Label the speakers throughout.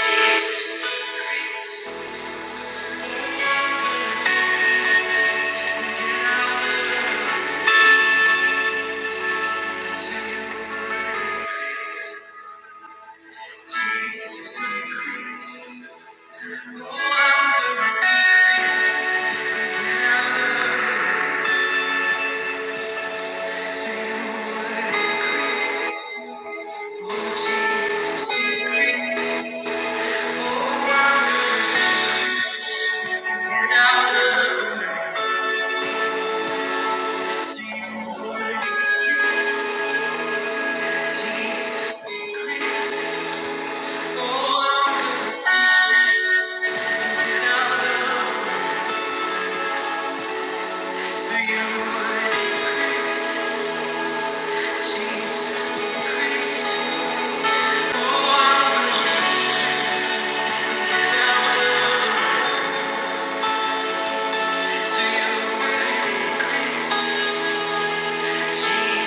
Speaker 1: Jesus, increase. Oh, I'm down to you. Jesus,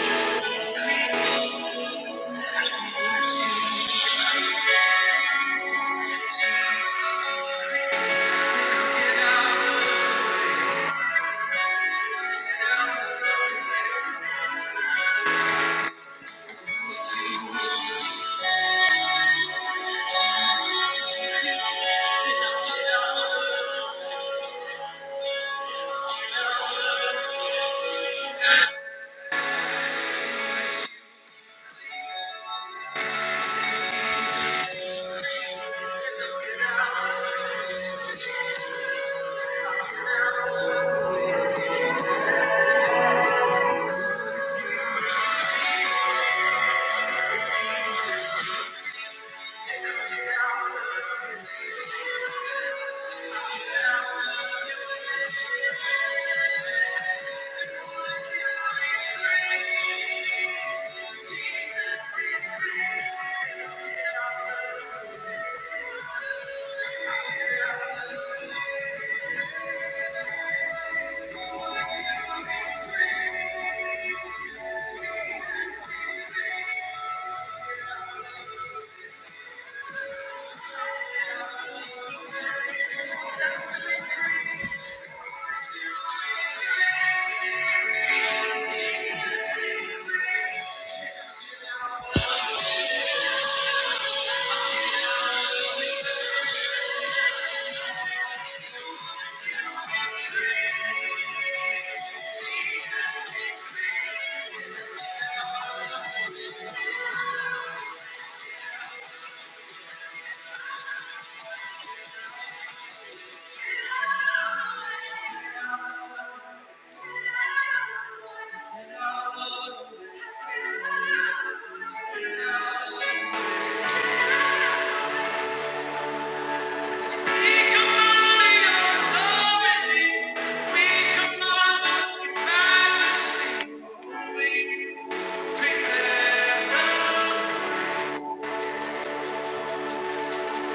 Speaker 1: We command your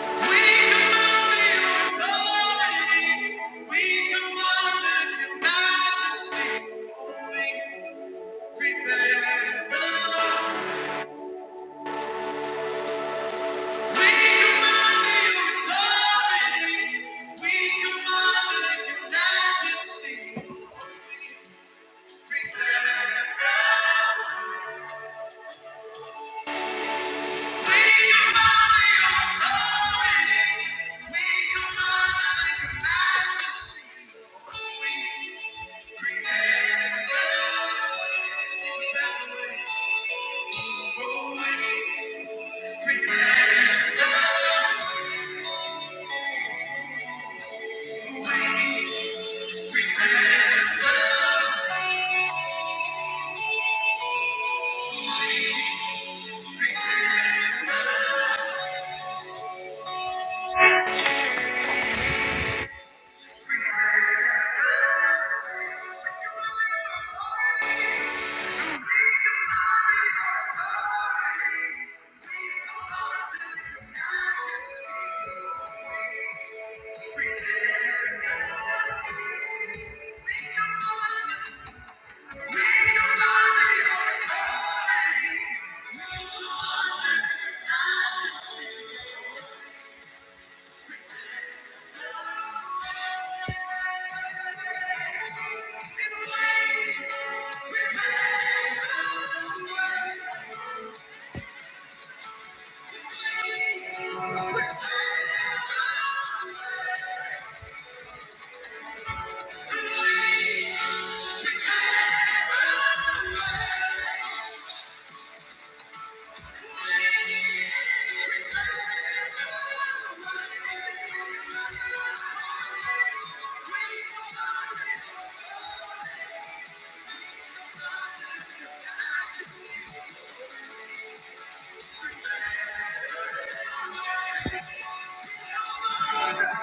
Speaker 1: majesty, prepare. them. We command your authority. We command your majesty. We create God. We create God. We create God. Create God. Create God. Thank you. Thank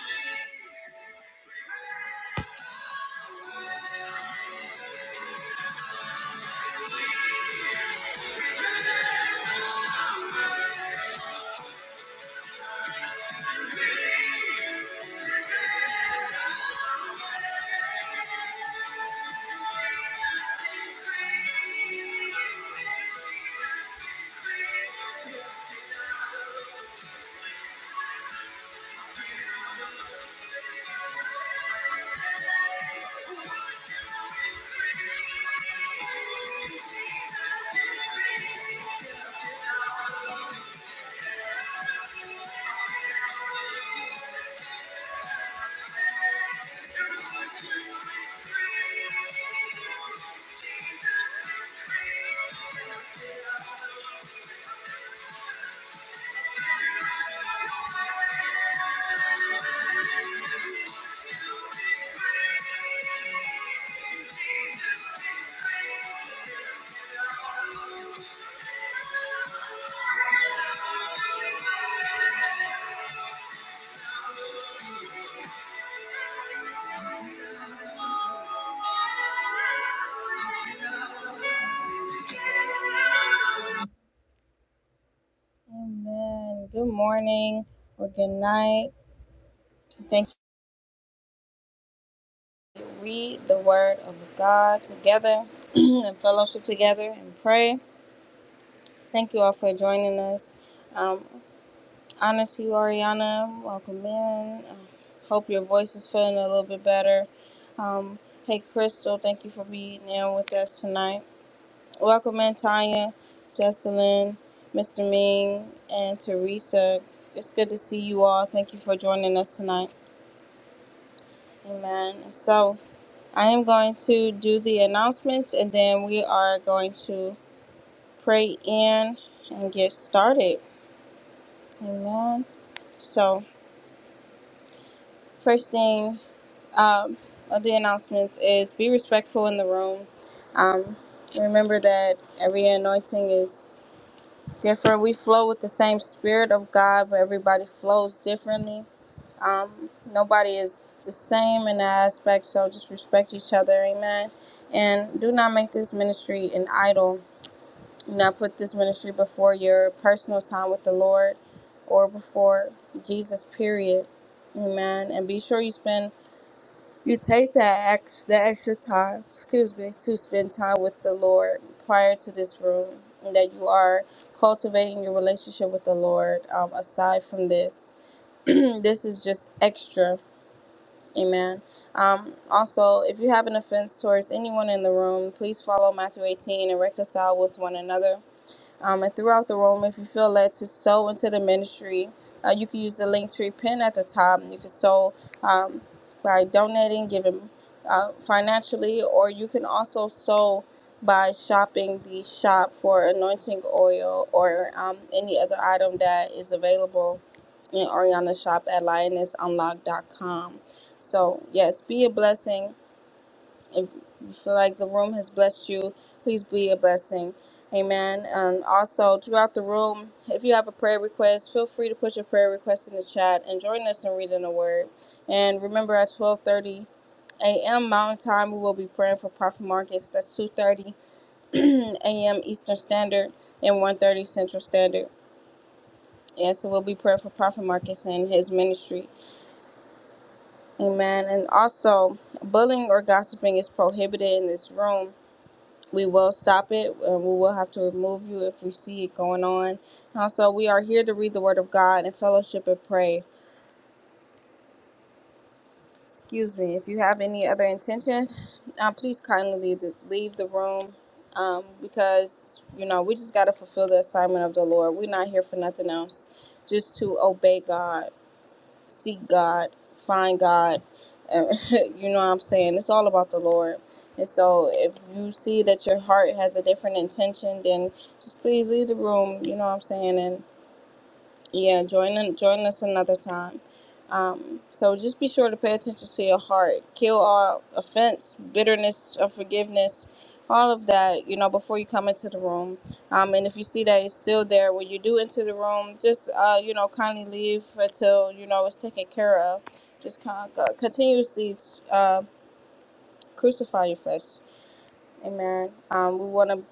Speaker 1: you. Jesus, Thank you. Amen. Good morning or good night. Thanks. Read the word of God together and fellowship together and pray. Thank you all for joining us. Um, honor to you, Ariana. Welcome in. Uh, hope your voice is feeling a little bit better. Um, hey, Crystal, thank you for being in with us tonight. Welcome in Tanya, Jesselyn, Mr. Ming, and Teresa. It's good to see you all. Thank you for joining us tonight. Amen. So I am going to do the announcements and then we are going to pray in and get started. Amen. So first thing um, of the announcements is be respectful in the room. Um, remember that every anointing is different. We flow with the same spirit of God, but everybody flows differently. Um, nobody is the same in that aspect, so just respect each other, amen. And do not make this ministry an idol. Do not put this ministry before your personal time with the Lord or before Jesus, period. Amen. And be sure you spend you take that ex- the extra time, excuse me, to spend time with the Lord prior to this room, and that you are cultivating your relationship with the Lord. Um, aside from this, this is just extra. Amen. Um, also, if you have an offense towards anyone in the room, please follow Matthew 18 and reconcile with one another um, and throughout the room. If you feel led to sow into the ministry, uh, you can use the link tree pin at the top. And you can sow um, by donating, giving uh, financially, or you can also sow by shopping the shop for anointing oil or um, any other item that is available in Ariana's shop at lionessunlock.com. So, yes, be a blessing if you feel like the room has blessed you, please be a blessing. Amen. And also, throughout the room, if you have a prayer request, feel free to put your prayer request in the chat and join us in reading the word. And remember, at 1230 a.m. Mountain Time, we will be praying for Prophet Marcus. That's 2.30 a.m. Eastern Standard and one thirty Central Standard. And so we'll be praying for Prophet Marcus and his ministry. Amen. And also, bullying or gossiping is prohibited in this room we will stop it and we will have to remove you if we see it going on. Also, we are here to read the Word of God and fellowship and pray. Excuse me. If you have any other intention, uh, please kindly leave the, leave the room um, because, you know, we just got to fulfill the assignment of the Lord. We're not here for nothing else, just to obey God. seek God, find God. and you know what I'm saying? It's all about the Lord. And so if you see that your heart has a different intention, then just please leave the room. You know what I'm saying? And. Yeah, join in- join us another time. Um, so just be sure to pay attention to your heart. Kill all offense, bitterness, unforgiveness, all of that. You know, before you come into the room. Um, and if you see that it's still there when you do enter the room, just uh, you know, kindly leave until you know it's taken care of. Just kind of continuously uh, crucify your flesh. Amen. Um, we want to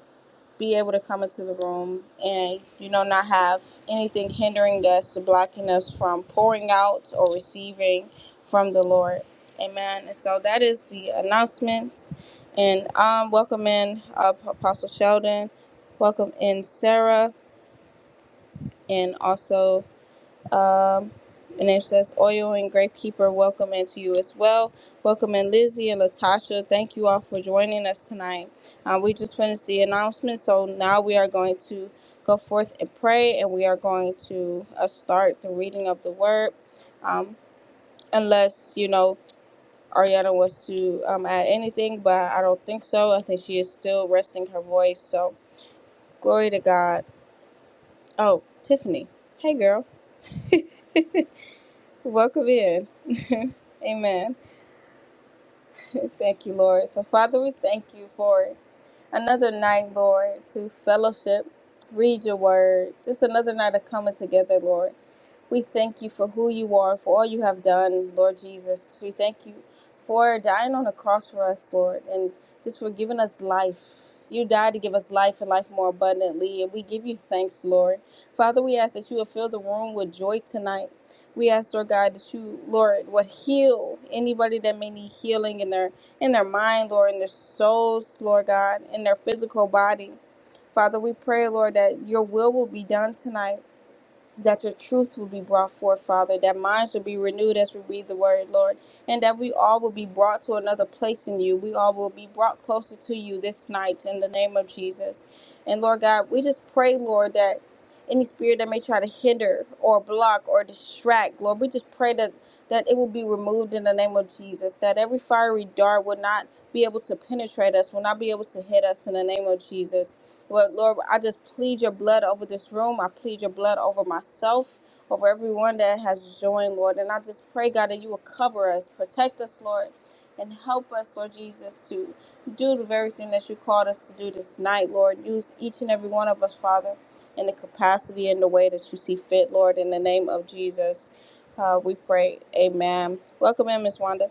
Speaker 1: be able to come into the room and you know not have anything hindering us or blocking us from pouring out or receiving from the lord amen and so that is the announcements and um welcome in uh, apostle sheldon welcome in sarah and also um, and it says Oil and Grapekeeper, welcome into you as well. Welcome in Lizzie and Latasha. Thank you all for joining us tonight. Um, we just finished the announcement, so now we are going to go forth and pray, and we are going to uh, start the reading of the word. Um, unless, you know, Ariana wants to um, add anything, but I don't think so. I think she is still resting her voice, so glory to God. Oh, Tiffany. Hey, girl. Welcome in. Amen. thank you, Lord. So, Father, we thank you for another night, Lord, to fellowship, read your word, just another night of coming together, Lord. We thank you for who you are, for all you have done, Lord Jesus. We thank you for dying on the cross for us, Lord, and just for giving us life. You died to give us life and life more abundantly, and we give you thanks, Lord. Father, we ask that you will fill the room with joy tonight. We ask, Lord God, that you, Lord, would heal anybody that may need healing in their in their mind, Lord, in their souls, Lord God, in their physical body. Father, we pray, Lord, that your will will be done tonight that your truth will be brought forth, Father, that minds will be renewed as we read the word, Lord, and that we all will be brought to another place in you. We all will be brought closer to you this night in the name of Jesus. And Lord God, we just pray, Lord, that any spirit that may try to hinder or block or distract, Lord, we just pray that that it will be removed in the name of Jesus, that every fiery dart will not be able to penetrate us, will not be able to hit us in the name of Jesus. Lord, Lord, I just plead your blood over this room. I plead your blood over myself, over everyone that has joined, Lord. And I just pray, God, that you will cover us, protect us, Lord, and help us, Lord Jesus, to do the very thing that you called us to do this night, Lord. Use each and every one of us, Father, in the capacity and the way that you see fit, Lord. In the name of Jesus, uh, we pray. Amen. Welcome in, Miss Wanda.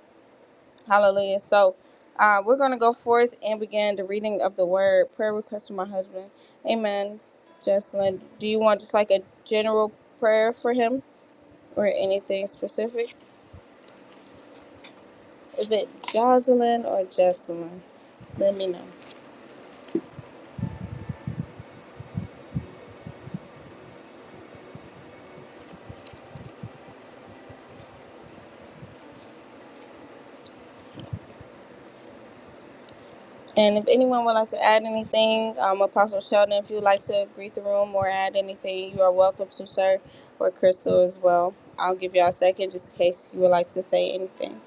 Speaker 1: Hallelujah. So uh, we're going to go forth and begin the reading of the word. Prayer request for my husband. Amen. Jocelyn, do you want just like a general prayer for him or anything specific? Is it Jocelyn or Jocelyn? Let me know. And if anyone would like to add anything, um, Apostle Sheldon, if you'd like to greet the room or add anything, you are welcome to, sir, or Crystal as well. I'll give y'all a second just in case you would like to say anything.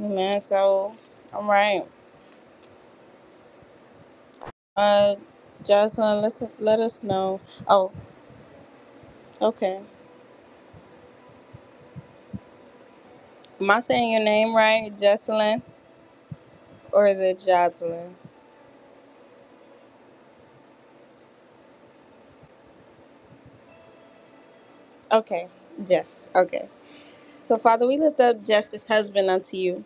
Speaker 1: Amen. So, all right. Uh, Jocelyn, let's, let us know. Oh, okay. Am I saying your name right, Jocelyn, or is it Jocelyn? Okay, Jess. Okay. So, Father, we lift up Jess's husband unto you.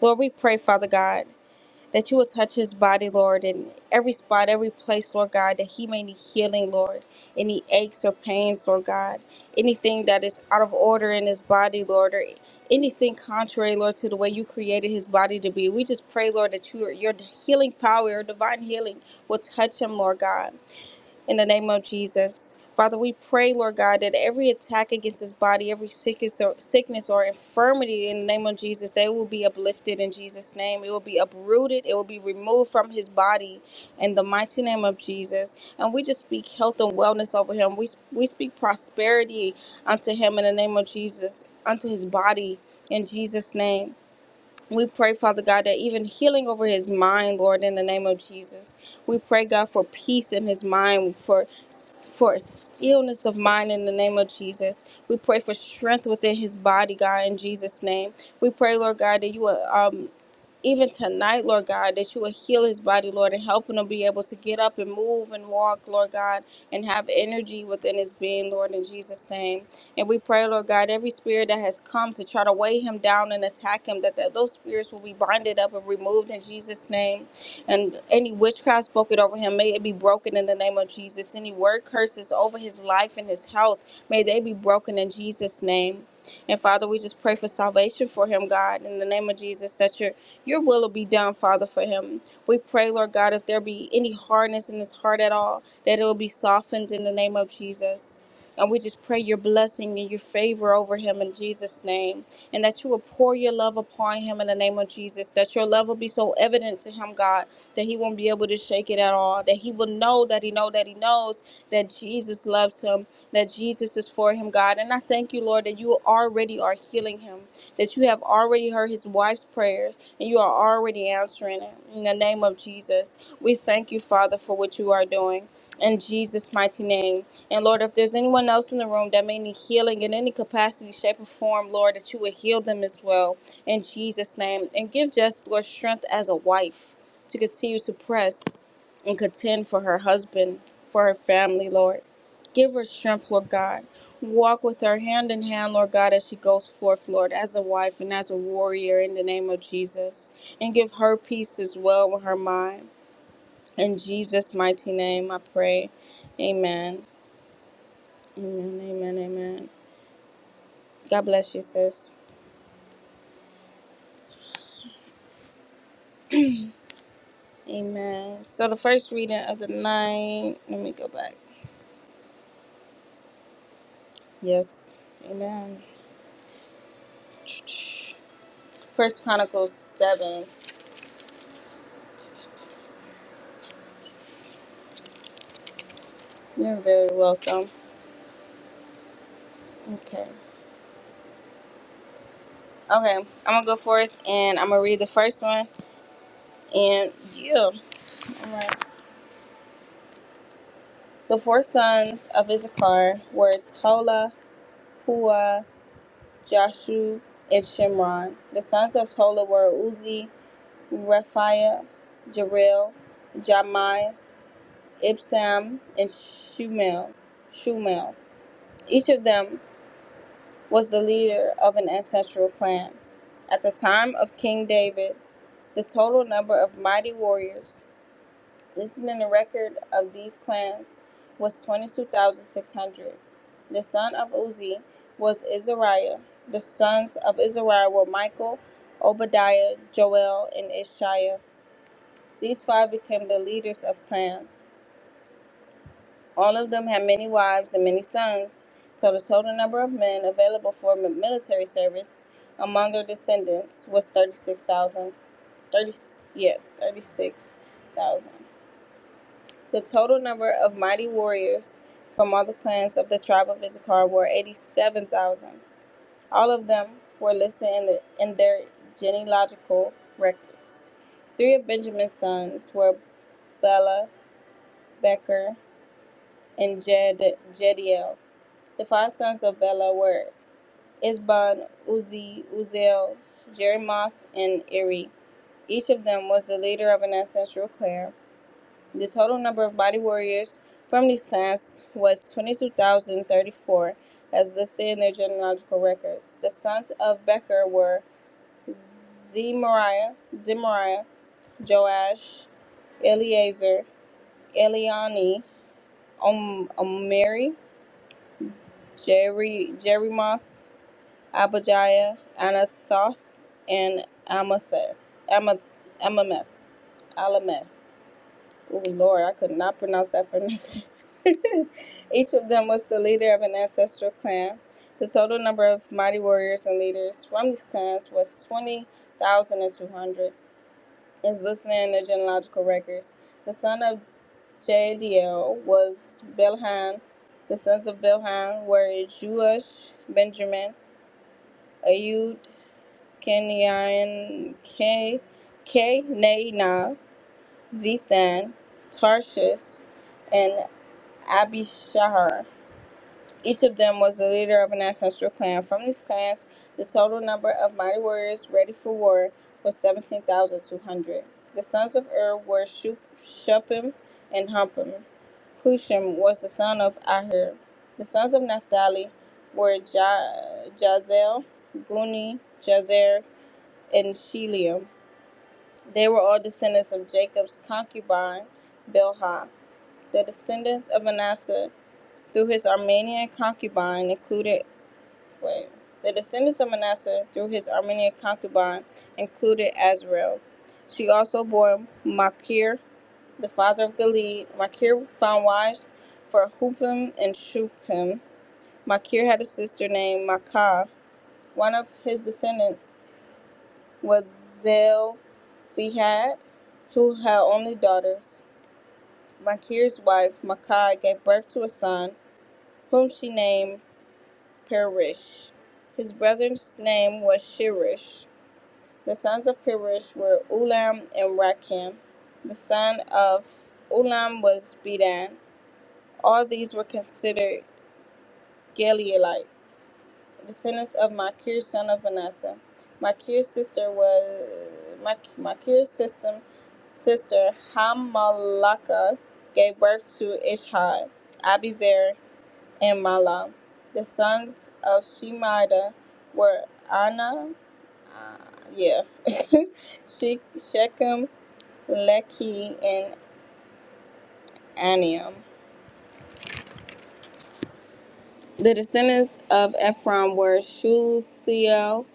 Speaker 1: Lord, we pray, Father God. that you would touch his body, Lord, in every spot, every place, Lord God, that he may need healing, Lord. Any aches or pains, Lord God. Anything that is out of order in his body, Lord, or anything contrary, Lord, to the way you created his body to be. We just pray, Lord, that your your healing power, your divine healing will touch him, Lord God in the name of Jesus. Father, we pray, Lord God, that every attack against His body, every sickness or, sickness or infirmity in the name of Jesus, they will be uplifted in Jesus' name. It will be uprooted. It will be removed from his body in the mighty name of Jesus. And we just speak health and wellness over him. We, we speak prosperity unto him in the name of Jesus, unto his body in Jesus' name. We pray, Father God, that even healing over his mind, Lord, in the name of Jesus. We pray, God, for peace in his mind, for for a stillness of mind in the name of Jesus. We pray for strength within his body, God, in Jesus' name. We pray, Lord God, that you will um even tonight, Lord God, that you would heal his body, Lord, and help him to be able to get up and move and walk, Lord God, and have energy within his being, Lord, in Jesus' name. And we pray, Lord God, every spirit that has come to try to weigh him down and attack him, that, that those spirits will be binded up and removed in Jesus' name. And any witchcraft spoken over him, may it be broken in the name of Jesus. Any word curses over his life and his health, may they be broken in Jesus' name. And Father, we just pray for salvation for him, God, in the name of Jesus, that your your will will be done, Father, for him. We pray, Lord God, if there be any hardness in his heart at all, that it will be softened in the name of Jesus. And we just pray your blessing and your favor over him in Jesus' name. And that you will pour your love upon him in the name of Jesus. That your love will be so evident to him, God, that he won't be able to shake it at all. That he will know that he know that he knows that Jesus loves him, that Jesus is for him, God. And I thank you, Lord, that you already are healing him, that you have already heard his wife's prayers and you are already answering it. In the name of Jesus, we thank you, Father, for what you are doing. In Jesus' mighty name. And Lord, if there's anyone else in the room that may need healing in any capacity, shape, or form, Lord, that you would heal them as well. In Jesus' name. And give Jess, Lord, strength as a wife to continue to press and contend for her husband, for her family, Lord. Give her strength, Lord God. Walk with her hand in hand, Lord God, as she goes forth, Lord, as a wife and as a warrior in the name of Jesus. And give her peace as well with her mind. In Jesus' mighty name, I pray. Amen. Amen. Amen. Amen. God bless you, sis. Amen. So the first reading of the night. Let me go back. Yes. Amen. First Chronicles seven. You're very welcome. Okay. Okay. I'm gonna go forth and I'm gonna read the first one. And yeah. Right. The four sons of Issachar were Tola, Pua, Jashu, and Shimron. The sons of Tola were Uzi, Rephaiah, Jeril, Jamai, Ibsam, and Shumel. Shumel. Each of them was the leader of an ancestral clan. At the time of King David, the total number of mighty warriors Listening the record of these clans was 22,600. The son of Uzi was Izariah. The sons of Izariah were Michael, Obadiah, Joel, and Ishiah. These five became the leaders of clans. All of them had many wives and many sons, so the total number of men available for mi- military service among their descendants was 36,000. 30, yeah, 36,000. The total number of mighty warriors from all the clans of the tribe of Issachar were 87,000. All of them were listed in, the, in their genealogical records. Three of Benjamin's sons were Bela, Becher, and Jed, Jediel. The five sons of Bela were Isban, Uzi, Uziel, Jeremoth, and Eri. Each of them was the leader of an ancestral clan The total number of body warriors from these clans was 22,034, as listed in their genealogical records. The sons of Becher were Zemariah, Zemariah, Joash, Eleazar, Eliani, Om- Omeri, Jerry, Jerimoth, Abijah, Anathoth, and Amatheth, Amath, Amameth, Alameth. Oh Lord, I could not pronounce that for nothing. Each of them was the leader of an ancestral clan. The total number of mighty warriors and leaders from these clans was 20,200, as listed in the genealogical records. The son of Jadiel was Belhan. The sons of Belhan were Jeush, Benjamin, Ayud, Kenyan, K, Kenana, Zethan, Tarshish, and Abishahar. Each of them was the leader of an ancestral clan. From these clans, the total number of mighty warriors ready for war was 17,200. The sons of Ur were Shu- Shuppim and Humpim. Hushim was the son of Ahir. The sons of Naphtali were ja- Jazel, Guni, Jazer, and Shelium. They were all descendants of Jacob's concubine, Bilhah. The descendants of Manasseh through his Armenian concubine included wait, the descendants of Manasseh through his Armenian concubine included Azrael. She also bore Machir, the father of Gilead. Machir found wives for Hupim and Shufim. Machir had a sister named Makah. One of his descendants was Zelphihad, who had only daughters. Machir's wife, Makah, gave birth to a son, whom she named Perish. His brother's name was Shirish. The sons of Perish were Ulam and Rakim. The son of Ulam was Bedan. All these were considered Gileadites, descendants of Makir, son of Manasseh. Makir's sister was Mak- Makir's sister, sister Hamalakath gave birth to Ishai, Abizer, and Mala. The sons of Shemida were Ana, uh, yeah, She- Shechem, Lehi, and Aniam. The descendants of Ephraim were Shuthiel,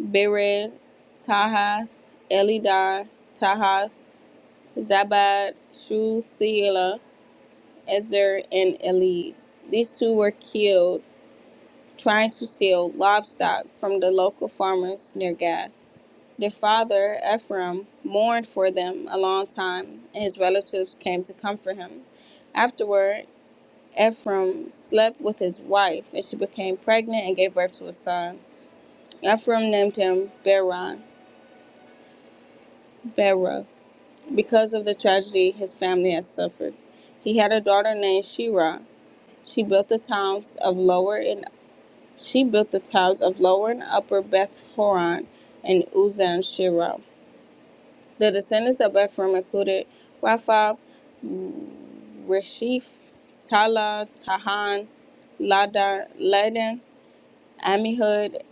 Speaker 1: Bered, Tahath, Elidar, Tahath, Zabad, Shuthiela, Ezer, and Elid. These two were killed trying to steal livestock from the local farmers near Gath. Their father, Ephraim, mourned for them a long time, and his relatives came to comfort him. Afterward, Ephraim slept with his wife, and she became pregnant and gave birth to a son. Ephraim named him Beron, Bera, because of the tragedy his family had suffered. He had a daughter named Shira. She built the towns of Lower and she built the towns of Lower and Upper Beth Horon and Uzan Shira. The descendants of Ephraim included Rapha, Reshef, Tala, Tahan, Lada, Ladan, Amihud,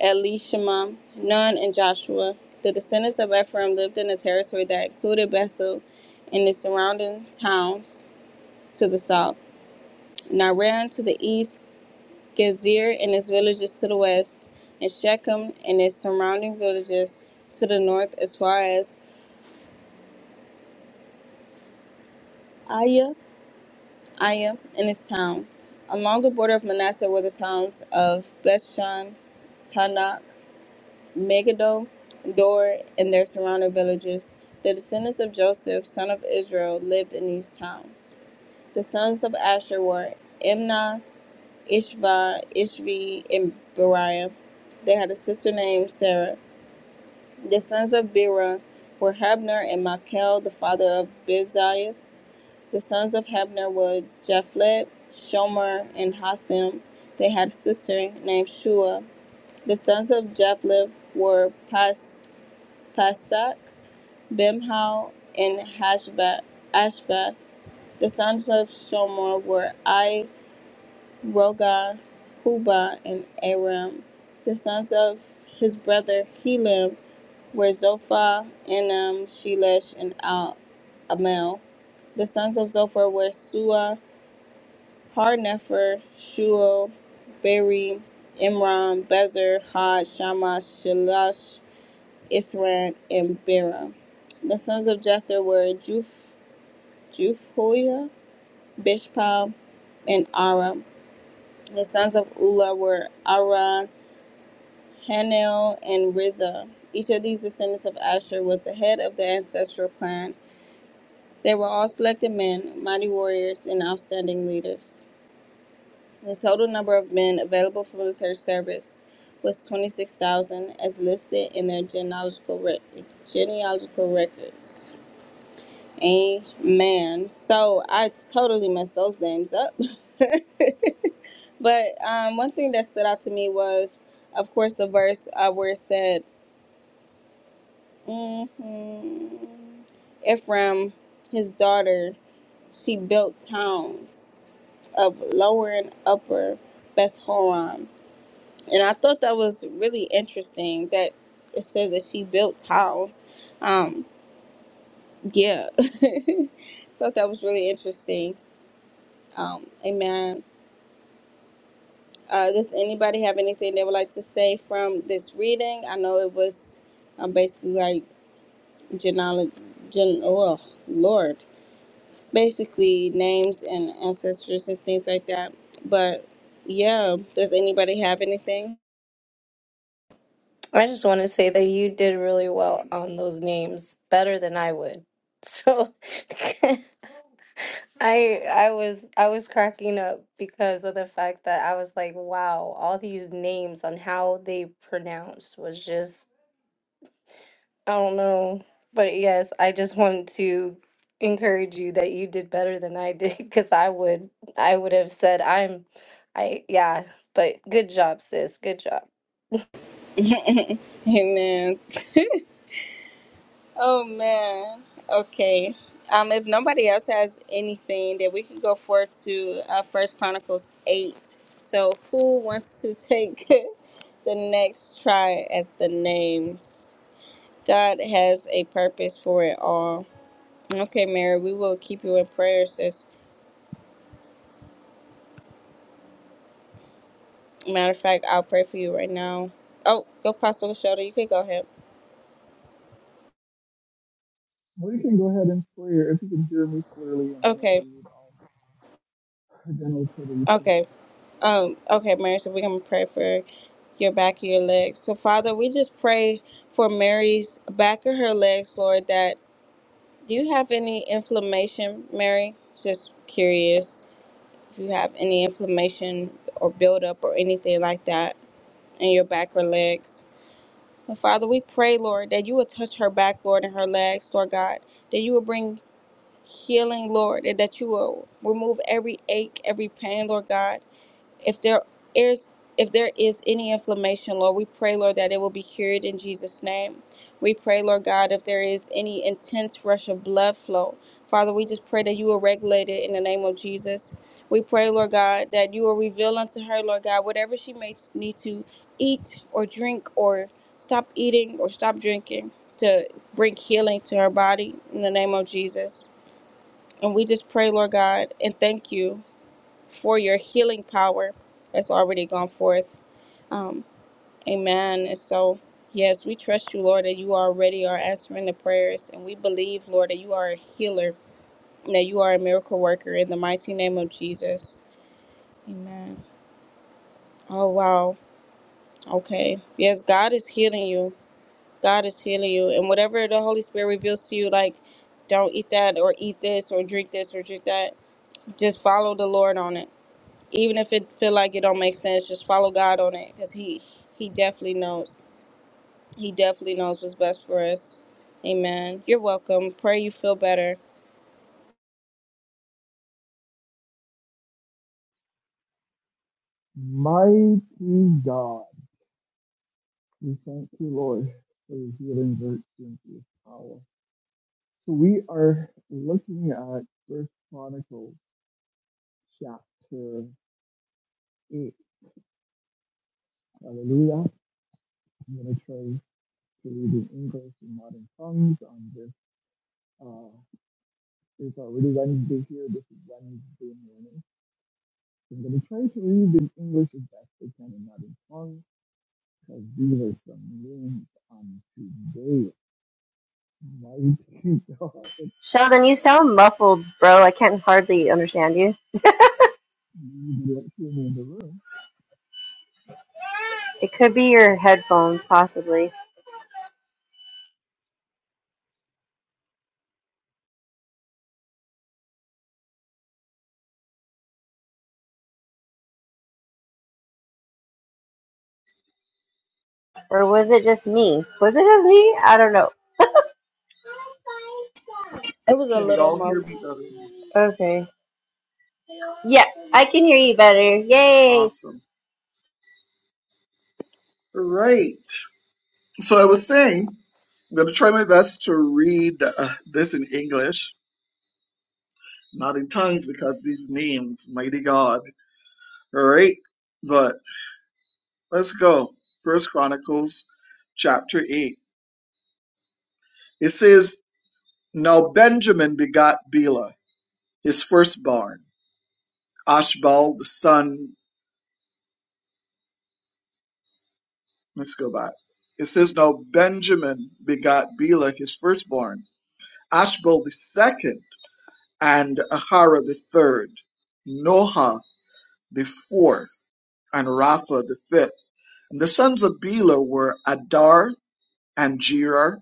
Speaker 1: Elishama, Nun, and Joshua. The descendants of Ephraim lived in a territory that included Bethel and the surrounding towns to the south, Naran to the east, Gezer and its villages to the west, and Shechem and its surrounding villages to the north as far as Aya, Aya and its towns. Along the border of Manasseh were the towns of Bethshan, Tanakh, Megiddo, Dor, and their surrounding villages. The descendants of Joseph, son of Israel, lived in these towns. The sons of Asher were Imnah, Ishva, Ishvi, and Beriah. They had a sister named Sarah. The sons of Bera were Hebner and Machel, the father of Biziah. The sons of Hebner were Japhlet, Shomer, and Hotham. They had a sister named Shua. The sons of Japhlet were Pas- Pasak, Bimhal, and Hashvath. Ashvath. The sons of Shomer were I, Roga, Huba, and Aram. The sons of his brother Helam were Zophah, Enam, Shelesh, and Al- Amel. The sons of Zophah were Sua, Harnefer, Shuel, Beri, Imran, Bezer, Had, Shammah, Shelash, Ithran, and Bera. The sons of Jether were Juf, Jufhoiah, Bishpal, and Ara. The sons of Ula were Ara, Hanel, and Rizah. Each of these descendants of Asher was the head of the ancestral clan. They were all selected men, mighty warriors, and outstanding leaders. The total number of men available for military service was 26,000 as listed in their genealogical, rec- genealogical records. Amen. So I totally messed those names up. but um, one thing that stood out to me was, of course, the verse uh, where it said, hmm Ephraim, his daughter, she built towns of lower and upper Beth Horon and I thought that was really interesting that it says that she built towns. Um, yeah, thought that was really interesting. Um, amen. Uh, does anybody have anything they would like to say from this reading? I know it was um, basically like genealogy, gen- oh Lord, basically names and ancestors and things like that. But yeah, does anybody have anything?
Speaker 2: I just want to say that you did really well on those names, better than I would. So I I was I was cracking up because of the fact that I was like, wow, all these names on how they pronounced was just I don't know. But yes, I just want to encourage you that you did better than I did because I would I would have said I'm I yeah, but good job, sis. Good job.
Speaker 1: Amen. Oh man. Okay. Um, if nobody else has anything, then we can go forward to uh, First Chronicles eight. So, who wants to take the next try at the names? God has a purpose for it all. Okay, Mary, we will keep you in prayer. Sis. Matter of fact, I'll pray for you right now. Oh, go, Pastor Shoulder. You can go ahead. Okay. Okay. Um, okay, Mary, so we're going to pray for your back of your legs. So, Father, we just pray for Mary's back of her legs, Lord, that do you have any inflammation, Mary? Just curious if you have any inflammation or buildup or anything like that in your back or legs. And Father, we pray, Lord, that you will touch her back, Lord, and her legs, Lord God, that you will bring healing, Lord, and that you will remove every ache, every pain, Lord God. If there is if there is any inflammation, Lord, we pray, Lord, that it will be cured in Jesus' name. We pray, Lord God, if there is any intense rush of blood flow, Father, we just pray that you will regulate it in the name of Jesus. We pray, Lord God, that you will reveal unto her, Lord God, whatever she may need to eat or drink or stop eating or stop drinking to bring healing to her body in the name of Jesus. And we just pray, Lord God, and thank you for your healing power that's already gone forth. Um, amen. And so, yes, we trust you, Lord, that you already are answering the prayers. And we believe, Lord, that you are a healer, and that you are a miracle worker in the mighty name of Jesus. Amen. Oh, wow. Okay. Yes, God is healing you. God is healing you. And whatever the Holy Spirit reveals to you, like, don't eat that or eat this or drink this or drink that, just follow the Lord on it even if it feel like it don't make sense, just follow God on it because he he definitely knows. He definitely knows what's best for us. Amen. You're welcome. Pray you feel better.
Speaker 3: Sheldon, you sound muffled, bro. I can not hardly understand you. It could be your headphones, possibly. Or was it just me? Was it just me? I don't know.
Speaker 1: It was a
Speaker 4: Can
Speaker 1: little
Speaker 4: y'all hear
Speaker 1: muffled.
Speaker 4: me better?
Speaker 3: Okay. Yeah, I can hear you better. Yay!
Speaker 4: Awesome. All right. So I was saying, I'm going to try my best to read uh, this in English, not in tongues because these names, mighty God. All right. But let's go. First Chronicles chapter 8. It says, Now Benjamin begot Bela, his firstborn, Ashbal, the son. Let's go back. It says, Now Benjamin begot Bela, his firstborn, Ashbal the second and Ahara the third, Noha the fourth, and Rapha the fifth. And the sons of Bela were Adar and Jerar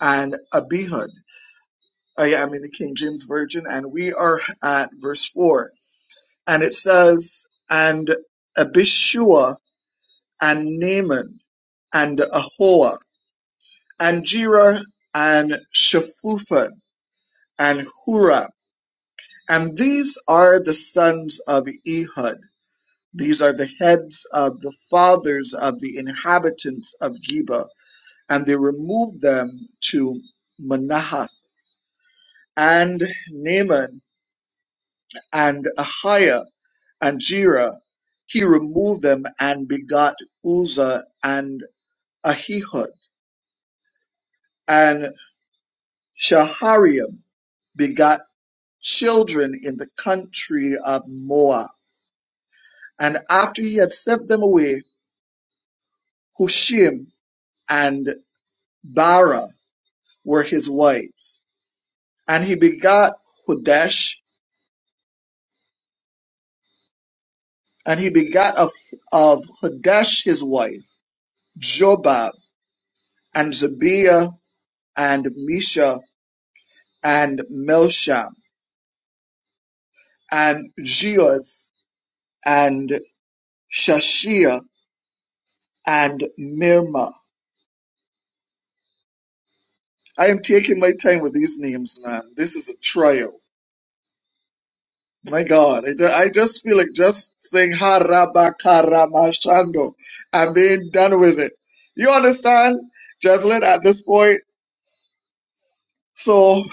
Speaker 4: and Abihud. Oh, yeah, I am in the King James Version, and we are at verse four, and it says, and Abishua and Naaman and Ahoa and Jerar and Shaphupan and Huram. And these are the sons of Ehud These are the heads of the fathers of the inhabitants of Geba. And they removed them to Manahath and Naaman and Ahiah and Jira. He removed them and begot Uzzah and Ahihud. And Shahariam begot children in the country of Moab. And after he had sent them away, Hushim and Bara were his wives and he begat Hodesh, and he begat of, of Hodesh his wife, Jobab, and Zabiah, and Misha, and Melsham, and Jeoz, and Shashia, and Mirma. I am taking my time with these names, man. This is a trial. My God, I, ju- I just feel like just saying Harabakaramashando. and being done with it. You understand, Jeslyn, at this point? So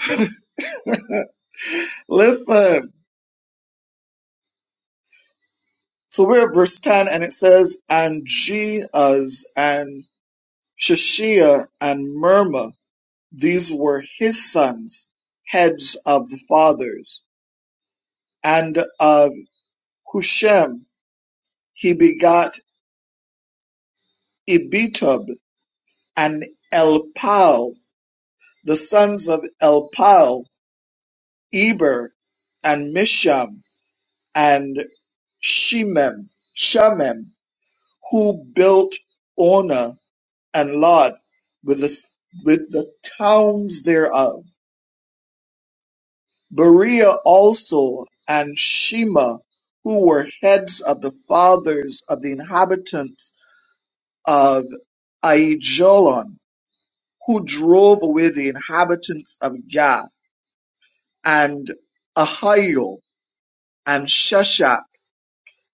Speaker 4: Listen, so we're at verse 10 and it says, And Jeaz and Shishia and Mirma, these were his sons, heads of the fathers. And of Hushem he begot Ebitub and Elpal, the sons of Elpal, Eber and Misham and Shemem, Shemem, who built Ona and Lod, with the, with the towns thereof, Berea also, and Shema, who were heads of the fathers of the inhabitants of Aijalon, who drove away the inhabitants of Gath, and Ahio, and Sheshach,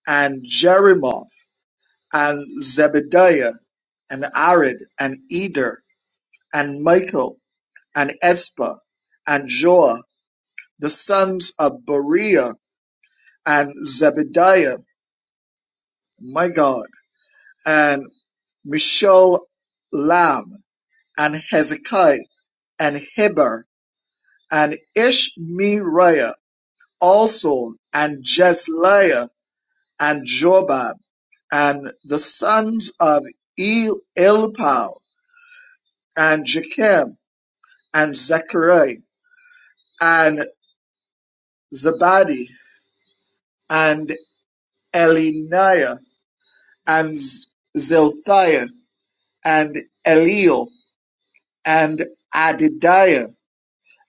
Speaker 4: and Jerimoth, and Zebediah, and Arid, and Eder, and Michael, and Espa, and Joah the sons of Beriah and Zebediah, my God, and Mesholam and Hezekiah and Heber and Ishmeriah also and Jesliah and Jobab and the sons of El- Elpal and Jechem and Zechariah and Zabadi and Eliniah and Z- Zilthiah and Eliel and Adidiah,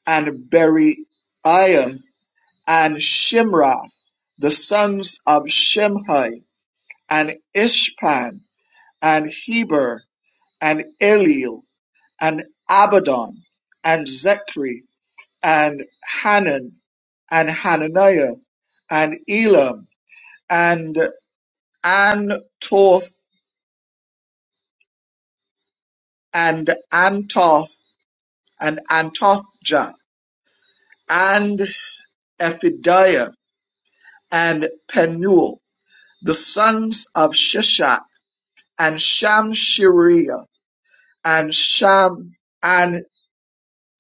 Speaker 4: and Beriiah, and Shimroth, the sons of Shimhi, and Ishpan, and Heber, and Eliel, and Abaddon, and Zechri, and Hanan, and Hananiah, and Elam, and Antoth, and Antoth, and Antothja, and Ephidiah, and Penuel, The sons of Shishak and Shamshereah and Sham and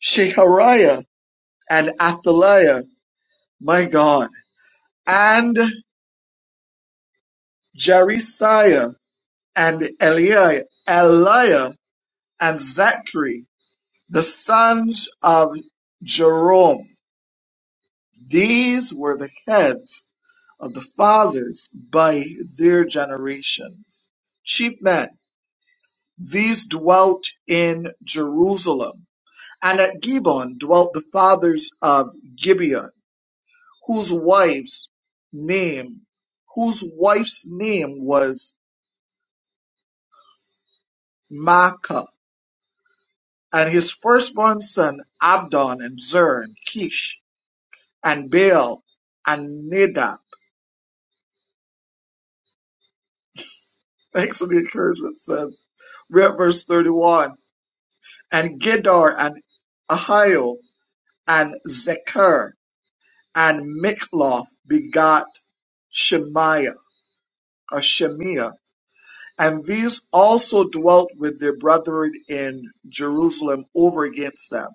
Speaker 4: Shehariah and Athaliah, my God, and Jerisiah and Eliah, Eliah and Zachary, the sons of Jerome. These were the heads of the fathers by their generations. Chief men, these dwelt in Jerusalem And at Gibeon dwelt the fathers of Gibeon, whose wife's name, whose wife's name was Maacah, and his firstborn son Abdon and Zern, Kish and Baal and Nadab. Thanks for the encouragement, says. Read verse 31. And Gedar and Ahio and Zechar and Mikloth begot Shemaiah or Shemaiah And these also dwelt with their brethren in Jerusalem over against them.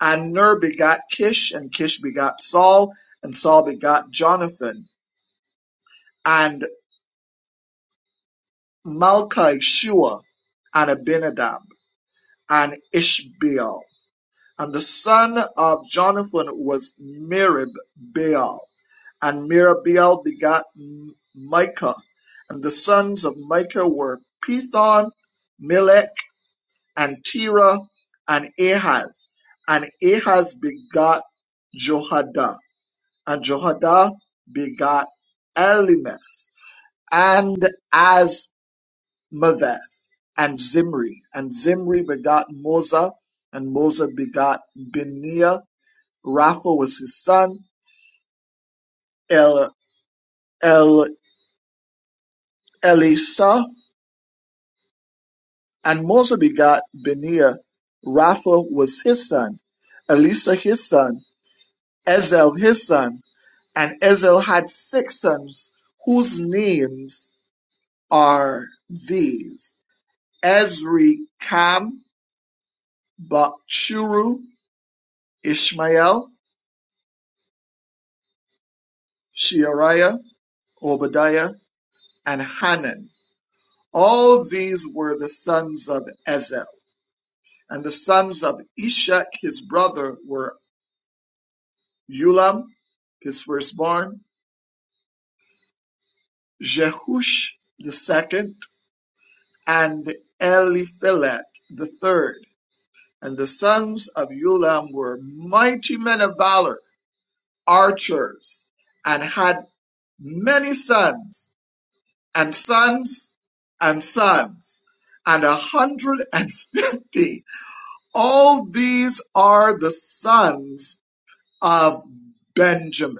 Speaker 4: And Ner begat Kish, and Kish begat Saul, and Saul begat Jonathan, and Malchi Shua, and Abinadab, and Ishbaal. And the son of Jonathan was Merib And Merib begat M- Micah. And the sons of Micah were Pithon, Melech, and Terah, and Ahaz. And Ahaz begot Jehoiada, and Jehoiada begot Elimas, and Asmaveth, and Zimri. And Zimri begot Moza, and Moza begot Benia. Rapha was his son, El, El, Elisa, and Moza begot Benia. Rapha was his son, Elisa his son, Ezel his son, And Israel had six sons whose names are these Ezri, Cam, Bakshuru, Ishmael, Sheariah, Obadiah, and Hanan. All these were the sons of Ezel. And the sons of Ishak, his brother, were Ulam, his firstborn, Jehush the second, and Eliphelet the third. And the sons of Ulam were mighty men of valor, archers, and had many sons, and sons, and sons, and a hundred and fifty. All these are the sons of Benjamin.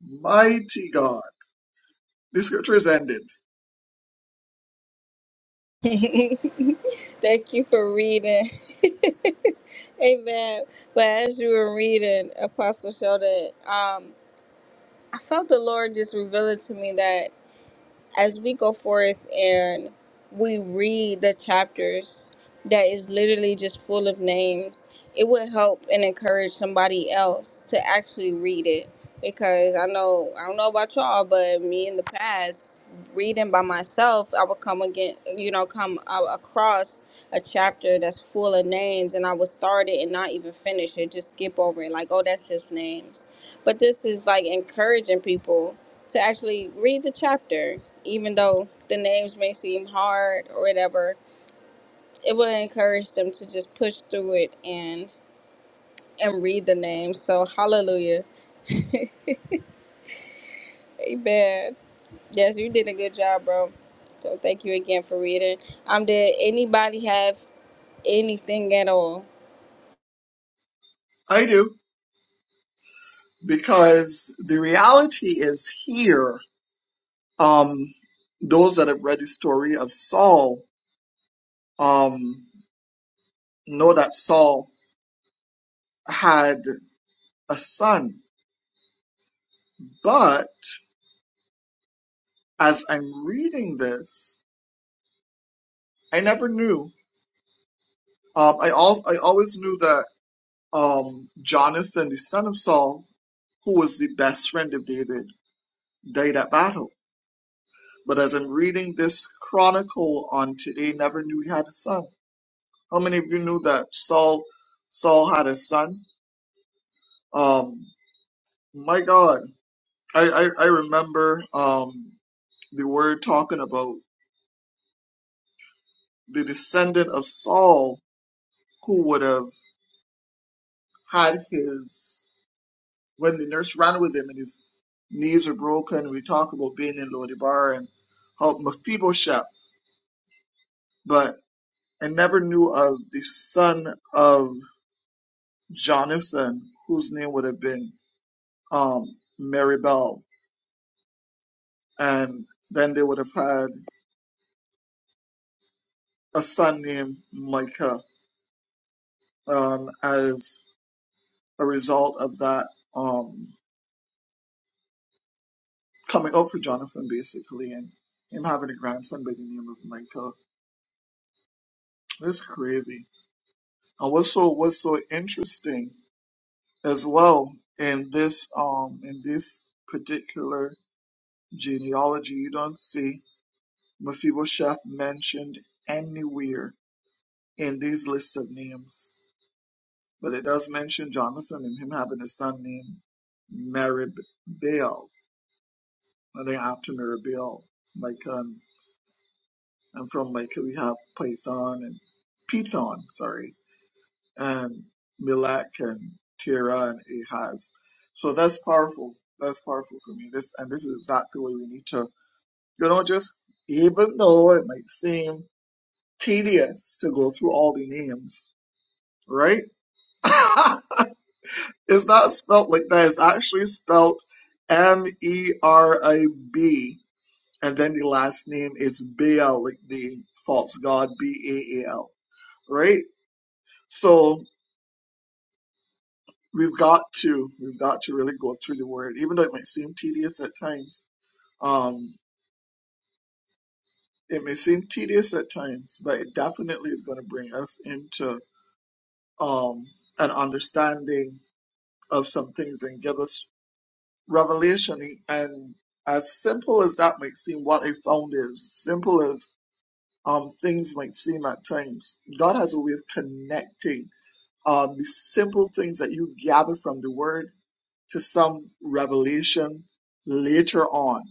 Speaker 4: Mighty God. The scripture is ended.
Speaker 1: Thank you for reading. Amen. But as you were reading, Apostle showed it. Um, I felt the Lord just reveal it to me that. as we go forth and we read the chapters that is literally just full of names, it would help and encourage somebody else to actually read it. Because I know I don't know about y'all, but me in the past reading by myself, I would come again, you know, come a- across a chapter that's full of names, and I would start it and not even finish it, just skip over it, like oh that's just names. But this is like encouraging people to actually read the chapter even though the names may seem hard or whatever, it will encourage them to just push through it and and read the names. So hallelujah. Amen. Yes, you did a good job, bro. So thank you again for reading. Um, did anybody have anything at all?
Speaker 4: I do, because the reality is here, um, those that have read the story of Saul, um. know that Saul had a son. But as I'm reading this, I never knew. Um, I al- I always knew that um, Jonathan, the son of Saul, who was the best friend of David, died at battle. But as I'm reading this chronicle on today, never knew he had a son. How many of you knew that Saul Saul had a son? Um, my God, I I, I remember um, the word talking about the descendant of Saul who would have had his when the nurse ran with him and his knees are broken. We talk about being in Lodibar and help Mephibosheth, but I never knew of the son of Jonathan whose name would have been um, Maribel, and then they would have had a son named Micah um, as a result of that. Um, coming up for Jonathan basically and him having a grandson by the name of Michael. That's crazy. And what's so what's so interesting as well in this um in this particular genealogy, you don't see Mephibosheth mentioned anywhere in these lists of names. But it does mention Jonathan and him having a son named Meribbaal, and then after Meribbaal, Michael. And from Michael, we have Pison and Piton, sorry, and Milak and Tira and Ahaz. So that's powerful. That's powerful for me. This and this is exactly what we need to. You know, just even though it might seem tedious to go through all the names, right? it's not spelt like that. It's actually spelt M E R I B, and then the last name is Baal, like the false god B A A L, right? So we've got to we've got to really go through the word, even though it might seem tedious at times. Um, it may seem tedious at times, but it definitely is going to bring us into um, an understanding of some things and give us revelation. And as simple as that might seem, what I found is simple as um, things might seem at times. God has a way of connecting um, the simple things that you gather from the word to some revelation later on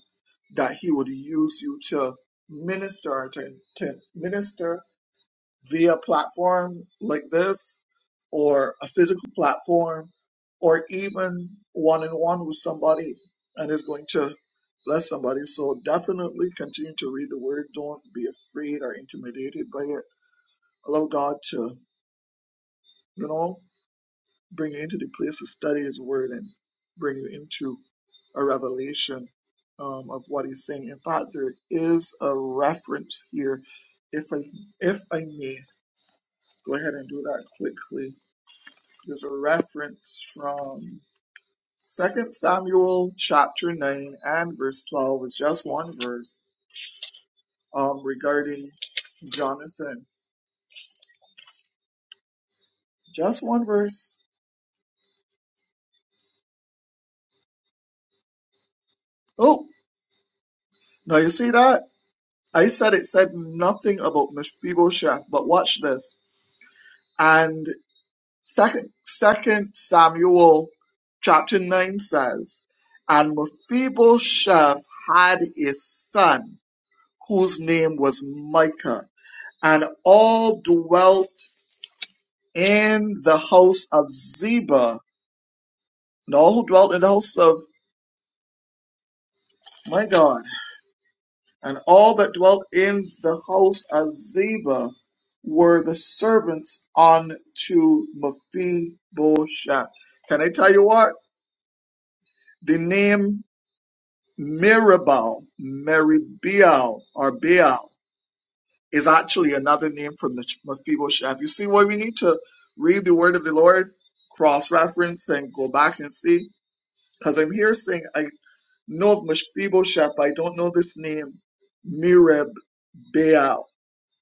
Speaker 4: that he would use you to minister to, to minister via a platform like this or a physical platform or even one-on-one with somebody and is going to bless somebody so definitely continue to read the word don't be afraid or intimidated by it allow god to you know bring you into the place to study His Word and bring you into a revelation um, of what He's saying. In fact, there is a reference here. If I if I may go ahead and do that quickly, there's a reference from Second Samuel chapter nine and verse twelve. It's just one verse um, regarding Jonathan. Just one verse. Oh, now you see that. I said it said nothing about Mephibosheth, but watch this. And second, second Samuel chapter 9 says, And Mephibosheth had a son whose name was Micah, and all dwelt in the house of Ziba, and all who dwelt in the house of my God, and all that dwelt in the house of Ziba were the servants unto Mephibosheth. Can I tell you what? The name Mirabal, Meribial, or Baal is actually another name for Mesh- Mephibosheth. You see why we need to read the word of the Lord, cross reference, and go back and see? Because I'm here saying, I know of Mephibosheth, but I don't know this name, Mirab Baal.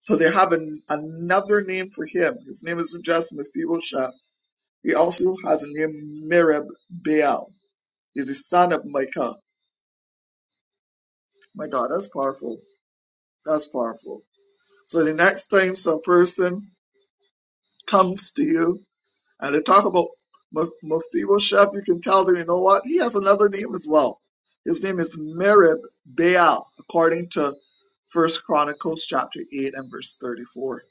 Speaker 4: So they have an, another name for him. His name isn't just Mephibosheth, he also has a name, Mirab Baal. He's the son of Micah. My God, that's powerful. That's powerful. So the next time some person comes to you and they talk about Mephibosheth, you can tell them, you know what? He has another name as well. His name is Merib Baal, according to First Chronicles chapter eight and verse thirty-four.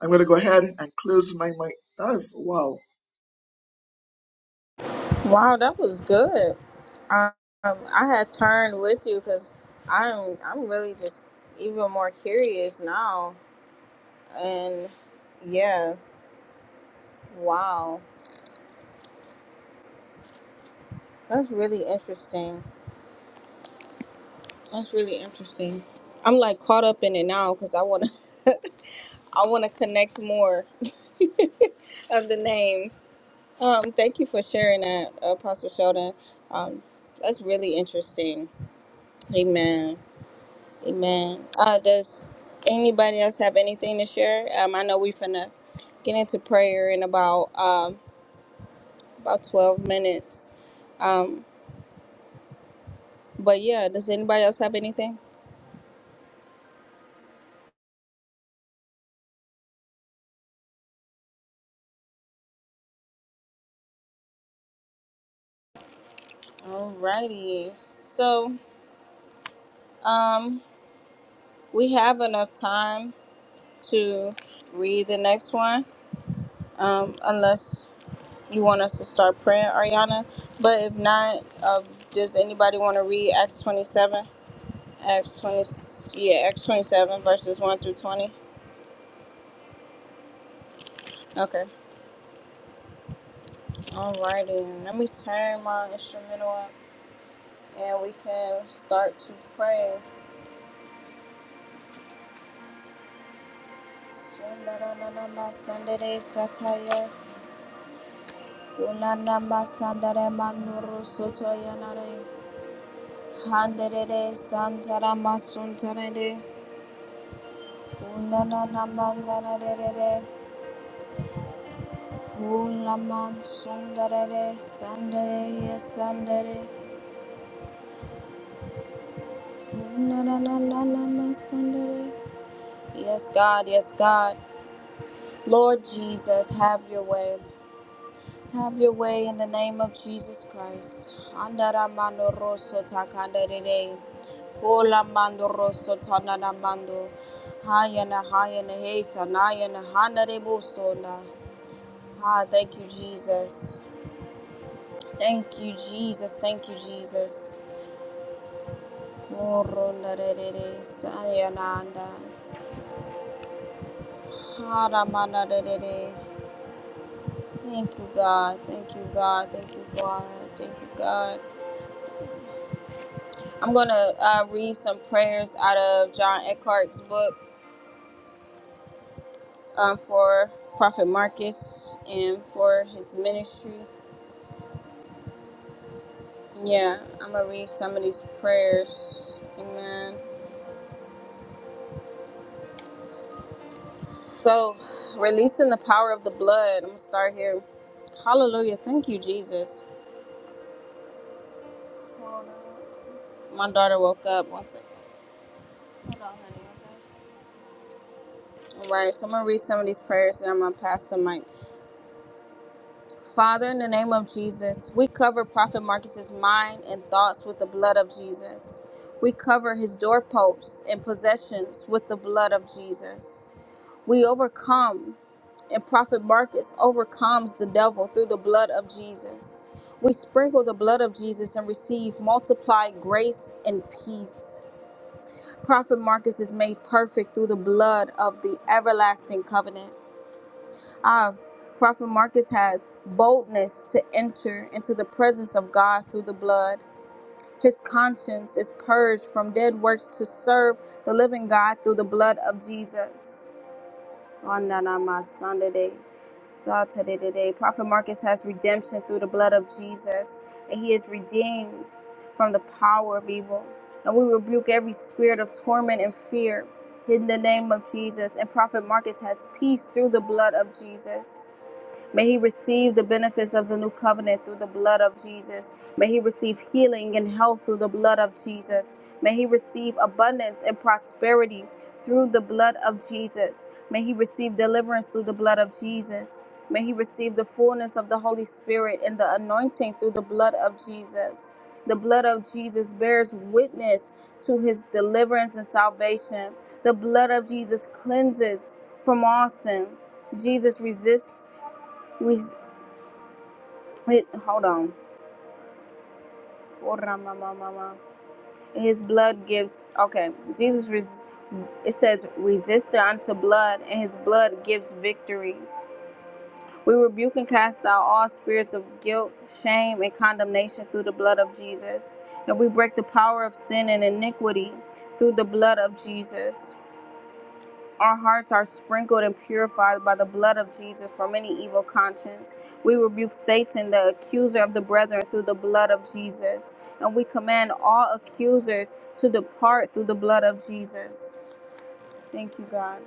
Speaker 4: I'm going to go ahead and close my mic. That is wow.
Speaker 1: Wow, that was good. Um, I had turned with you because I'm I'm really just even more curious now. And yeah, wow. That's really interesting. That's really interesting. I'm like caught up in it now because I wanna I wanna connect more of the names. Um, thank you for sharing that, uh, Apostle Sheldon. Um, that's really interesting. Amen. Amen. Uh, does anybody else have anything to share? Um, I know we're finna get into prayer in about um about twelve minutes. Um, but yeah, does anybody else have anything? Alrighty. So Um, we have enough time to read the next one, um, unless you want us to start praying, Ariana. But if not, uh, does anybody want to read Acts 27? Acts 20, yeah, Acts 27, verses 1 through 20. Okay. Alrighty. Let me turn my instrumental up and we can start to pray. Sundaranama Sandere Sataya. Unanama Sandare Manuru Sotoyanare. Handere Santara Masuntarere Kunana Namandarere Kulaman Sundarere Sandere Yes Sandere Kunana Nanama Sandere Yes God, yes God. Lord Jesus, have your way. Have your way in the name of Jesus Christ. Andara mando rosso takanda rere. Kola mando rosso tanana mando. Hayana hayana hesa nayana hana rebuso na. thank you, Jesus. Thank you, Jesus. Thank you, Jesus. Moro na rere, sayana anda. Hara mana rere. Thank you, God. Thank you, God. Thank you, God. Thank you, God. I'm going to uh, read some prayers out of John Eckhart's book um, for Prophet Marcus and for his ministry. Yeah, I'm going to read some of these prayers. Amen. So, releasing the power of the blood. I'm going to start here. Hallelujah. Thank you, Jesus. My daughter woke up. One second. All right, so I'm going to read some of these prayers and I'm going to pass the mic. Father, in the name of Jesus, we cover Prophet Marcus's mind and thoughts with the blood of Jesus. We cover his doorposts and possessions with the blood of Jesus. We overcome, and Prophet Marcus overcomes the devil through the blood of Jesus. We sprinkle the blood of Jesus and receive multiplied grace and peace. Prophet Marcus is made perfect through the blood of the everlasting covenant. Ah, Prophet Marcus has boldness to enter into the presence of God through the blood. His conscience is purged from dead works to serve the living God through the blood of Jesus. On that on my Sunday day, Saturday today, Prophet Marcus has redemption through the blood of Jesus, and he is redeemed from the power of evil. And we rebuke every spirit of torment and fear in the name of Jesus. And Prophet Marcus has peace through the blood of Jesus. May he receive the benefits of the new covenant through the blood of Jesus. May he receive healing and health through the blood of Jesus. May he receive abundance and prosperity through the blood of Jesus. May he receive deliverance through the blood of Jesus. May he receive the fullness of the Holy Spirit and the anointing through the blood of Jesus. The blood of Jesus bears witness to his deliverance and salvation. The blood of Jesus cleanses from all sin. Jesus resists which it, hold on his blood gives okay jesus res, it says resist unto blood and his blood gives victory we rebuke and cast out all spirits of guilt shame and condemnation through the blood of jesus and we break the power of sin and iniquity through the blood of jesus Our hearts are sprinkled and purified by the blood of Jesus from any evil conscience. We rebuke Satan, the accuser of the brethren, through the blood of Jesus. And we command all accusers to depart through the blood of Jesus. Thank you, God.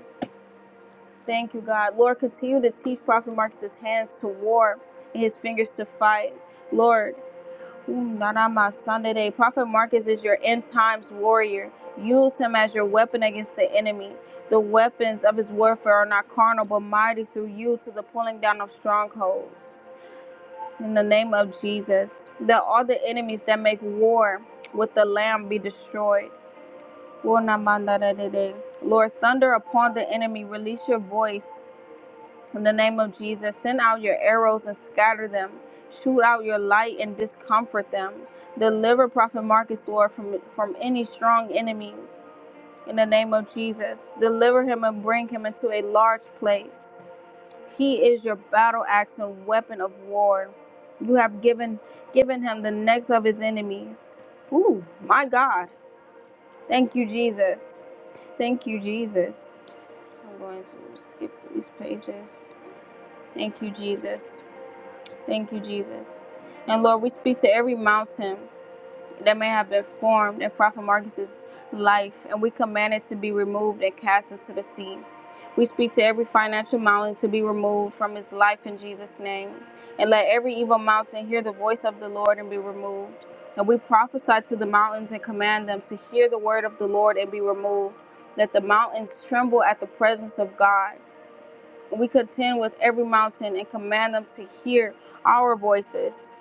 Speaker 1: Thank you, God. Lord, continue to teach Prophet Marcus's hands to war and his fingers to fight. Lord, Nana Sunday. Prophet Marcus is your end times warrior. Use him as your weapon against the enemy. The weapons of his warfare are not carnal, but mighty through you to the pulling down of strongholds. In the name of Jesus, that all the enemies that make war with the Lamb be destroyed. Lord, thunder upon the enemy. Release your voice in the name of Jesus, send out your arrows and scatter them. Shoot out your light and discomfort them. Deliver Prophet Marcus, Lord, from, from any strong enemy. In the name of Jesus, deliver him and bring him into a large place. He is your battle axe and weapon of war. You have given given him the necks of his enemies. Ooh, my God. Thank you, Jesus. Thank you, Jesus. I'm going to skip these pages. Thank you, Jesus. Thank you, Jesus. And Lord, we speak to every mountain that may have been formed in Prophet Marcus's life, and we command it to be removed and cast into the sea. We speak to every financial mountain to be removed from his life in Jesus' name. And let every evil mountain hear the voice of the Lord and be removed. And we prophesy to the mountains and command them to hear the word of the Lord and be removed. Let the mountains tremble at the presence of God. We contend with every mountain and command them to hear our voices.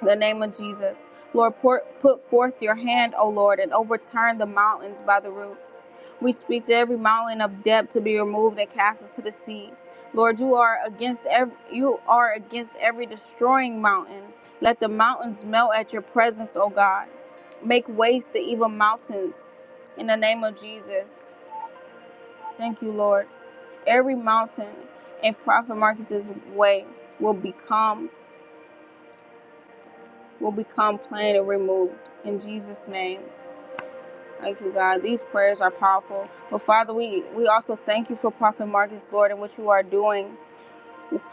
Speaker 1: In the name of Jesus. Lord, pour, put forth your hand, O Lord, and overturn the mountains by the roots. We speak to every mountain of depth to be removed and cast into the sea. Lord, you are against every, you are against every destroying mountain. Let the mountains melt at your presence, O God. Make waste the evil mountains. In the name of Jesus. Thank you, Lord every mountain in Prophet Marcus's way will become will become plain and removed in Jesus' name. Thank you, God. These prayers are powerful. But Father, we, we also thank you for Prophet Marcus, Lord, and what you are doing.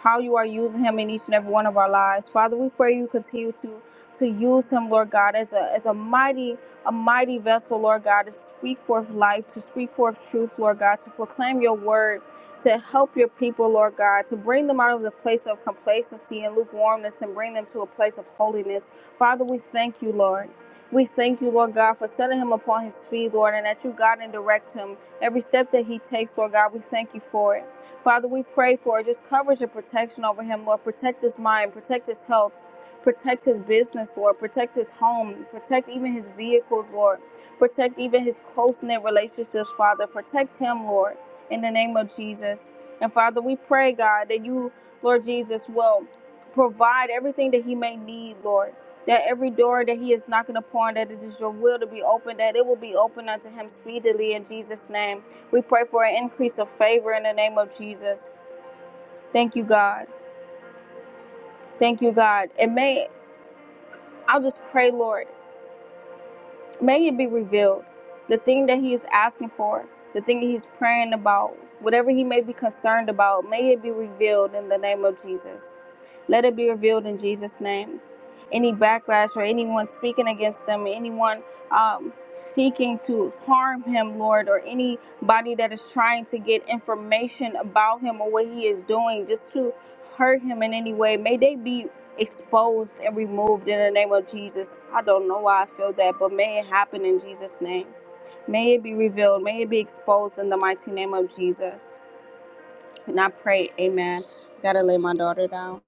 Speaker 1: how you are using him in each and every one of our lives. Father, we pray you continue to to use him, Lord God, as a as a mighty a mighty vessel, Lord God, to speak forth life, to speak forth truth, Lord God, to proclaim your word, to help your people, Lord God, to bring them out of the place of complacency and lukewarmness and bring them to a place of holiness. Father, we thank you, Lord. We thank you, Lord God, for setting him upon his feet, Lord, and that you guide and direct him. Every step that he takes, Lord God, we thank you for it. Father, we pray for just coverage and protection over him, Lord. Protect his mind, protect his health, protect his business, Lord. Protect his home, protect even his vehicles, Lord. Protect even his close knit relationships, Father. Protect him, Lord, in the name of Jesus. And Father, we pray, God, that you, Lord Jesus, will provide everything that he may need, Lord. That every door that he is knocking upon, that it is your will to be opened, that it will be opened unto him speedily in Jesus' name. We pray for an increase of favor in the name of Jesus. Thank you, God. Thank you, God. And may I will just pray, Lord. May it be revealed. The thing that he is asking for, the thing that he's praying about, whatever he may be concerned about, may it be revealed in the name of Jesus. Let it be revealed in Jesus' name. Any backlash or anyone speaking against him, anyone um, seeking to harm him, Lord, or anybody that is trying to get information about him or what he is doing just to hurt him in any way, may they be exposed and removed in the name of Jesus. I don't know why I feel that, but may it happen in Jesus' name. May it be revealed. May it be exposed in the mighty name of Jesus. And I pray, amen. Gotta lay my daughter down.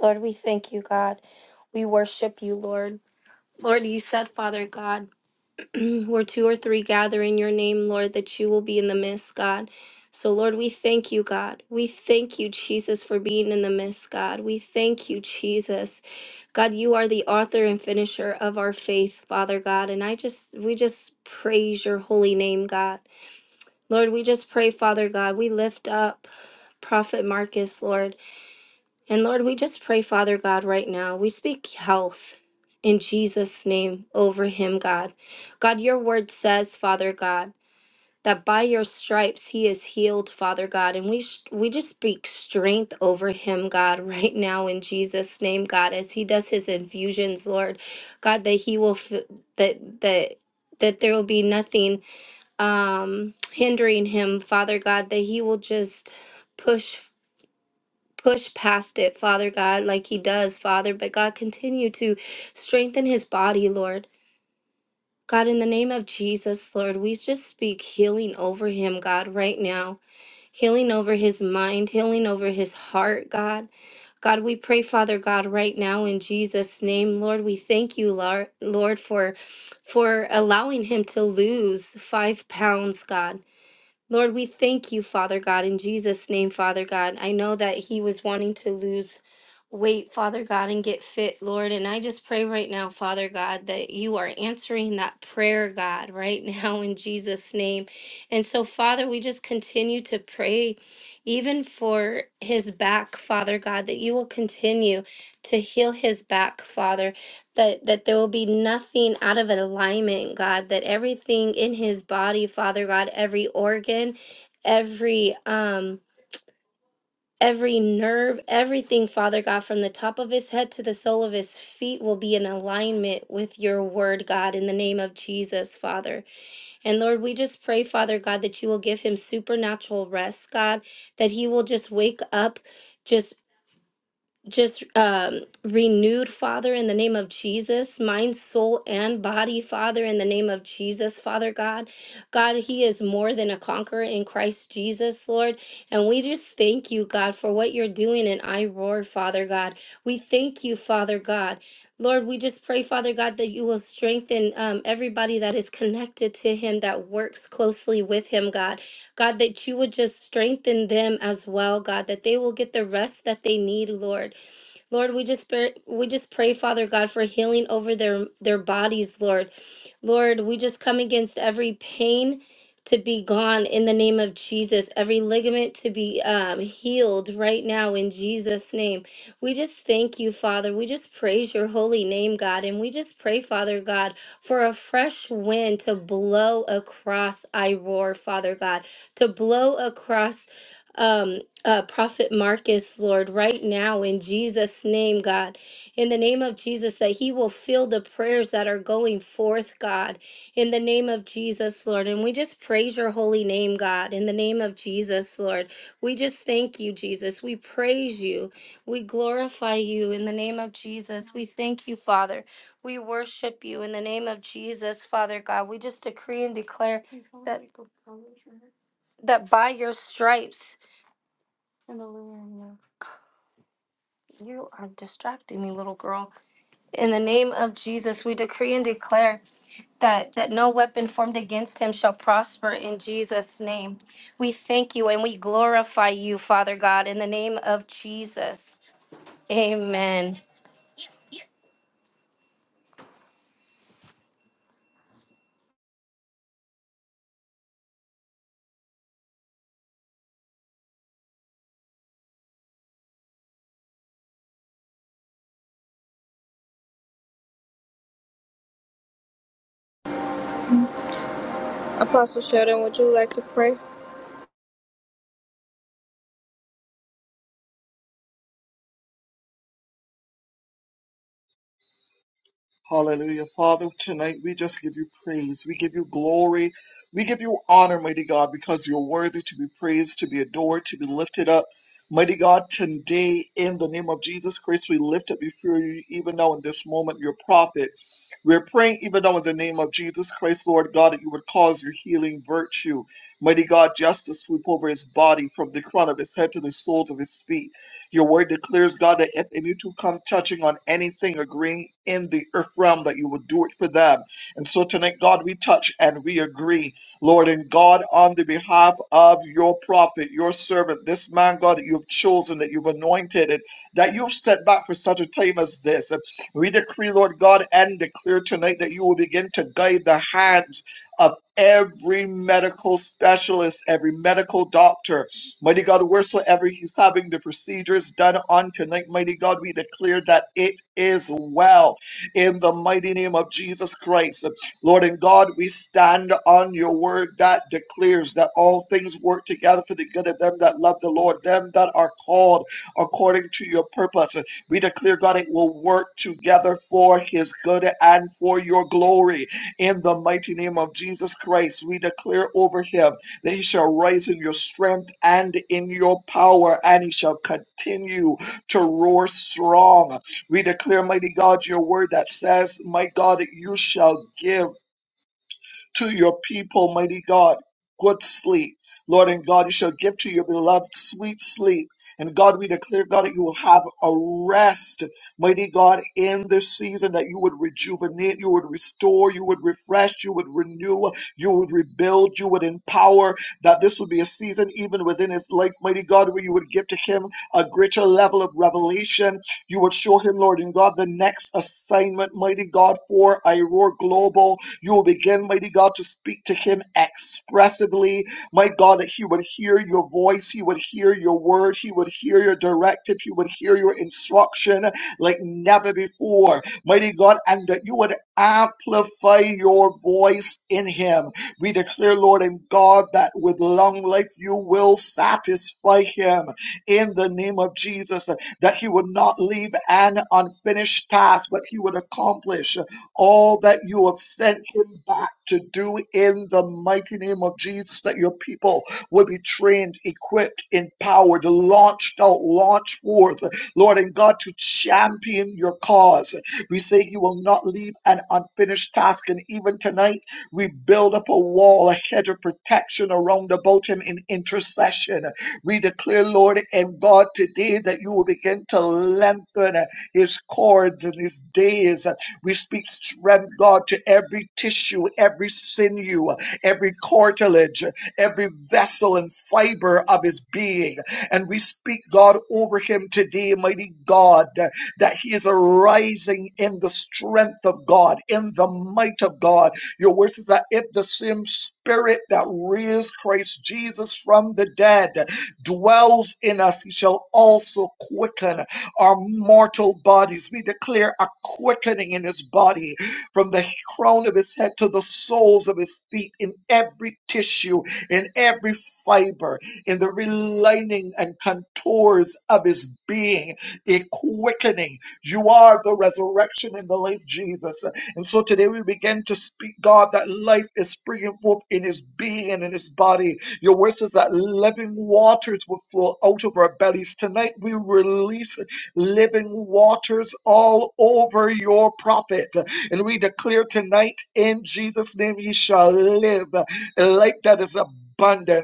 Speaker 2: Lord, we thank you, God. We worship you, Lord. Lord, you said, Father God, where two or three gather in your name, Lord, that you will be in the midst, God. So, Lord, we thank you, God. We thank you, Jesus, for being in the midst, God. We thank you, Jesus. God, you are the author and finisher of our faith, Father God. And I just, we just praise your holy name, God. Lord, we just pray, Father God, we lift up Prophet Marcus, Lord. And Lord, we just pray, Father God, right now. We speak health in Jesus' name over him, God. God, your word says, Father God, that by your stripes he is healed, Father God. And we sh- we just speak strength over him, God, right now in Jesus' name, God, as he does his infusions, Lord. God, that he will f- that that that there will be nothing um hindering him, Father God, that he will just push push past it, Father God, like he does, Father. But God, continue to strengthen his body, Lord. God, in the name of Jesus, Lord, we just speak healing over him, God, right now. Healing over his mind, healing over his heart, God. God, we pray, Father God, right now in Jesus' name, Lord, we thank you, Lar- Lord, for for allowing him to lose five pounds, God. Lord, we thank you, Father God, in Jesus' name, Father God. I know that he was wanting to lose weight, Father God, and get fit, Lord. And I just pray right now, Father God, that you are answering that prayer, God, right now in Jesus' name. And so, Father, we just continue to pray. Even for his back, Father God, that you will continue to heal his back, Father that that there will be nothing out of alignment god that everything in his body father god every organ every um every nerve everything father god from the top of his head to the sole of his feet will be in alignment with your word god in the name of jesus father and lord we just pray father god that you will give him supernatural rest god that he will just wake up just just um, renewed, Father, in the name of Jesus, mind, soul, and body, Father, in the name of Jesus, Father God. God, He is more than a conqueror in Christ Jesus, Lord. And we just thank you, God, for what you're doing in I Roar, Father God. We thank you, Father God. Lord, we just pray, Father God, that you will strengthen um, everybody that is connected to him, that works closely with him, God. God, that you would just strengthen them as well, God, that they will get the rest that they need, Lord. Lord, we just pray, we just pray, Father God, for healing over their their bodies, Lord. Lord, we just come against every pain to be gone in the name of Jesus. Every ligament to be um, healed right now in Jesus' name. We just thank you, Father. We just praise your holy name, God, and we just pray, Father God, for a fresh wind to blow across I roar, Father God, to blow across. Um, uh, Prophet Marcus, Lord, right now in Jesus' name, God, in the name of Jesus, that he will feel the prayers that are going forth, God, in the name of Jesus, Lord. And we just praise your holy name, God, in the name of Jesus, Lord. We just thank you, Jesus. We praise you. We glorify you in the name of Jesus. We thank you, Father. We worship you in the name of Jesus, Father God. We just decree and declare that, that by your stripes, Hallelujah. You are distracting me, little girl. In the name of Jesus, we decree and declare that that no weapon formed against him shall prosper in Jesus name. We thank you and we glorify you, Father God, in the name of Jesus. Amen.
Speaker 1: Apostle Sheldon, would you like to pray?
Speaker 4: Hallelujah. Father, tonight we just give you praise. We give you glory. We give you honor, mighty God, because you're worthy to be praised, to be adored, to be lifted up. Mighty God, today in the name of Jesus Christ, we lift up before you, even now in this moment, your prophet. We're praying even now in the name of Jesus Christ, Lord God, that you would cause your healing virtue, mighty God, just to sweep over his body from the crown of his head to the soles of his feet. Your word declares, God, that if any two come touching on anything, agreeing in the earth realm, that you will do it for them. And so tonight, God, we touch and we agree, Lord and God, on the behalf of your prophet, your servant, this man, God, that you've chosen, that you've anointed, and that you've set back for such a time as this. And we decree, Lord God, and declare tonight that you will begin to guide the hands of every medical specialist, every medical doctor, Mighty God, wheresoever he's having the procedures done on tonight, mighty God, we declare that it is well in the mighty name of Jesus Christ. Lord and God, we stand on your word that declares that all things work together for the good of them that love the Lord, them that are called according to your purpose. We declare, God, it will work together for his good and for your glory in the mighty name of Jesus Christ. We declare over him. They shall rise in your strength and in your power, and he shall continue to roar strong. We declare, mighty God, your word that says, My God, you shall give to your people, mighty God. Good sleep, Lord and God, you shall give to your beloved sweet sleep. And God, we declare, God, that you will have a rest, mighty God, in this season, that you would rejuvenate, you would restore, you would refresh, you would renew, you would rebuild, you would empower, that this would be a season, even within his life, mighty God, where you would give to him a greater level of revelation. You would show him, Lord and God, the next assignment, mighty God, for Iroar Global. You will begin, mighty God, to speak to him expressively. My God, that he would hear your voice, he would hear your word, he would hear your directive, he would hear your instruction like never before. Mighty God, and that you would amplify your voice in him. We declare, Lord and God, that with long life you will satisfy him in the name of Jesus, that he would not leave an unfinished task, but he would accomplish all that you have sent him back to do in the mighty name of Jesus, that your people will be trained, equipped, empowered, launched out, launched forth, Lord and God, to champion your cause. We say you will not leave an unfinished task, and even tonight we build up a wall, a hedge of protection around about him in intercession. We declare, Lord and God, today that you will begin to lengthen his cords and his days. We speak strength, God, to every tissue, every sinew, every cartilage, every vessel and fiber of his being. And we speak, God, over him today, mighty God, that he is arising in the strength of God, in the might of God. Your word says that if the same spirit that raised Christ Jesus from the dead dwells in us, he shall also quicken our mortal bodies. We declare a quickening in his body from the crown of his head to the soles of his feet in every tissue, in every fiber, in the relining and contours of his being, a quickening. You are the resurrection and the life, Jesus. And so today we begin to speak, God, that life is springing forth in his being and in his body. Your word says that living waters will flow out of our bellies. Tonight we release living waters all over your prophet. And we declare tonight in Jesus' name, you shall live a life that is abundant.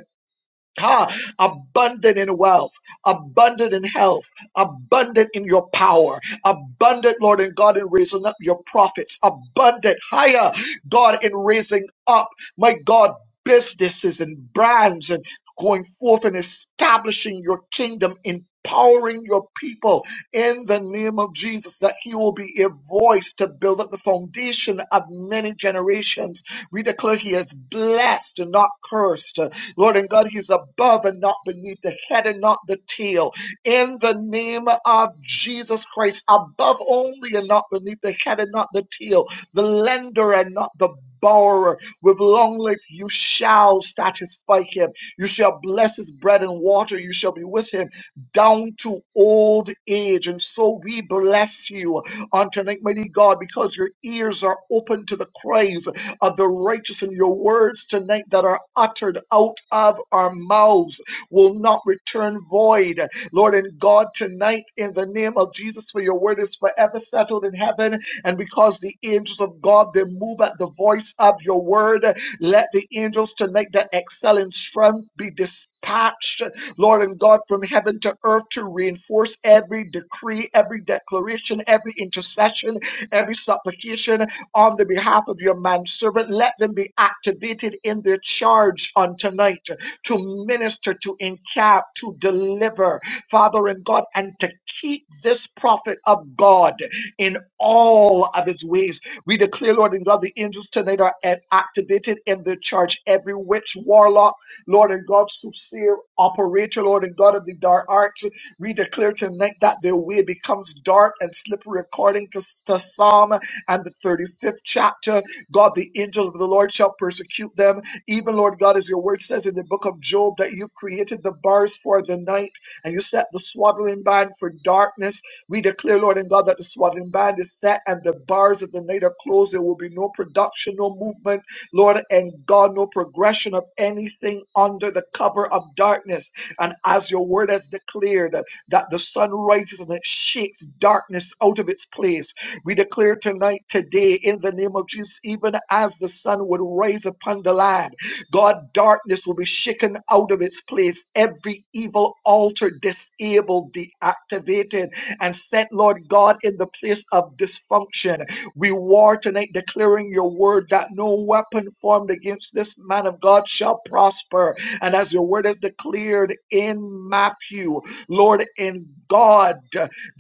Speaker 4: Ha, abundant in wealth, abundant in health, abundant in your power, abundant, Lord and God, in raising up your prophets, abundant, higher, God, in raising up, my God, businesses and brands and going forth and establishing your kingdom, empowering your people in the name of Jesus, that He will be a voice to build up the foundation of many generations. We declare He is blessed and not cursed. Lord and God, He's above and not beneath, the head and not the tail. In the name of Jesus Christ, above only and not beneath, the head and not the tail, the lender and not the borrower. With long life, you shall satisfy him. You shall bless his bread and water. You shall be with him down to old age. And so we bless you on tonight, mighty God, because your ears are open to the cries of the righteous and your words tonight that are uttered out of our mouths will not return void. Lord and God, tonight in the name of Jesus, for your word is forever settled in heaven. And because the angels of God, they move at the voice of your word, let the angels tonight that excel in strength be dispatched, Lord and God, from heaven to earth to reinforce every decree, every declaration, every intercession, every supplication on the behalf of your manservant. Let them be activated in their charge on tonight to minister, to encap, to deliver, Father and God, and to keep this prophet of God in all of his ways. We declare, Lord and God, the angels tonight are a- activated in their charge. Every witch, warlock, Lord and God, soothsayer, operator, Lord and God of the dark arts, we declare tonight that their way becomes dark and slippery according to, to Psalm and the 35th chapter. God, the angel of the Lord shall persecute them. Even, Lord God, as your word says in the book of Job, that you've created the bars for the night and you set the swaddling band for darkness. We declare, Lord and God, that the swaddling band is set and the bars of the night are closed. There will be no production, no movement, Lord and God, no progression of anything under the cover of darkness. And as your word has declared, that the sun rises and it shakes darkness out of its place we declare tonight, today, in the name of Jesus, even as the sun would rise upon the land, God, darkness will be shaken out of its place. Every evil altar disabled, deactivated, and set, Lord God, in the place of dysfunction. We war tonight, declaring your word that no weapon formed against this man of God shall prosper. And as your word is declared in Matthew, Lord, in God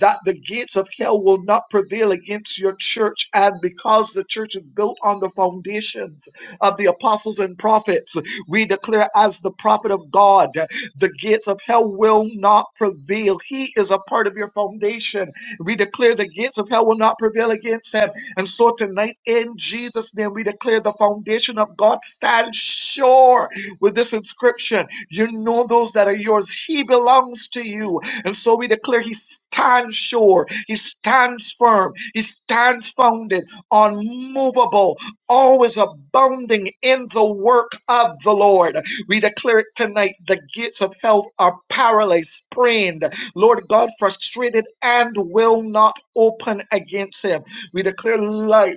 Speaker 4: that the gates of hell will not prevail against your church. And because the church is built on the foundations of the apostles and prophets, we declare as the prophet of God, the gates of hell will not prevail. He is a part of your foundation. We declare the gates of hell will not prevail against him. And so tonight, in Jesus' name, we declare the foundation of God stands sure with this inscription. You know those that are yours. He belongs to you. And so we declare he stands sure, he stands firm, he stands founded, unmovable, always abounding in the work of the Lord. We declare it tonight the gates of hell are paralyzed, sprained, Lord God, frustrated, and will not open against him. We declare life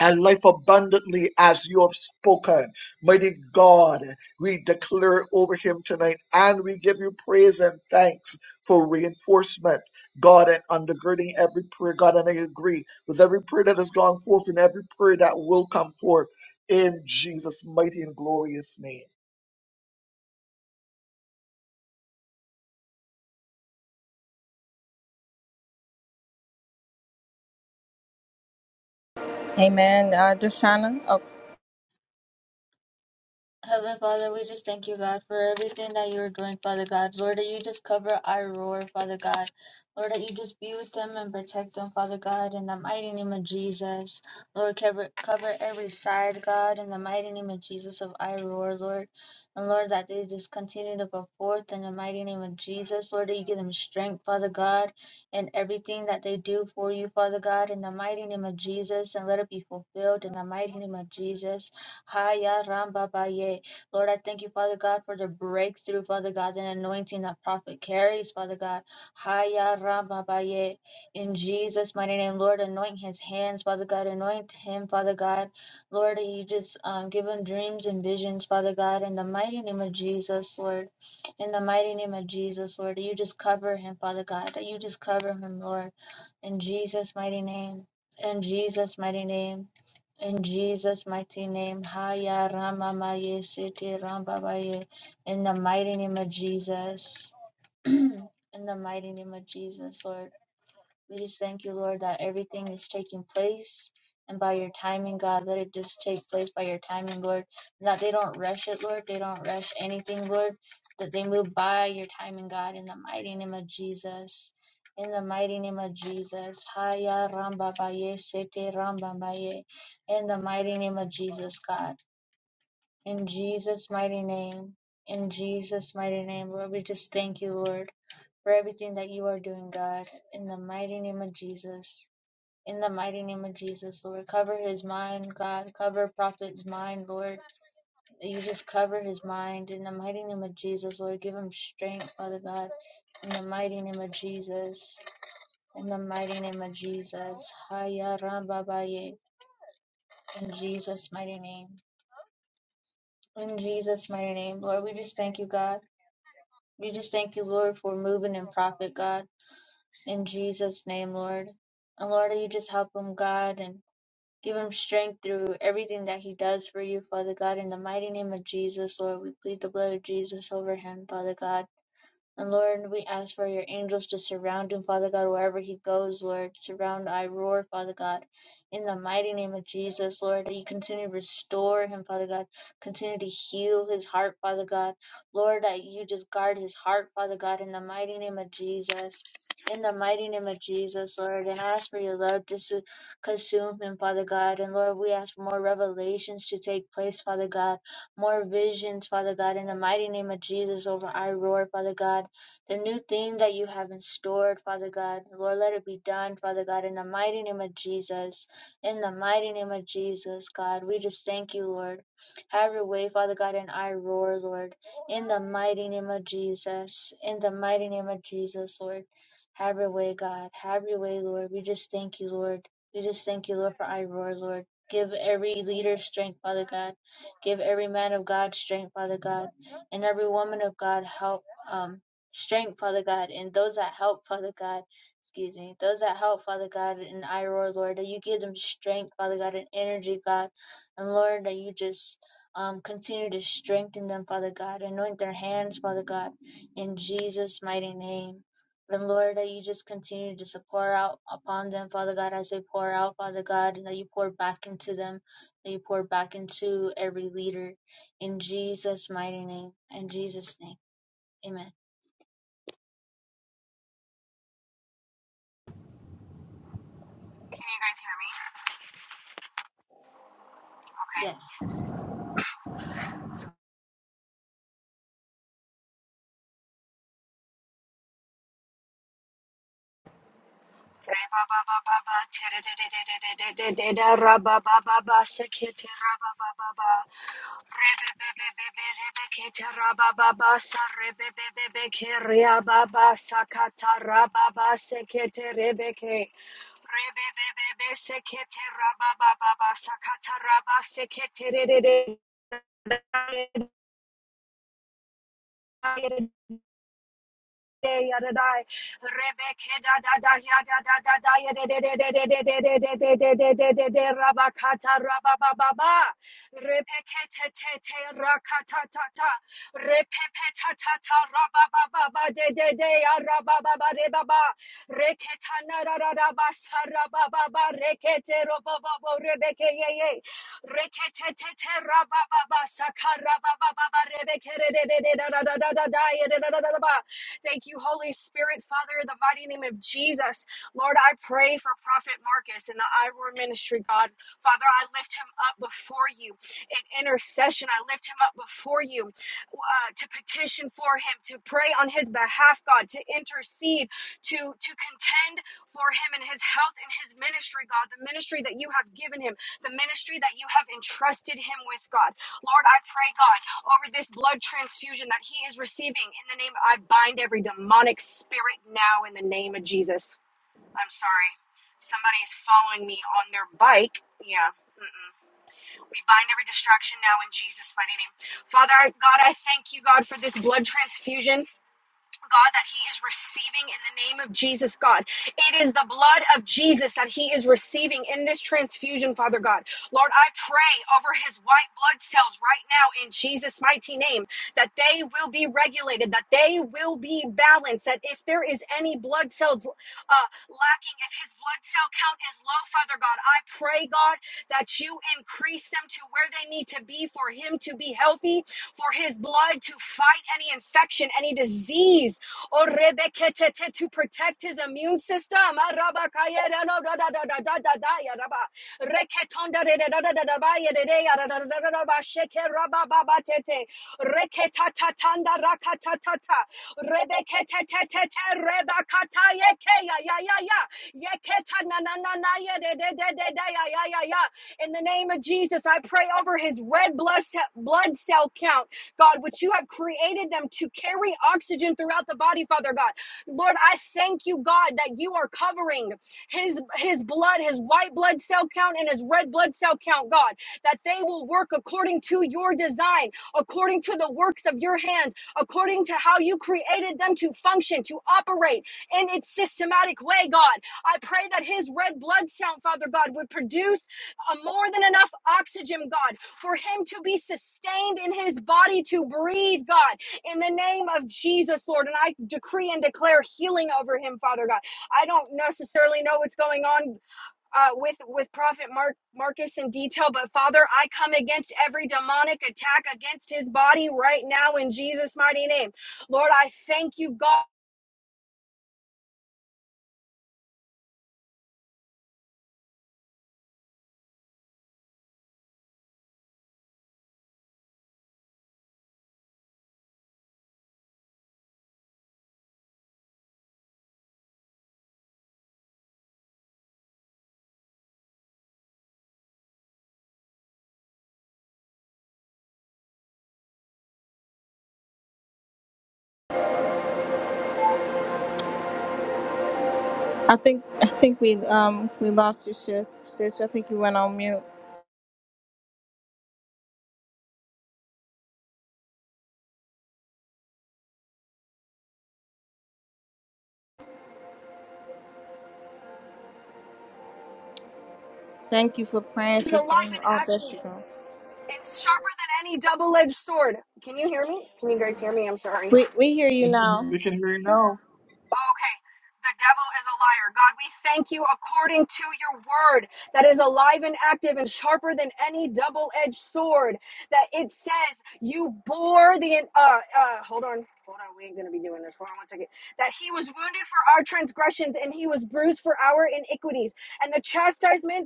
Speaker 4: and life abundantly as you have spoken. Mighty God, we declare over him tonight and we give you praise and thanks for reinforcement, God, and undergirding every prayer. God, and I agree with every prayer that has gone forth and every prayer that will come forth in Jesus' mighty and glorious name.
Speaker 1: Amen. Uh, just Oh,
Speaker 5: Heavenly Father, we just thank you, God, for everything that you are doing, Father God. Lord, that you just cover our roar, Father God. Lord, that you just be with them and protect them, Father God, in the mighty name of Jesus. Lord, cover, cover every side, God, in the mighty name of Jesus of I roar, Lord. And Lord, that they just continue to go forth in the mighty name of Jesus. Lord, that you give them strength, Father God, in everything that they do for you, Father God, in the mighty name of Jesus. And let it be fulfilled in the mighty name of Jesus. Haya Ramba Baye. Lord, I thank you, Father God, for the breakthrough, Father God, and anointing that prophet carries, Father God. Haya Ramba Baye. In Jesus' mighty name, Lord, anoint his hands, Father God. Anoint him, Father God. Lord, you just um, give him dreams and visions, Father God, in the mighty name of Jesus, Lord. In the mighty name of Jesus, Lord, you just cover him, Father God. That you just cover him, Lord. In Jesus' mighty name. In Jesus' mighty name. In Jesus' mighty name, Haya Rama Maye Sete Ramba Baye. In the mighty name of Jesus. In the mighty name of Jesus, Lord. We just thank you, Lord, that everything is taking place and by your timing, God, let it just take place by your timing, Lord. And that they don't rush it, Lord. They don't rush anything, Lord. That they move by your timing, God, in the mighty name of Jesus. In the mighty name of Jesus. Haya Ramba Baye Sete Ramba Baye. In the mighty name of Jesus, God. In Jesus' mighty name. In Jesus' mighty name, Lord, we just thank you, Lord, for everything that you are doing, God. In the mighty name of Jesus. In the mighty name of Jesus, Lord, cover his mind, God. Cover prophet's mind, Lord. You just cover his mind. In the mighty name of Jesus, Lord, give him strength, Father God. In the mighty name of Jesus. In the mighty name of Jesus. Haya Ramba Baye. In Jesus' mighty name. In Jesus' mighty name, Lord, we just thank you, God. We just thank you, Lord, for moving in prophet, God. In Jesus' name, Lord. And Lord, you just help him, God, and Give him strength through everything that he does for you, Father God. In the mighty name of Jesus, Lord, we plead the blood of Jesus over him, Father God. And Lord, we ask for your angels to surround him, Father God, wherever he goes, Lord. Surround I roar, Father God. In the mighty name of Jesus, Lord, that you continue to restore him, Father God. Continue to heal his heart, Father God. Lord, that you just guard his heart, Father God, in the mighty name of Jesus. In the mighty name of Jesus, Lord, and I ask for your love just to consume him, Father God. And Lord, we ask for more revelations to take place, Father God. More visions, Father God, in the mighty name of Jesus over I roar, Father God the new thing that you have in store, Father God. Lord, let it be done, Father God, in the mighty name of Jesus. In the mighty name of Jesus, God, we just thank you, Lord. Have your way, Father God, and I roar, Lord. In the mighty name of Jesus. In the mighty name of Jesus, Lord. Have your way, God. Have your way, Lord. We just thank you, Lord. We just thank you, Lord, for I roar, Lord. Give every leader strength, Father God. Give every man of God strength, Father God. And every woman of God help. Um, strength, Father God, and those that help, Father God. Excuse me. Those that help, Father God, and I roar, Lord, that you give them strength, Father God, and energy, God. And Lord, that you just um, continue to strengthen them, Father God. Anoint their hands, Father God, in Jesus' mighty name. And Lord, that you just continue to just pour out upon them, Father God, as they pour out, Father God, and that you pour back into them, that you pour back into every leader. In Jesus' mighty name. In Jesus' name. Amen.
Speaker 6: Can you guys hear me?
Speaker 5: Yes.
Speaker 6: Re ba ba ba ba ba, te re re re re re re re re ra ba ba ba ba, se ke ra ba ba ba ba. Re be be be be be, re be ke ra ba ba ba, sa re be be be be ke re a ba ba, sa ka ta ra ba ba, se ke re be ke. Re be be be be, se ke ra ba ba ba ba, sa ka ta ra ba, se ke te re re re. Yadadai, Rebecca, Thank you, Holy Spirit, Father, in the mighty name of Jesus. Lord, I pray for Prophet Marcus and the I Ministry, God. Father, I lift him up before you in intercession. I lift him up before you uh, to petition for him, to pray on his behalf, God, to intercede, to, to contend for him and his health and his ministry, God, the ministry that you have given him, the ministry that you have entrusted him with, God. Lord, I pray, God, over this blood transfusion that he is receiving in the name, I bind every demonic spirit now in the name of Jesus. I'm sorry. Somebody is following me on their bike. Yeah. We bind every distraction now in Jesus' mighty name. Father, I- God, I thank you, God, for this blood transfusion. God, that he is receiving in the name of Jesus, God. It is the blood of Jesus that he is receiving in this transfusion, Father God. Lord, I pray over his white blood cells right now in Jesus' mighty name that they will be regulated, that they will be balanced, that if there is any blood cells uh, lacking, if his blood cell count is low, Father God, I pray, God, that you increase them to where they need to be for him to be healthy for his blood to fight any infection, any disease, Oh, rebeketete, to protect his immune system. Ah, rabakaya, da, no, da, da, da, da, da, da, da, ya, raba. Reketonda, de, de, da, da, da, da, ba, ya, de, de, ya, da, da, da, da, da, da, ba, sheke, raba, ba, ba, tete. Reketatatanda, rakatatata. Rebeketetetete, rebakata, yeke, ya, ya, ya, ya. Yeketa, na, na, na, na, ya, de, de, de, de, de, ya, ya, ya, ya. In the name of Jesus, I pray over his red blood ce- blood cell count. God, which you have created them to carry oxygen throughout the body, Father God. Lord, I thank you, God, that you are covering his his blood, his white blood cell count and his red blood cell count, God, that they will work according to your design, according to the works of your hands, according to how you created them to function, to operate in its systematic way, God. I pray that his red blood cell, Father God, would produce uh, more than enough oxygen, God, for him to be sustained in his body to breathe, God, in the name of Jesus, Lord. And I decree and declare healing over him, Father God. I don't necessarily know what's going on uh, with with Prophet Mark Marcus in detail, but Father, I come against every demonic attack against his body right now in Jesus' mighty name, Lord. I thank you, God,
Speaker 1: I think I think we um we lost you, sis. sis. I think you went on mute. Thank you for praying,
Speaker 6: is
Speaker 1: sis.
Speaker 6: alive
Speaker 1: Oh,
Speaker 6: and
Speaker 1: there
Speaker 6: active.
Speaker 1: you go.
Speaker 6: and sharper than any double-edged sword. Can you hear me? Can you guys hear me? I'm sorry.
Speaker 1: We we hear you now.
Speaker 4: We can hear you now.
Speaker 6: Okay. The devil is a liar. God, we thank you according to your word that is alive and active and sharper than any double edged sword. That it says you bore the. Uh, uh, hold on. Hold on. We ain't going to be doing this. Hold on one second. That he was wounded for our transgressions and he was bruised for our iniquities. And the chastisement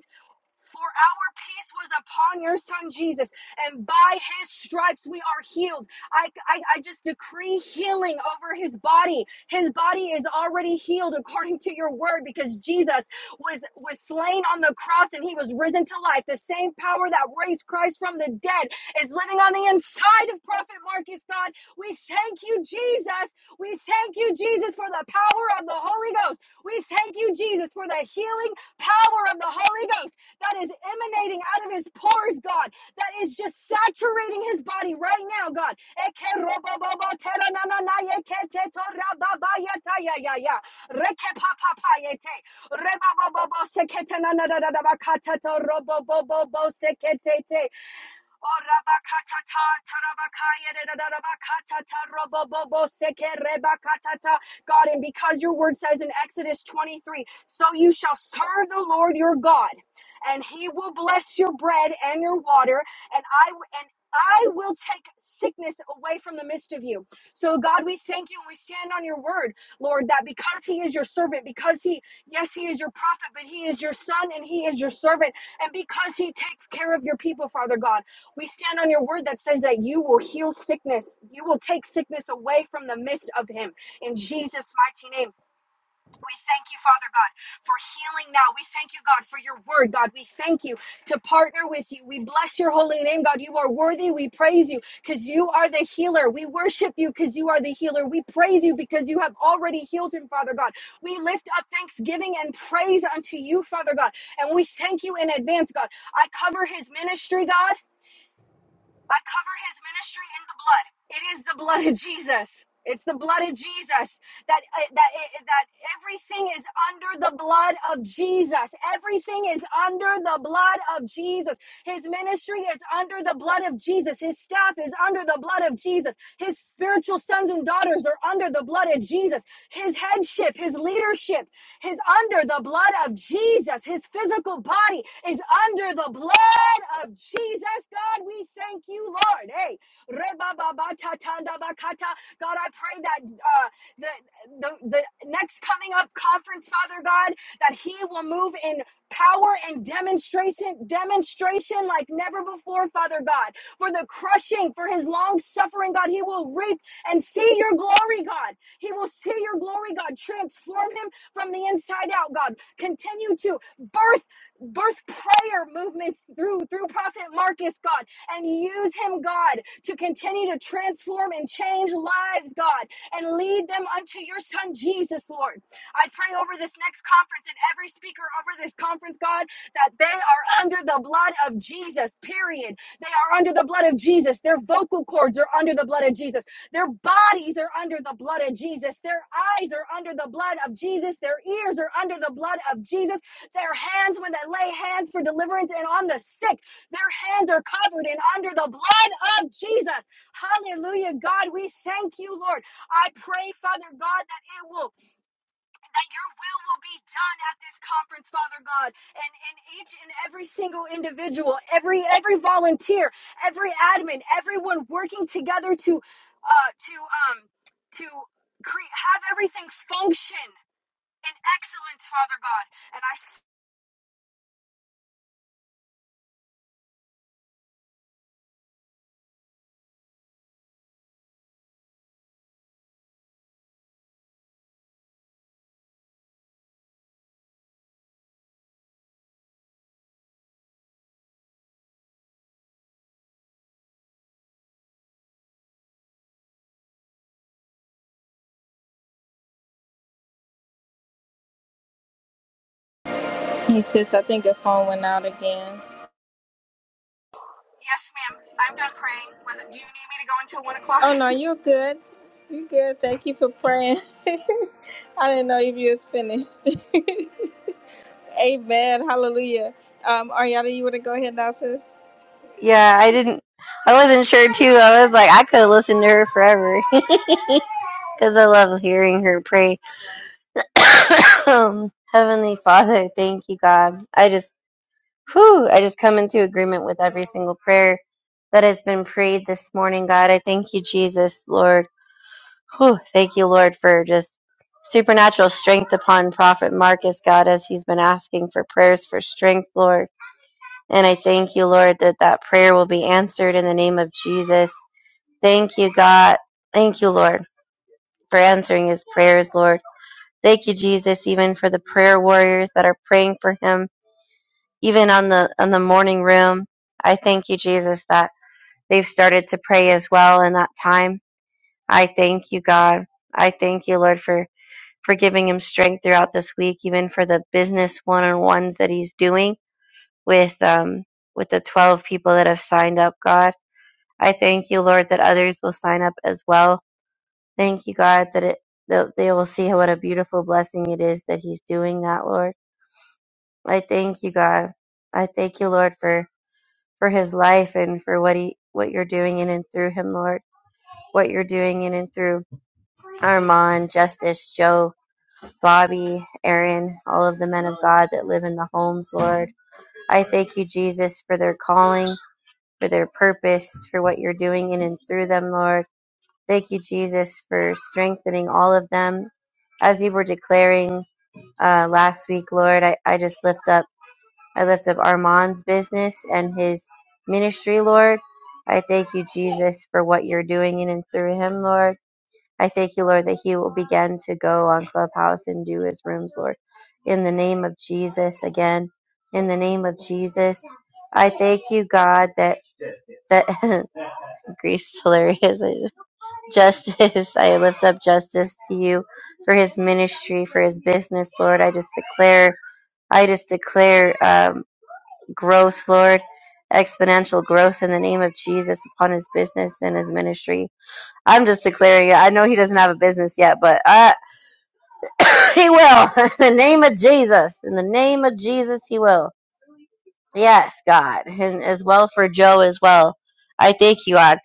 Speaker 6: for our peace was upon your son Jesus, and by his stripes we are healed. I, I, I just decree healing over his body. His body is already healed according to your word because Jesus was, was slain on the cross and he was risen to life. The same power that raised Christ from the dead is living on the inside of Prophet Marcus, God. We thank you, Jesus. We thank you, Jesus, for the power of the Holy Ghost. We thank you, Jesus, for the healing power of the Holy Ghost that is emanating out of his pores, God, that is just saturating his body right now, God. Oh, rabakatata, tarabakaya, dadadabakatata, robobobo, seke, rebakatata. God, and because your word says in Exodus 23, so you shall serve the Lord your God, and he will bless your bread and your water, and I and I will take sickness away from the midst of you. So, God, we thank you and we stand on your word, Lord, that because He is your servant, because He, yes, He is your prophet, but He is your son and He is your servant, and because He takes care of your people, Father God. We stand on your word that says that you will heal sickness. You will take sickness away from the midst of him. In Jesus' mighty name, we thank you, Father God, for healing now. We thank you, God, for your word, God. We thank you to partner with you. We bless your holy name, God. You are worthy. We praise you because you are the healer. We worship you because you are the healer. We praise you because you have already healed him, Father God. We lift up thanksgiving and praise unto you, Father God. And we thank you in advance, God. I cover his ministry, God. I cover his ministry in the blood. It is the blood of Jesus. It's the blood of Jesus that uh, that uh, that everything is under the blood of Jesus. Everything is under the blood of Jesus. His ministry is under the blood of Jesus. His staff is under the blood of Jesus. His spiritual sons and daughters are under the blood of Jesus. His headship, his leadership is under the blood of Jesus. His physical body is under the blood of Jesus. God, we thank you, Lord. Hey, re ba ba ba ta God, I pray that uh, the, the the next coming up conference, Father God, that He will move in power and demonstration demonstration like never before father god for the crushing for his long suffering god he will reap and see your glory god he will see your glory god transform him from the inside out god continue to birth birth prayer movements through through prophet marcus god and use him god to continue to transform and change lives god and lead them unto your son jesus lord I pray over this next conference and every speaker over this conference, God, that they are under the blood of Jesus, period. They are under the blood of Jesus. Their vocal cords are under the blood of Jesus. Their bodies are under the blood of Jesus. Their eyes are under the blood of Jesus. Their ears are under the blood of Jesus. Their hands, when they lay hands for deliverance and on the sick, their hands are covered and under the blood of Jesus. Hallelujah, God. We thank you, Lord. I pray, Father God, that it will that your will will be done at this conference, Father God, and in each and every single individual, every every volunteer, every admin, everyone working together to uh, to um to create have everything function in excellence, Father God. And I
Speaker 1: Hey, sis. I think your phone went out again.
Speaker 6: yes, ma'am, I'm done praying. Was it, do you need me to go until one o'clock?
Speaker 1: Oh no, you're good. You're good. Thank you for praying. I didn't know if you was finished. Amen. Hallelujah. Um, Ariana, you want to go ahead now, sis?
Speaker 3: Yeah, I didn't. I wasn't sure too. I was like, I could listen to her forever. Because I love hearing her pray. Heavenly Father, thank you, God. I just Whew, I just come into agreement with every single prayer that has been prayed this morning, God. I thank you, Jesus, Lord. Whew, thank you, Lord, for just supernatural strength upon Prophet Marcus, God, as he's been asking for prayers for strength, Lord. And I thank you, Lord, that that prayer will be answered in the name of Jesus. Thank you, God. Thank you, Lord, for answering his prayers, Lord. Thank you, Jesus, even for the prayer warriors that are praying for him even on the on the morning room i thank you jesus that they've started to pray as well in that time i thank you god i thank you lord for for giving him strength throughout this week even for the business one-on-ones that he's doing with um with the 12 people that have signed up god i thank you lord that others will sign up as well thank you god that it that they will see what a beautiful blessing it is that he's doing that lord i thank you god i thank you lord for for his life and for what he what you're doing in and through him, Lord. What you're doing in and through Armand, Justice, Joe, Bobby, Aaron, all of the men of God that live in the homes, Lord. I thank you, Jesus, for their calling, for their purpose, for what you're doing in and through them, Lord. Thank you, Jesus, for strengthening all of them. As you were declaring uh, last week, Lord, I, I just lift up. I lift up Armand's business and his ministry, Lord. I thank you, Jesus, for what you're doing in and through him, Lord. I thank you, Lord, that he will begin to go on Clubhouse and do his rooms, Lord. In the name of Jesus, again, in the name of Jesus, I thank you, God, that that Greece is hilarious. Justice, I lift up justice to you for his ministry, for his business, Lord. I just declare, I just declare. Um, growth, Lord. Exponential growth in the name of Jesus upon his business and his ministry. I'm just declaring it. I know he doesn't have a business yet, but uh, he will. in the name of Jesus. In the name of Jesus, he will. Yes, God. And as well for Joe as well. I thank you, God,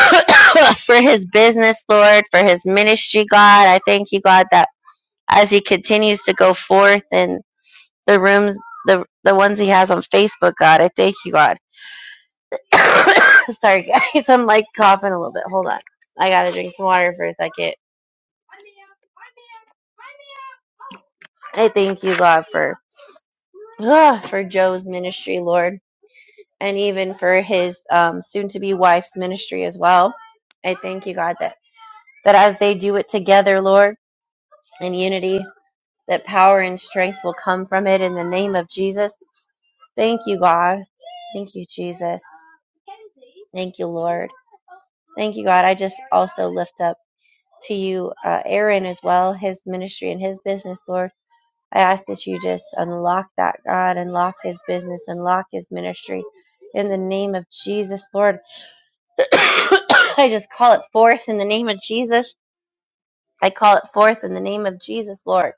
Speaker 3: for his business, Lord, for his ministry, God. I thank you, God, that as he continues to go forth in the rooms, the, the ones he has on Facebook, God, I thank you, God. Sorry, guys. I'm like coughing a little bit. Hold on. I gotta drink some water for a second. I thank you, God, for ah, for Joe's ministry, Lord, and even for his um, soon-to-be wife's ministry as well. I thank you, God, that that as they do it together, Lord, in unity, that power and strength will come from it in the name of Jesus. Thank you, God. Thank you, Jesus. Thank you, Lord. Thank you, God. I just also lift up. to you, uh, Aaron, as well, his ministry and his business, Lord. I ask that you just unlock that, God, unlock his business, unlock his ministry in the name of Jesus, Lord. I just call it forth in the name of Jesus. I call it forth in the name of Jesus, Lord.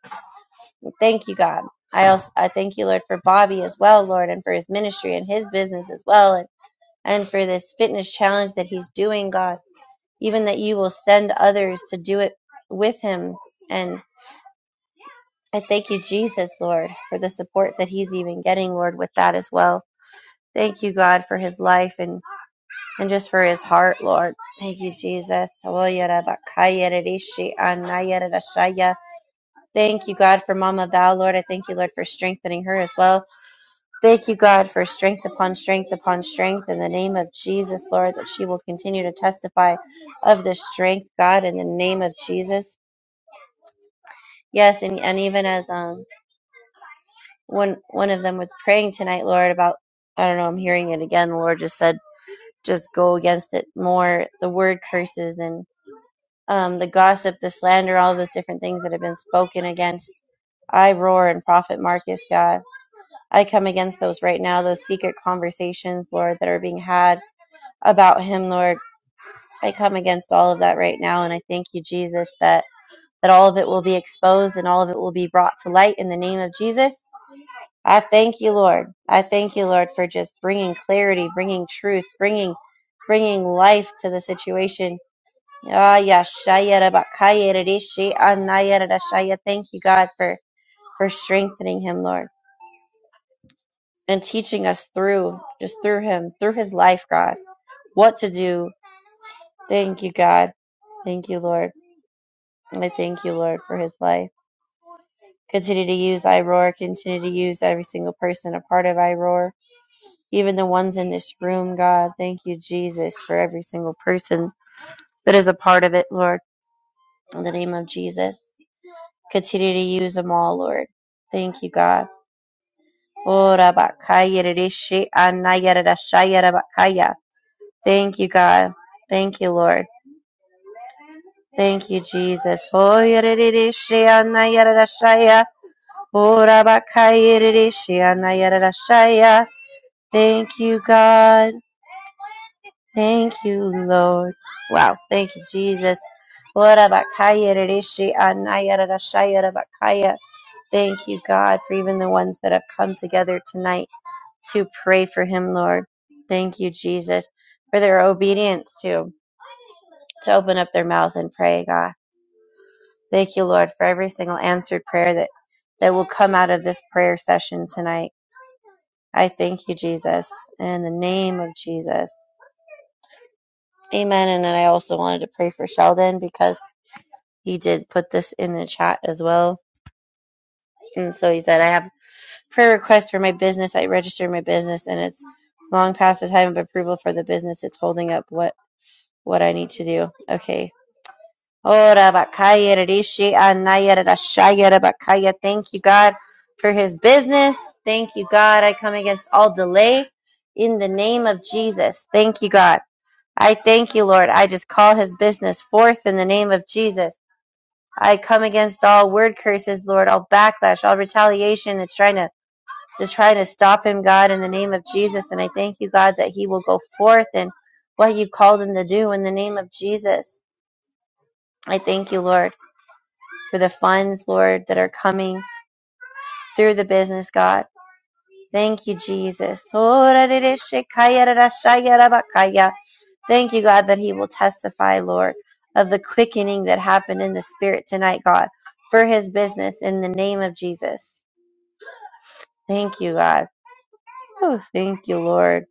Speaker 3: Thank you, God. I also I thank you, Lord, for Bobby as well, Lord, and for his ministry and his business as well, and, and for this fitness challenge that he's doing, God. Even that you will send others to do it with him and. I thank you, Jesus, Lord, for the support that he's even getting, Lord, with that as well. Thank you, God, for his life and, and just for his heart, Lord. Thank you, Jesus. Thank you, God, for Mama Val, Lord. I thank you, Lord, for strengthening her as well. Thank you, God, for strength upon strength upon strength in the name of Jesus, Lord, that she will continue to testify of the strength, God, in the name of Jesus. Yes, and, and even as um one one of them was praying tonight, Lord, about I don't know, I'm hearing it again. The Lord just said, just go against it more. The word curses and um, the gossip, the slander, all those different things that have been spoken against. I roar and prophet Marcus, God. I come against those right now, those secret conversations, Lord, that are being had about him, Lord. I come against all of that right now, and I thank you, Jesus, that that all of it will be exposed and all of it will be brought to light in the name of Jesus I thank you, Lord. I thank you, Lord, for just bringing clarity, bringing truth, bringing bringing life to the situation. Ah, yeah, shaya da ba da dee shi, anaya da da shaya. Thank you, God, for for strengthening him, Lord, and teaching us through just through him, through his life, God, what to do. Thank you, God. Thank you, Lord. And I thank you, Lord, for his life. Continue to use iRoar. Continue to use every single person a part of iRoar. even the ones in this room, God. Thank you, Jesus, for every single person that is a part of it, Lord. In the name of Jesus, continue to use them all, Lord. Thank you, God. Ora bakaya rishi anaya rashaya rabakaya. Thank you, God. Thank you, Lord. Thank you, Jesus. Hoya rishi anaya rashaya. Ora bakaya rishi anaya rashaya. Thank you, God. Thank you, Lord. Wow. Thank you, Jesus. Ora bakaya rereshi anaya rarashaya rabakaya. Thank you, God, for even the ones that have come together tonight to pray for him, Lord. Thank you, Jesus, for their obedience to to open up their mouth and pray, God. Thank you, Lord, for every single answered prayer that that will come out of this prayer session tonight. I thank you, Jesus, in the name of Jesus. Amen. And then I also wanted to pray for Sheldon because he did put this in the chat as well. And so he said, I have prayer requests for my business. I registered my business and it's long past the time of approval for the business. It's holding up what, what I need to do. Okay. Ora bakaya rishi anaya rashaya bakaya. Thank you, God, for his business. Thank you, God. I come against all delay in the name of Jesus. Thank you, God. I thank you, Lord. I just call his business forth in the name of Jesus. I come against all word curses, Lord, all backlash, all retaliation that's trying to just trying to stop him, God, in the name of Jesus. And I thank you, God, that he will go forth in what you called him to do in the name of Jesus. I thank you, Lord, for the funds, Lord, that are coming through the business, God. Thank you, Jesus. Thank you, God, that he will testify, Lord, of the quickening that happened in the spirit tonight, God, for his business in the name of Jesus. Thank you, God. Oh, thank you, Lord.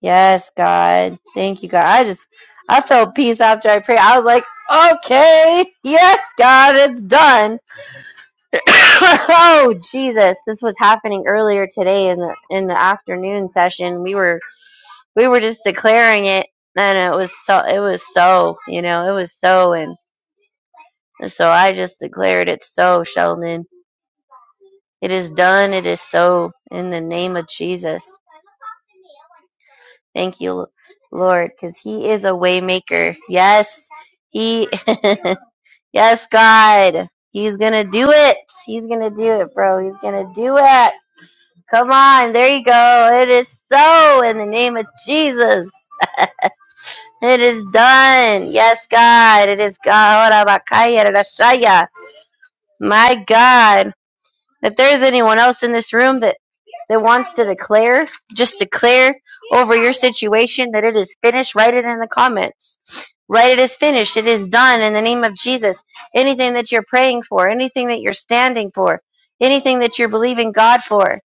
Speaker 3: Yes, God. Thank you, God. I just, I felt peace after I prayed. I was like, okay, yes, God, it's done. oh, Jesus. This was happening earlier today in the in the afternoon session. We were we were just declaring it, and it was so it was so you know it was so and so I just declared it so, Sheldon. It is done. It is so in the name of Jesus. Thank you, Lord, because He is a waymaker. Yes, He, yes, God, He's gonna do it. He's gonna do it, bro. He's gonna do it. Come on, there you go. It is so in the name of Jesus. It is done. Yes, God, it is God. My God, If there is anyone else in this room that that wants to declare, just declare over your situation that it is finished, write it in the comments. Write it is finished. It is done in the name of Jesus. Anything that you're praying for, anything that you're standing for, anything that you're believing God for.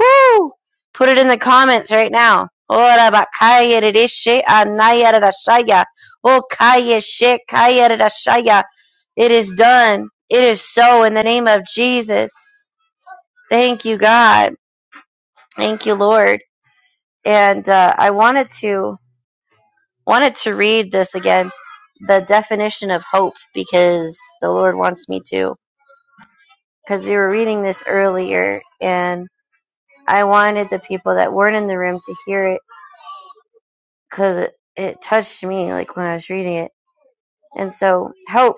Speaker 3: Woo! Put it in the comments right now. Ora bakaya ririshe anaya rirashaya. O kaya she kaya rirashaya. It is done. It is so in the name of Jesus. Thank you, God. Thank you, Lord. And uh, I wanted to wanted to read this again, the definition of hope, because the Lord wants me to. Because we were reading this earlier, and I wanted the people that weren't in the room to hear it, because it, it touched me like when I was reading it. And so, hope.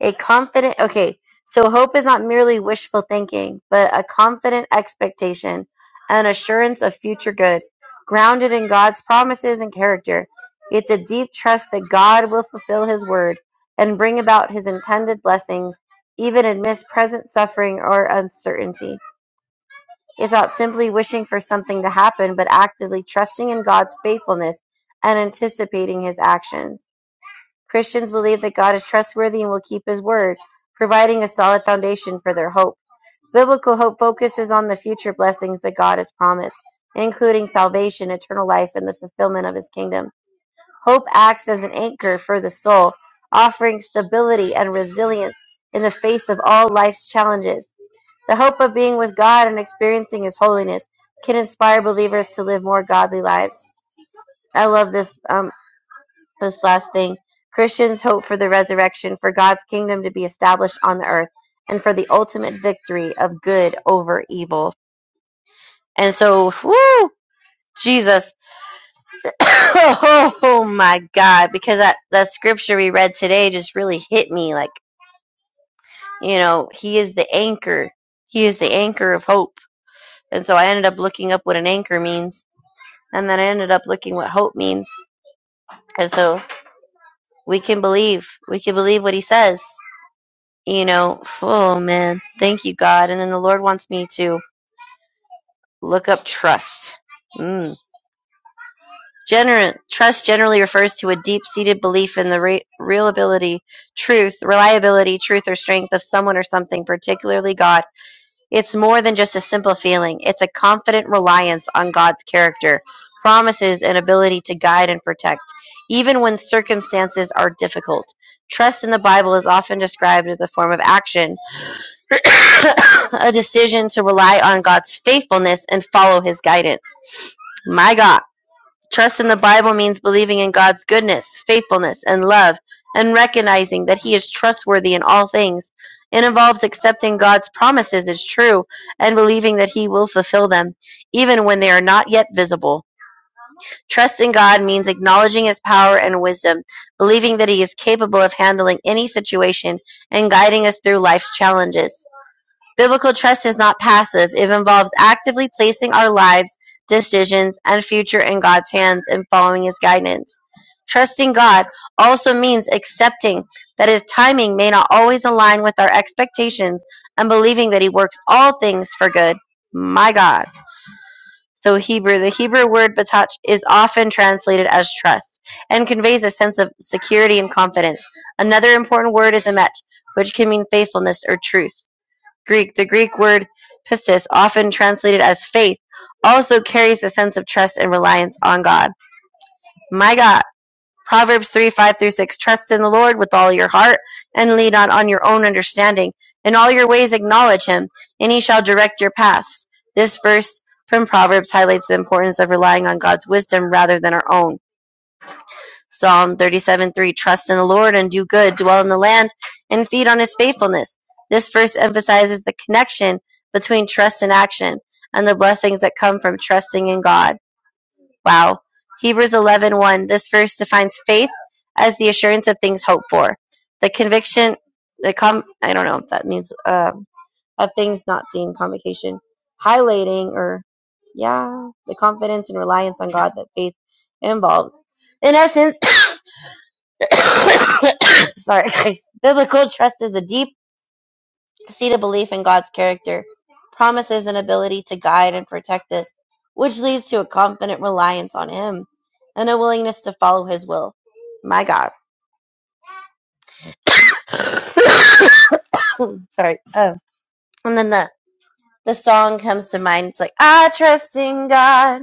Speaker 3: A confident, okay, so hope is not merely wishful thinking, but a confident expectation, an assurance of future good, grounded in God's promises and character. It's a deep trust that God will fulfill His word and bring about His intended blessings, even amidst present suffering or uncertainty. It's not simply wishing for something to happen, but actively trusting in God's faithfulness and anticipating His actions. Christians believe that God is trustworthy and will keep his word, providing a solid foundation for their hope. Biblical hope focuses on the future blessings that God has promised, including salvation, eternal life, and the fulfillment of his kingdom. Hope acts as an anchor for the soul, offering stability and resilience in the face of all life's challenges. The hope of being with God and experiencing his holiness can inspire believers to live more godly lives. I love this. Um, this last thing Christians hope for the resurrection, for God's kingdom to be established on the earth, and for the ultimate victory of good over evil. And so, whoo, Jesus. oh my God, because that, that scripture we read today just really hit me. Like, you know, He is the anchor, He is the anchor of hope. And so I ended up looking up what an anchor means, and then I ended up looking what hope means. And so we can believe, we can believe what He says. you know, oh man, thank you, God. And then the Lord wants me to look up trust. Mm. Gener- trust generally refers to a deep seated belief in the re- real ability, truth, reliability, truth, or strength of someone or something, particularly God. It's more than just a simple feeling, it's a confident reliance on God's character, promises, and ability to guide and protect, even when circumstances are difficult. Trust in the Bible is often described as a form of action a decision to rely on God's faithfulness and follow his guidance. My God, trust in the Bible means believing in God's goodness, faithfulness, and love, and recognizing that he is trustworthy in all things. It involves accepting God's promises as true and believing that he will fulfill them, even when they are not yet visible. Trust in God means acknowledging his power and wisdom, believing that he is capable of handling any situation and guiding us through life's challenges. Biblical trust is not passive. It involves actively placing our lives, decisions, and future in God's hands and following His guidance. Trusting God also means accepting that His timing may not always align with our expectations and believing that He works all things for good. My God. So, Hebrew, the Hebrew word batach is often translated as trust and conveys a sense of security and confidence. Another important word is emet, which can mean faithfulness or truth. Greek, the Greek word pistis, often translated as faith, also carries the sense of trust and reliance on God. My God. Proverbs 3 5 through 6. Trust in the Lord with all your heart and lean not on your own understanding. In all your ways acknowledge him, and he shall direct your paths. This verse from Proverbs highlights the importance of relying on God's wisdom rather than our own. Psalm 37 3 Trust in the Lord and do good, dwell in the land and feed on his faithfulness. This verse emphasizes the connection between trust and action and the blessings that come from trusting in God. Wow. Hebrews 11 one, This verse defines faith as the assurance of things hoped for, the conviction, the com, I don't know if that means, uh, of things not seen, convocation, highlighting or, yeah, the confidence and reliance on God that faith involves. In essence, Sorry, guys. Biblical trust is a deep seated belief in God's character, promises, and ability to guide and protect us, which leads to a confident reliance on Him and a willingness to follow His will. My God. Sorry. Oh. And then the, the song comes to mind. It's like, I trust in God,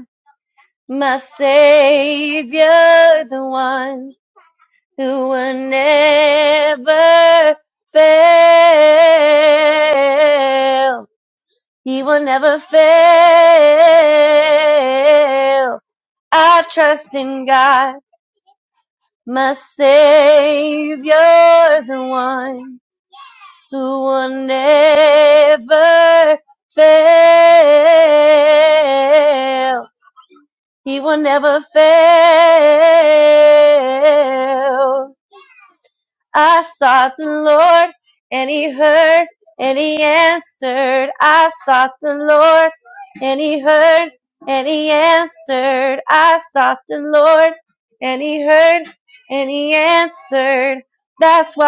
Speaker 3: my Savior, the one. who will never fail. He will never fail. I trust in God, my Savior, the one who will never fail. He will never fail. I sought the Lord, and he heard, and he answered. I sought the Lord, and he heard, and he answered. I sought the Lord, and he heard, and he answered. That's why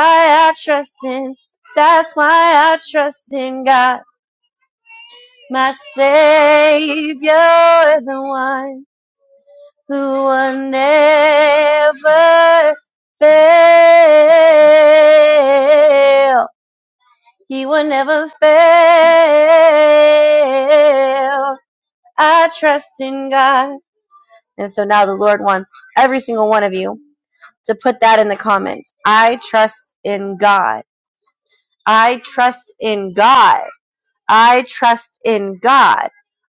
Speaker 3: I trust in. That's why I trust in God. My Savior, the one who will never fail. He will never fail. I trust in God. And so now the Lord wants every single one of you to put that in the comments. I trust in God. I trust in God. I trust in God.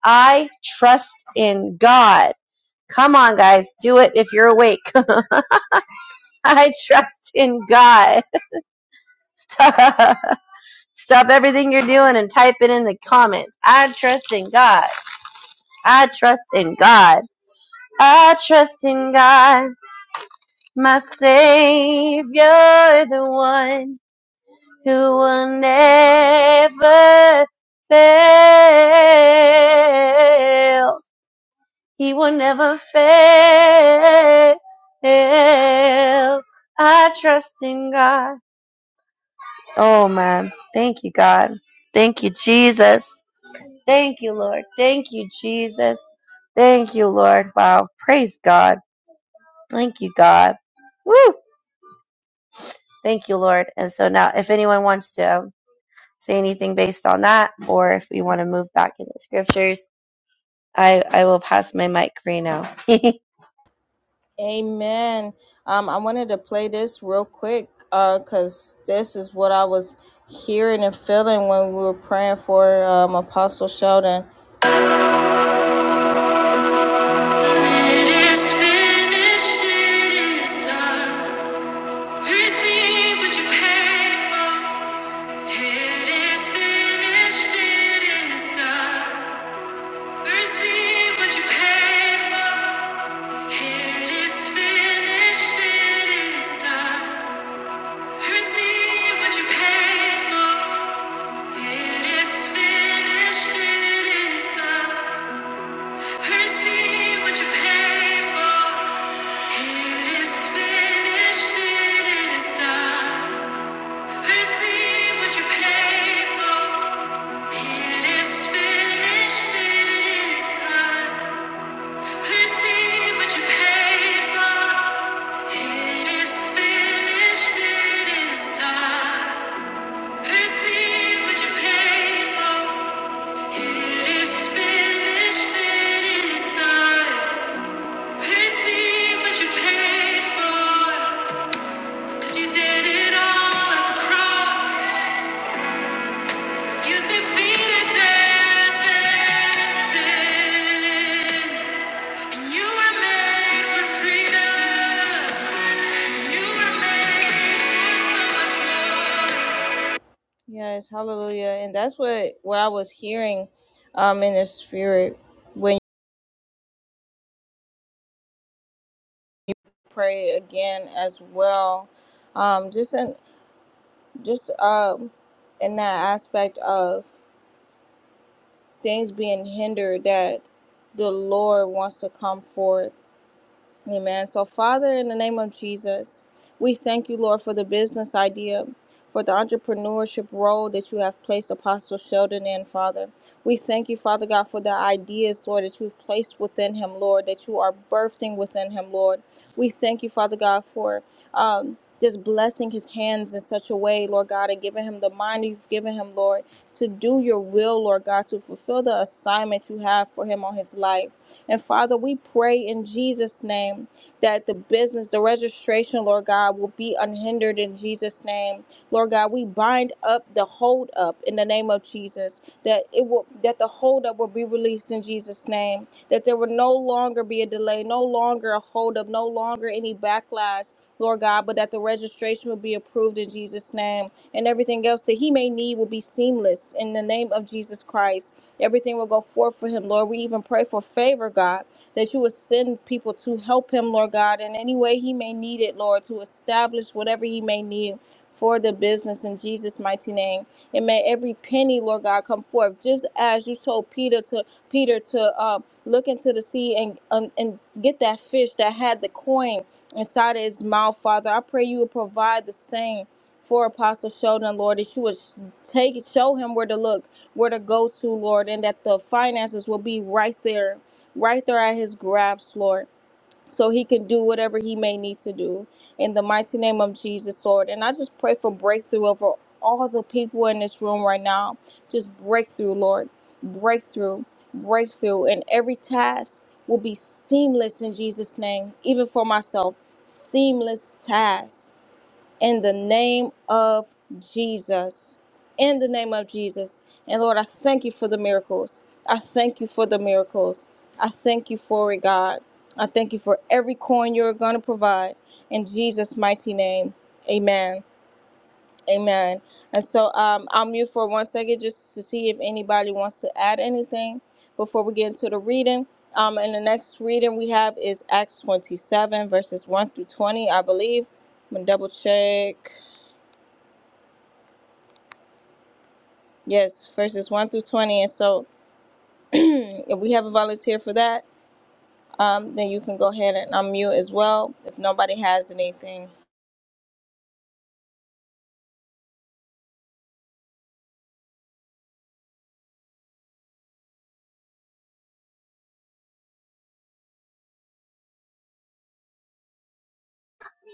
Speaker 3: I trust in God. Come on, guys. Do it if you're awake. I trust in God. Stop everything you're doing and type it in the comments. I trust in God. I trust in God. I trust in God, my Savior, the one who will never fail. He will never fail. I trust in God. Oh man, thank you, God. Thank you, Jesus. Thank you, Lord. Thank you, Jesus. Thank you, Lord. Wow. Praise God. Thank you, God. Woo! Thank you, Lord. And so now, if anyone wants to say anything based on that, or if we want to move back into scriptures, I, I will pass my mic right now.
Speaker 1: Amen. Um, I wanted to play this real quick because this is what I was hearing and feeling when we were praying for um, Apostle Sheldon. It is finished. It is done. Receive what you paid for. It is finished, it is done. Receive what you paid for. It is finished, it is done. Receive what you paid for. It is finished, it is done. Receive what you paid for. It is finished, it is done. Receive what you paid for. It is finished, it is done. Receive what you paid for. It is finished, it is done. Receive what you paid for. It is finished, it is done. Receive what you paid for. 'Cause you did it all at the cross. You defeated death and sin. so Yes, hallelujah. And that's what what I was hearing um in the spirit when you pray again as well. Um just in just um in that aspect of things being hindered that the Lord wants to come forth Amen. So, Father, in the name of Jesus, we thank you, Lord, for the business idea, for the entrepreneurship role that you have placed Apostle Sheldon in, Father. We thank you, Father God, for the ideas, Lord, that you've placed within him, Lord, that you are birthing within him, Lord. We thank you, Father God, for. Um, just blessing his hands in such a way, Lord God, and giving him the mind you've given him, Lord, to do your will, Lord God, to fulfill the assignment you have for him on his life. And Father, we pray in Jesus' name that the business, the registration, Lord God, will be unhindered in Jesus' name. Lord God, we bind up the hold up in the name of Jesus, that it will that the hold up will be released in Jesus' name, that there will no longer be a delay, no longer a hold up, no longer any backlash, Lord God, but that the registration will be approved in Jesus' name and everything else that he may need will be seamless in the name of Jesus Christ. Everything will go forth for him, Lord. We even pray for favor, God, that you would send people to help him, Lord God, in any way he may need it, Lord, to establish whatever he may need for the business in Jesus' mighty name. And may every penny, Lord God, come forth, just as you told Peter to Peter to uh, look into the sea and um, and get that fish that had the coin inside of his mouth, Father. I pray you would provide the same for Apostle Sheldon, Lord, that you would take show him where to look where to go to, Lord, and that the finances will be right there, right there at his grasp, Lord, so he can do whatever he may need to do. In the mighty name of Jesus, Lord. And I just pray for breakthrough over all the people in this room right now. Just breakthrough, Lord. Breakthrough, breakthrough. And every task will be seamless in Jesus' name, even for myself. Seamless task in the name of Jesus. In the name of Jesus. And Lord, I thank you for the miracles. I thank you for the miracles. I thank you for it, God. I thank you for every coin you're going to provide. In Jesus' mighty name, amen. Amen. And so um, I'll mute for one second just to see if anybody wants to add anything before we get into the reading. Um, and the next reading we have is Acts 27, verses 1 through 20, I believe. I'm going to double check. Yes, verses 1 through 20. And so if we have a volunteer for that, um, then you can go ahead and unmute as well if nobody has anything.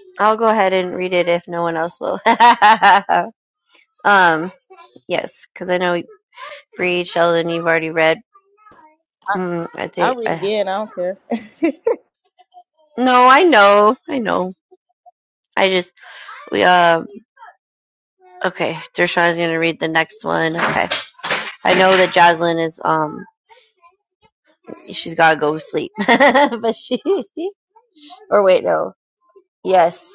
Speaker 3: I'll go ahead and read it if no one else will. um, yes, because I know Bree Sheldon, you've already read. Mm, I think.
Speaker 1: I'll read
Speaker 3: Uh,
Speaker 1: again. I don't care.
Speaker 3: no, I know, I know. I just we um okay. Dershawn's gonna read the next one. Okay, I know that Jaslyn is um she's gotta go sleep. but she or wait, no. Yes.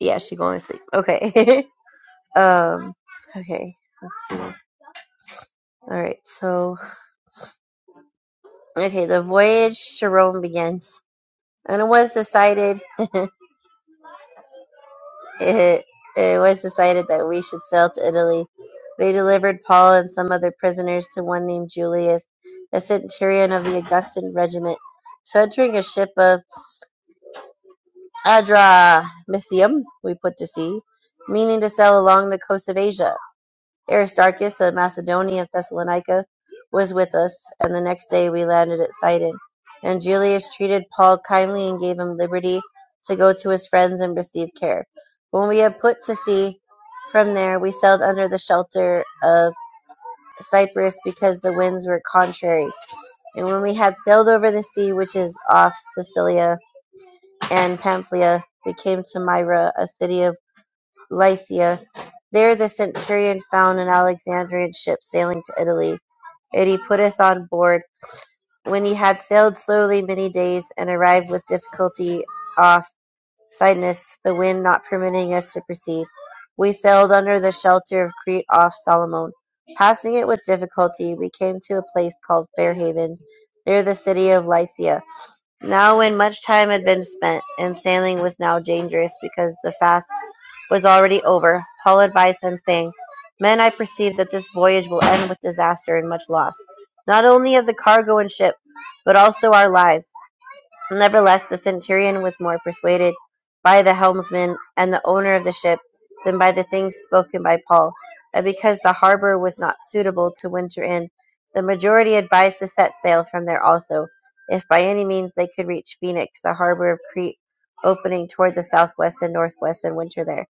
Speaker 3: Yeah, she going to sleep. Okay. um okay, let's see. All right, so okay, the voyage to Rome begins. And it was decided it, it was decided that we should sail to Italy. They delivered Paul and some other prisoners to one named Julius, a centurion of the Augustan regiment. So entering a ship of Adramyttium we put to sea, meaning to sail along the coast of Asia. Aristarchus, a Macedonian of Thessalonica, was with us, and the next day we landed at Sidon. And Julius treated Paul kindly and gave him liberty to go to his friends and receive care. When we had put to sea from there, we sailed under the shelter of Cyprus because the winds were contrary. And when we had sailed over the sea which is off Sicilia and Pamphylia, we came to Myra, a city of Lycia. There the centurion found an Alexandrian ship sailing to Italy, and he put us on board. When he had sailed slowly many days, and arrived with difficulty off Cydnus, the wind not permitting us to proceed, we sailed under the shelter of Crete off Solomon. Passing it with difficulty, we came to a place called Fair Havens, near the city of Lycia. Now when much time had been spent, and sailing was now dangerous because the fast was already over, Paul advised them, saying, Men, I perceive that this voyage will end with disaster and much loss, not only of the cargo and ship, but also our lives. Nevertheless, the centurion was more persuaded by the helmsman and the owner of the ship than by the things spoken by Paul, and because the harbor was not suitable to winter in, the majority advised to set sail from there also, if by any means they could reach Phoenix, the harbor of Crete, opening toward the southwest and northwest, and winter there.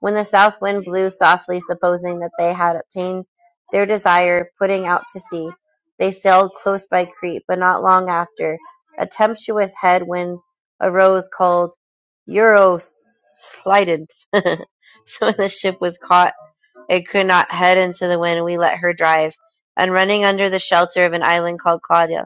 Speaker 3: When the south wind blew softly, supposing that they had obtained their desire, putting out to sea, they sailed close by Crete. But not long after, a tempestuous head wind arose called Euroslydon. so when the ship was caught, it could not head into the wind. We let her drive, and running under the shelter of an island called Claudia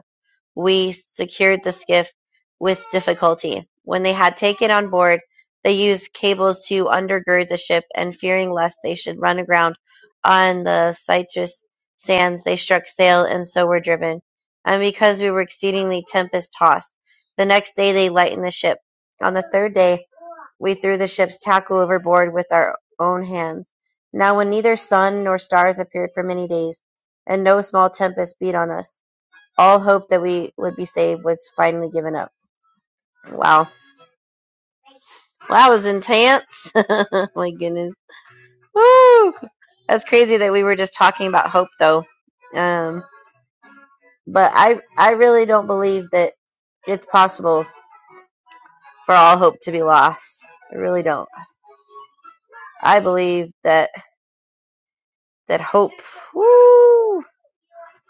Speaker 3: we secured the skiff with difficulty. When they had taken on board, they used cables to undergird the ship, and fearing lest they should run aground on the citrus sands, they struck sail and so were driven. And because we were exceedingly tempest tossed, the next day they lightened the ship. On the third day, we threw the ship's tackle overboard with our own hands. Now, when neither sun nor stars appeared for many days, and no small tempest beat on us, all hope that we would be saved was finally given up. Wow. Well, that was intense. My goodness. Woo! That's crazy that we were just talking about hope though. Um, but I I really don't believe that it's possible for all hope to be lost. I really don't. I believe that that hope, woo,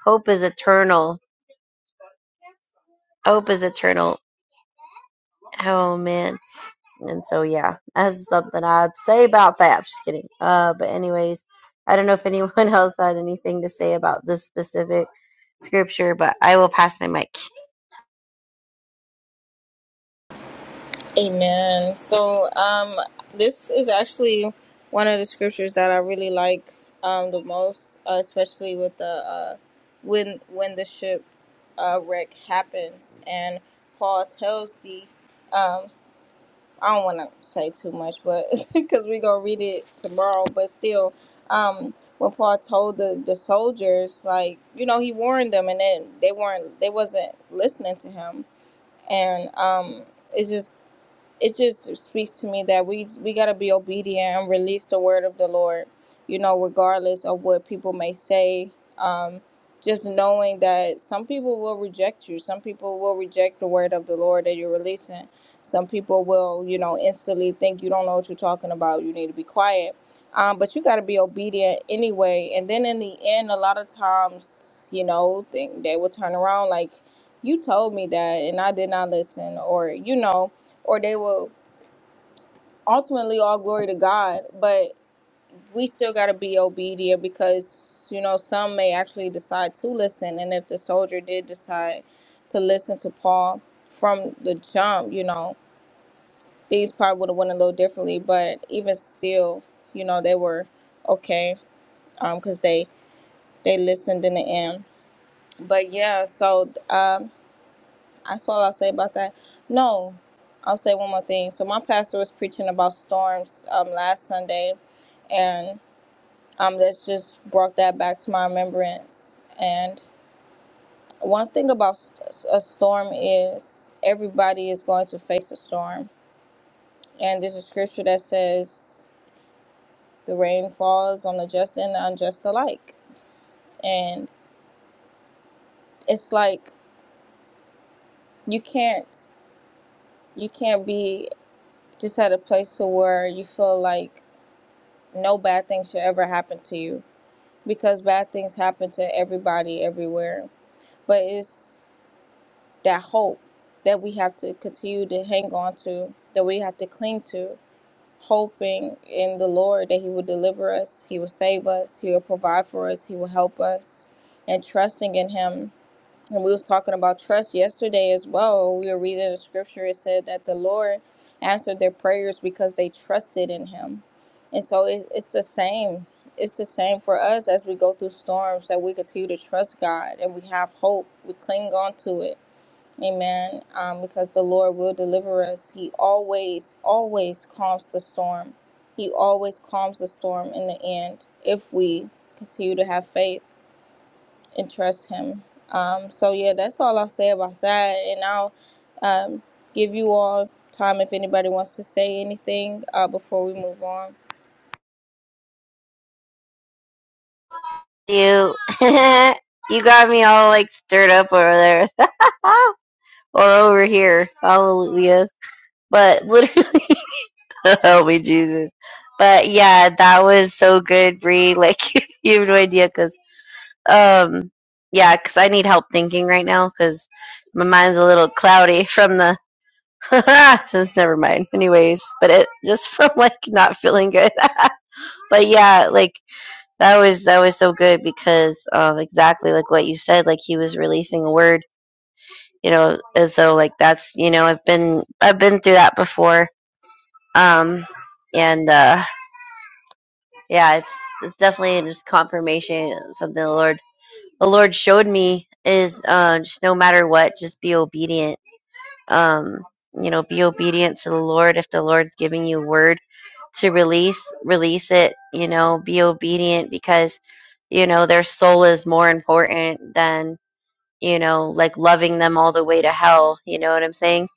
Speaker 3: hope is eternal. Hope is eternal. Oh man. And so, yeah, that's something I'd say about that. Just kidding. Uh, but anyways, I don't know if anyone else had anything to say about this specific scripture, but I will pass my mic.
Speaker 1: Amen. So um, this is actually one of the scriptures that I really like um, the most, uh, especially with the uh, when when the ship uh, wreck happens and Paul tells the um, I don't want to say too much, but because we're gonna read it tomorrow. But still, um, when Paul told the the soldiers, like you know, he warned them, and then they weren't, they wasn't listening to him, and um. it's just it just speaks to me that we we got to be obedient and release the word of the Lord, you know, regardless of what people may say. Um, just knowing that some people will reject you, some people will reject the word of the Lord that you're releasing. Some people will, you know, instantly think you don't know what you're talking about. You need to be quiet. Um, but you got to be obedient anyway. And then in the end, a lot of times, you know, think they will turn around like, you told me that, and I did not listen, or you know or they will ultimately all glory to God. But we still got to be obedient because, you know, some may actually decide to listen. And if the soldier did decide to listen to Paul from the jump, you know, these probably would have went a little differently. But even still, you know, they were okay because they they listened in the end. But yeah, so um, That's all I'll say about that. No, I'll say one more thing. So my pastor was preaching about storms um, last Sunday, and um, that's just brought that back to my remembrance. And one thing about s- s- a storm is everybody is going to face a storm. And there's a scripture that says the rain falls on the just and the unjust alike. And it's like you can't you can't be just at a place to where you feel like no bad thing should ever happen to you because bad things happen to everybody everywhere. But it's that hope that we have to continue to hang on to, that we have to cling to, hoping in the Lord that He will deliver us, He will save us, He will provide for us, He will help us, and trusting in Him and we was talking about trust yesterday as well. We were reading the scripture. It said that the Lord answered their prayers because they trusted in Him, and so it, it's the same. It's the same for us as we go through storms that we continue to trust God and we have hope. We cling on to it, Amen. Um, because the Lord will deliver us. He always, always calms the storm. He always calms the storm in the end if we continue to have faith and trust Him. Um, so yeah, that's all I'll say about that, and I'll um, give you all time if anybody wants to say anything uh, before we move on.
Speaker 3: You, you got me all like stirred up over there, or over here. Hallelujah. But literally, help me, Jesus. But yeah, that was so good, Bree. Like you have no idea, 'cause Um, yeah, because I need help thinking right now because my mind's a little cloudy from the. never mind. Anyways, but it just from like not feeling good. but yeah, like that was that was so good because um, exactly like what you said, like he was releasing a word, you know, and so like that's you know I've been I've been through that before, um, and uh, yeah, it's it's definitely just confirmation something the Lord the Lord showed me is uh, just no matter what, just be obedient. Um, you know, be obedient to the Lord. If the Lord's giving you a word to release, release it. You know, be obedient because you know their soul is more important than you know like loving them all the way to hell. You know what I'm saying?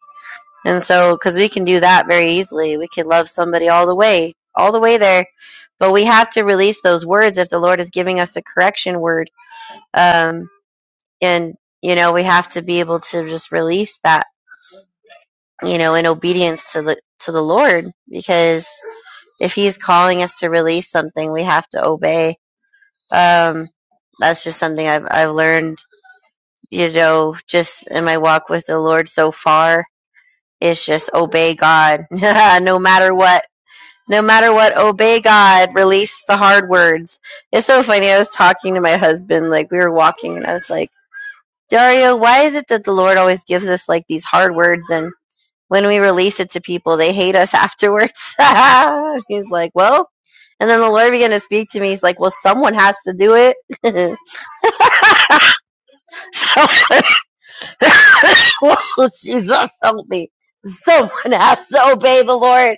Speaker 3: And so, because we can do that very easily, we can love somebody all the way, all the way there. But we have to release those words if the Lord is giving us a correction word. Um, and you know we have to be able to just release that you know in obedience to the to the lord because if he's calling us to release something we have to obey um that's just something i've i've learned you know just in my walk with the lord so far It's just obey god no matter what no matter what obey god release the hard words it's so funny i was talking to my husband like we were walking and i was like Dario, why is it that the Lord always gives us like these hard words and when we release it to people, they hate us afterwards? He's like, well, and then the Lord began to speak to me. He's like, well, someone has to do it. someone, Whoa, Jesus, help me. Someone has to obey the Lord.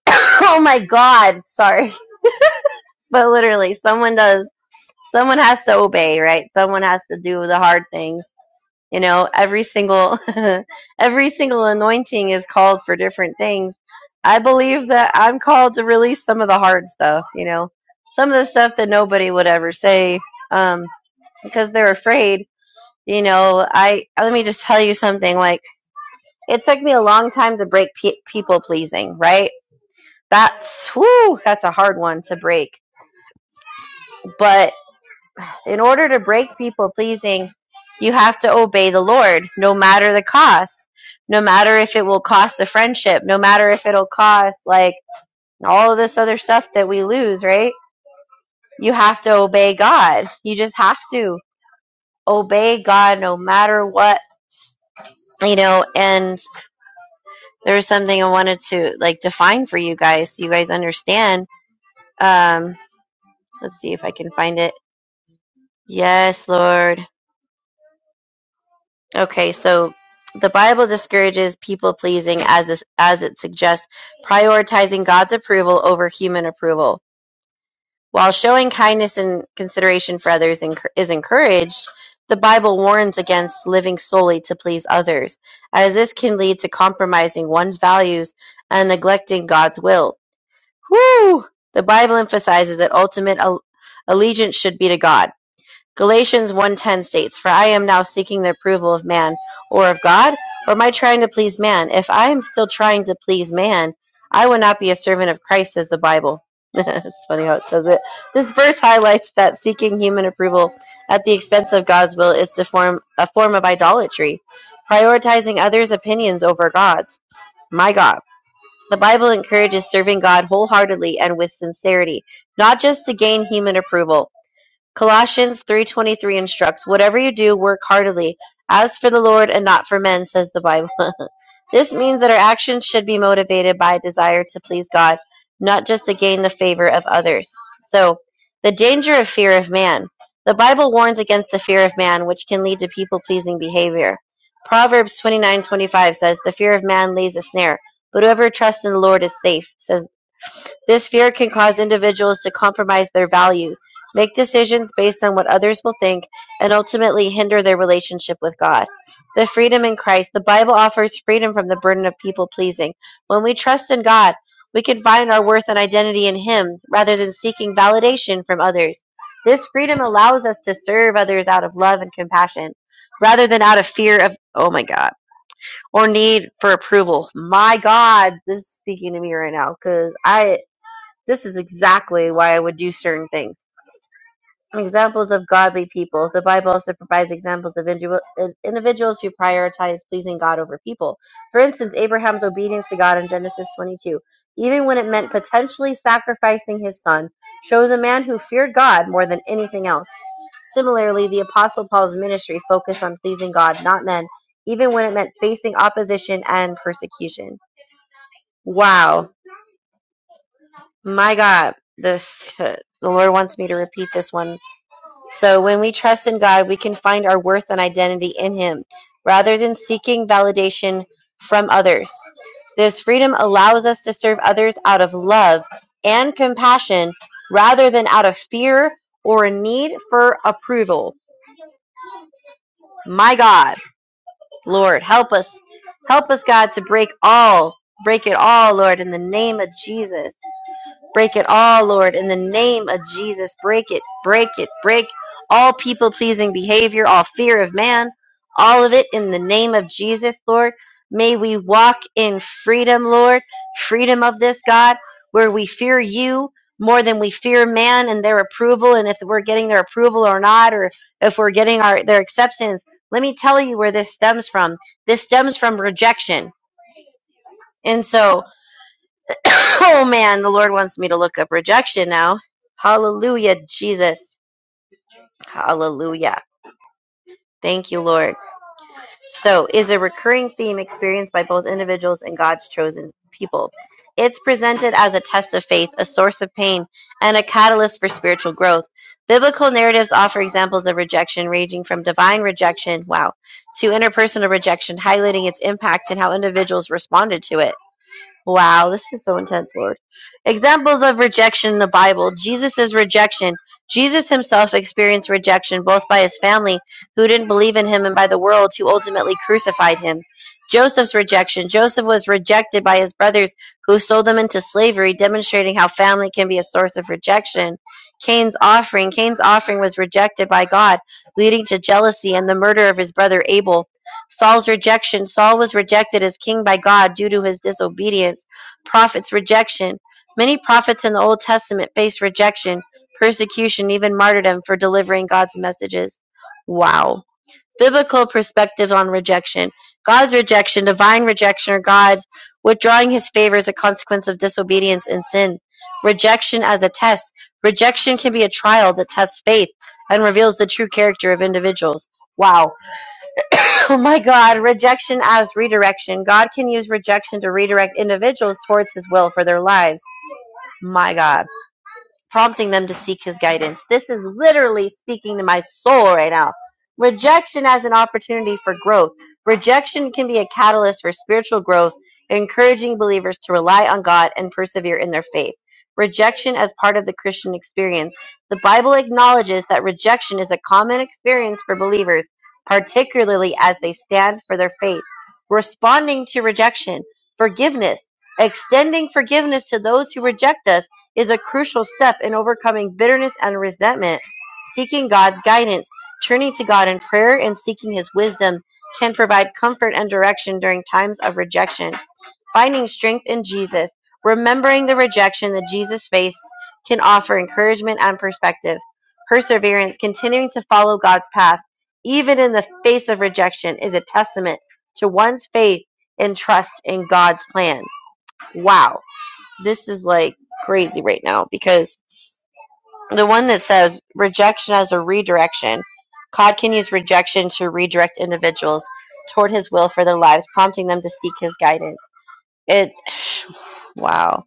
Speaker 3: oh my God, sorry. But literally, someone does. Someone has to obey, right? Someone has to do the hard things you know every single every single anointing is called for different things i believe that i'm called to release some of the hard stuff you know some of the stuff that nobody would ever say um because they're afraid you know i let me just tell you something like it took me a long time to break pe- people pleasing right that's whoo that's a hard one to break but In order to break people pleasing, you have to obey the Lord, no matter the cost, no matter if it will cost a friendship, no matter if it'll cost like all of this other stuff that we lose, right? You have to obey God. You just have to obey God no matter what, you know. And there was something I wanted to like define for you guys so you guys understand. Um, let's see if I can find it. Yes, Lord. Okay, so the Bible discourages people pleasing as is, as it suggests prioritizing God's approval over human approval. While showing kindness and consideration for others is encouraged, the Bible warns against living solely to please others, as this can lead to compromising one's values and neglecting God's will. Whew! The Bible emphasizes that ultimate allegiance should be to God Galatians 1:10 states, "For I am now seeking the approval of man or of God, or am I trying to please man? If I am still trying to please man, I would not be a servant of Christ," says the Bible. it's funny how it says it. This verse highlights that seeking human approval at the expense of God's will is to form a form of idolatry, prioritizing others' opinions over God's. My God. The Bible encourages serving God wholeheartedly and with sincerity, not just to gain human approval. Colossians 3:23 instructs, "Whatever you do, work heartily, as for the Lord and not for men," says the Bible. this means that our actions should be motivated by a desire to please God, not just to gain the favor of others. So, the danger of fear of man. The Bible warns against the fear of man, which can lead to people-pleasing behavior. Proverbs 29:25 says, "The fear of man lays a snare, but whoever trusts in the Lord is safe," says this fear can cause individuals to compromise their values, make decisions based on what others will think, and ultimately hinder their relationship with God. The freedom in Christ. The Bible offers freedom from the burden of people pleasing. When we trust in God, we can find our worth and identity in Him rather than seeking validation from others. This freedom allows us to serve others out of love and compassion rather than out of fear of, oh my God, or need for approval. My God, this is speaking to me right now because I this is exactly why I would do certain things. Examples of godly people. The Bible also provides examples of individual, individuals who prioritize pleasing God over people. For instance, Abraham's obedience to God in Genesis 22, even when it meant potentially sacrificing his son, shows a man who feared God more than anything else. Similarly, the Apostle Paul's ministry focused on pleasing God, not men, even when it meant facing opposition and persecution. Wow My God, this the Lord wants me to repeat this one. So when we trust in God, we can find our worth and identity in Him, rather than seeking validation from others. This freedom allows us to serve others out of love and compassion, rather than out of fear or a need for approval. My God, Lord, help us, help us, God, to break all, break it all, Lord, in the name of Jesus. Break it all, Lord, in the name of Jesus. Break it, break it, break all people pleasing behavior, all fear of man, all of it in the name of Jesus, Lord. May we walk in freedom, Lord, freedom of this, God, where we fear you more than we fear man and their approval, and if we're getting their approval or not, or if we're getting our, their acceptance. Let me tell you where this stems from. This stems from rejection. And so, Oh man, the Lord wants me to look up rejection now. Hallelujah, Jesus. Hallelujah. Thank you, Lord. So, is a recurring theme experienced by both individuals and God's chosen people. It's presented as a test of faith, a source of pain, and a catalyst for spiritual growth. Biblical narratives offer examples of rejection ranging from divine rejection, wow, to interpersonal rejection, highlighting its impact and how individuals responded to it. Wow, this is so intense, Lord. Examples of rejection in the Bible Jesus' rejection. Jesus himself experienced rejection both by his family, who didn't believe in him, and by the world, who ultimately crucified him. Joseph's rejection. Joseph was rejected by his brothers, who sold him into slavery, demonstrating how family can be a source of rejection. Cain's offering. Cain's offering was rejected by God, leading to jealousy and the murder of his brother Abel. Saul's rejection. Saul was rejected as king by God due to his disobedience. Prophets' rejection. Many prophets in the Old Testament faced rejection, persecution, even martyrdom for delivering God's messages. Wow. Biblical perspective on rejection. God's rejection, divine rejection, or God's withdrawing his favor is a consequence of disobedience and sin. Rejection as a test. Rejection can be a trial that tests faith and reveals the true character of individuals. Wow Oh my God, rejection as redirection. God can use rejection to redirect individuals towards his will for their lives. My God prompting them to seek his guidance. This is literally speaking to my soul right now. Rejection as an opportunity for growth. Rejection can be a catalyst for spiritual growth, encouraging believers to rely on God and persevere in their faith. Rejection as part of the Christian experience. The Bible acknowledges that rejection is a common experience for believers, particularly as they stand for their faith. Responding to rejection, forgiveness, extending forgiveness to those who reject us is a crucial step in overcoming bitterness and resentment. Seeking God's guidance, turning to God in prayer, and seeking His wisdom can provide comfort and direction during times of rejection. Finding strength in Jesus, remembering the rejection that Jesus faced, can offer encouragement and perspective. Perseverance, continuing to follow God's path, even in the face of rejection, is a testament to one's faith and trust in God's plan. Wow this is like crazy right now because the one that says rejection as a redirection, God can use rejection to redirect individuals toward his will for their lives, prompting them to seek his guidance. It, wow.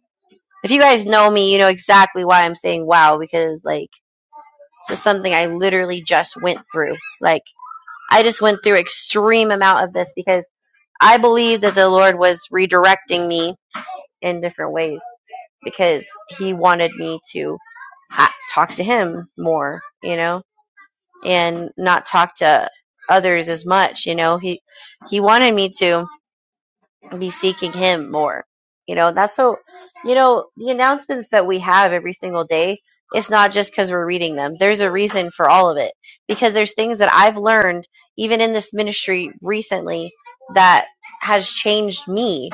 Speaker 3: If you guys know me, you know exactly why I'm saying wow because like this is something I literally just went through. Like I just went through extreme amount of this because I believe that the Lord was redirecting me in different ways because he wanted me to ha- talk to him more, you know, and not talk to others as much, you know. He he wanted me to be seeking him more. You know, that's so you know, the announcements that we have every single day, it's not just cuz we're reading them. There's a reason for all of it because there's things that I've learned even in this ministry recently that has changed me.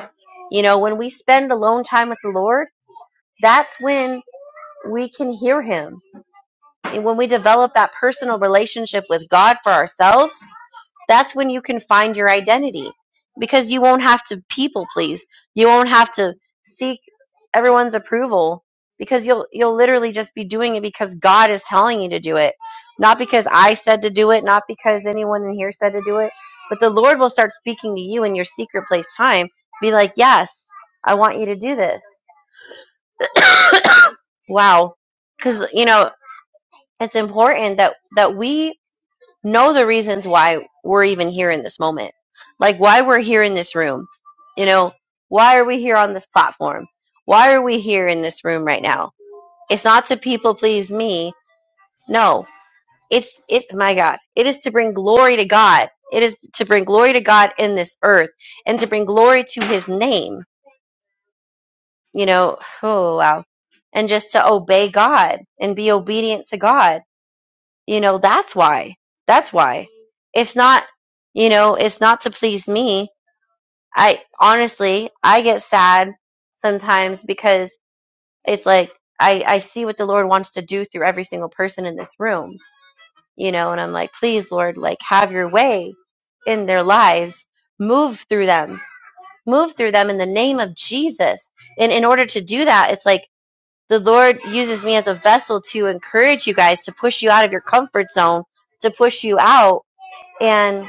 Speaker 3: You know, when we spend alone time with the Lord, that's when we can hear him. And when we develop that personal relationship with God for ourselves, that's when you can find your identity because you won't have to people please. You won't have to seek everyone's approval because you'll you'll literally just be doing it because God is telling you to do it. Not because I said to do it, not because anyone in here said to do it, but the Lord will start speaking to you in your secret place time. Be like, "Yes, I want you to do this." Wow, because you know it's important that that we know the reasons why we're even here in this moment like why we're here in this room you know why are we here on this platform why are we here in this room right now it's not to people please me no it's it my god it is to bring glory to god it is to bring glory to god in this earth and to bring glory to his name you know oh wow and just to obey god and be obedient to god You know, that's why. That's why. It's not, you know, it's not to please me. I honestly, I get sad sometimes because it's like I, I see what the Lord wants to do through every single person in this room, you know, and I'm like, please, Lord, like have your way in their lives. Move through them. Move through them in the name of Jesus. And in order to do that, it's like the Lord uses me as a vessel to encourage you guys, to push you out of your comfort zone, to push you out and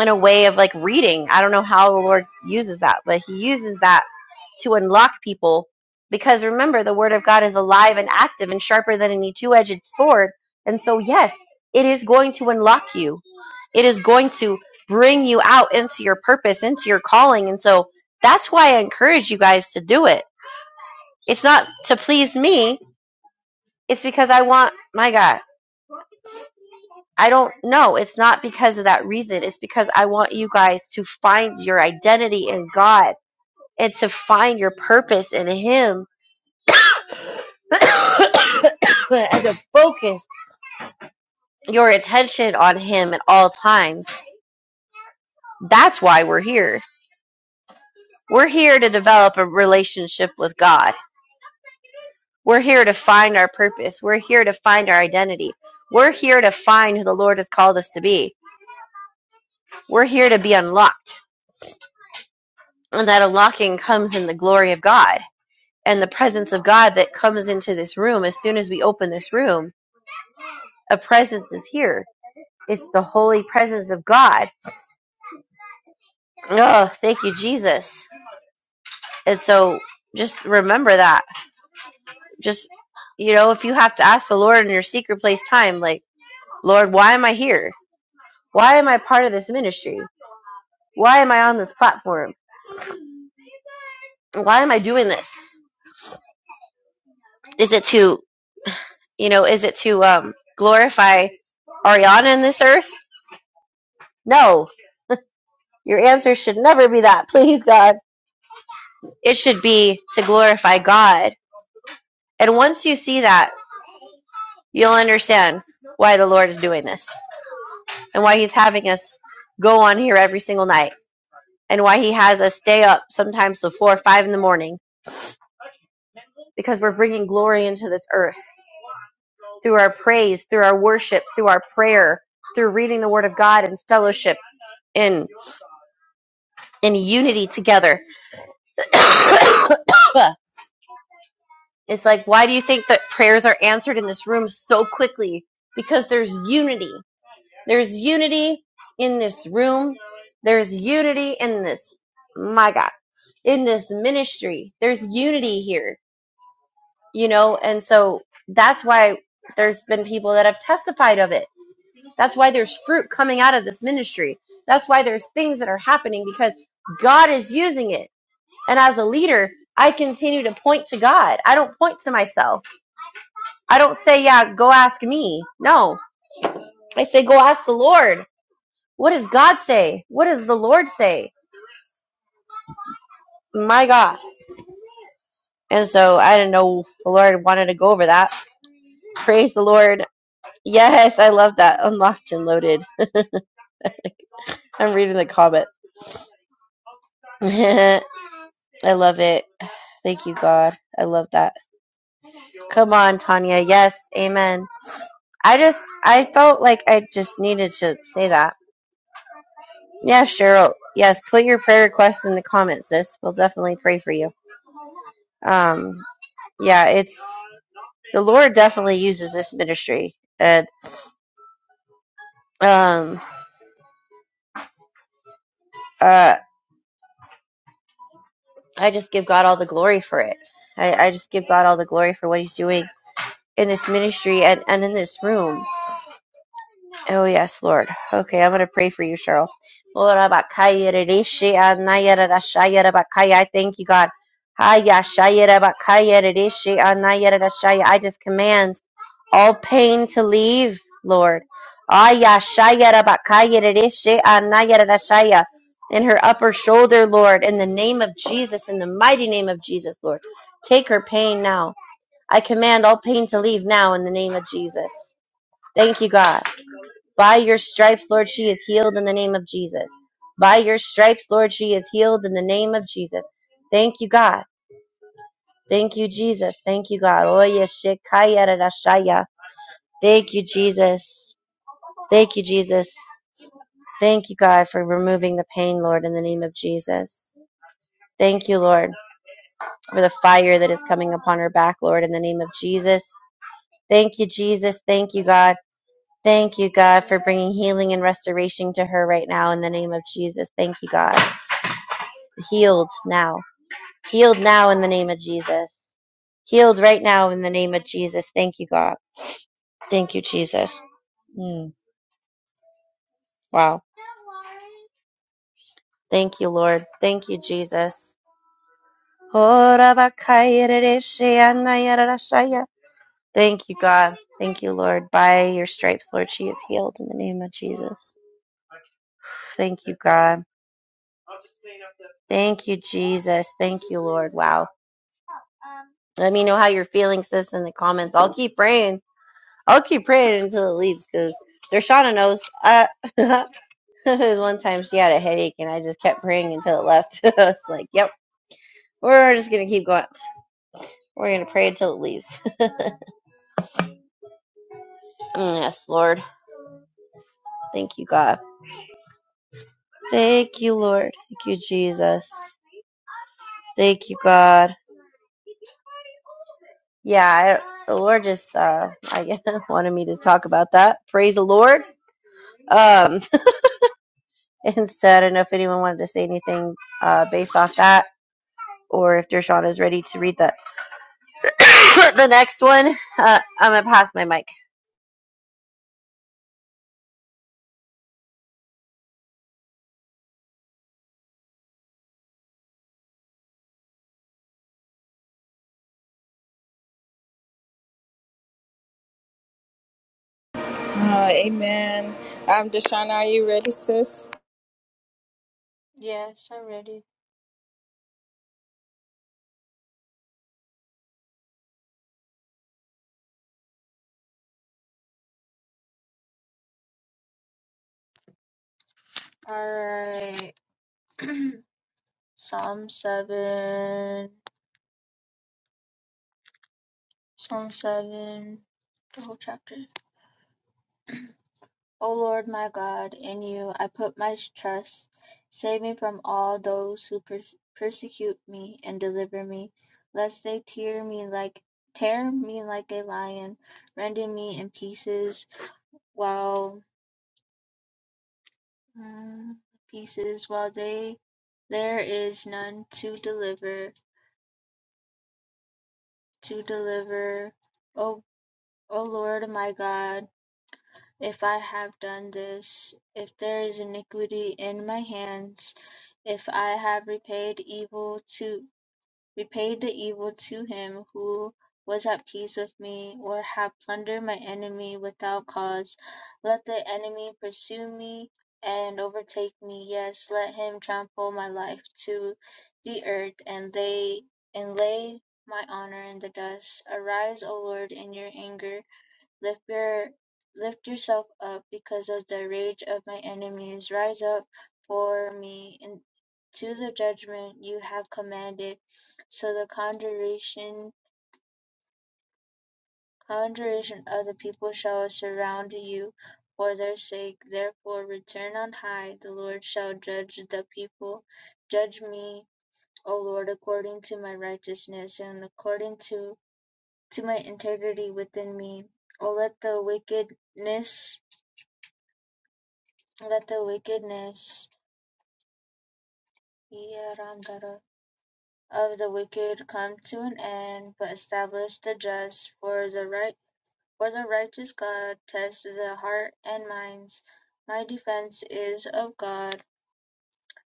Speaker 3: in a way of like reading. I don't know how the Lord uses that, but He uses that to unlock people because remember, the Word of God is alive and active and sharper than any two edged sword. And so, yes, it is going to unlock you, it is going to bring you out into your purpose, into your calling. And so, that's why I encourage you guys to do it. It's not to please me, it's because I want my God. I don't know. It's not because of that reason. It's because I want you guys to find your identity in God and to find your purpose in Him and to focus your attention on Him at all times. That's why we're here. We're here to develop a relationship with God. We're here to find our purpose. We're here to find our identity. We're here to find who the Lord has called us to be. We're here to be unlocked. And that unlocking comes in the glory of God and the presence of God that comes into this room as soon as we open this room. A presence is here. It's the holy presence of God. Oh, thank you, Jesus. And so just remember that. Just, you know, if you have to ask the Lord in your secret place time, like, Lord, why am I here? Why am I part of this ministry? Why am I on this platform? Why am I doing this? Is it to, you know, is it to um, glorify Ariana in this earth? No. Your answer should never be that. Please, God. It should be to glorify God. And once you see that, you'll understand why the Lord is doing this and why He's having us go on here every single night and why He has us stay up sometimes till four or five in the morning because we're bringing glory into this earth through our praise, through our worship, through our prayer, through reading the Word of God and fellowship in in unity together. it's like why do you think that prayers are answered in this room so quickly? Because there's unity There's unity in this room. There's unity in this, my God, in this ministry. There's unity here, you know, and so that's why there's been people that have testified of it. That's why there's fruit coming out of this ministry. That's why there's things that are happening because God is using it. And as a leader, I continue to point to God. I don't point to myself. I don't say, yeah, go ask me. No, I say, go ask the Lord What does God say? What does the Lord say? My God. And so I didn't know the Lord wanted to go over that. Praise the Lord. Yes, I love that. Unlocked and loaded. I'm reading the comments. I love it. Thank you, God. I love that. Come on, Tanya. Yes, amen. I just, I felt like I just needed to say that. Yeah, Cheryl. Yes, put your prayer requests in the comments, sis. We'll definitely pray for you. Um, yeah, it's the Lord definitely uses this ministry and. um uh i just give god all the glory for it i, I just give god all the glory for what he's doing in this ministry and, and in this room Oh, yes, Lord. Okay, I'm going to pray for you, Cheryl. Ora bakaya rishi anaya rashaya rabakaya. I thank you, God. Haya shaya rabakaya rishi anaya rashaya. I just command all pain to leave, Lord. Aya shaya rabakaya rishi anaya rashaya. In her upper shoulder, Lord, in the name of Jesus, in the mighty name of Jesus, Lord. Take her pain now. I command all pain to leave now in the name of Jesus. Thank you, God. By your stripes, Lord, she is healed in the name of Jesus. By your stripes, Lord, she is healed in the name of Jesus. Thank you, God. Thank you, Jesus. Thank you, God. Oye shekaya rarashaya. Thank you, Jesus. Thank you, Jesus. Thank you, God, for removing the pain, Lord, in the name of Jesus. Thank you, Lord, for the fire that is coming upon her back, Lord, in the name of Jesus. Thank you, Jesus. Thank you, God. Thank you, God, for bringing healing and restoration to her right now in the name of Jesus. Thank you, God. healed now. Healed now in the name of Jesus. Healed right now in the name of Jesus. Thank you, God. Thank you, Jesus. Mm, wow. Thank you, Lord. Thank you, Jesus. Thank you, God. Thank you, Lord. By your stripes, Lord, she is healed in the name of Jesus. Thank you, God. Thank you, Jesus. Thank you, Lord. Wow. Let me know how you're feeling, sis, in the comments. I'll keep praying I'll keep praying until it leaves because Dershana knows. Uh, there was one time she had a headache and I just kept praying until it left. I was like, yep, we're just going to keep going. We're going to pray until it leaves. Mm, yes, Lord. Thank you, God. Thank you, Lord. Thank you, Jesus. Thank you, God. Yeah, I, the Lord just uh, I guess, wanted me to talk about that. Praise the Lord. Um, and so I don't know if anyone wanted to say anything uh, based off that or if Dershana is ready to read the the next one, uh, I'm gonna pass my mic.
Speaker 1: Uh, amen. Um, Deshawn, are you ready, sis?
Speaker 5: Yes, I'm ready. Alright. Psalm 7. Psalm 7. The whole chapter. O Lord my God, in you I put my trust. Save me from all those who perse- persecute me and deliver me, lest they tear me like tear me like a lion, rending me in pieces while mm, pieces while they there is none to deliver. to deliver. O, O Lord my God, if I have done this, if there is iniquity in my hands, if I have repaid evil to Repay the evil to him who was at peace with me, or have plundered my enemy without cause. Let the enemy pursue me and overtake me. Yes, let him trample my life to the earth and lay and lay my honor in the dust. Arise, O Lord, in your anger Lift your, lift yourself up because of the rage of my enemies; rise up for me in, to the judgment you have commanded. So the congregation congregation of the people shall surround you for their sake. Therefore return on high, the Lord shall judge the people. Judge me, O Lord, according to my righteousness and according to, to my integrity within me. O let the wickedness Let the wickedness (Iyaramdara) of the wicked come to an end, but establish the just, for the right for the righteous God tests the heart and minds. My defense is of God,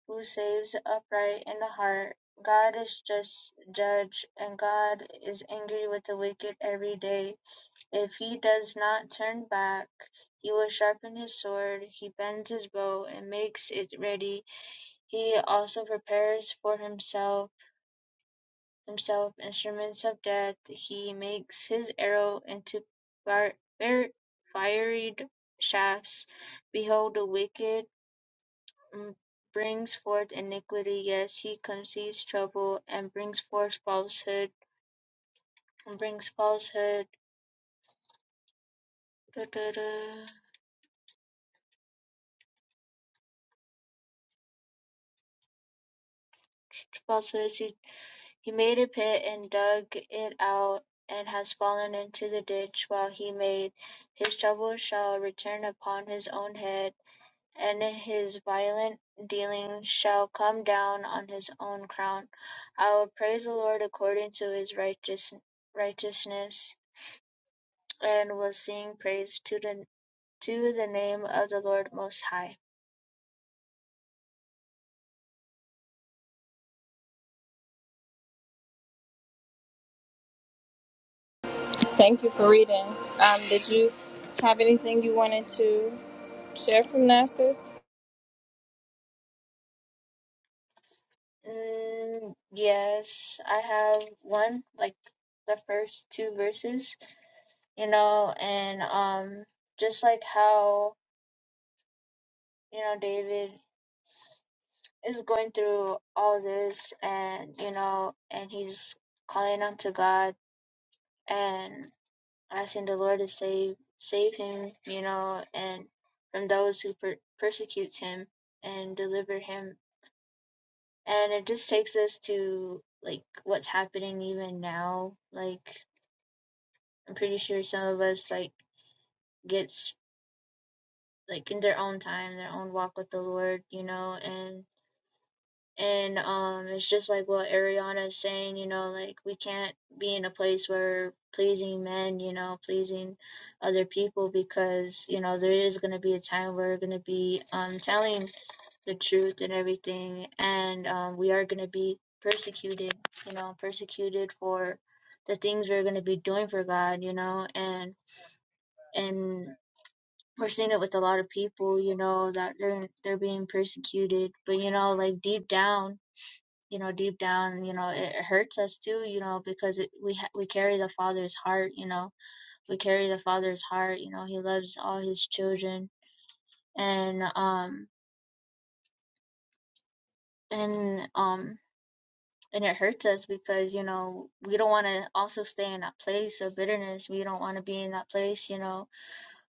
Speaker 5: who saves upright in the heart. God is just judge, and God is angry with the wicked every day. If he does not turn back, he will sharpen his sword, he bends his bow and makes it ready. He also prepares for himself himself instruments of death; he makes his arrow into fiery shafts; behold the wicked mm, brings forth iniquity; yes, he conceives trouble, and brings forth falsehood. And brings falsehood. Da, da, da. Falsehoods. He made a pit and dug it out and has fallen into the ditch while he made, his trouble shall return upon his own head, and his violent dealing shall come down on his own crown. I will praise the Lord according to his righteous, righteousness, and will sing praise to the to the name of the Lord Most High.
Speaker 1: Thank you for reading. Um, did you have anything you wanted to share from that, sis?
Speaker 5: Mm, yes, I have one like the first two verses you know, and um, just like how you know David is going through all this, and you know, and he's calling out to God and asking the Lord to save save him, you know, and from those who per- persecute him and deliver him, and it just takes us to like what's happening even now. Like I'm pretty sure some of us like gets like in their own time, their own walk with the Lord, you know, and and um it's just like what Ariana is saying, you know, like we can't be in a place where pleasing men, you know, pleasing other people because, you know, there is gonna be a time where we're gonna be um telling the truth and everything and um we are gonna be persecuted, you know, persecuted for the things we're gonna be doing for God, you know, and and we're seeing it with a lot of people, you know, that they're they're being persecuted. But you know, like deep down you know deep down you know it hurts us too you know because it, we ha- we carry the father's heart you know we carry the father's heart you know he loves all his children and um and um and it hurts us because you know we don't want to also stay in that place of bitterness we don't want to be in that place you know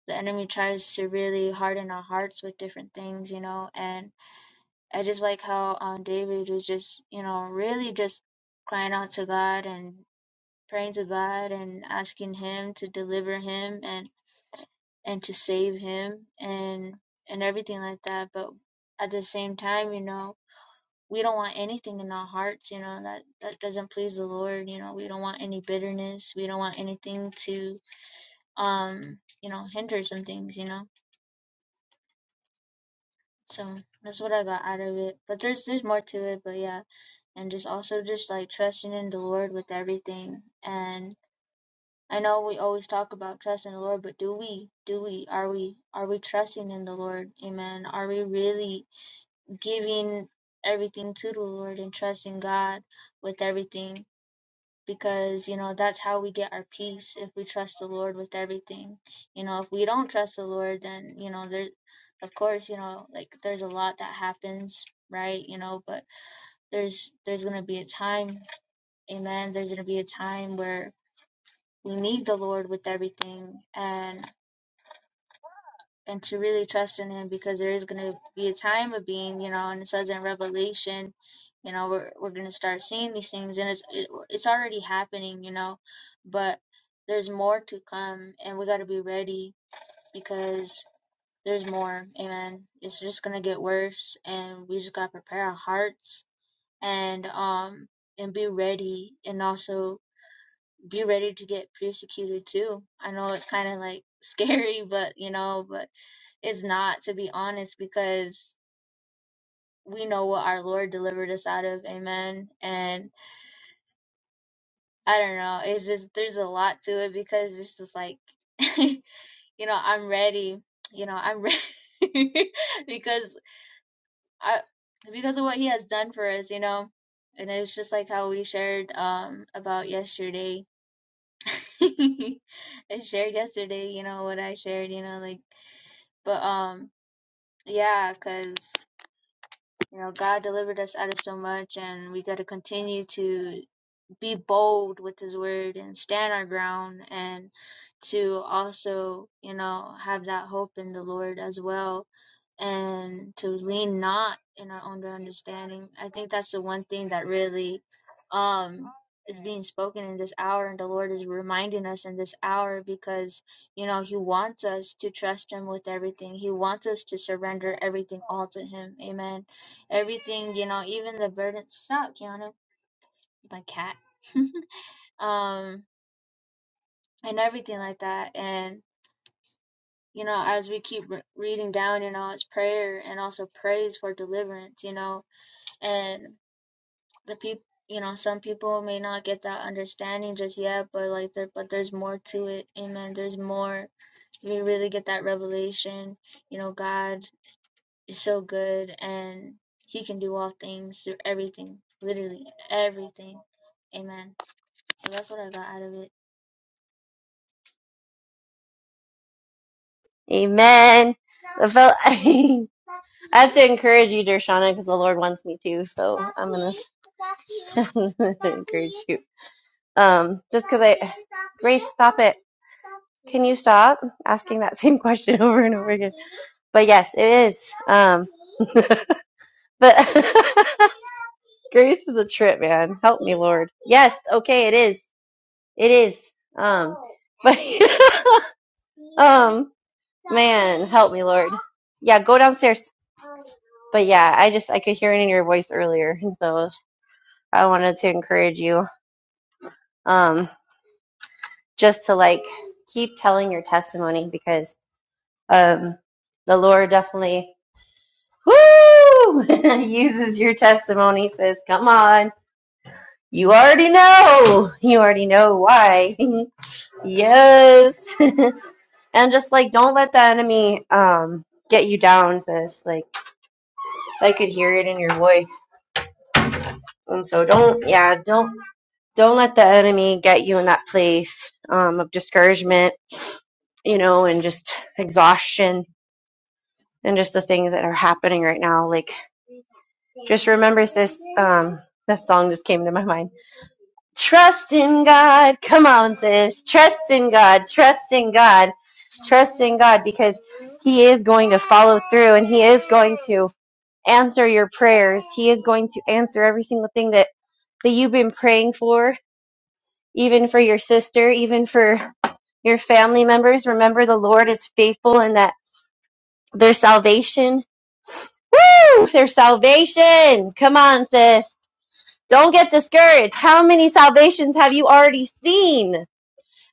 Speaker 5: the enemy tries to really harden our hearts with different things you know and i just like how um david was just you know really just crying out to god and praying to God and asking Him to deliver him and and to save him and and everything like that. But at the same time, you know, we don't want anything in our hearts, you know, that that doesn't please the Lord. You know, we don't want any bitterness. We don't want anything to um you know hinder some things. You know, so that's what I got out of it. But there's there's more to it. But yeah, and just also just like trusting in the Lord with everything and I know we always talk about trust in the Lord, but do we? Do we? Are we? Are we trusting in the Lord? Amen. Are we really giving everything to the Lord and trusting God with everything? Because, you know, that's how we get our peace if we trust the Lord with everything. You know, if we don't trust the Lord, then, you know, there, of course, you know, like there's a lot that happens, right? You know, but there's, there's going to be a time, amen. There's going to be a time where we need the Lord with everything. And and to really trust in him because there is going to be a time of being you know and it says in revelation you know we're, we're going to start seeing these things and it's it, it's already happening you know but there's more to come and we got to be ready because there's more amen it's just going to get worse and we just got to prepare our hearts and um and be ready and also be ready to get persecuted too i know it's kind of like scary but you know but is not, to be honest, because we know what our Lord delivered us out of. Amen. And I don't know. It's just, there's a lot to it because it's just like, you know, I'm ready. You know, I'm ready because I, because of what he has done for us, you know. And it's just like how we shared um about yesterday. I shared yesterday, you know, what I shared, you know, like, but um, yeah, 'cause you know, God delivered us out of so much, and we got to continue to be bold with his word and stand our ground and to also you know have that hope in the lord as well and to lean not in our own understanding i think that's the one thing that really um is being spoken in this hour and the lord is reminding us in this hour because you know he wants us to trust him with everything he wants us to surrender everything all to him amen everything you know even the burden stop kiana my cat um and everything like that and you know as we keep re- reading down you know it's prayer and also praise for deliverance you know and the people you know some people may not get that understanding just yet but like there but there's more to it amen there's more we really get that revelation you know god is so good and he can do all things through everything literally everything amen so that's what i got out of it
Speaker 3: Amen. The fel- I have to encourage you, Dershana, because the Lord wants me to. So I'm gonna encourage you. Um, just because I, Grace, stop it. Can you stop asking that same question over and over again? But yes, it is. Um, but Grace is a trip, man. Help me, Lord. Yes, okay, it is. It is. Um, but um, Man, help me, Lord. Yeah, go downstairs. But yeah, I just I could hear it in your voice earlier, and so I wanted to encourage you, um, just to like keep telling your testimony because um, the Lord definitely woo uses your testimony. Says, "Come on, you already know, you already know why." yes, and just like don't let the enemy um get you down, sis. Like so I could hear it in your voice. And so don't, yeah, don't, don't let the enemy get you in that place um, of discouragement, you know, and just exhaustion and just the things that are happening right now. Like, just remember, sis, um, that song just came to my mind. Trust in God. Come on, sis. Trust in God. Trust in God. Trust in God because He is going to follow through and He is going to answer your prayers. He is going to answer every single thing that, that you've been praying for even for your sister, even for your family members. Remember, the Lord is faithful and that their salvation, woo, their salvation. Come on, sis. Don't get discouraged. How many salvations have you already seen?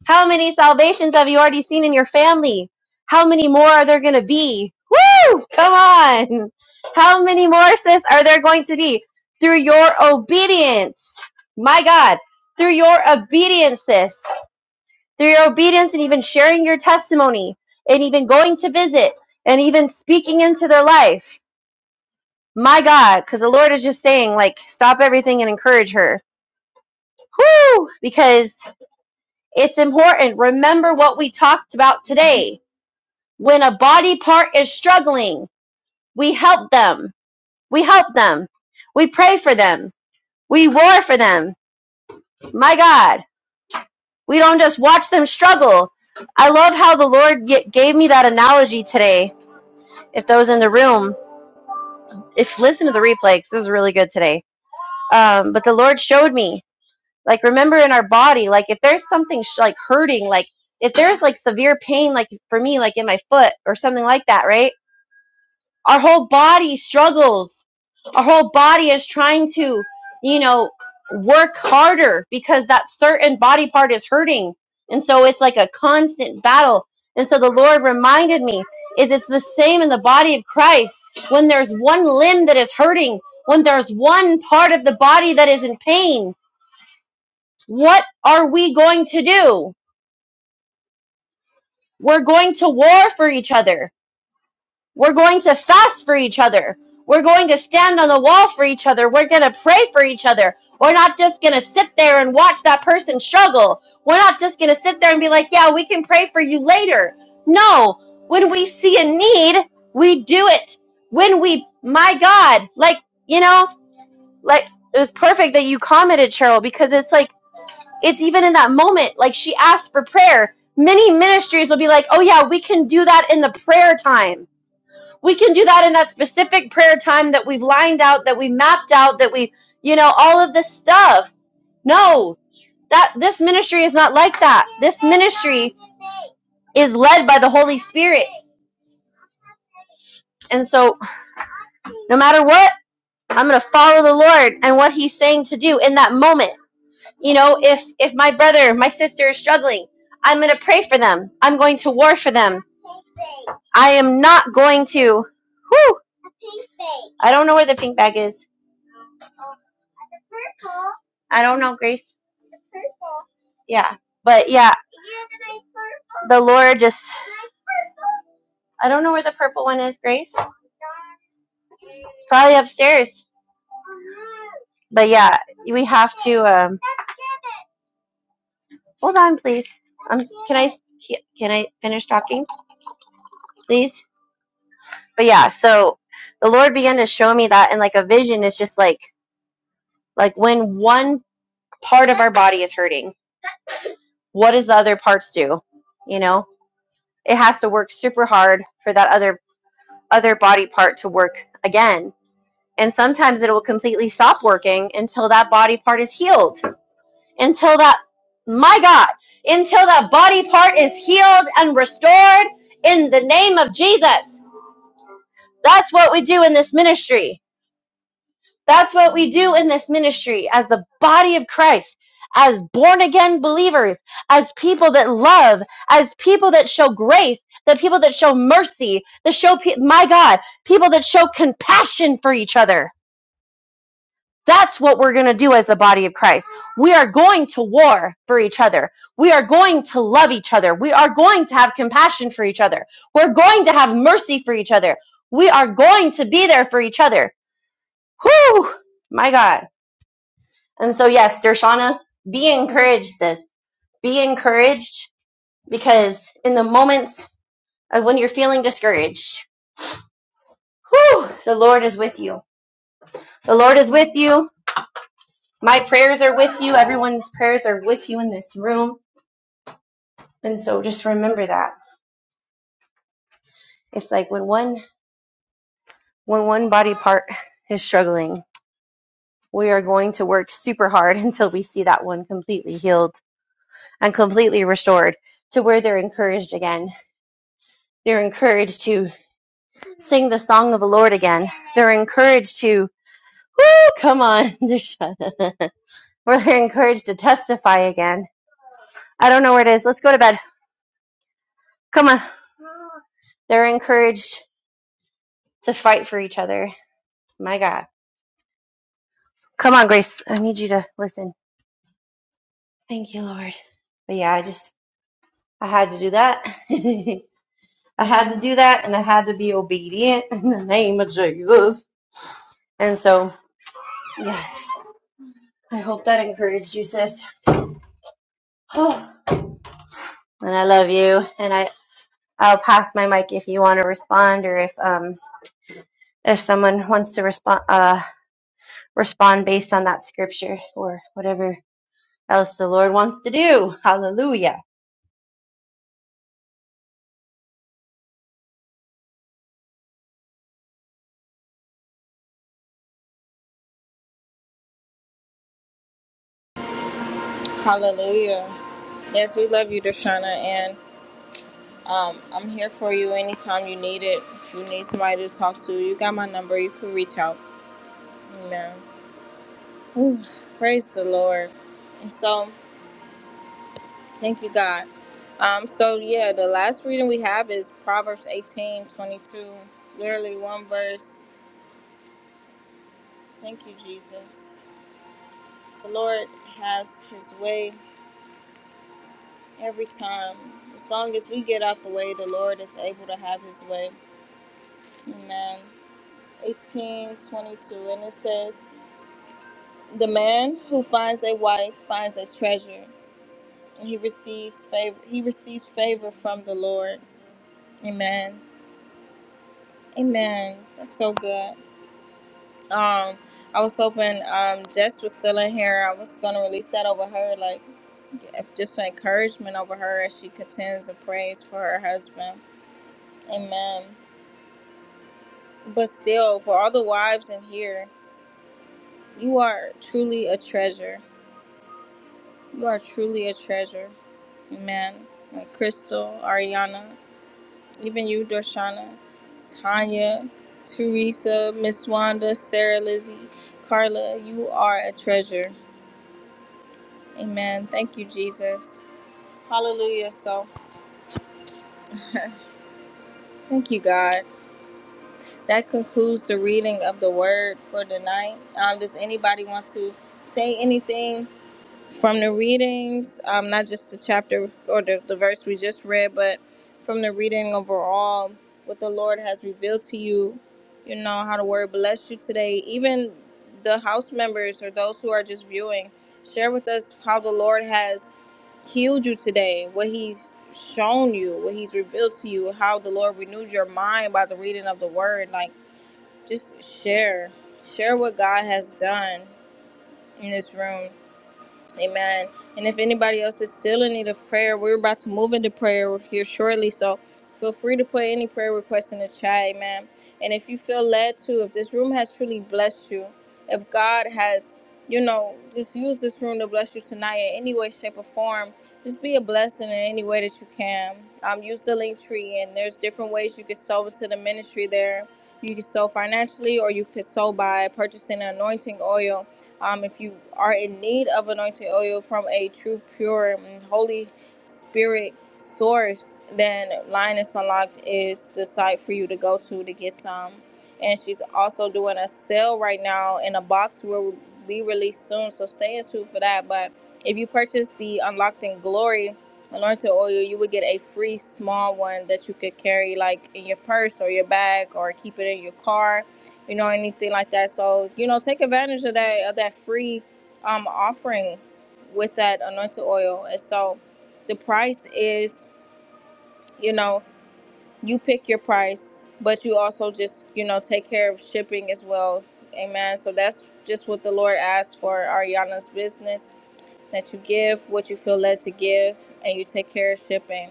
Speaker 3: How many salvations have you already seen in your family? How many more are there going to be? Woo! Come on. How many more, sis, are there going to be through your obedience? My God, through your obedience, sis. through your obedience and even sharing your testimony and even going to visit and even speaking into their life. My God, because the Lord is just saying, like, stop everything and encourage her. Whew! Because it's important. Remember what we talked about today. When a body part is struggling, we help them. We help them. We pray for them. We war for them. My God, we don't just watch them struggle. I love how the Lord gave me that analogy today if those in the room, if listen to the replay, because this was really good today. Um, but the Lord showed me, like, remember in our body, like, if there's something sh- like hurting, like, if there's like severe pain, like for me, like in my foot or something like that, right? Our whole body struggles. Our whole body is trying to, you know, work harder because that certain body part is hurting. And so it's like a constant battle. And so the Lord reminded me is it's the same in the body of Christ. When there's one limb that is hurting, when there's one part of the body that is in pain, what are we going to do? We're going to war for each other. We're going to fast for each other. We're going to stand on the wall for each other. We're going to pray for each other. We're not just going to sit there and watch that person struggle. We're not just going to sit there and be like, yeah, we can pray for you later. No, when we see a need, we do it. When we, my God, like, you know, like it was perfect that you commented, Cheryl, because it's like, it's even in that moment, like she asked for prayer. Many ministries will be like, oh, yeah, we can do that in the prayer time we can do that in that specific prayer time that we've lined out that we mapped out that we you know all of this stuff no that this ministry is not like that this ministry is led by the holy spirit and so no matter what i'm going to follow the lord and what he's saying to do in that moment you know if if my brother my sister is struggling i'm going to pray for them i'm going to war for them i am not going to whew, i don't know where the pink bag is i don't know grace yeah but yeah the Laura just I don't know where the purple one is, Grace. It's probably upstairs. But yeah, we have to um hold on please. Um can I can I finish talking, please? But yeah, so the Lord began to show me that and like a vision is just like like when one part of our body is hurting, what does the other parts do? You know? It has to work super hard for that other other body part to work again. And sometimes it will completely stop working until that body part is healed until that my god until that body part is healed and restored in the name of jesus that's what we do in this ministry that's what we do in this ministry as the body of christ as born again believers as people that love as people that show grace the people that show mercy that show pe- my god people that show compassion for each other That's what we're going to do as the body of Christ. We are going to war for each other. We are going to love each other. We are going to have compassion for each other. We're going to have mercy for each other. We are going to be there for each other. Whew! My God. And so, yes, Dershana, be encouraged, sis. Be encouraged because in the moments of when you're feeling discouraged, whew, the Lord is with you. The Lord is with you. My prayers are with you. Everyone's prayers are with you in this room And so just remember that. It's like when one when one body part is struggling, we are going to work super hard until we see that one completely healed and completely restored to where they're encouraged again. They're encouraged to sing the song of the Lord again. They're encouraged to woo, come on. or they're encouraged to testify again. I don't know where it is. Let's go to bed. Come on. They're encouraged to fight for each other. My God. Come on, Grace. I need you to listen. Thank you, Lord. But yeah, I just I had to do that. I had to do that and I had to be obedient in the name of Jesus. And so yes, I hope that encouraged you, sis. and I love you. And I I'll pass my mic if you want to respond or if um if someone wants to respond uh respond based on that scripture or whatever else the Lord wants to do. Hallelujah.
Speaker 1: Hallelujah. Yes, we love you, Deshauna, and um, I'm here for you anytime you need it. If you need somebody to talk to, you got my number. You can reach out. Amen. Ooh, Praise the Lord. And so, thank you, God. Um, so, yeah, the last reading we have is Proverbs 18 22, Literally one verse. Thank you, Jesus. The Lord has his way every time. As long as we get out the way, the Lord is able to have his way. Amen. 18 22, And it says, The man who finds a wife finds a treasure, and he receives favor, he receives favor from the Lord. Amen. Amen. That's so good. Um, I was hoping um Jess was still in here. I was gonna release that over her, like if just for encouragement over her as she contends and prays for her husband. Amen. But still, for all the wives in here, you are truly a treasure. You are truly a treasure. Amen. Like Crystal, Ariana, even you, Dorshana, Tanya, Teresa, Miss Wanda, Sarah Lizzie, Carla, you are a treasure Amen. Thank you, Jesus. Hallelujah. So, thank you, God. That concludes the reading of the word for tonight. Um, does anybody want to say anything from the readings, um, not just the chapter or the, the verse we just read, but from the reading overall, what the Lord has revealed to you, you know, how the word blessed you today. Even the house members or those who are just viewing, share with us how the Lord has healed you today, what He's shown you, what He's revealed to you, how the Lord renewed your mind by the reading of the word. Like, just share, share what God has done in this room Amen. And if anybody else is still in need of prayer, we're about to move into prayer here shortly. So feel free to put any prayer request in the chat. Amen. And if you feel led to, if this room has truly blessed you, if God has, you know, just use this room to bless you tonight in any way, shape, or form, just be a blessing in any way that you can. Um, use the link tree, and there's different ways you can sow into the ministry there. You can sow financially, or you could sow by purchasing anointing oil um, if you are in need of anointing oil from a true, pure, and holy spirit source, then Linus Unlocked is the site for you to go to to get some. And she's also doing a sale right now in a box will be released soon. So stay in tune for that. But if you purchase the Unlocked in Glory anointing oil, you would get a free small one that you could carry like in your purse or your bag or keep it in your car you know, anything like that. So, you know, take advantage of that of that free um offering with that anointed oil. And so the price is, you know, you pick your price, but you also just, you know, take care of shipping as well. Amen. So that's just what the Lord asks for Ariana's business that you give what you feel led to give and you take care of shipping.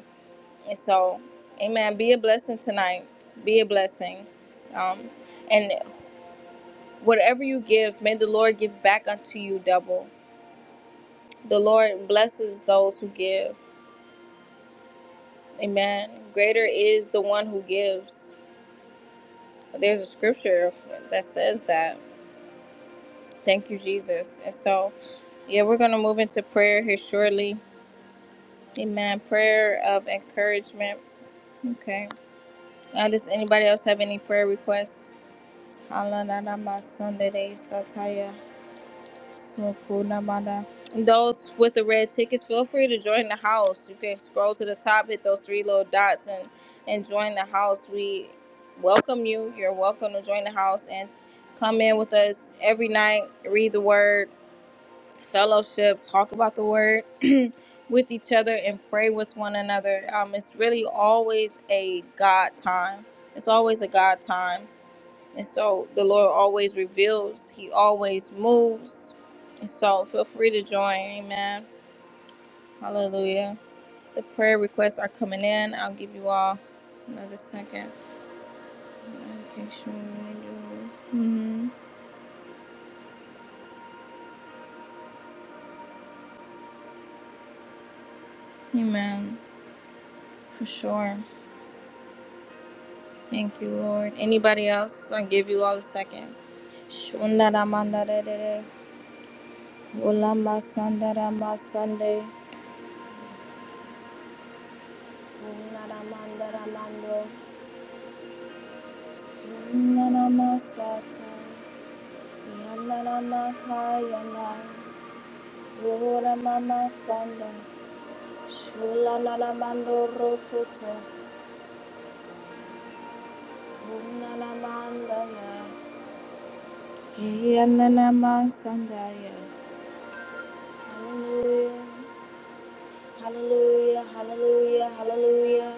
Speaker 1: And so, amen. Be a blessing tonight. Be a blessing. Um, and Whatever you give, may the Lord give back unto you double. The Lord blesses those who give. Amen. Greater is the one who gives. There's a scripture that says that. Thank you, Jesus. And so, yeah, we're going to move into prayer here shortly. Amen. Prayer of encouragement. Okay. Uh, does anybody else have any prayer requests? Hallelujah. So cool, Namada. Those with the red tickets, feel free to join the house. You can scroll to the top, hit those three little dots, and and join the house. We welcome you. You're welcome to join the house and come in with us every night. Read the word, fellowship, talk about the word with each other, and pray with one another. Um, it's really always a God time. It's always a God time and so the Lord always reveals, He always moves. And so feel free to join. Amen. Hallelujah. The prayer requests are coming in. I'll give you all another second. Okay, sure. Mhm. Amen. For sure. Thank you, Lord. Anybody else? I'll give you all a second. Shundaramandarere. Ulamasandaramasanday. Ularamandaramando. Sunanamasata. Yanaramakayana, Ora Mama Sanda, Shula Naramando Rosoto, Unanamandana, Yananama Sandaya. Hallelujah, hallelujah, hallelujah, hallelujah.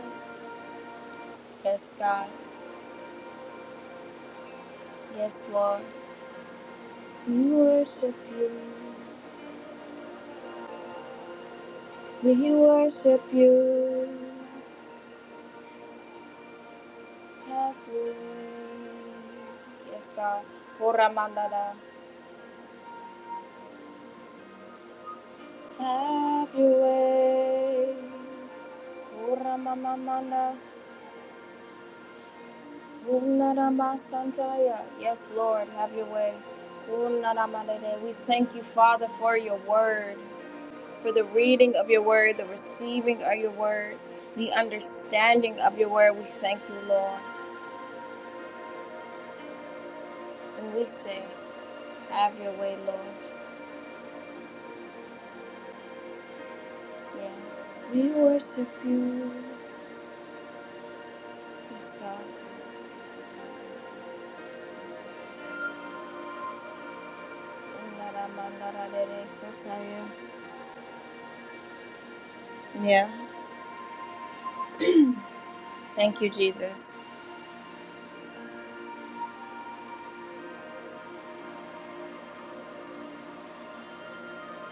Speaker 1: Yes, God, yes, Lord. We worship you, we worship you. Have your way. Yes, God. Ora Mandana. Have your way. Ora mama mana. Unara masantaya. Yes, Lord, have your way. Unara manene. We thank you, Father, for your word, for the reading of your word, the receiving of your word, the understanding of your word. We thank you, Lord. And we say, Have your way, Lord. Yeah. We worship you. Yes, God. Unara manara dere sataya. Yeah. Thank you, Jesus.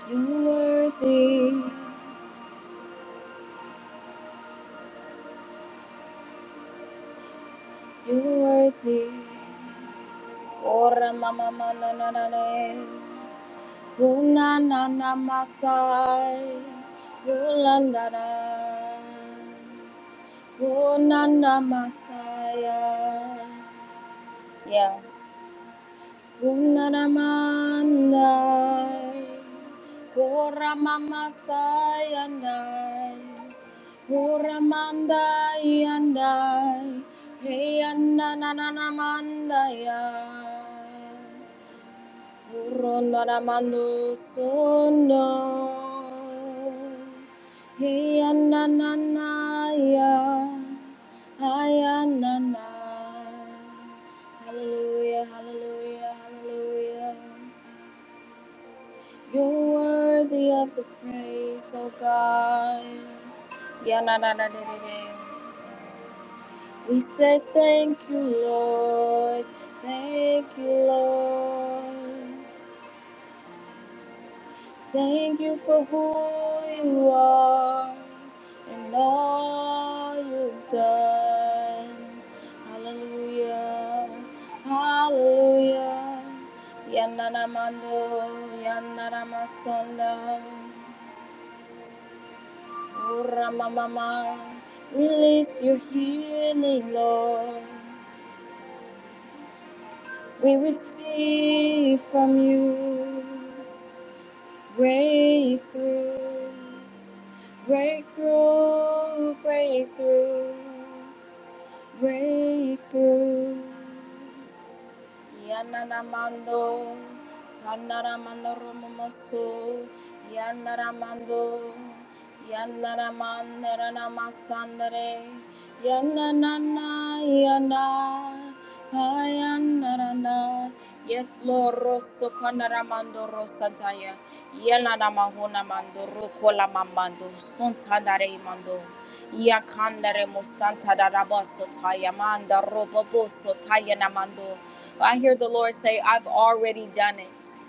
Speaker 1: You're worthy, you're worthy. Ora mama mana na na na. Kuna na na masai. Kula na na. Kuna na masai. Yeah. Unaramandai, Uramamasai andai, Uramandai andai, Hey anananamandai. Rondaramando sono Hiyananaya Hayanana Hallelujah, hallelujah, hallelujah. You're worthy of the praise, O God. Yananadadadada. We say thank you, Lord. Thank you, Lord. Thank you for who you are and all you've done. Hallelujah. Hallelujah. Yanana mando, yanana masonda. Ora release your healing, Lord. We receive from you breakthrough. Breakthrough, breakthrough, breakthrough. Yanaramando, Kanaramando Romomosu, Yanaramando, Yanaramandaranamasandare, Yananana, Yana, Hayanarana. Yes, Lord, Rosso Kanaramando Rosataya, Yananamahuna Mando, rokola Mamando, Suntandare Mando. Yakandare musanta darabaso tayamanda roboboso tayanamando. I hear the Lord say, I've already done it.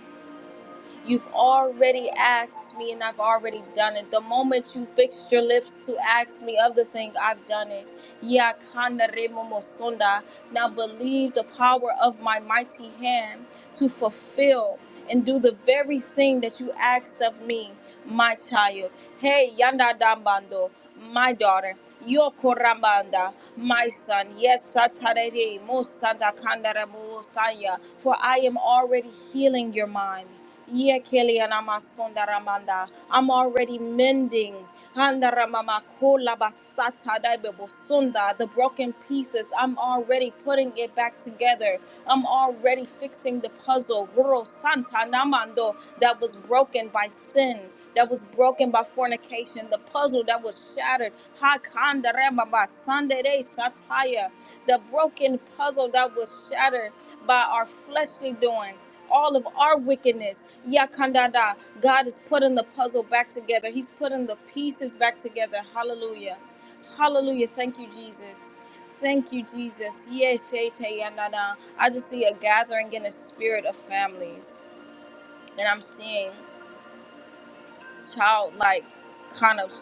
Speaker 1: You've already asked me, and I've already done it. The moment you fixed your lips to ask me of the thing, I've done it. Ya kanda remo mosunda. Now believe the power of my mighty hand to fulfill and do the very thing that you asked of me, my child. Hey, Yanda Dambando, my daughter. Yo korambanda, my son. Yes, Satarere, Mosanta Kandarabo Saya. For I am already healing your mind. Ye kelianama sondaramanda. I'm already mending. Handaramama kolabasata daibebosunda. The broken pieces, I'm already putting it back together. I'm already fixing the puzzle. Guru Santa Namando that was broken by sin, that was broken by fornication, the puzzle that was shattered. Hakandaramaba Sunday sataya. The broken puzzle that was shattered by our fleshly doing all of our wickedness. Yakandada. God is putting the puzzle back together. He's putting the pieces back together. Hallelujah. Hallelujah. Thank you, Jesus. Thank you, Jesus. Yes, hey, te, yandada. I just see a gathering in the spirit of families. And I'm seeing childlike kind of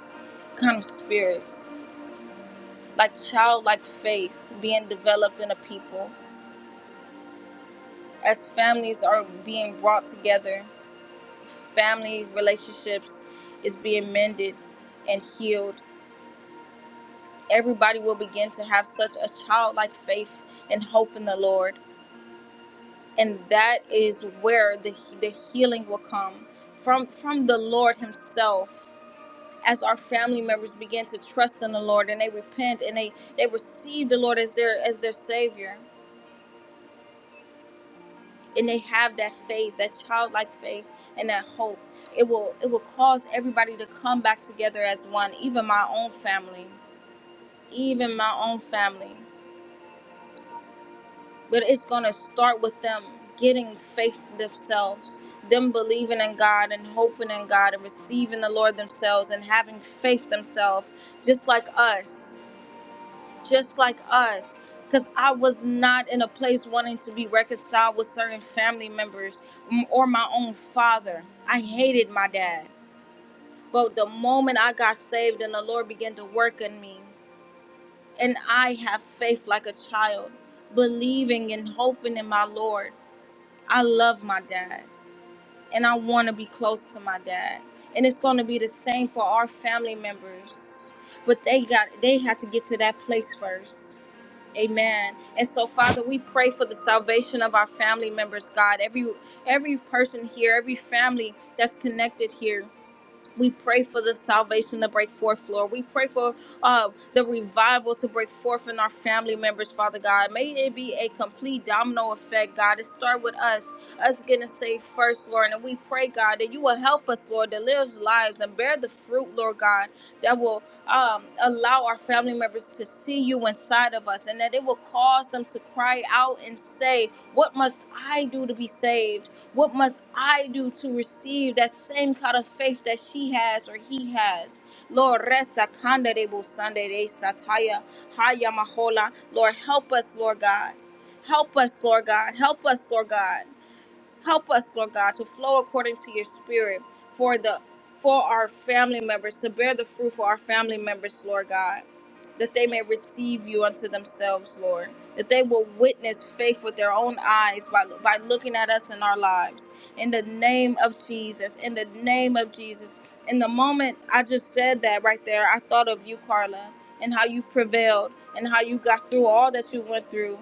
Speaker 1: kind of spirits, like childlike faith being developed in a people as families are being brought together family relationships is being mended and healed. Everybody will begin to have such a childlike faith and hope in the Lord, and that is where the the healing will come from from the Lord Himself. As our family members begin to trust in the Lord and they repent and they they receive the Lord as their as their Savior, and they have that faith, that childlike faith and that hope. It will it will cause everybody to come back together as one, even my own family, even my own family. But it's going to start with them getting faith themselves, them believing in God and hoping in God and receiving the Lord themselves and having faith themselves, just like us. just like us because i was not in a place wanting to be reconciled with certain family members m- or my own father i hated my dad but the moment i got saved and the lord began to work in me and i have faith like a child believing and hoping in my lord i love my dad and i want to be close to my dad and it's going to be the same for our family members but they got they had to get to that place first Amen. And so, Father, we pray for the salvation of our family members, God. Every every person here, every family that's connected here. We pray for the salvation to break forth, Lord. We pray for uh, the revival to break forth in our family members, Father God. May it be a complete domino effect, God. It start with us, us getting saved first, Lord. And we pray, God, that you will help us, Lord, to live lives and bear the fruit, Lord God, that will um, allow our family members to see you inside of us and that it will cause them to cry out and say, What must I do to be saved? What must I do to receive that same kind of faith that she has or he has? Lord, resa kanda de busande de sataya haya mahola. Lord, help us, Lord God. Help us, Lord God. Help us, Lord God. Help us, Lord God, to flow according to your spirit for the for our family members, to bear the fruit for our family members, Lord God, that they may receive you unto themselves, Lord. That they will witness faith with their own eyes by, by looking at us in our lives. In the name of Jesus, in the name of Jesus. In the moment I just said that right there, I thought of you, Carla, and how you've prevailed and how you got through all that you went through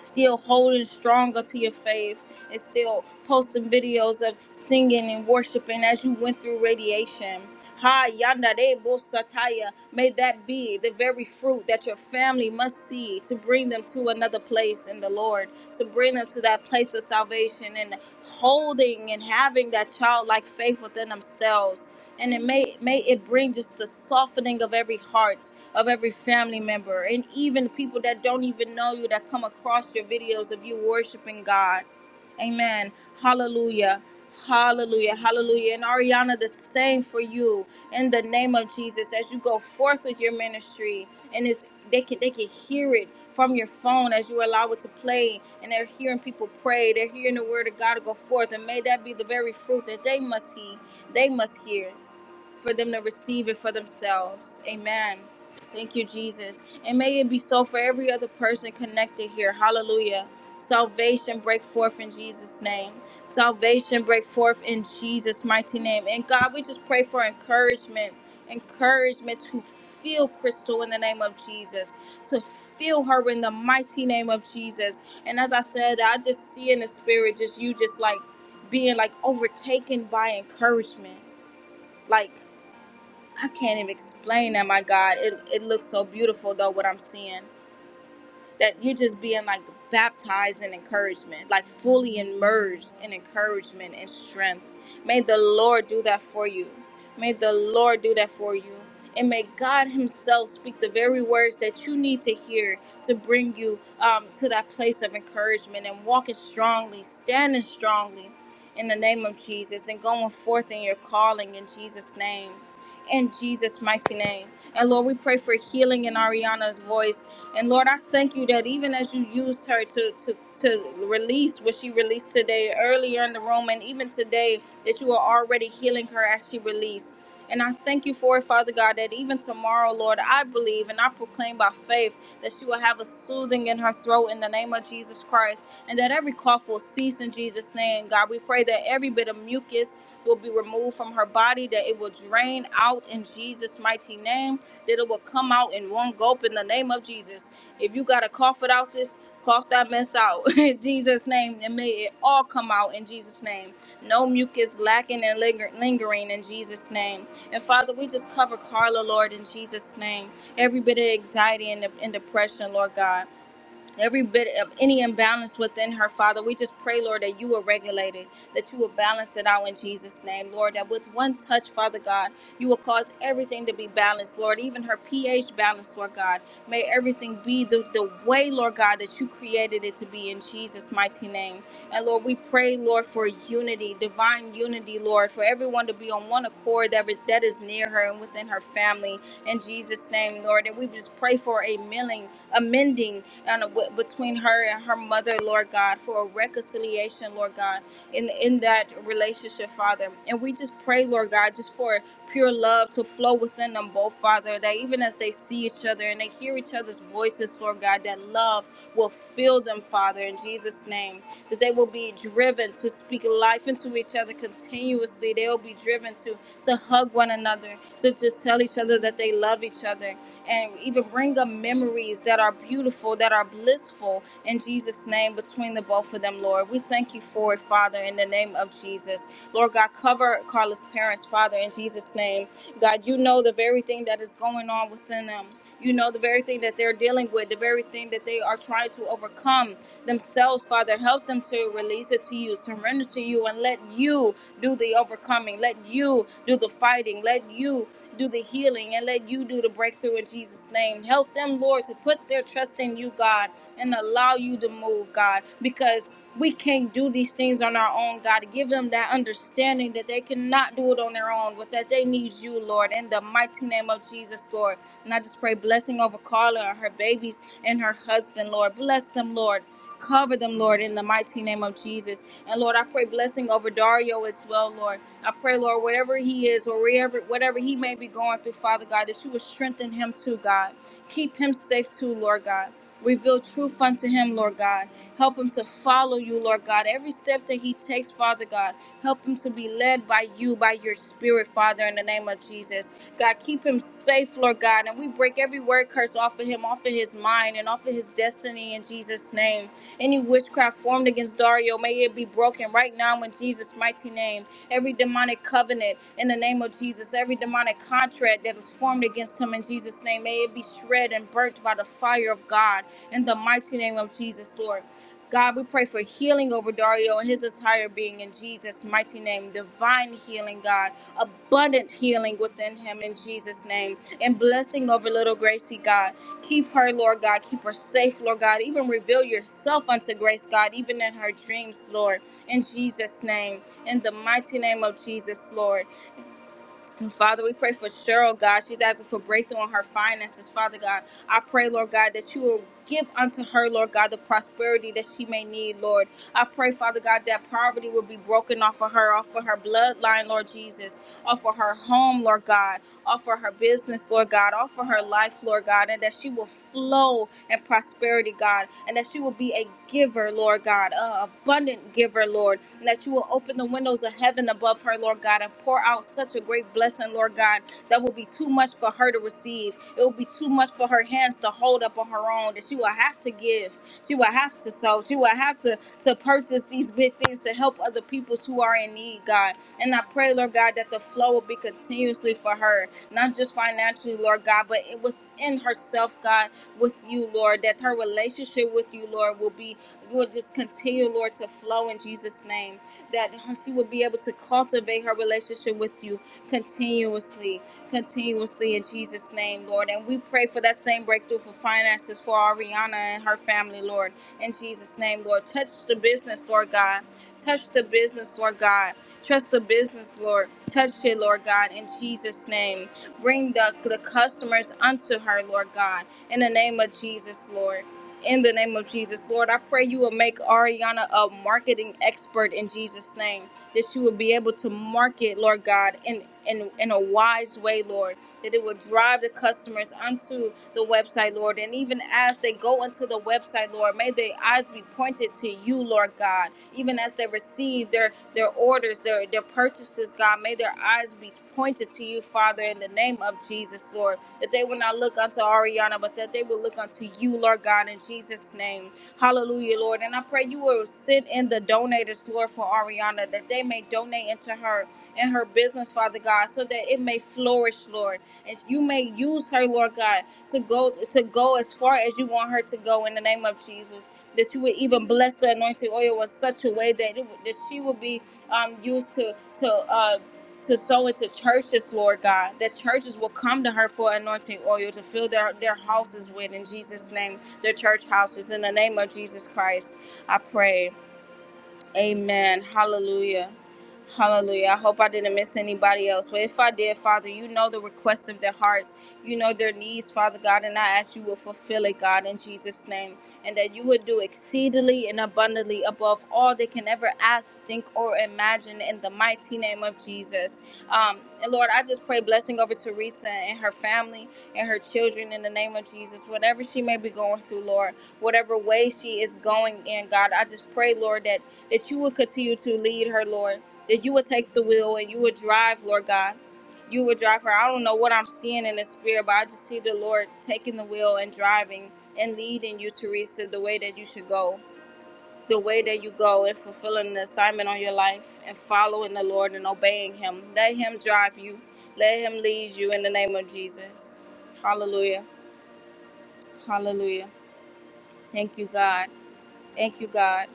Speaker 1: still holding stronger to your faith and still posting videos of singing and worshiping as you went through radiation. Ha yanda de bosataya. May that be the very fruit that your family must see to bring them to another place in the Lord, to bring them to that place of salvation and holding and having that childlike faith within themselves and it may may it bring just the softening of every heart of every family member and even people that don't even know you that come across your videos of you worshiping God. Amen. Hallelujah. Hallelujah. Hallelujah. And Ariana, the same for you in the name of Jesus as you go forth with your ministry and it's they can they can hear it from your phone as you allow it to play and they're hearing people pray they're hearing the word of god to go forth and may that be the very fruit that they must heed they must hear for them to receive it for themselves. Amen. Thank you, Jesus. And may it be so for every other person connected here. Hallelujah. Salvation break forth in Jesus' name. Salvation break forth in Jesus' mighty name. And God, we just pray for encouragement, encouragement to feel Crystal in the name of Jesus, to feel her in the mighty name of Jesus. And as I said, I just see in the spirit, just you, just like being like overtaken by encouragement. Like I can't even explain that, my God. It, it looks so beautiful, though, what I'm seeing. That you're just being like baptized in encouragement, like fully immersed in encouragement and strength. May the Lord do that for you. May the Lord do that for you. And may God Himself speak the very words that you need to hear to bring you um, to that place of encouragement and walking strongly, standing strongly in the name of Jesus and going forth in your calling in Jesus' name in Jesus' mighty name. And Lord, we pray for healing in Ariana's voice. And Lord, I thank you that even as you used her to to to release what she released today earlier in the room, and even today, that you are already healing her as she released. And I thank you for it, Father God, that even tomorrow, Lord, I believe and I proclaim by faith that she will have a soothing in her throat in the name of Jesus Christ, and that every cough will cease in Jesus' name. God, we pray that every bit of mucus will be removed from her body, that it will drain out in Jesus' mighty name, that it will come out in one gulp in the name of Jesus. If you got to cough it out, sis, cough that mess out in Jesus' name, and may it all come out in Jesus' name. No mucus lacking and linger- lingering in Jesus' name. And Father, we just cover Carla, Lord, in Jesus' name. Every bit of anxiety and, and depression, Lord God every bit of any imbalance within her, Father. We just pray, Lord, that you will regulate it, that you will balance it out in Jesus' name, Lord. That with one touch, Father God, you will cause everything to be balanced, Lord. Even her pH balance, Lord God. May everything be the, the way, Lord God, that you created it to be in Jesus' mighty name. And Lord, we pray, Lord, for unity, divine unity, Lord, for everyone to be on one accord that is, that is near her and within her family in Jesus' name, Lord. And we just pray for a milling a mending and a, w- between her and her mother, Lord God, for a reconciliation, Lord God, in in that relationship, Father. And we just pray, Lord God, just for pure love to flow within them both, Father, that even as they see each other and they hear each other's voices, Lord God, that love will fill them, Father, in Jesus' name. That they will be driven to speak life into each other continuously. They will be driven to to hug one another, to just tell each other other, that they love each other, and even bring up memories that are beautiful, that are blissful in Jesus' name between the both of them, Lord. We thank you for it, Father, in the name of Jesus. Lord God, cover Carla's parents, Father, in Jesus' name. God, you know the very thing that is going on within them. You know the very thing that they're dealing with, the very thing that they are trying to overcome themselves, Father. Help them to release it to you, surrender to you, and let you do the overcoming. Let you do the fighting. Let you do the healing and let you do the breakthrough in Jesus' name. Help them, Lord, to put their trust in you, God, and allow you to move, God, because we can't do these things on our own, God. Give them that understanding that they cannot do it on their own, but that they need you, Lord, in the mighty name of Jesus, Lord. And I just pray blessing over Carla and her babies and her husband, Lord. Bless them, Lord. Cover them, Lord, in the mighty name of Jesus. And Lord, I pray blessing over Dario as well, Lord. I pray, Lord, wherever he is or wherever whatever he may be going through, Father God, that you would strengthen him too, God. Keep him safe too, Lord God. Reveal truth unto him, Lord God. Help him to follow you, Lord God. Every step that he takes, Father God, help him to be led by you, by your spirit, Father, in the name of Jesus. God, keep him safe, Lord God. And we break every word curse off of him, off of his mind, and off of his destiny in Jesus' name. Any witchcraft formed against Dario, may it be broken right now in Jesus' mighty name every demonic covenant in the name of Jesus, every demonic contract that is formed against him in Jesus' name, may it be shred and burnt by the fire of God in the mighty name of Jesus, Lord. God, we pray for healing over Dario and his entire being in Jesus' mighty name. Divine healing, God. Abundant healing within him in Jesus' name. And blessing over little Gracie, God. Keep her, Lord God. Keep her safe, Lord God. Even reveal yourself unto Grace, God, even in her dreams, Lord, in Jesus' name. In the mighty name of Jesus, Lord. And Father, we pray for Cheryl, God. She's asking for breakthrough on her finances, Father God. I pray, Lord God, that you will give unto her, Lord God, the prosperity that she may need, Lord. I pray, Father God, that poverty will be broken off of her, off of her bloodline, Lord Jesus, off of her home, Lord God all for her business, Lord God, all for her life, Lord God, and that she will flow in prosperity, God, and that she will be a giver, Lord God, an abundant giver, Lord, and that you will open the windows of heaven above her, Lord God, and pour out such a great blessing, Lord God, that will be too much for her to receive. It will be too much for her hands to hold up on her own, that she will have to give, she will have to sow, she will have to, to purchase these big things to help other people who are in need, God. And I pray, Lord God, that the flow will be continuously for her not just financially, Lord God, but it- within herself, God, with you, Lord, that her relationship with you, Lord, will be, will just continue, Lord, to flow in Jesus' name, that she will be able to cultivate her relationship with you continuously, continuously in Jesus' name, Lord. And we pray for that same breakthrough for finances for Ariana and her family, Lord, in Jesus' name, Lord. Touch the business, Lord God. Touch the business, Lord God. Trust the business, Lord. Touch it, Lord God, in Jesus' name. Bring the, the customers unto her, Lord God, in the name of Jesus, Lord. In the name of Jesus, Lord, I pray you will make Ariana a marketing expert in Jesus' name, that she will be able to market, Lord God, in, in, in a wise way, Lord that it will drive the customers onto the website, Lord. And even as they go into the website, Lord, may their eyes be pointed to you, Lord God. Even as they receive their their orders, their their purchases, God, may their eyes be pointed to you, Father, in the name of Jesus, Lord. That they will not look unto Ariana, but that they will look unto you, Lord God, in Jesus' name. Hallelujah, Lord. And I pray you will send in the donators, Lord, for Ariana, that they may donate into her and her business, Father God, so that it may flourish, Lord and you may use her, Lord God, to go to go as far as you want her to go in the name of Jesus. That you would even bless the anointed oil in such a way that it would, that she would be um, used to to uh, to sow into churches, Lord God. That churches will come to her for anointing oil to fill their their houses with in Jesus' name, their church houses in the name of Jesus Christ. I pray. Amen. Hallelujah. Hallelujah. I hope I didn't miss anybody else. But if I did, Father, you know the requests of their hearts. You know their needs, Father God. And I ask you will fulfill it, God, in Jesus' name. And that you would do exceedingly and abundantly above all they can ever ask, think, or imagine in the mighty name of Jesus. Um, and Lord, I just pray blessing over Teresa and her family and her children in the name of Jesus. Whatever she may be going through, Lord, whatever way she is going in, God, I just pray, Lord, that that you would continue to lead her, Lord, that you would take the wheel and you would drive, Lord God. You would drive her. I don't know what I'm seeing in the spirit, but I just see the Lord taking the wheel and driving and leading you, Teresa, the way that you should go, the way that you go and fulfilling the assignment on your life and following the Lord and obeying Him. Let Him drive you, let Him lead you in the name of Jesus. Hallelujah. Hallelujah. Thank you, God. Thank you, God.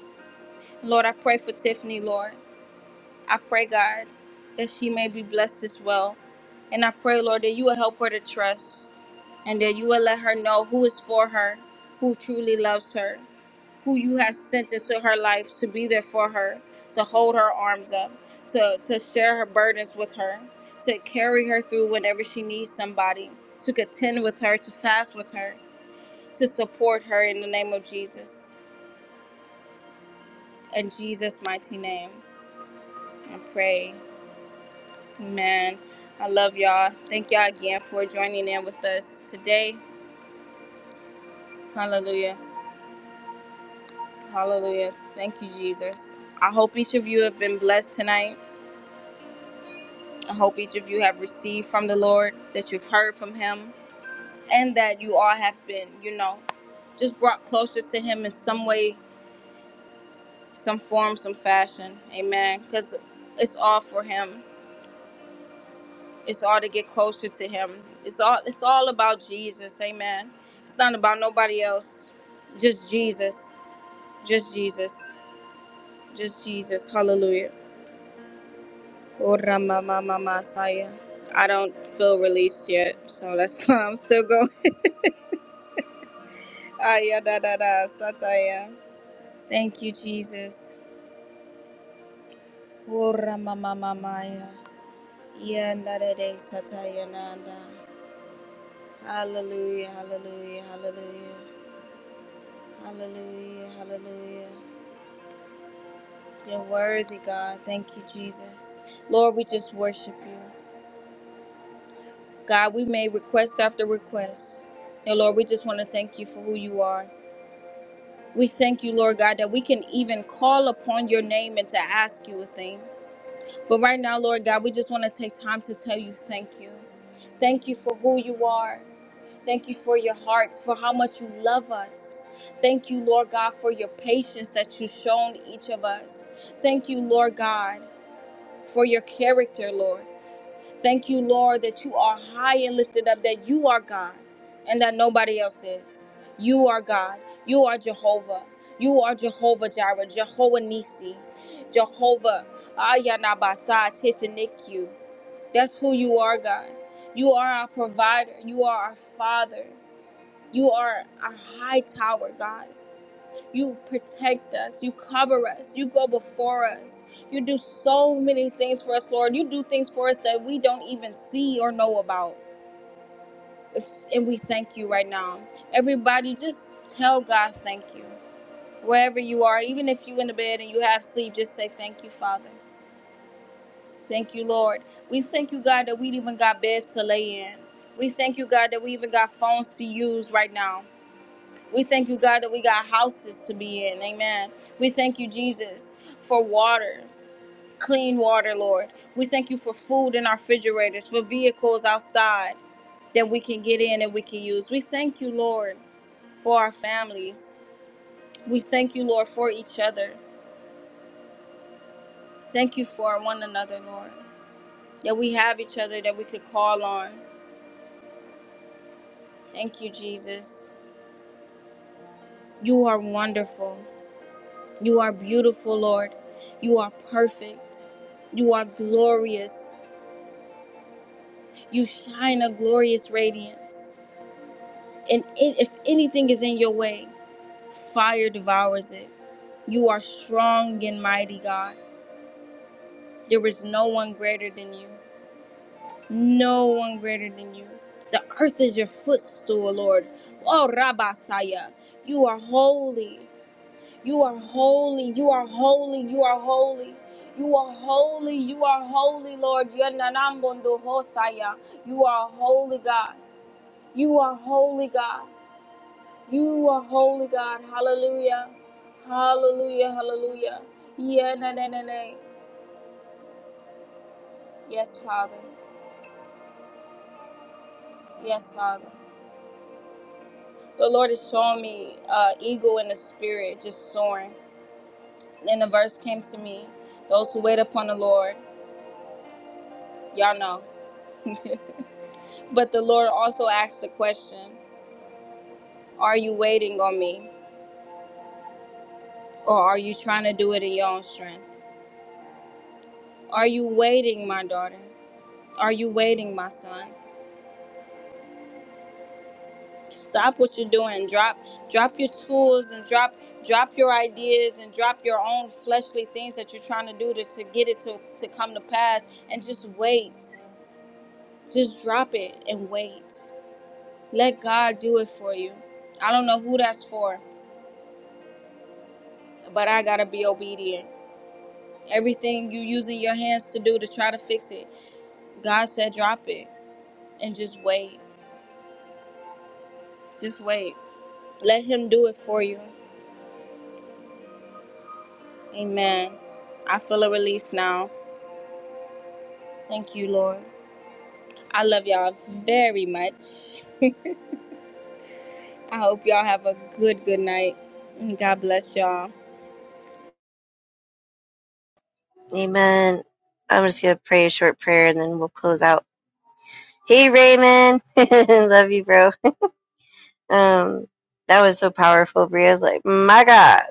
Speaker 1: Lord, I pray for Tiffany, Lord. I pray, God, that she may be blessed as well. And I pray, Lord, that you will help her to trust and that you will let her know who is for her, who truly loves her, who you have sent into her life to be there for her, to hold her arms up, to, to share her burdens with her, to carry her through whenever she needs somebody, to contend with her, to fast with her, to support her in the name of Jesus. In Jesus' mighty name, I pray. Amen. I love y'all. Thank y'all again for joining in with us today. Hallelujah. Hallelujah. Thank you, Jesus. I hope each of you have been blessed tonight. I hope each of you have received from the Lord, that you've heard from Him, and that you all have been, you know, just brought closer to Him in some way, some form, some fashion. Amen. Because it's all for Him. It's all to get closer to him. It's all it's all about Jesus. Amen. It's not about nobody else. Just Jesus. Just Jesus. Just Jesus. Hallelujah. Oh, Rama, Mama, Masaya. I don't feel released yet, so that's why I'm still going. Aya da da da sataya. Thank you, Jesus. Oh, Rama, Mama, Maya. Ya na da de sataya nanda. Hallelujah, hallelujah, hallelujah, hallelujah, hallelujah. You're worthy, God. Thank you, Jesus. Lord, we just worship you. God, we made request after request. And Lord, we just want to thank you for who you are. We thank you, Lord God, that we can even call upon your name and to ask you a thing. But right now, Lord God, we just want to take time to tell you thank you. Thank you for who you are. Thank you for your heart, for how much you love us. Thank you, Lord God, for your patience that you've shown each of us. Thank you, Lord God, for your character, Lord. Thank you, Lord, that you are high and lifted up, that you are God and that nobody else is. You are God. You are Jehovah. You are Jehovah Jireh, Jehovah Nisi, Jehovah Ayanabasa Tesinikyu. That's who you are, God. You are our provider. You are our Father. You are our high tower, God. You protect us. You cover us. You go before us. You do so many things for us, Lord. You do things for us that we don't even see or know about. It's- And we thank you right now. Everybody, just tell God thank you. Wherever you are, even if you're in the bed and you have sleep, just say thank you, Father. Thank you, Lord. We thank you, God, that we even got beds to lay in. We thank you, God, that we even got phones to use right now. We thank you, God, that we got houses to be in. Amen. We thank you, Jesus, for water, clean water, Lord. We thank you for food in our refrigerators, for vehicles outside that we can get in and we can use. We thank you, Lord, for our families. We thank you, Lord, for each other. Thank you for one another, Lord, that we have each other that we could call on. Thank you, Jesus. You are wonderful. You are beautiful, Lord. You are perfect. You are glorious. You shine a glorious radiance. And i- if anything is in your way, fire devours it. You are strong and mighty, God. There is no one greater than you. No one greater than you. The earth is your footstool, Lord. Oh, Rabasaya, you are holy. You are holy. You are holy. You are holy. You are holy. You are holy, Lord. Yananambondo Hosaya. You are holy, God. You are holy, God. You are holy God. Hallelujah. Hallelujah. Hallelujah. Yeah, na, na, na, na. Yes, Father. Yes, Father. The Lord is showing me uh, eagle in the spirit just soaring. And the verse came to me. Those who wait upon the Lord, y'all know. But the Lord also asked the question Are you waiting on me? Or are you trying to do it in your own strength? Are you waiting, my daughter? Are you waiting, my son? stop what you're doing drop drop your tools and drop drop your ideas and drop your own fleshly things that you're trying to do to, to get it to, to come to pass and just wait just drop it and wait let god do it for you i don't know who that's for but i gotta be obedient everything you using your hands to do to try to fix it god said drop it and just wait just wait let him do it for you amen i feel a release now thank you lord I love y'all very much. I hope y'all have a good, good night. God bless y'all.
Speaker 3: Amen. I'm just gonna pray a short prayer and then we'll close out. Hey Raymond. love you, bro. Um, that was so powerful. Bria's like, my God,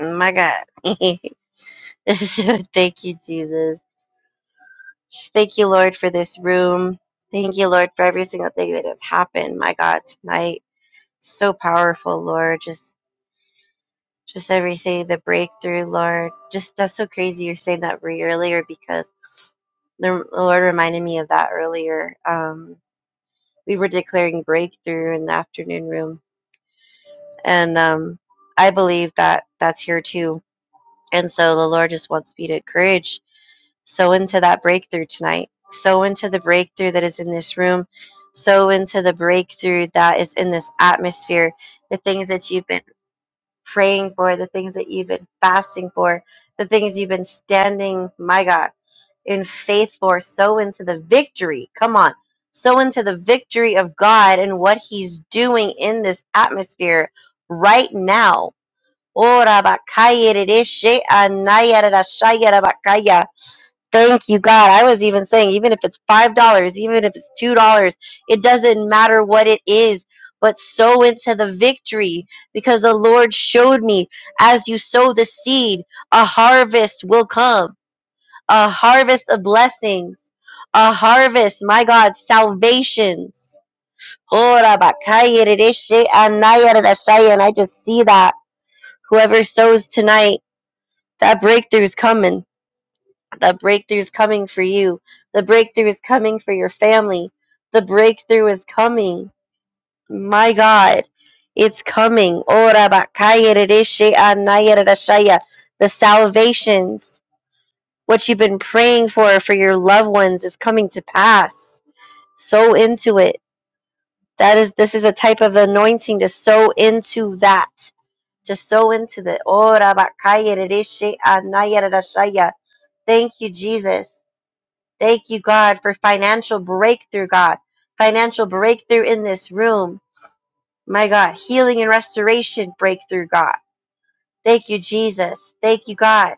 Speaker 3: my God. so thank you, Jesus. Just thank you, Lord, for this room. Thank you, Lord, for every single thing that has happened. My God, tonight, so powerful, Lord. Just, just everything, the breakthrough, Lord. Just that's so crazy. You're saying that Bri earlier because the the Lord reminded me of that earlier. Um, we were declaring breakthrough in the afternoon room And um, I believe that that's here too. And so the Lord just wants me to encourage, sow into that breakthrough tonight, sow into the breakthrough that is in this room, sow into the breakthrough that is in this atmosphere, the things that you've been praying for, the things that you've been fasting for, the things you've been standing, my God, in faith for, sow into the victory. Come on. Sow into the victory of God and what He's doing in this atmosphere right now Ora bakaya dereshe anaya rarashaya rabakaya. Thank you, God. I was even saying, even if it's $5, even if it's $2, it doesn't matter what it is, but sow into the victory because the Lord showed me as you sow the seed, a harvest will come, a harvest of blessings, a harvest, my God, salvations. Ora bakaya dereshe anaya rarashaya. And I just see that whoever sows tonight. That breakthrough is coming. That breakthrough is coming for you. The breakthrough is coming for your family. The breakthrough is coming. My God, it's coming. Ora bakaya rereshe anaya rerashaya. The salvations, what you've been praying for for your loved ones, is coming to pass. Sow into it. That is, this is a type of anointing to sow into that. To sow into the. Ora bakaya rereshe anaya rerashaya. Thank you, Jesus. Thank you, God, for financial breakthrough, God. Financial breakthrough in this room. My God, healing and restoration breakthrough, God. Thank you, Jesus. Thank you, God.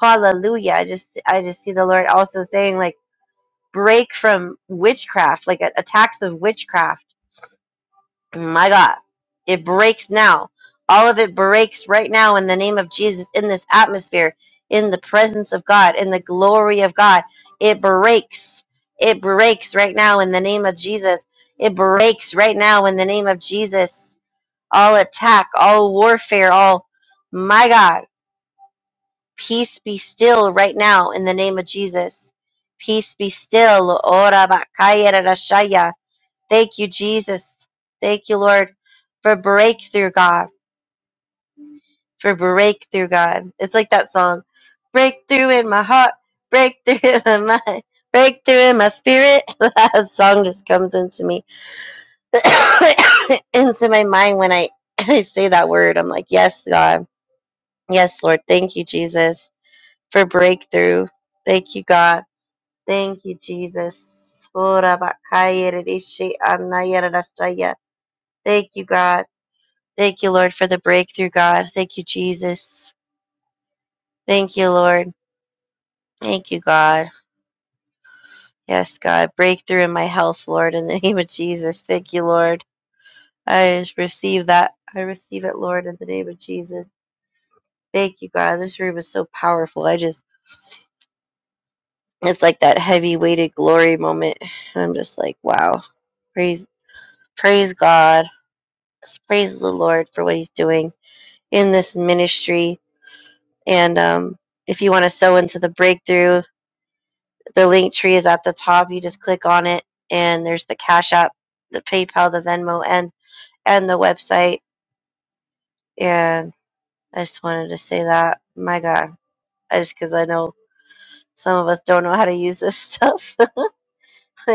Speaker 3: Hallelujah. I just I just see the Lord also saying like break from witchcraft, like a- attacks of witchcraft My God, it breaks now. All of it breaks right now in the name of Jesus, in this atmosphere, in the presence of God, in the glory of God. It breaks. It breaks right now in the name of Jesus. It breaks right now in the name of Jesus. All attack, all warfare, all, my God, peace be still right now in the name of Jesus. Peace be still. Ora bakaya rarashaya. Thank you, Jesus. Thank you, Lord, for breakthrough, God. For breakthrough, God. It's like that song Breakthrough in my heart, breakthrough in my mind, breakthrough in my spirit. that song just comes into me, into my mind when I, I say that word. I'm like, Yes, God. Yes, Lord. Thank you, Jesus, for breakthrough. Thank you, God. Thank you, Jesus. Ora bakaya rishi anaya rarashaya. Thank you, God. Thank you, Lord, for the breakthrough, God. Thank you, Jesus. Thank you, Lord. Thank you, God. Yes, God. Breakthrough in my health, Lord, in the name of Jesus. Thank you, Lord. I just receive that. I receive it, Lord, in the name of Jesus. Thank you, God. This room is so powerful. I just, it's like that heavy weighted glory moment. And I'm just like, wow. Praise, praise God. Praise the Lord for what he's doing in this ministry. And um, if you want to sow into the breakthrough, The link tree is at the top. You just click on it, and there's the Cash App, the PayPal, the Venmo, and and the website. And I just wanted to say that. My God, I just because I know some of us don't know how to use this stuff.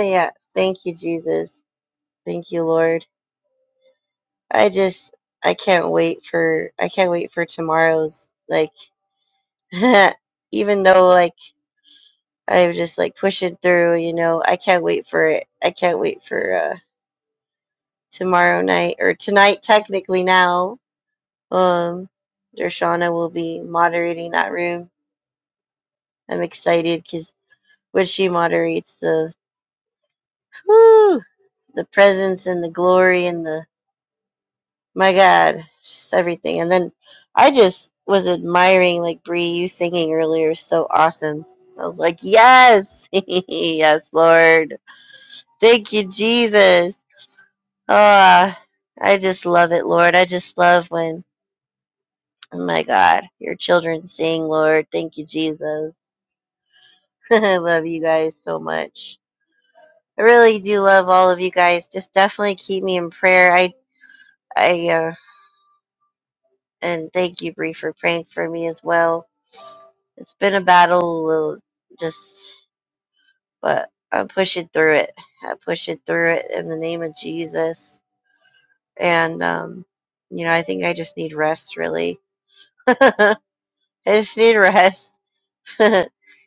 Speaker 3: yeah, thank you, Jesus. Thank you, Lord. I just I can't wait for I can't wait for tomorrow's like. even though like I'm just like pushing through, you know, I can't wait for it. I can't wait for. uh tomorrow night or tonight technically now um Dershana will be moderating that room. I'm excited because when she moderates the whew, the presence and the glory and the my God, just everything. And then I just was admiring like Bree, you singing earlier is so awesome. I was like, yes, yes, Lord, thank you, Jesus. Ah, I just love it, Lord. I just love when Oh my God. Your children sing, Lord. Thank you, Jesus. I love you guys so much. I really do love all of you guys. Just definitely keep me in prayer. I, I, uh, and thank you, Bree, for praying for me as well. It's been a battle, uh, just, but I'm pushing through it. I'm pushing through it in the name of Jesus. And, um, you know, I think I just need rest, really. I just need rest.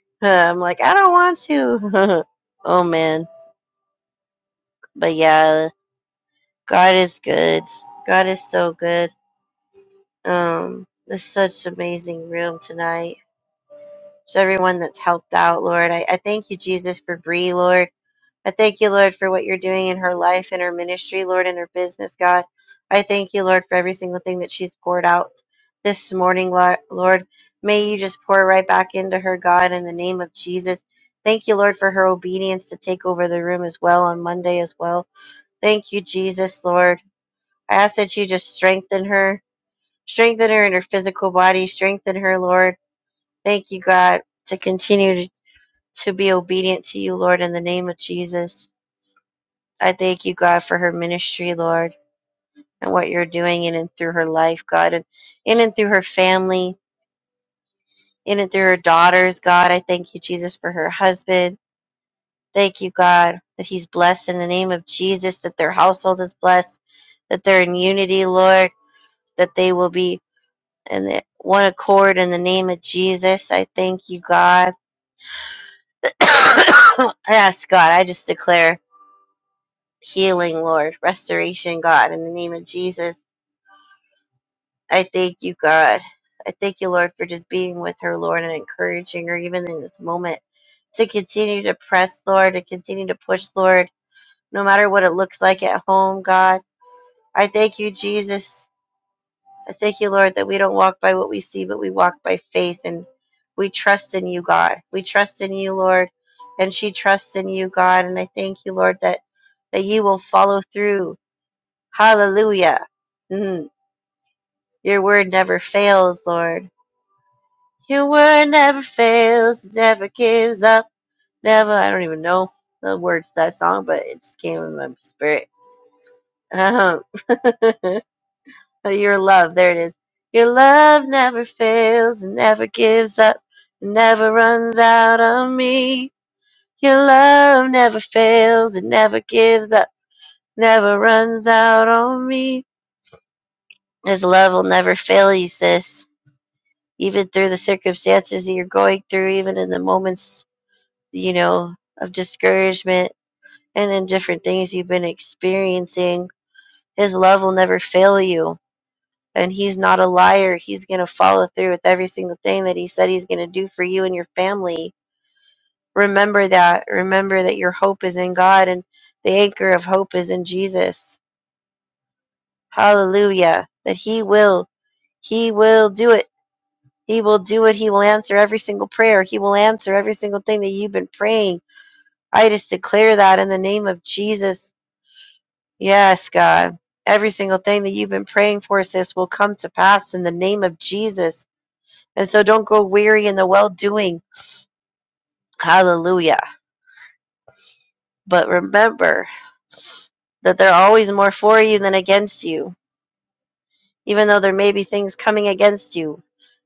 Speaker 3: I'm like, I don't want to. oh man. But yeah, God is good. God is so good. Um, there's such amazing room tonight. To everyone that's helped out, Lord, I, I thank you, Jesus, for Bree, Lord. I thank you, Lord, for what you're doing in her life and her ministry, Lord, and her business, God. I thank you, Lord, for every single thing that she's poured out this morning, Lo- Lord. May you just pour right back into her, God, in the name of Jesus. Thank you, Lord, for her obedience to take over the room as well on Monday as well. Thank you, Jesus, Lord. I ask that you just strengthen her, strengthen her in her physical body, strengthen her, Lord. Thank you, God, to continue to, to be obedient to you, Lord, in the name of Jesus. I thank you, God, for her ministry, Lord, and what you're doing in and through her life, God, and in and through her family, in and through her daughters, God. I thank you, Jesus, for her husband. Thank you, God, that he's blessed in the name of Jesus, that their household is blessed, that they're in unity, Lord, that they will be and the one accord in the name of Jesus. I thank you, God. yes, God, I just declare healing, Lord, restoration, God, in the name of Jesus. I thank you, God. I thank you, Lord, for just being with her, Lord, and encouraging her even in this moment to continue to press, Lord, to continue to push, Lord, no matter what it looks like at home, God. I thank you, Jesus. I thank you, Lord, that we don't walk by what we see, but we walk by faith and we trust in you, God. We trust in you, Lord, and she trusts in you, God. And I thank you, Lord, that, that you will follow through. Hallelujah. Mm. Your word never fails, Lord. Your word never fails, never gives up, never. I don't even know the words to that song, but it just came in my spirit. Um, Oh, your love. There it is. Your love never fails and never gives up and never runs out on me. Your love never fails and never gives up, never runs out on me. His love will never fail you, sis. Even through the circumstances that you're going through, even in the moments, you know, of discouragement and in different things you've been experiencing, His love will never fail you and he's not a liar. He's going to follow through with every single thing that he said he's going to do for you and your family. Remember that. Remember that your hope is in God and the anchor of hope is in Jesus. Hallelujah. That he will. He will do it. He will do it. He will answer every single prayer. He will answer every single thing that you've been praying. I just declare that in the name of Jesus. Yes, God. Every single thing that you've been praying for, sis, will come to pass in the name of Jesus. And so don't grow weary in the well doing. Hallelujah. But remember that there are always more for you than against you, even though there may be things coming against you,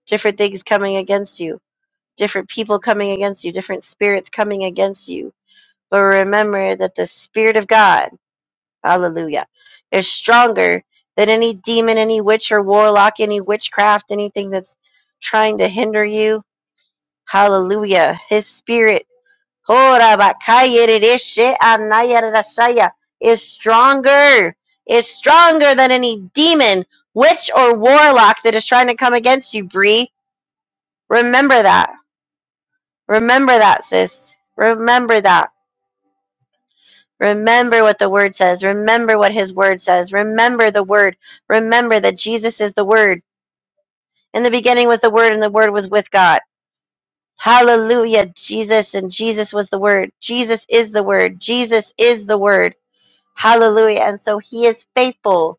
Speaker 3: different things coming against you, different people coming against you, different spirits coming against you. But remember that the Spirit of God, hallelujah, is stronger than any demon, any witch or warlock, any witchcraft, anything that's trying to hinder you. Hallelujah. His Spirit Horabakayeredeshe anayarasaya is stronger, is stronger than any demon, witch, or warlock that is trying to come against you, Bree. Remember that. Remember that, sis. Remember that. Remember what the word says. Remember what his word says. Remember the word. Remember that Jesus is the word. In the beginning was the word, and the word was with God. Hallelujah, Jesus, and Jesus was the word. Jesus is the word. Jesus is the word. Hallelujah. And so he is faithful.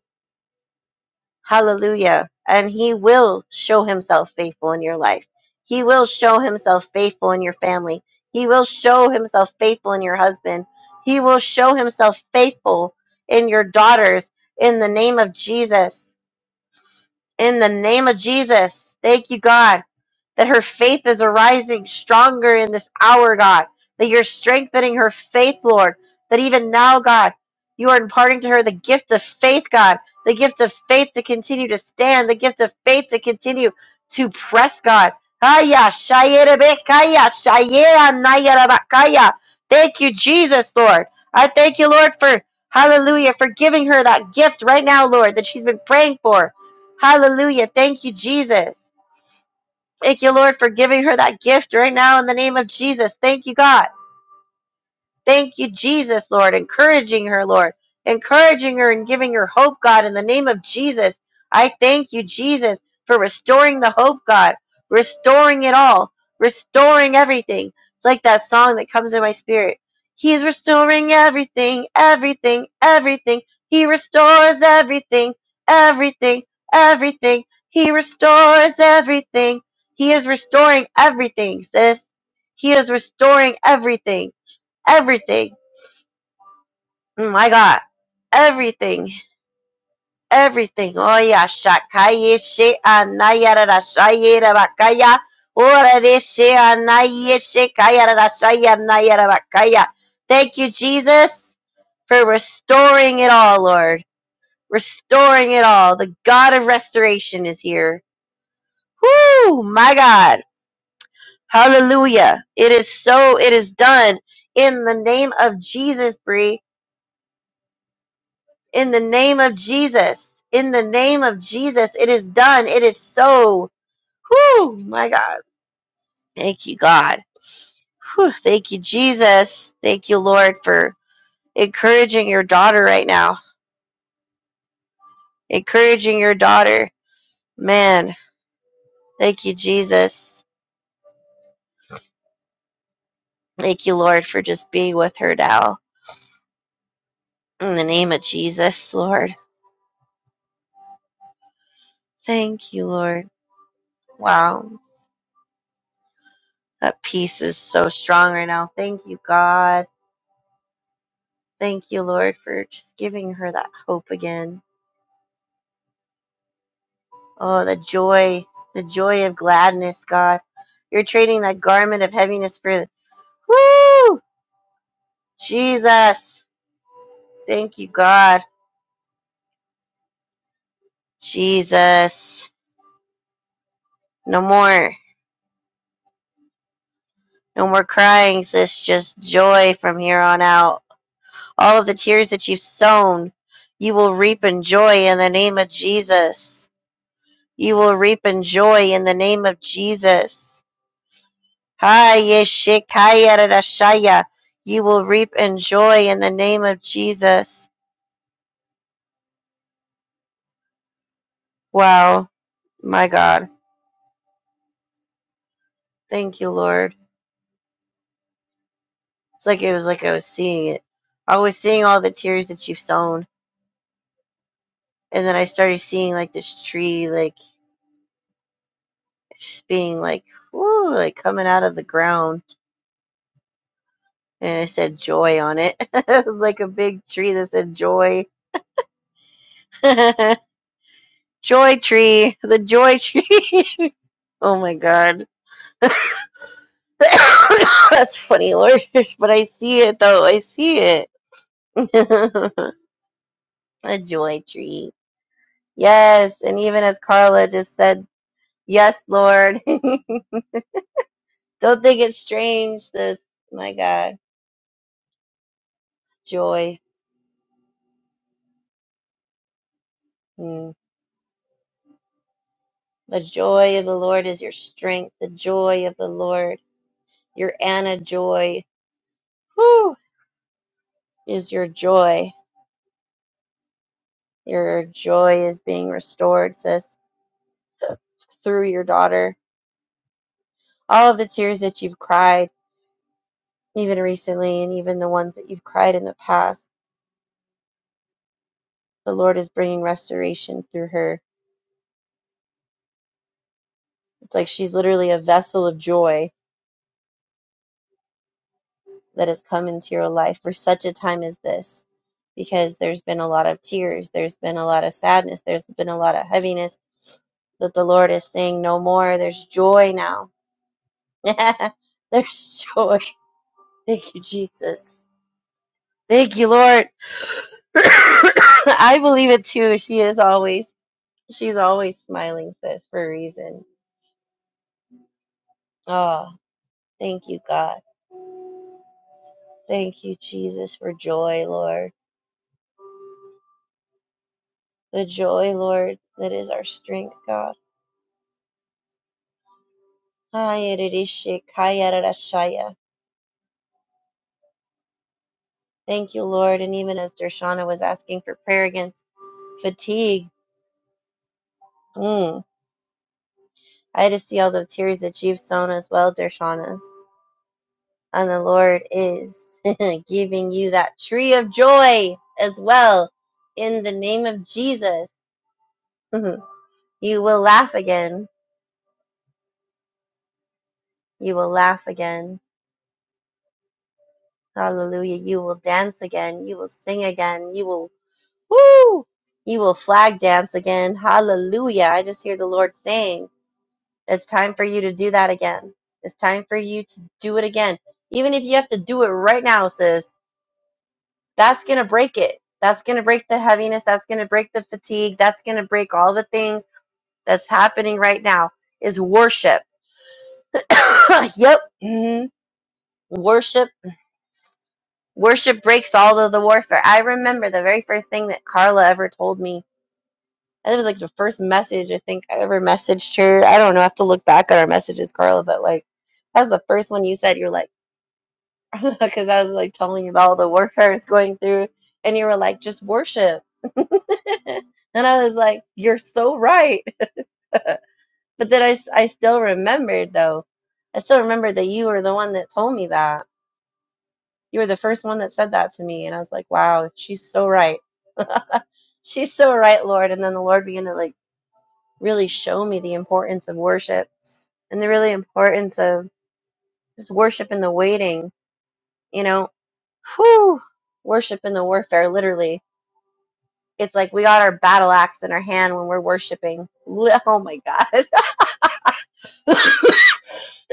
Speaker 3: Hallelujah. And he will show himself faithful in your life. He will show himself faithful in your family. He will show himself faithful in your husband. He will show himself faithful in your daughters in the name of Jesus in the name of Jesus. Thank you, God, that her faith is arising stronger in this hour, God, that you're strengthening her faith, Lord, that even now, God, you are imparting to her the gift of faith, God, the gift of faith to continue to stand, the gift of faith to continue to press, God. Kaya, shayerebe, kaya, shayera, nayaraba, kaya. Thank you, Jesus, Lord. I thank you, Lord, for hallelujah, for giving her that gift right now, Lord, that she's been praying for. Hallelujah. Thank you, Jesus. Thank you, Lord, for giving her that gift right now in the name of Jesus. Thank you, God. Thank you, Jesus, Lord, encouraging her, Lord, encouraging her and giving her hope, God, in the name of Jesus. I thank you, Jesus, for restoring the hope, God, restoring it all, restoring everything. It's like that song that comes in my spirit. He's restoring everything, everything, everything. He restores everything, everything, everything. He restores everything. He is restoring everything, sis. He is restoring everything everything. Mm, my God, everything, everything. Oh yeah, shakaye she anayara ra bakaya. Ora de she anaye she kaya ra shaya anaya bakaya. Thank you, Jesus, for restoring it all, Lord. Restoring it all. The God of restoration is here. Whoo, my God. Hallelujah. It is so, it is done in the name of Jesus, Bree. in the name of Jesus. In the name of Jesus, it is done. It is so. Whew, my God. Thank you, God. Whew, thank you, Jesus. Thank you, Lord, for encouraging your daughter right now. Encouraging your daughter. Man, thank you, Jesus. Thank you, Lord, for just being with her now. In the name of Jesus, Lord. Thank you, Lord. Wow. That peace is so strong right now. Thank you, God. Thank you, Lord, for just giving her that hope again. Oh, the joy, the joy of gladness, God. You're trading that garment of heaviness for, woo, Jesus. Thank you, God. Jesus. No more, no more crying, sis. Just joy from here on out. All of the tears that you've sown, you will reap in joy in the name of Jesus. You will reap in joy in the name of Jesus. Ha yeshikaya rarashaya. You will reap and joy in the name of Jesus. Wow. My God. Thank you, Lord. It's like it was like I was seeing it. I was seeing all the tears that you've sown. And then I started seeing like this tree like just being like woo, like coming out of the ground. And it said joy on it. it was like a big tree that said joy. joy tree. The joy tree. oh my god. That's funny, Lord. But I see it though. I see it. a joy treat. Yes. And even as Carla just said, yes, Lord. Don't think it's strange, this. My God. Joy. Mm. The joy of the Lord is your strength. The joy of the Lord. Your Anna joy. Whew, is your joy. Your joy is being restored, sis, through your daughter. All of the tears that you've cried even recently, and even the ones that you've cried in the past. The Lord is bringing restoration through her. It's like she's literally a vessel of joy that has come into your life for such a time as this, because there's been a lot of tears, there's been a lot of sadness, there's been a lot of heaviness that the Lord is saying, No more. There's joy now. there's joy. Thank you, Jesus. Thank you, Lord. I believe it too. She is always, she's always smiling, sis, for a reason Oh, thank you, God. Thank you, Jesus, for joy, Lord. The joy, Lord, that is our strength, God. Hayarishikayarashaya. Thank you, Lord. And even as Dershana was asking for prayer against fatigue, mm, I had to see all the tears that you've sown as well, Dershana. And the Lord is giving you that tree of joy as well in the name of Jesus. you will laugh again. You will laugh again Hallelujah. You will dance again. You will sing again. You will, woo! You will flag dance again. Hallelujah. I just hear the Lord saying, it's time for you to do that again. It's time for you to do it again. Even if you have to do it right now, sis, that's going to break it. That's going to break the heaviness. That's going to break the fatigue. That's going to break all the things that's happening right now is worship. yep. hmm Worship Worship breaks all of the warfare. I remember the very first thing that Carla ever told me. It was like the first message I think I ever messaged her. I don't know. I have to look back at our messages, Carla, but like that was the first one you said. You're like, because I was like telling you about all the warfare I was going through, and you were like, just worship. and I was like, you're so right. But then I, s- I still remembered though. I still remember that you were the one that told me that. You were the first one that said that to me. And I was like, wow, she's so right. she's so right, Lord. And then the Lord began to like really show me the importance of worship and the really importance of just worship in the waiting, you know, whew, worship in the warfare, literally. It's like we got our battle axe in our hand when we're worshiping. Oh my God.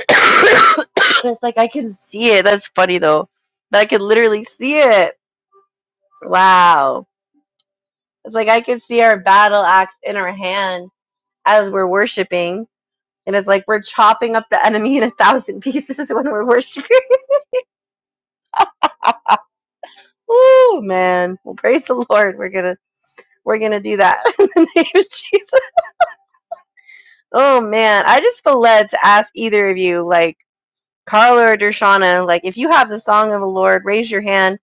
Speaker 3: it's like I can see it. That's funny though. I can literally see it. Wow. It's like I can see our battle axe in our hand as we're worshiping It is like we're chopping up the enemy in a thousand pieces when we're worshiping. oh man. Well praise the Lord. We're gonna we're gonna do that in the name of Jesus. Oh man. I just feel led to ask either of you, like Carla or Dershana, like if you have the song of the Lord, raise your hand.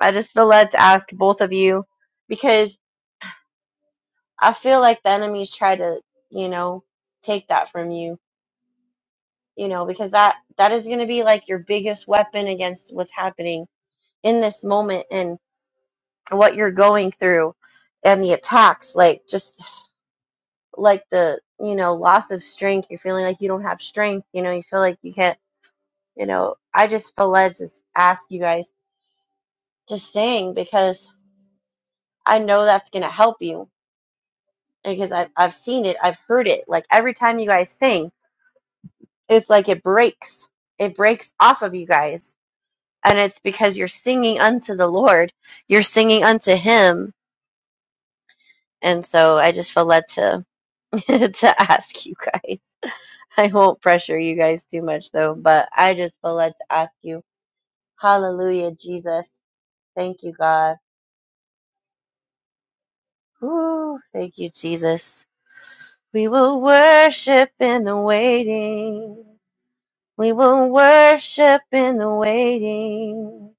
Speaker 3: I just feel led to ask both of you because I feel like the enemy's tried to, you know, take that from you. You know, because that that is gonna be like your biggest weapon against what's happening in this moment. and. what you're going through and the attacks like just like the you know loss of strength you're feeling like you don't have strength you know you feel like you can't you know i just feel led to s- ask you guys to sing because i know that's going to help you because I've, I've seen it i've heard it like every time you guys sing it's like it breaks it breaks off of you guys and it's because you're singing unto the lord you're singing unto him and so i just feel led to to ask you guys I won't pressure you guys too much though, but I just feel led to ask you, Hallelujah, Jesus. Thank you, God. Woo, thank you, Jesus. We will worship in the waiting. We will worship in the waiting.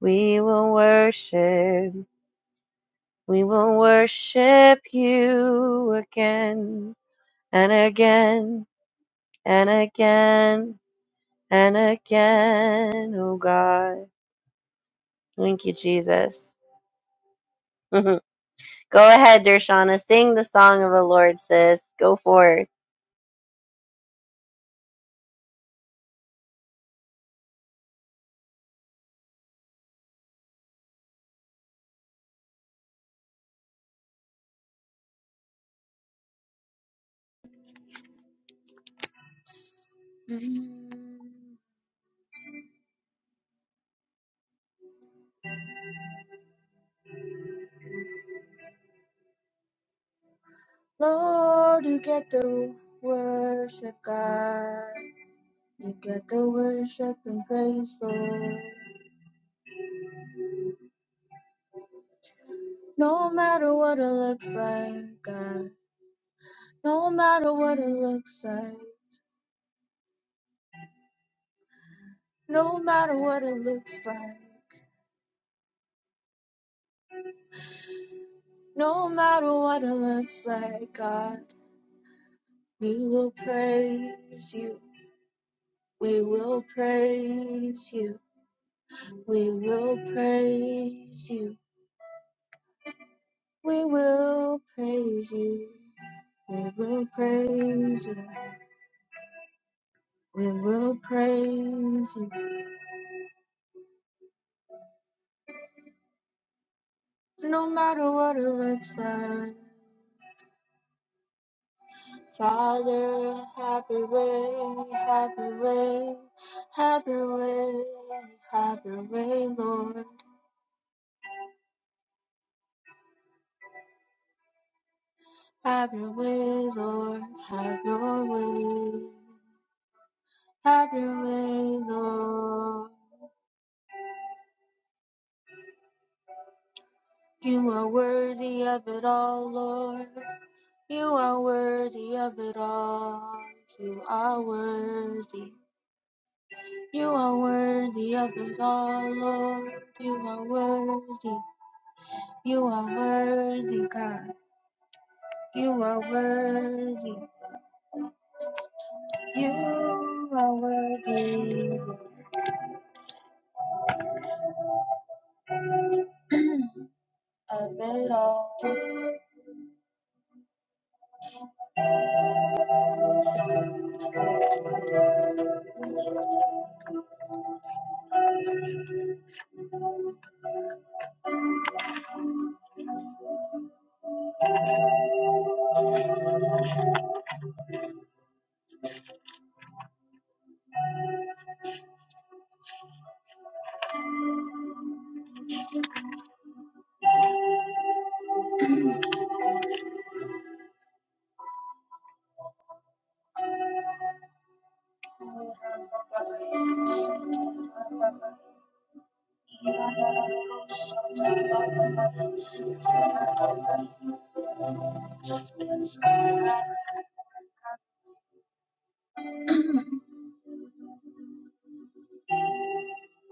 Speaker 3: We will worship. We will worship you again and again and again and again, oh God. Thank you, Jesus. Mhm. Go ahead, Dershana. Sing the song of the Lord, sis. Go for it.
Speaker 5: Mm-hmm. Lord, you get the worship, God. You get the worship and praise, Lord. No matter what it looks like, God. No matter what it looks like. No matter what it looks like. No matter what it looks like, God. We will praise you. We will praise you. We will praise you. We will praise you. We will praise you. We will praise you no matter what it looks like. Father, have your way, have your way, have your way, have your way, Lord. Have your way, Lord, have your way, have your way, Lord. You are worthy of it all, Lord. You are worthy of it all. You are worthy. You are worthy of it all, Lord. You are worthy. You are worthy, God. You are worthy. You are worthy of it all.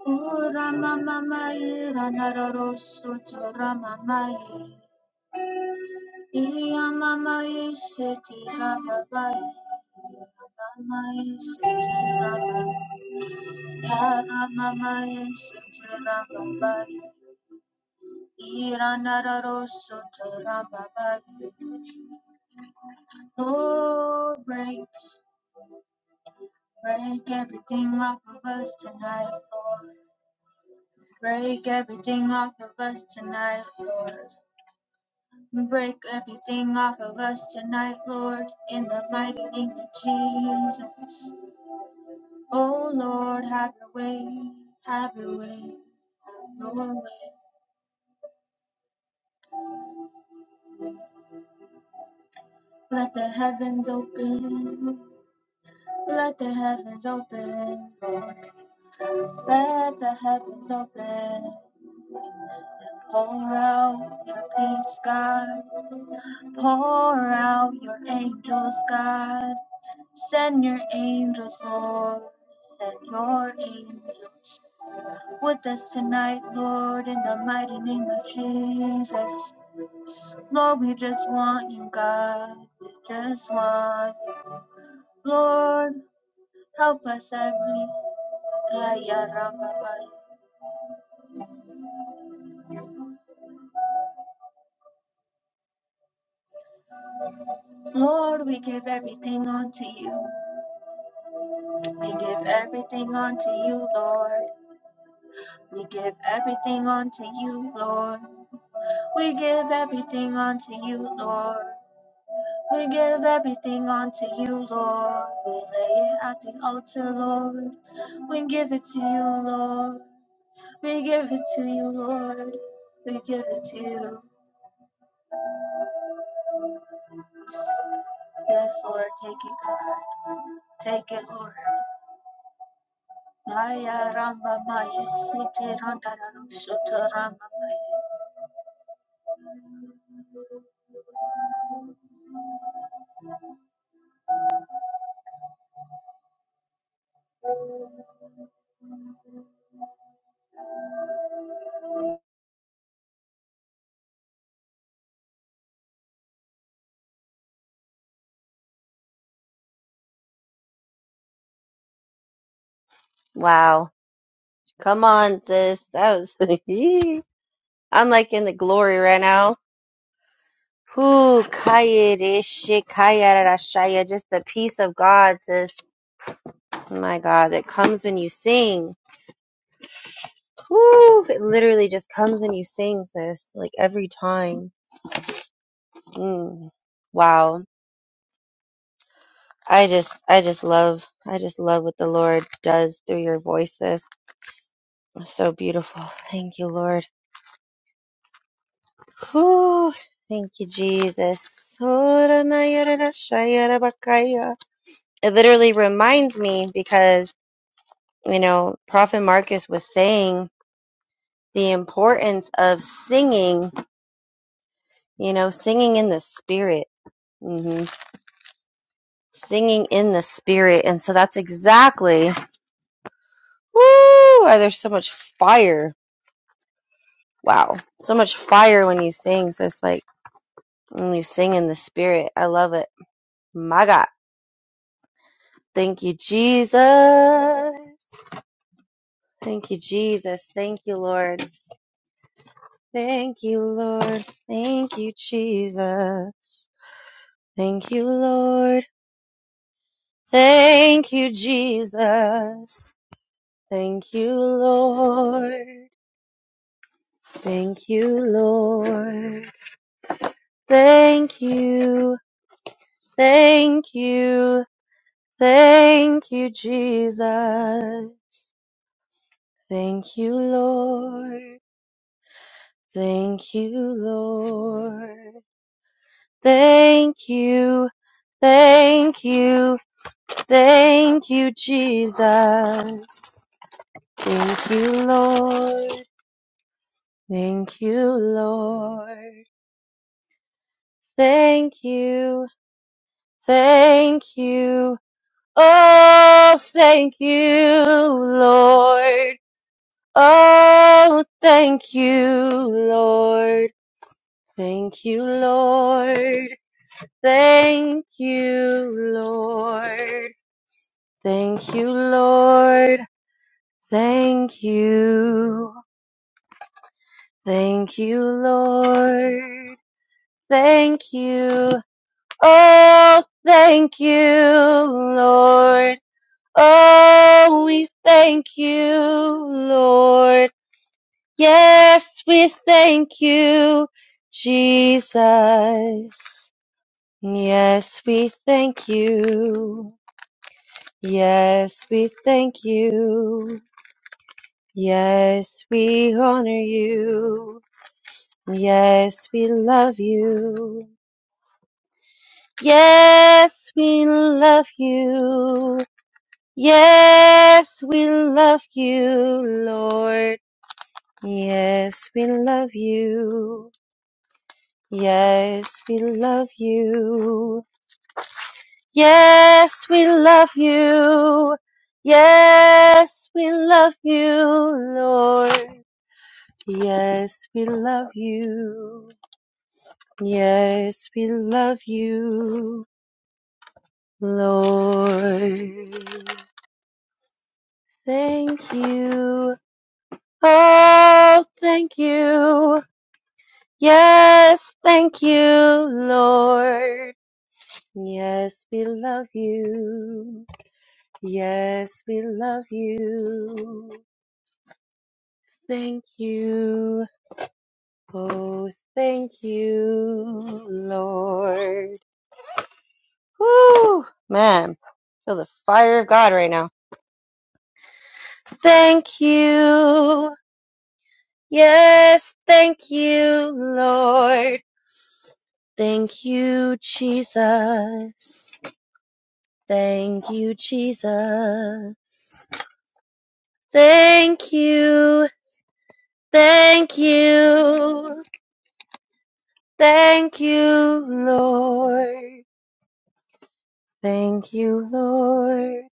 Speaker 5: O Rama Mama Ranararo Sutra Rama Iya Mama Seti Rama Mai. Mama Seti Rama. Ya Rama Mai Seti Rama Iranarosoterababai. Lord, break, break everything off of us tonight, Lord. Break everything off of us tonight, Lord. Break everything off of us tonight, Lord, in the mighty name of Jesus. Oh Lord, have your way, have your way, have your way. Let the heavens open, let the heavens open, Lord. Let the heavens open. Pour out your peace, God. Pour out your angels, God. Send your angels, Lord. Send your angels with us tonight, Lord, in the mighty name of Jesus. Lord, we just want you, God. We just want you. Lord, help us every. Lord, we give everything unto you. We give everything unto you, Lord. We give everything unto you, Lord. We give everything unto you, Lord. We give everything unto you, Lord. We lay it at the altar, Lord. We give it to you, Lord. We give it to you, Lord. We give it to you. Yes, Lord, take it, God. Take it, Lord. Maya Ramba Maya Sita Randa Rama Sutta Rama Maya.
Speaker 3: Wow. Come on, sis. That was. I'm like in the glory right now. Whoo, kaya deshe, kaya rashaya. Just the peace of God, sis. My God, that comes when you sing. Woo! It literally just comes when you sing, sis. Like every time. Mm. Wow. I just, I just love, I just love what the Lord does through your voices. So beautiful. Thank you, Lord. Whew. Thank you, Jesus. It literally reminds me because, you know, Prophet Marcus was saying the importance of singing, you know, singing in the spirit. hmm Singing in the spirit. And so that's exactly, woo, there's so much fire. Wow. So much fire when you sing. So it's like, when you sing in the spirit. I love it. My God. Thank you, Jesus. Thank you, Jesus. Thank you, Lord. Thank you, Lord. Thank you, Jesus. Thank you, Lord. Thank you, Jesus. Thank you, Lord. Thank you, Lord. Thank you. Thank you. Thank you, Jesus. Thank you, Lord. Thank you, Lord. Thank you. Thank you. Thank you, Jesus. Thank you, Lord. Thank you, Lord. Thank you. Thank you. Oh, thank you, Lord. Oh, thank you, Lord. Thank you, Lord. Thank you, Lord. Thank you, Lord. Thank you. Thank you, Lord. Thank you. Oh, thank you, Lord. Oh, we thank you, Lord. Yes, we thank you, Jesus. Yes, we thank you. Yes, we thank you. Yes, we honor you. Yes, we love you. Yes, we love you. Yes, we love you, Lord. Yes, we love you. Yes, we love you. Yes, we love you. Yes, we love you, Lord. Yes, we love you. Yes, we love you, Lord. Thank you. Oh, thank you. Yes, thank you, Lord. Yes, we love you. Yes, we love you. Thank you. Oh, thank you, Lord. Woo! Man, feel the fire of God right now. Thank you. Yes, thank you, Lord. Thank you, Jesus. Thank you, Jesus. Thank you. Thank you. Thank you, Lord. Thank you, Lord.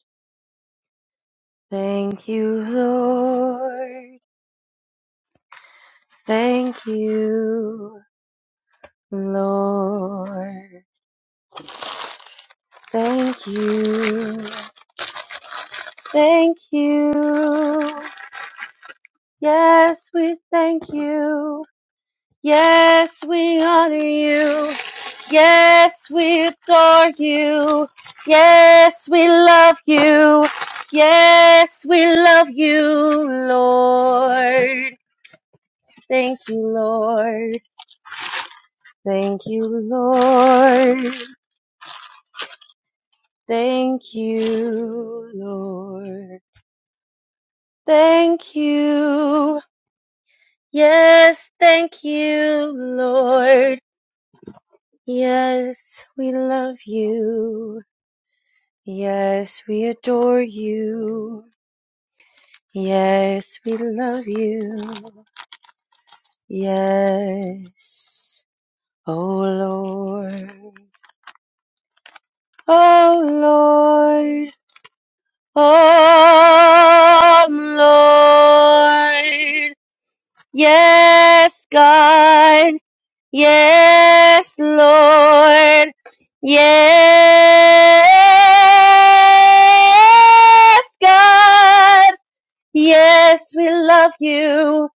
Speaker 3: Thank you, Lord. Thank you, Lord. Thank you. Thank you. Yes, we thank you. Yes, we honor you. Yes, we adore you. Yes, we love you. Yes, we love you, Lord. Thank you, Lord. Thank you, Lord. Thank you, Lord. Thank you. Yes, thank you, Lord. Yes, we love you. Yes, we adore you. Yes, we love you. Yes, oh Lord. Oh Lord. Oh Lord. Yes, God. Yes, Lord. Yes, God. Yes, we love you.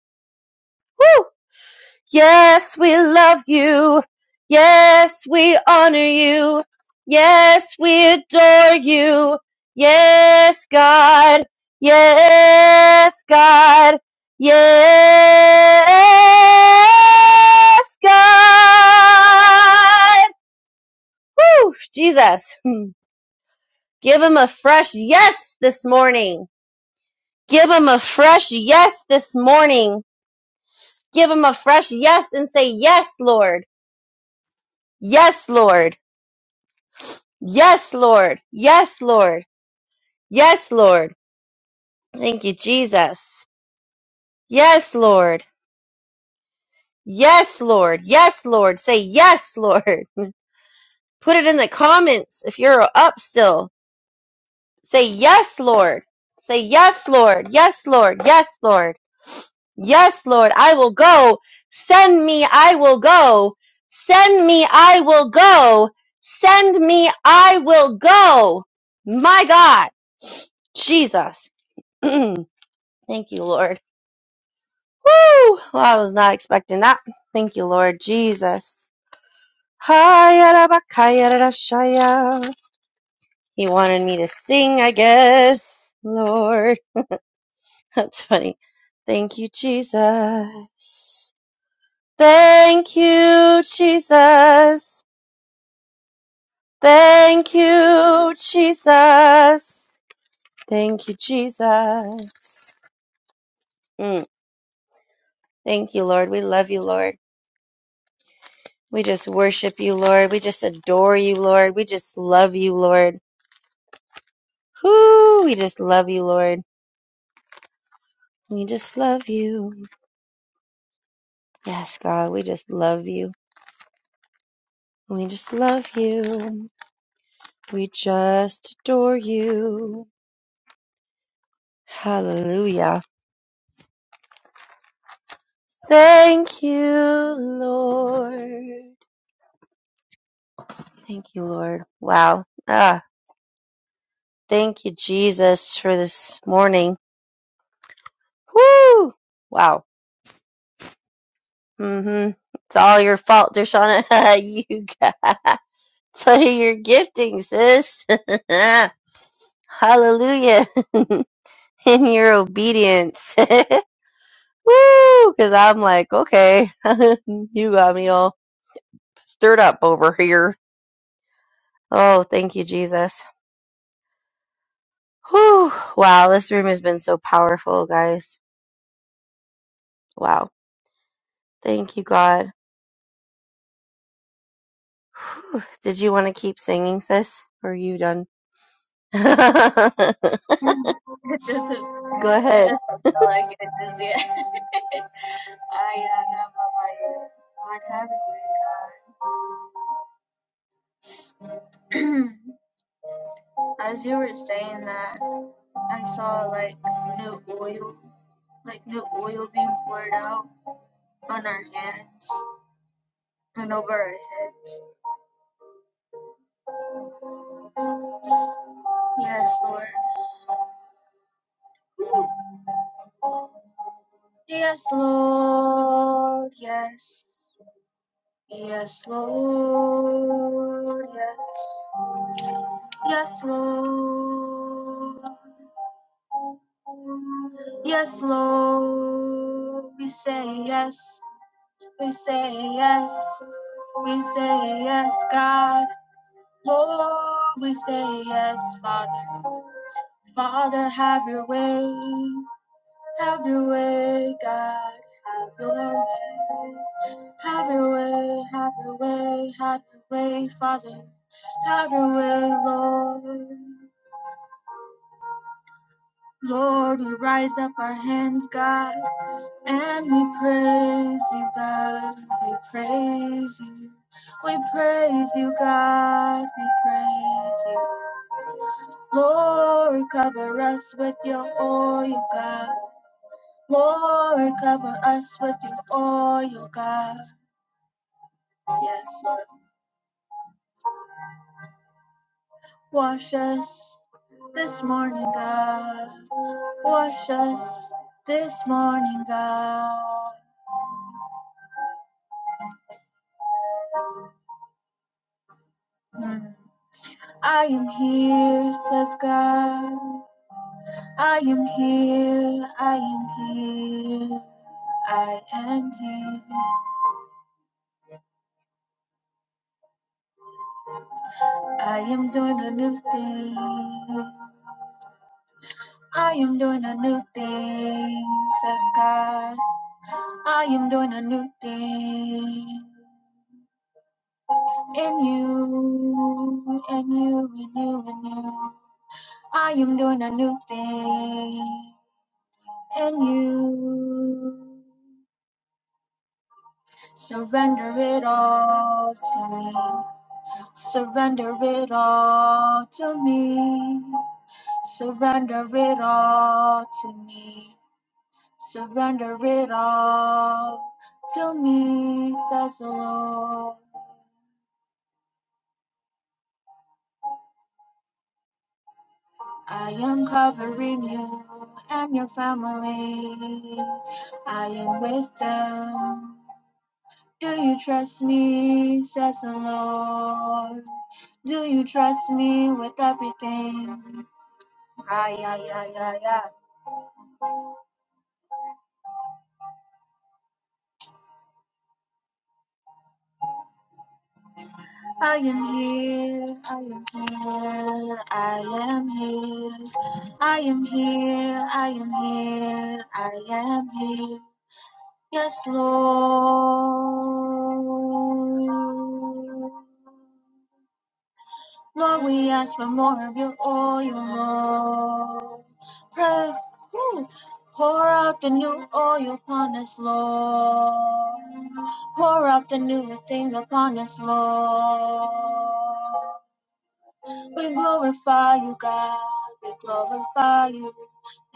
Speaker 3: Woo! Yes, we love you. Yes, we honor you. Yes, we adore you. Yes, God. Yes, God. Yes, God. Woo, Jesus. Hmm. Give him a fresh yes this morning. Give him a fresh yes this morning. Give him a fresh yes and say, yes, Lord. Yes, Lord. Yes, Lord. Yes, Lord. Yes, Lord. Thank you, Jesus. Yes, Lord. Yes, Lord. Yes, Lord. Say yes, Lord. Put it in the comments if you're up still. Say yes, Lord. Say yes, Lord. Yes, Lord. Yes, Lord. Yes, Lord. I will go. Send me. I will go. Send me. I will go. Send me. I will go. My God. Jesus. Thank you, Lord. Woo! Well, I was not expecting that. Thank you, Lord Jesus. Hayarabakayarashaya. He wanted me to sing, I guess. Lord. That's funny. Thank you, Jesus. Thank you, Jesus. Thank you, Jesus. Thank you, Jesus. Mm. Thank you, Lord. We love you, Lord. We just worship you, Lord. We just adore you, Lord. We just love you, Lord. Whoo, we just love you, Lord. We just love you. Yes, God, we just love you. We just love you. We just adore you. Hallelujah. Thank you, Lord. Thank you, Lord. Wow. Ah, thank you, Jesus, for this morning. Whoo! Wow. Mm-hmm. It's all your fault, Dershana. you got. So your gifting, sis. Hallelujah. In your obedience. Woo! Because I'm like, okay, you got me all stirred up over here. Oh, thank you, Jesus. Whew. Wow, this room has been so powerful, guys. Wow. Thank you, God. Whew. Did you want to keep singing, sis? Or are you done? Go
Speaker 5: It doesn't It
Speaker 3: ahead.
Speaker 5: doesn't feel like it is yet. I am not Mamaye. What happened with God? As you were saying that, I saw like new oil, like new oil being poured out on our hands and over our heads. Yes, Lord. Yes, Lord. Yes. Yes, Lord. Yes. Yes, Lord. Yes, Lord, we say yes, we say yes, we say yes, God. Lord, we say yes, Father. Father, have your way, have your way, God, have your way. Have your way, have your way, have your way, Father, have your way, Lord. Lord, we rise up our hands, God. And we praise you, God. We praise you. We praise you, God. We praise you. Lord, cover us with your oil, God. Lord, cover us with your oil, God. Yes, Lord. Wash us this morning, God. Wash us this morning, God. Mm. I am here, says God. I am here, I am here, I am here. I am doing a new thing. I am doing a new thing, says God. I am doing a new thing. In you, in you, in you, in you. I am doing a new thing. In you. Surrender it all to me. Surrender it all to me. Surrender it all to me. Surrender it all to me, says the Lord. I am covering you and your family. I am with them. Do you trust me, says the Lord? Do you trust me with everything? Ay, ay, ay, ay, ay. I am here, I am here, I am here, I am here, I am here, I am here. Yes, Lord. Lord, we ask for more of your oil, Lord. Pray, whew, pour out the new oil upon us, Lord. Pour out the new thing upon us, Lord. We glorify you, God. We glorify you.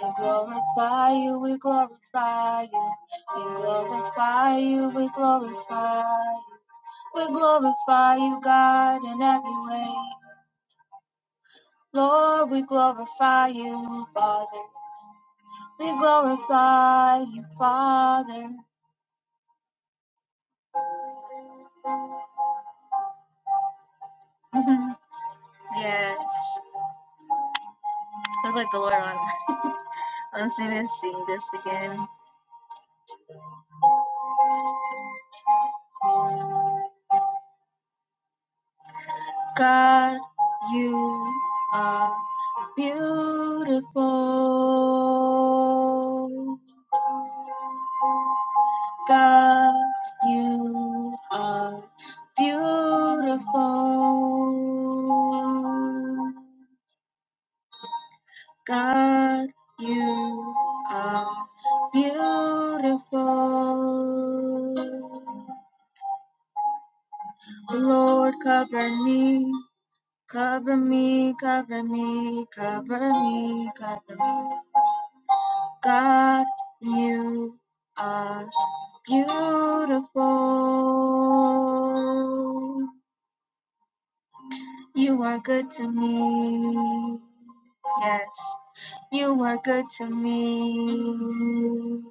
Speaker 5: We glorify you. We glorify you. We glorify you. We glorify you. We glorify you, God, in every way. Lord, we glorify you, Father. We glorify you, Father. yes. Feels like the Lord wants, wants me to sing this again. God, you are. Beautiful God, you are beautiful. God, you are beautiful. Lord, cover me, cover me, cover me, cover me, cover me. God, you are beautiful. You are good to me. Yes, you are good to me.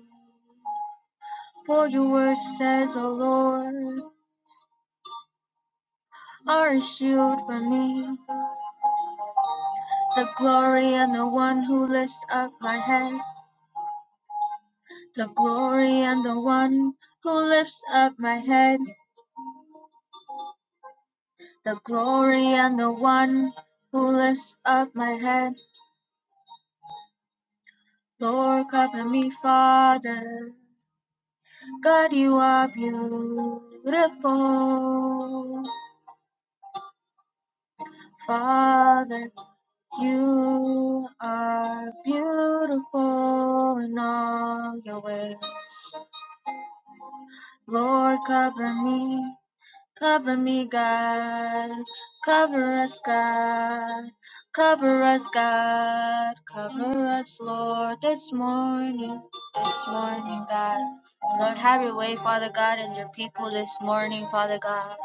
Speaker 5: For your word says, O Lord, are a shield for me. The glory and the one who lifts up my head. The glory and the one who lifts up my head. the glory and the one who lifts up my head. Lord, cover me, Father. God, you are beautiful. Father, you are beautiful in all your ways. Lord, cover me, Cover me, God. Cover us, God. Cover us, God. Cover us, Lord, this morning. This morning, God. Lord, have your way, Father God, and your people this morning, Father God.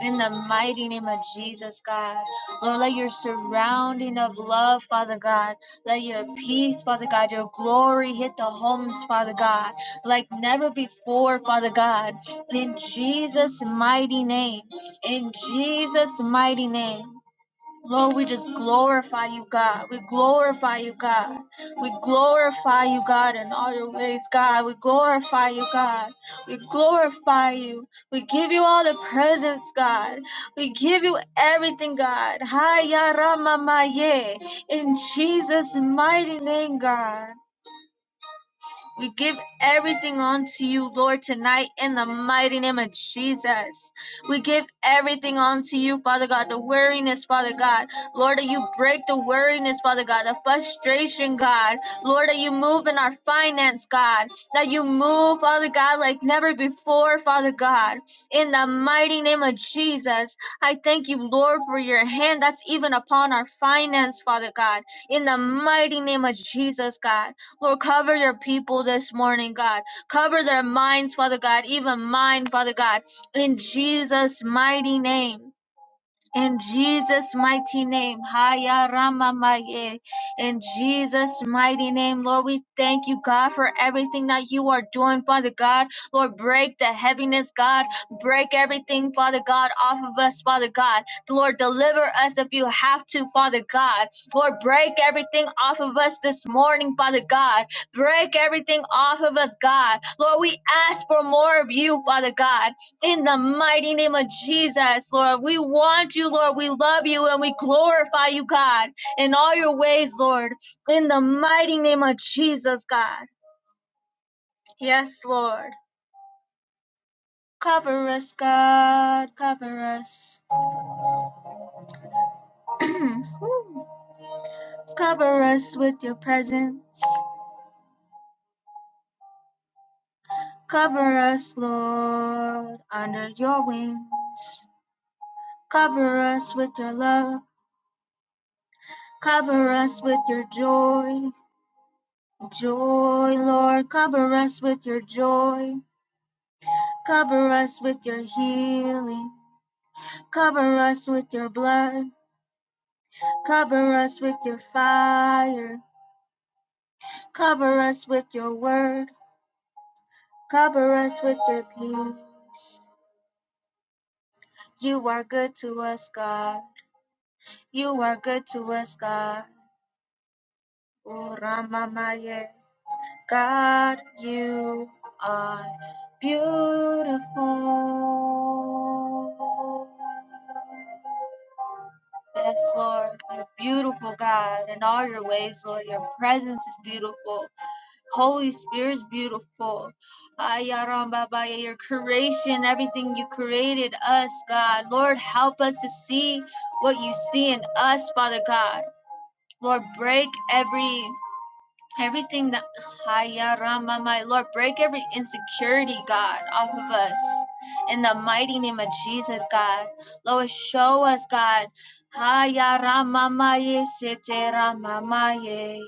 Speaker 5: In the mighty name of Jesus, God. Lord, let your surrounding of love, Father God. Let your peace, Father God, your glory hit the homes, Father God, like never before, Father God. In Jesus' mighty name. In Jesus' mighty name. Lord, we just glorify you, God. We glorify you, God. We glorify you, God, in all your ways, God. We glorify you, God. We glorify you. We give you all the presents, God. We give you everything, God. Haya Rama Maye. In Jesus' mighty name, God. We give everything unto you, Lord, tonight in the mighty name of Jesus. We give everything unto you, Father God, the weariness, Father God. Lord, that you break the weariness, Father God, the frustration, God. Lord, that you move in our finance, God. That you move, Father God, like never before, Father God. In the mighty name of Jesus, I thank you, Lord, for your hand that's even upon our finance, Father God. In the mighty name of Jesus, God. Lord, cover your people this morning, God. Cover their minds, Father God, even mine, Father God, in Jesus' mighty name. In Jesus' mighty name, Haya Rama Maye. In Jesus' mighty name, Lord, we thank you, God, for everything that you are doing, Father God. Lord, break the heaviness, God. Break everything, Father God, off of us, Father God. Lord, deliver us if you have to, Father God. Lord, break everything off of us this morning, Father God. Break everything off of us, God. Lord, we ask for more of you, Father God. In the mighty name of Jesus, Lord, we want you, Lord. We love you and we glorify you, God, in all your ways, Lord. In the mighty name of Jesus, God. Yes, Lord. Cover us, God. Cover us. Cover us with your presence. Cover us, Lord, under your wings. Cover us with your love. Cover us with your joy. Joy, Lord, cover us with your joy. Cover us with your healing. Cover us with your blood. Cover us with your fire. Cover us with your word. Cover us with your peace. You are good to us, God. You are good to us, God. O Ramamaye. God, you are beautiful. Yes, Lord, you're beautiful, God, in all your ways, Lord. Your presence is beautiful. Holy Spirit is beautiful. Ayarambabaya, Your creation, everything you created us, God. Lord, help us to see what you see in us, Father God. Lord, break every Everything that Haya Rama, my Lord, break every insecurity, God, off of us. In the mighty name of Jesus, God. Lord, show us, God. Haya Rama Maye Sete Rama Maye.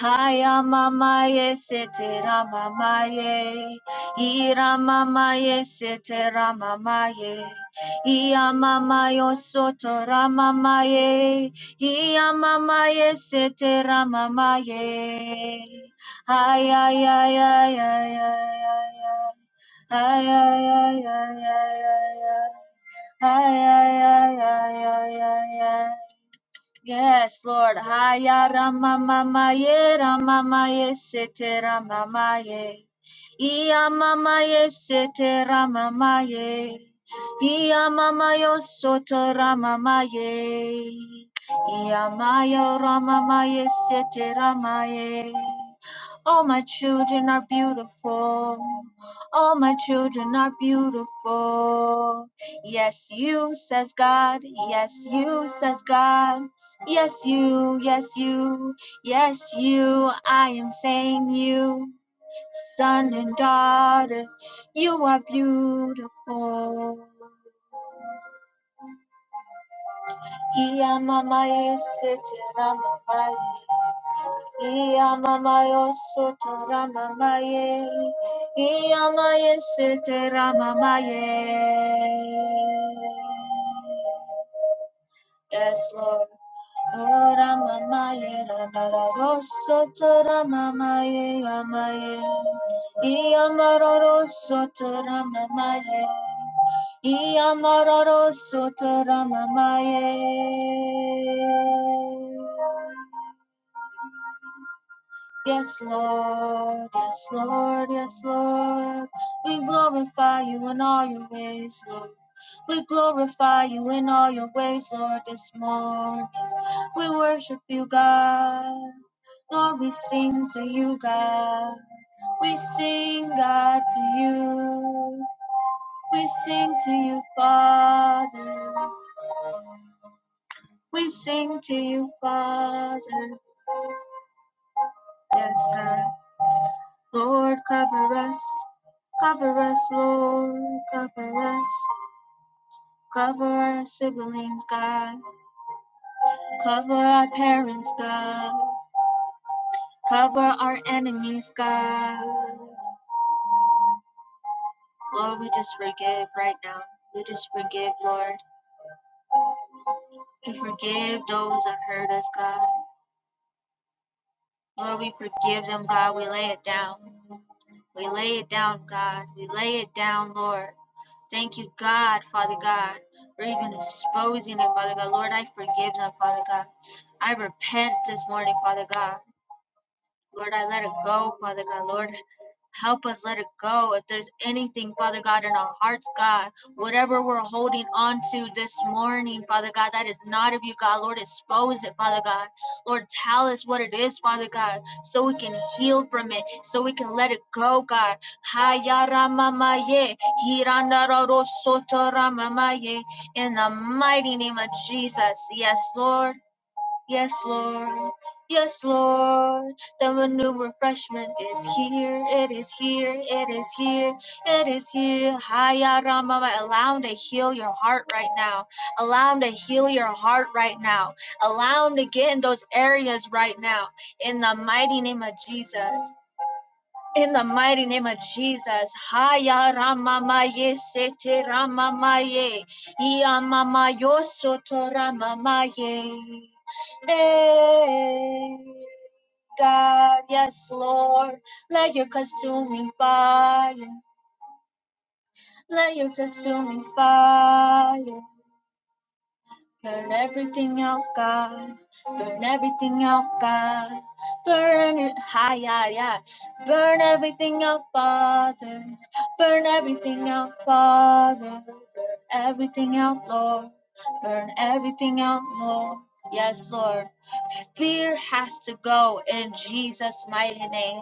Speaker 5: Haya Mama Ye Sete Rama Maye. Ira Mama Ye Sete Rama Maye. Ia Mama Yo Soto Rama Maye. Kia mama ye setera mama ye. Ay ay ay ay ay ay ay ay. Ay ay ay ay ay ay ay. Ay ay ay ay ay ay ay. Yes, Lord. Haya Rama Mama Ye Rama Maye Sete Rama Maye. Iya Mama Ye Sete Rama Maye. Iya Mama Yo Soto Rama Maye. Iya Maya Rama Maye Sete Rama Ye. All my children are beautiful. All my children are beautiful. Yes, you, says God. Yes, you, says God. Yes, you, yes, you, yes, you, I am saying you, son and daughter, you are beautiful. Ia mama yese tera mama ye. Ia mama yoso tora mama ye. Ia mama yese tera mama ye. Yes, Lord. Ora mamaye rarara rosso tora mamaye amaye. Iamaro rosso tora mamaye. Iamaro rosso tora mamaye. Yes, Lord, yes, Lord, yes, Lord. We glorify you in all your ways, Lord. We glorify you in all your ways, Lord, this morning. We worship you, God. Lord, we sing to you, God. We sing, God, to you. We sing to you, Father. We sing to you, Father. Yes, God. Lord, cover us, cover us, Lord, cover us, cover our siblings, God, cover our parents, God, cover our enemies, God. Lord, we just forgive right now. We just forgive, Lord. We forgive those that hurt us, God. Lord, we forgive them, God. We lay it down. We lay it down, God. We lay it down, Lord. Thank you, God, Father God, for even exposing it, Father God. Lord, I forgive them, Father God. I repent this morning, Father God. Lord, I let it go, Father God. Lord, Help us let it go. If there's anything, Father God, in our hearts, God, whatever we're holding on to this morning, Father God, that is not of you, God. Lord, expose it, Father God. Lord, tell us what it is, Father God, so we can heal from it, so we can let it go, God. In the mighty name of Jesus. Yes, Lord. Yes, Lord. Yes, Lord. The new refreshment is here. It is here. It is here. It is here. Haya Ramama. Allow him to heal your heart right now. Allow him to heal your heart right now. Allow him to get in those areas right now. In the mighty name of Jesus. In the mighty name of Jesus, Haya Ramamaye Sete Ramamaye, Iamamayo Soto Ramamaye. Hey, God, yes, Lord, let your consuming fire, let your consuming fire. Burn everything out, God. Burn everything out, God. Burn it, hi, yeah, yeah. Burn everything out, Father. Burn everything out, Father. Burn everything out, Lord. Burn everything out, Lord. Yes, Lord. Fear has to go in Jesus' mighty name.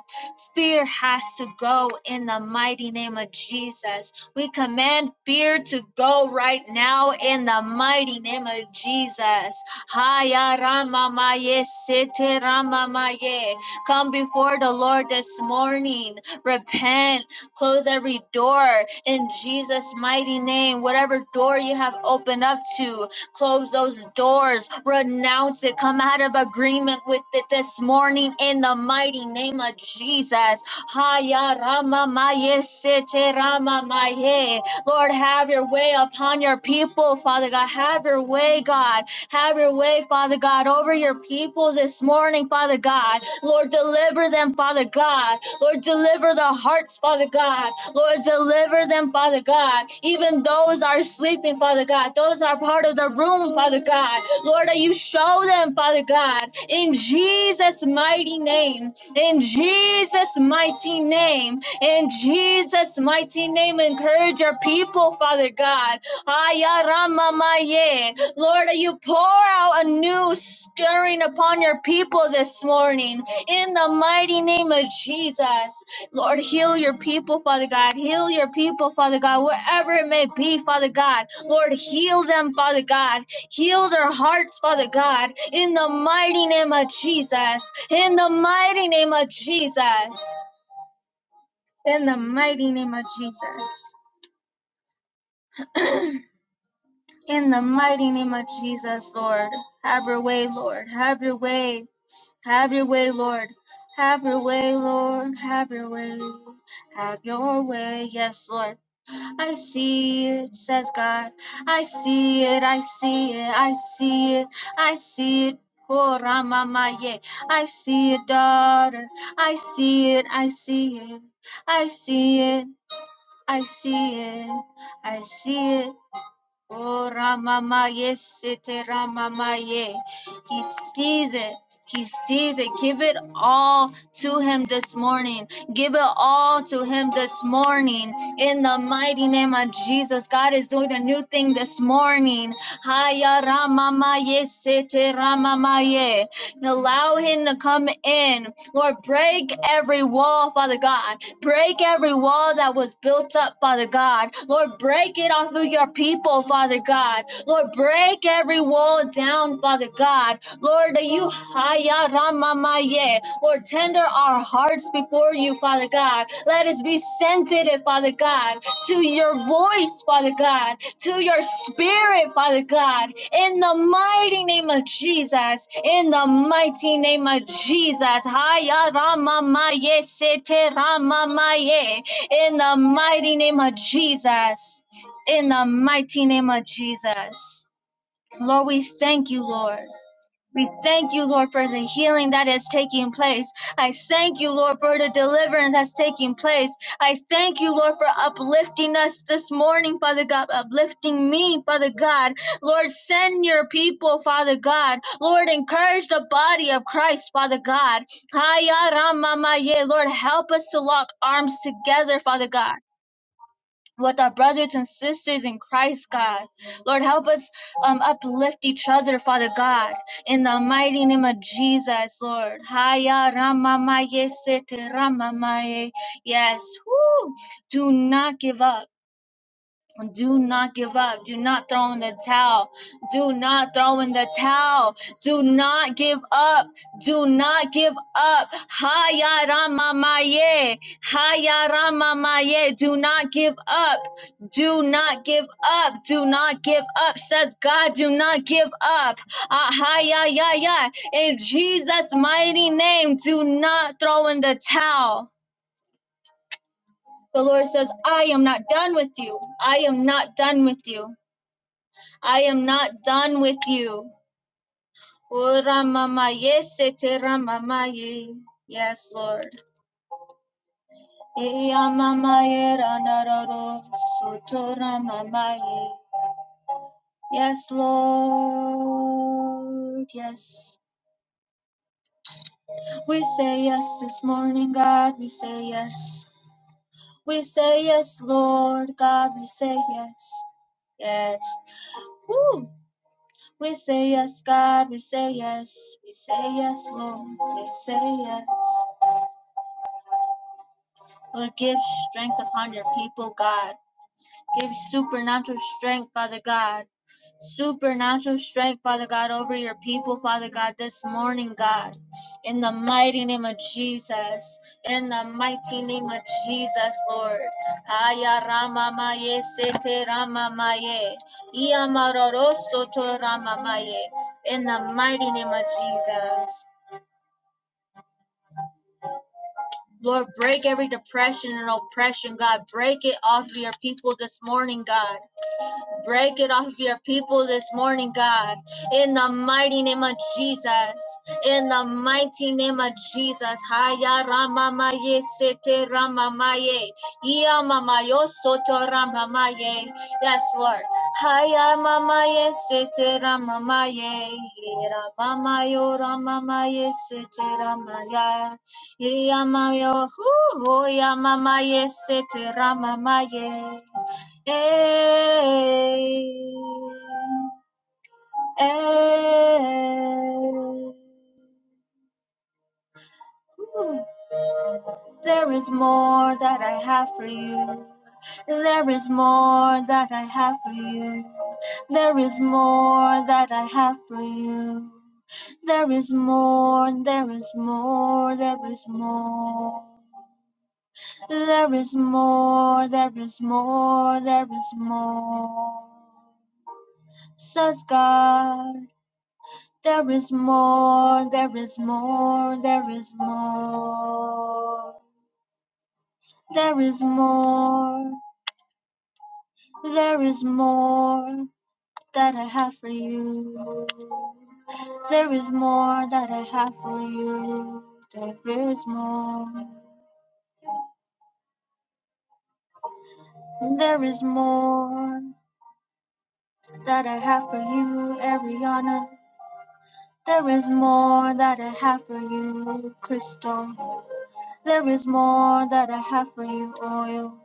Speaker 5: Fear has to go in the mighty name of Jesus. We command fear to go right now in the mighty name of Jesus. Haya Rama Maye Sete Rama Maye. Come before the Lord this morning. Repent. Close every door in Jesus' mighty name. Whatever door you have opened up to, Close those doors. Renounce it. Come out of agreement with it this morning in the mighty name of Jesus. Haya Rama Maye Sete Rama Maye. Lord, have your way upon your people, Father God. Have your way, God. Have your way, Father God, over your people this morning, Father God. Lord, deliver them, Father God. Lord, deliver the hearts, Father God. Lord, deliver them, Father God. Even those are sleeping, Father God. Those are part of the room, Father God. Lord, that you show them, Father God, in Jesus' mighty name. In Jesus' mighty name. In Jesus' mighty name, encourage your people, Father God. Ayaramamaye. Lord, that you pour out a new stirring upon your people this morning. In the mighty name of Jesus, Lord, heal your people, Father God. Heal your people, Father God, wherever it may be, Father God. Lord, heal them, Father God. Heal their hearts, Father God. In the mighty name of Jesus. In the mighty name of Jesus. In the mighty name of Jesus. In the mighty name of Jesus, Lord. Have your way, Lord. Have your way. Have your way, Lord. Have your way, Lord. Have your way. Have your way. Yes, Lord. I see it, says God. I see it. I see it. I see it. I see it. Oh, Ramamaye. I see it, daughter. I see it. I see it. I see it. I see it. I see it. Oh Ramama Yesite Ramama Ye. He sees it. He sees it. Give it all to him this morning. Give it all to him this morning. In the mighty name of Jesus, God is doing a new thing this morning. Haya Ramama Yesite Ramama Ye. Allow him to come in. Lord, break every wall, Father God. Break every wall that was built up, Father God. Lord, break it off of your people, Father God. Lord, break every wall down, Father God. Lord, that you haya ramamaye, Lord, tender our hearts before you, Father God. Let us be sensitive, Father God, to your voice, Father God, to your spirit, Father God. In the mighty name of Jesus, in the mighty name of Jesus, haya ramamaye, sete ramamaye, in the mighty name of Jesus, in the mighty name of Jesus. Lord, we thank you, Lord. We thank you, Lord, for the healing that is taking place. I thank you, Lord, for the deliverance that's taking place. I thank you, Lord, for uplifting us this morning, Father God, uplifting me, Father God. Lord, send your people, Father God. Lord, encourage the body of Christ, Father God. Haya Ramamaye. Lord, help us to lock arms together, Father God with our brothers and sisters in Christ, God. Lord, help us um, uplift each other, Father God, in the mighty name of Jesus, Lord. Haya ramamaye sete ramamaye. Yes, woo. do not give up. Do not give up. Do not throw in the towel. Do not throw in the towel. Do not give up. Do not give up. Haya Rama Maye. Haya Rama Maye. Do not give up. Do not give up. Do not give up. Says God, do not give up. Ah, Haya ya ya. In Jesus' mighty name, do not throw in the towel. The Lord says, I am not done with you. I am not done with you. I am not done with you. O Ramamaye Sete Ramamaye. Yes, Lord. Iyamamaye Ranararo Soto Yes, Lord. Yes. We say yes this morning, God. We say yes. We say yes, Lord. God, we say yes. Yes. Woo. We say yes, God. We say yes. We say yes, Lord. We say yes. Lord, give strength upon your people, God. Give supernatural strength, Father God. Supernatural strength, Father God, over your people, Father God, this morning, God. In the mighty name of Jesus. In the mighty name of Jesus, Lord. Aya Rama Maye Sete Rama Maye. Ia Maroro Soto Rama Maye. In the mighty name of Jesus. Lord, break every depression and oppression, God. Break it off of your people this morning, God. Break it off your people this morning, God. In the mighty name of Jesus. In the mighty name of Jesus. Haya ramamaye sete ramamaye. Iya mamayo soto ramamaye. Yes, Lord. Haya mamaye sete ramamaye. Ira ramamaye sete ramaya. Iya mamayo. Iya mamaye sete ramamaye. Ay, ay. There is more that I have for you. There is more that I have for you. There is more that I have for you. There is more, there is more, there is more. There is more, there is more, there is more. Says God. There is more, there is more, there is more. There is more, there is more that I have for you. There is more that I have for you. There is more. There is more that I have for you, Ariana. There is more that I have for you, Crystal. There is more that I have for you, Oil.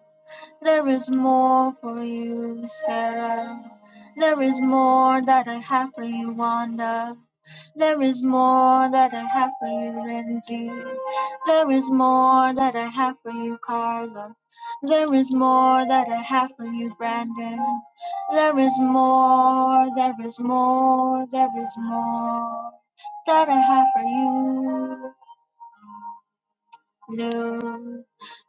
Speaker 5: There is more for you, Sarah. There is more that I have for you, Wanda. There is more that I have for you, Lindsay. There is more that I have for you, Carla. There is more that I have for you, Brandon. There is more, there is more, there is more that I have for you, Lou.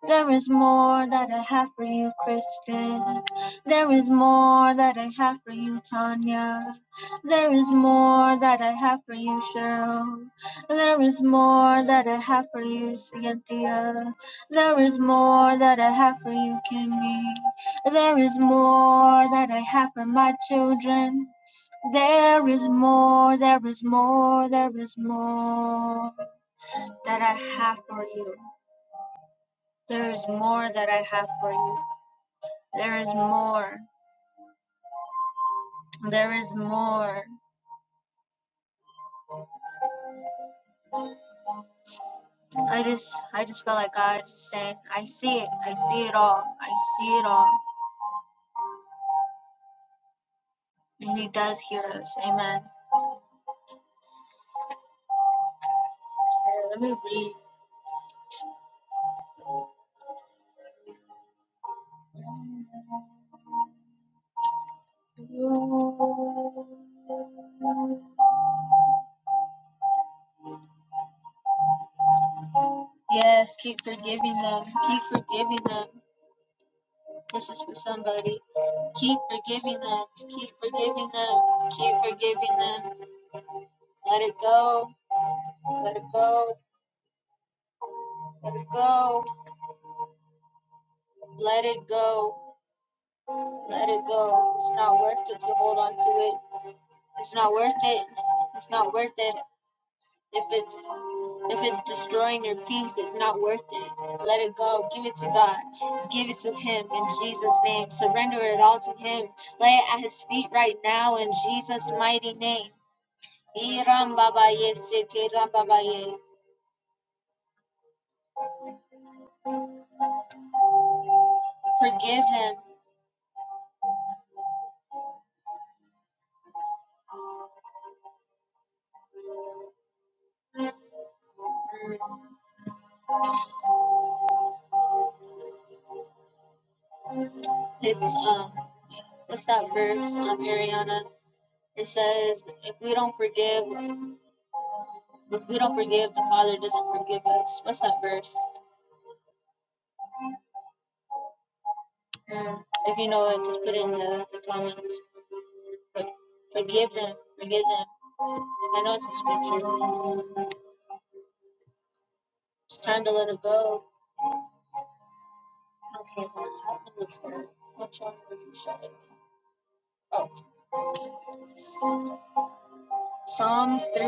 Speaker 5: There is more that I have for you, Kristen. There is more that I have for you, Tanya. There is more that I have for you, Cheryl. There is more that I have for you, Cynthia. There is more that I have for you, Kimmy. There is more that I have for my children. There is more, there is more, there is more that I have for you. There is more that I have for you. There is more. There is more. I just I just feel like God just saying, I see it. I see it all. I see it all. And he does hear us. Amen. Yes, keep forgiving them. Keep forgiving them. This is for somebody. Keep forgiving them. Keep forgiving them. Keep forgiving them. Let it go. Let it go. Let it go. Let it go. Let it go. It's not worth it to hold on to it. It's not worth it. It's not worth it if it's If it's destroying your peace, it's not worth it. Let it go. Give it to God. Give it to Him in Jesus' name. Surrender it all to Him. Lay it at His feet right now in Jesus' mighty name. Irambabaye, sitirambabaye. Forgive Him. Mm, It's um, what's that verse, um, Ariana? It says, if we don't forgive, if we don't forgive, the Father doesn't forgive us. What's that verse? Mm, If you know it, just put it in the, the comments. But forgive them, forgive them. I know it's a scripture. It's time to let it go. Okay, Lord, help me look for it. Which one were you showing me? Oh, Psalms 3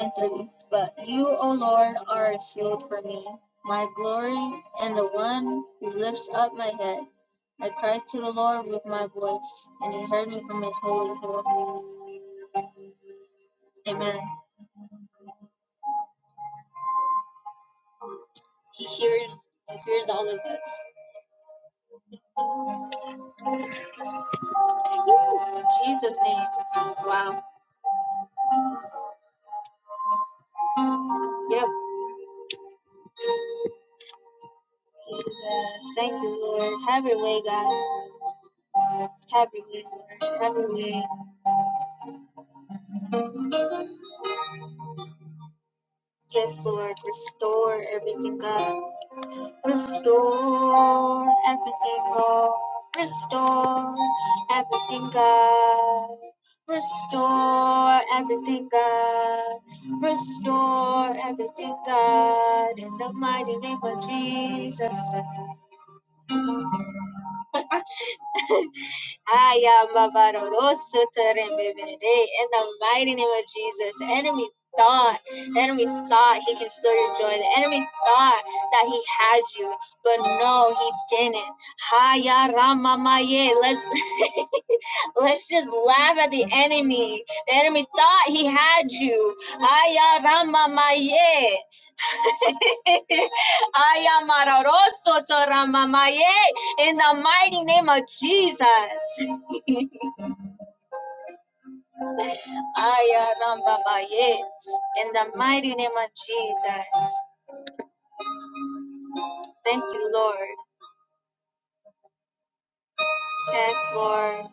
Speaker 5: and 3. But you, O Lord, are a shield for me, my glory, and the one who lifts up my head. I cried to the Lord with my voice, and he heard me from his holy hill. Amen. He hears, he hears all of us. In Jesus' name. Wow. Yep. Jesus. Thank you, Lord. Have your way, God. heavily, Lord, heavily. Yes, Lord, restore everything, God. Restore everything, Lord. Restore everything, God. Restore everything, God. Restore everything, God. In the mighty name of Jesus. Ayababarorosotorembebere. In the mighty name of Jesus, enemy thought, the enemy thought he can steal your joy. The enemy thought that he had you, but no, he didn't. Haya Hayaramamaye. Let's let's just laugh at the enemy. The enemy thought he had you. Haya ramamaye. Haya Hayaramamaye. Ayamarorosotoramamaye. In the mighty name of Jesus. Ayarambabaye. In the mighty name of Jesus. Thank you, Lord. Yes, Lord.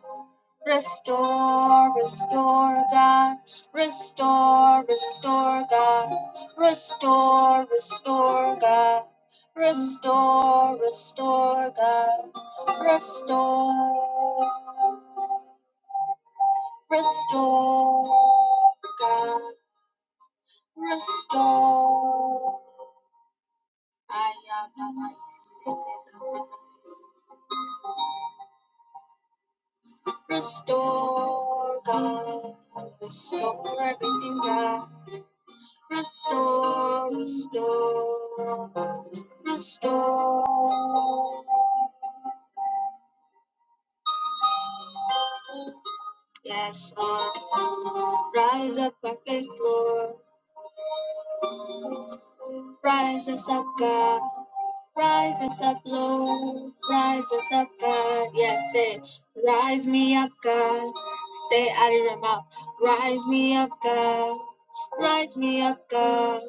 Speaker 5: Restore, restore, God. Restore, restore, God. Restore, restore, God. Restore, restore, God. Restore, restore, God. Restore. Ayarambabaye. Restore, God, restore everything, God. Restore, restore, restore. Yes, Lord, rise up by faith, Lord. Rise us up, God. Rises up, Lord, rises up, God. Yeah, say, rise me up, God. Say it out of your mouth, rise me up, God. Rise me up, God.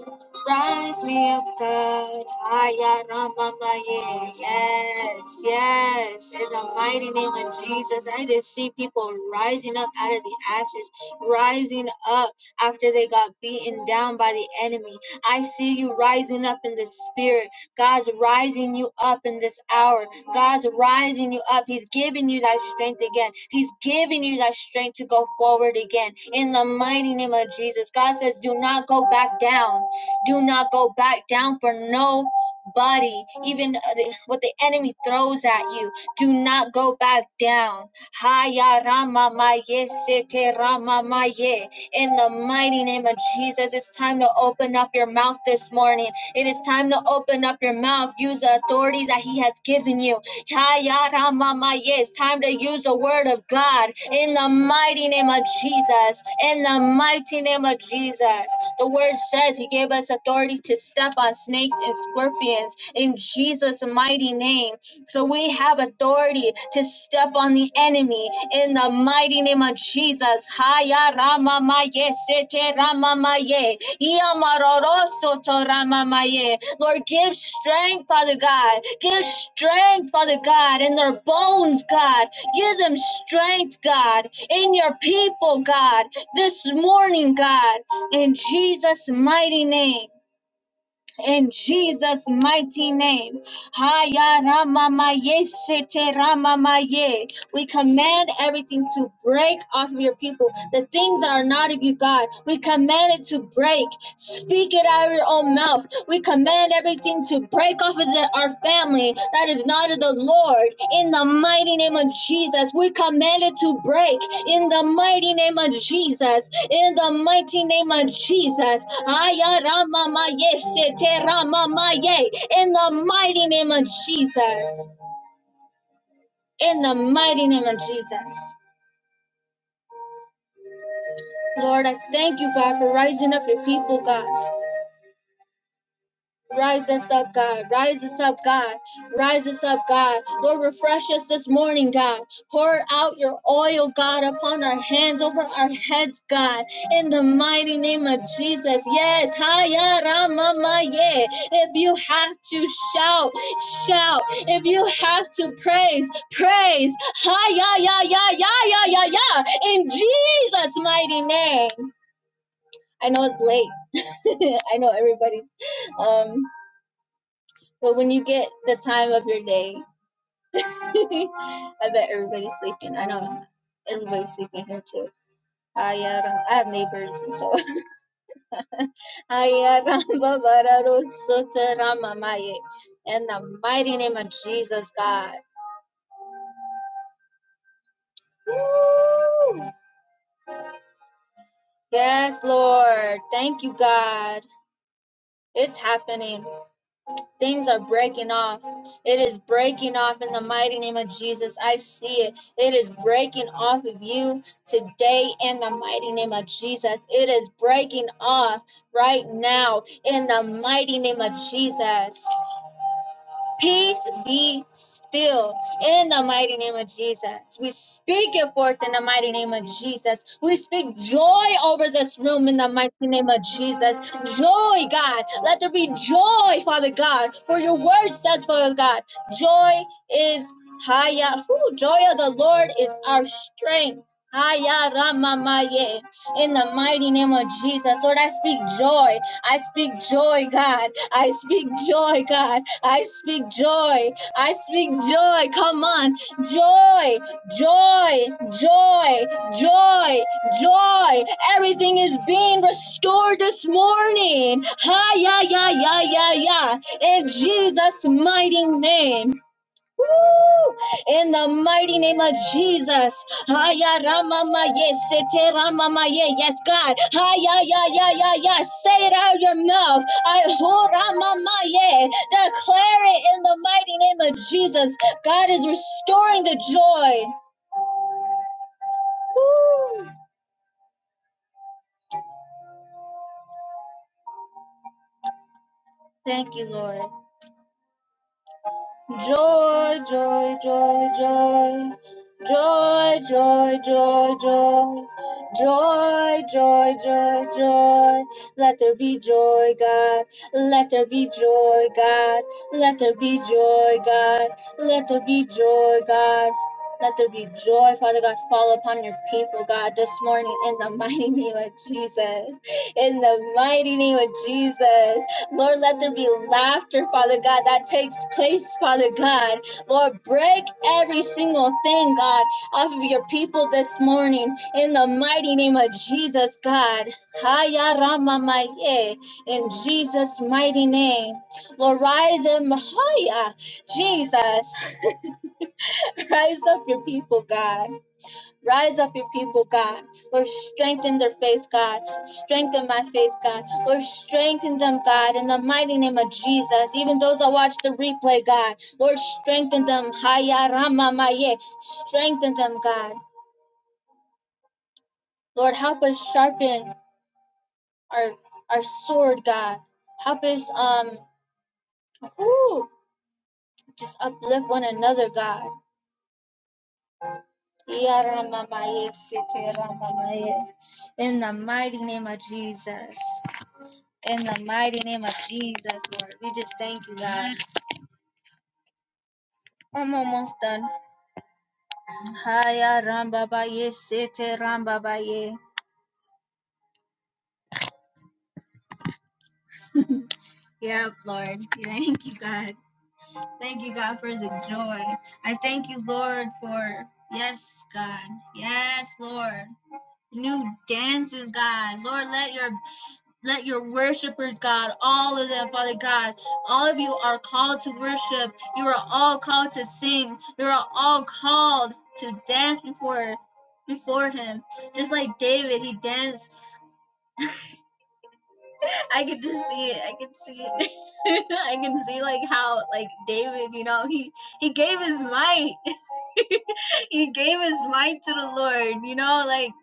Speaker 5: Rise me up, God. Haya Ramamaye. Yes, yes. In the mighty name of Jesus, I just see people rising up out of the ashes, rising up after they got beaten down by the enemy. I see you rising up in the spirit. God's rising you up in this hour. God's rising you up. He's giving you that strength again. He's giving you that strength to go forward again. In the mighty name of Jesus, God says, do not go back down. Do not go back down for nobody. even uh, what the enemy throws at you do not go back down Haya Rama Maye Sete Rama Maye. In the mighty name of Jesus, it's time to open up your mouth this morning it is time to open up your mouth. Use the authority that He has given you. Hayaramamaye. It's time to use the word of God in the mighty name of Jesus. In the mighty name of Jesus. The word says He gave us authority to step on snakes and scorpions in Jesus' mighty name. So we have authority to step on the enemy in the mighty name of Jesus. Haya Hayaramamaye. Seteramamaye. Lord, give strength, Father God. Give strength, Father God, in their bones, God. Give them strength, God, in your people, God, this morning, God, in Jesus' mighty name in Jesus' mighty name. Haya rama maye sete rama maye. We command everything to break off of your people. The things that are not of you, God, we command it to break. Speak it out of your own mouth. We command everything to break off of the- our family that is not of the Lord. In the mighty name of Jesus, we command it to break. In the mighty name of Jesus, in the mighty name of Jesus. Aya rama ma ye rama ma In the mighty name of Jesus. In the mighty name of Jesus. Lord, I thank you, God, for rising up your people, God. Rise us up, God. Rise us up, God. Rise us up, God. Lord, refresh us this morning, God. Pour out your oil, God, upon our hands, over our heads, God. In the mighty name of Jesus. Yes. Haya Rama If you have to shout, shout. If you have to praise, praise. Haya ya ya ya ya ya ya. In Jesus' mighty name. I know it's late. I know everybody's um but when you get the time of your day, I bet everybody's sleeping. I know everybody's sleeping here too. Aya ram- I have neighbors, so Aya ramba bararo sota rama maye. in the mighty name of Jesus, God. Yes, Lord. Thank you, God. It's happening. Things are breaking off. It is breaking off in the mighty name of Jesus. I see it. It is breaking off of you today in the mighty name of Jesus. It is breaking off right now in the mighty name of Jesus. Peace be still in the mighty name of Jesus. We speak it forth in the mighty name of Jesus. We speak joy over this room in the mighty name of Jesus. Joy, God. Let there be joy, Father God. For your word says, Father God, joy is haya. Who joy of the Lord is our strength. Haya ramamaye. In the mighty name of Jesus. Lord, I speak joy. I speak joy, God. I speak joy, God. I speak joy. I speak joy. Come on. Joy, joy, joy, joy, joy. Everything is being restored this morning. Hi, yeah, yeah, yeah, yeah, yeah. In Jesus' mighty name. Woo! In the mighty name of Jesus. Haya rama ma ye, sete rama ma Yes, God. Haya ya ya ya ya. Say it out of your mouth. I ho rama ma Declare it in the mighty name of Jesus. God is restoring the joy. Woo! Thank you, Lord. Joy, joy, joy, joy. Joy, joy, joy, joy. Joy, joy, joy, joy. Let there be joy, God. Let there be joy, God. Let there be joy, God. Let there be joy, God. Let there be joy, Father God. Fall upon your people, God, this morning in the mighty name of Jesus. In the mighty name of Jesus. Lord, let there be laughter, Father God, that takes place, Father God. Lord, break every single thing, God, off of your people this morning in the mighty name of Jesus, God. Haya Rama Maye, In Jesus' mighty name. Lord, rise up, Haya, Jesus. rise up your people, God. Rise up your people, God. Lord, strengthen their faith, God. Strengthen my faith, God. Lord, strengthen them, God, in the mighty name of Jesus. Even those that watch the replay, God. Lord, strengthen them. Haya Rama Maye. Strengthen them, God. Lord, help us sharpen our our sword, God. Help us um whoo, just uplift one another, God. Ya Rama In the mighty name of Jesus. In the mighty name of Jesus, Lord, we just thank you, God. I'm almost done. Haya Rambabaye, Baye Sete Rambabaye. Baye. Yep, Lord. Thank you, God. Thank you, God, for the joy. I thank you, Lord, for yes, God. Yes, Lord. New dances, God. Lord, let your let your worshipers, God, all of them, Father God, all of you are called to worship. You are all called to sing. You are all called to dance before before him. Just like David, he danced. I could just see it. I could see it. I can see like how like David, you know, he he gave his might. he gave his might to the Lord, you know, like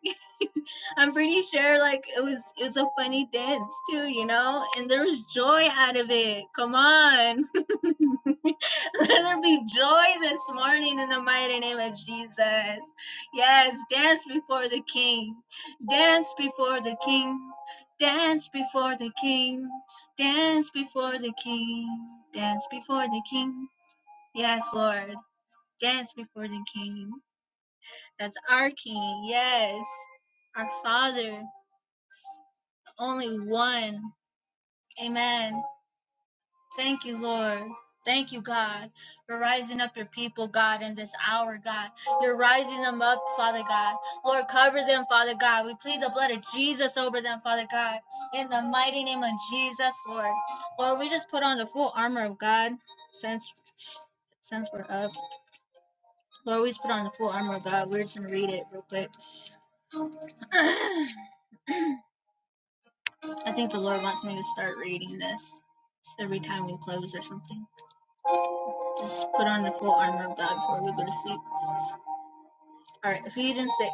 Speaker 5: I'm pretty sure like it was it was a funny dance too, you know? And there was joy out of it. Come on. Let there be joy this morning in the mighty name of Jesus. Yes, dance before the king. Dance before the king. Dance before the king. Dance before the king. Dance before the king. Yes, Lord. Dance before the king. That's our king. Yes. Our father, only one Amen. Thank you, Lord. Thank you, God. You're rising up your people, God, in this hour, God. You're rising them up, Father God. Lord, cover them, Father God. We plead the blood of Jesus over them, Father God. In the mighty name of Jesus, Lord. Lord, we just put on the full armor of God since since we're up. Lord, we just put on the full armor of God. We're just gonna read it real quick. I think the Lord wants me to start reading this every time we close or something. Just put on the full armor of God before we go to sleep. All right, Ephesians 6:10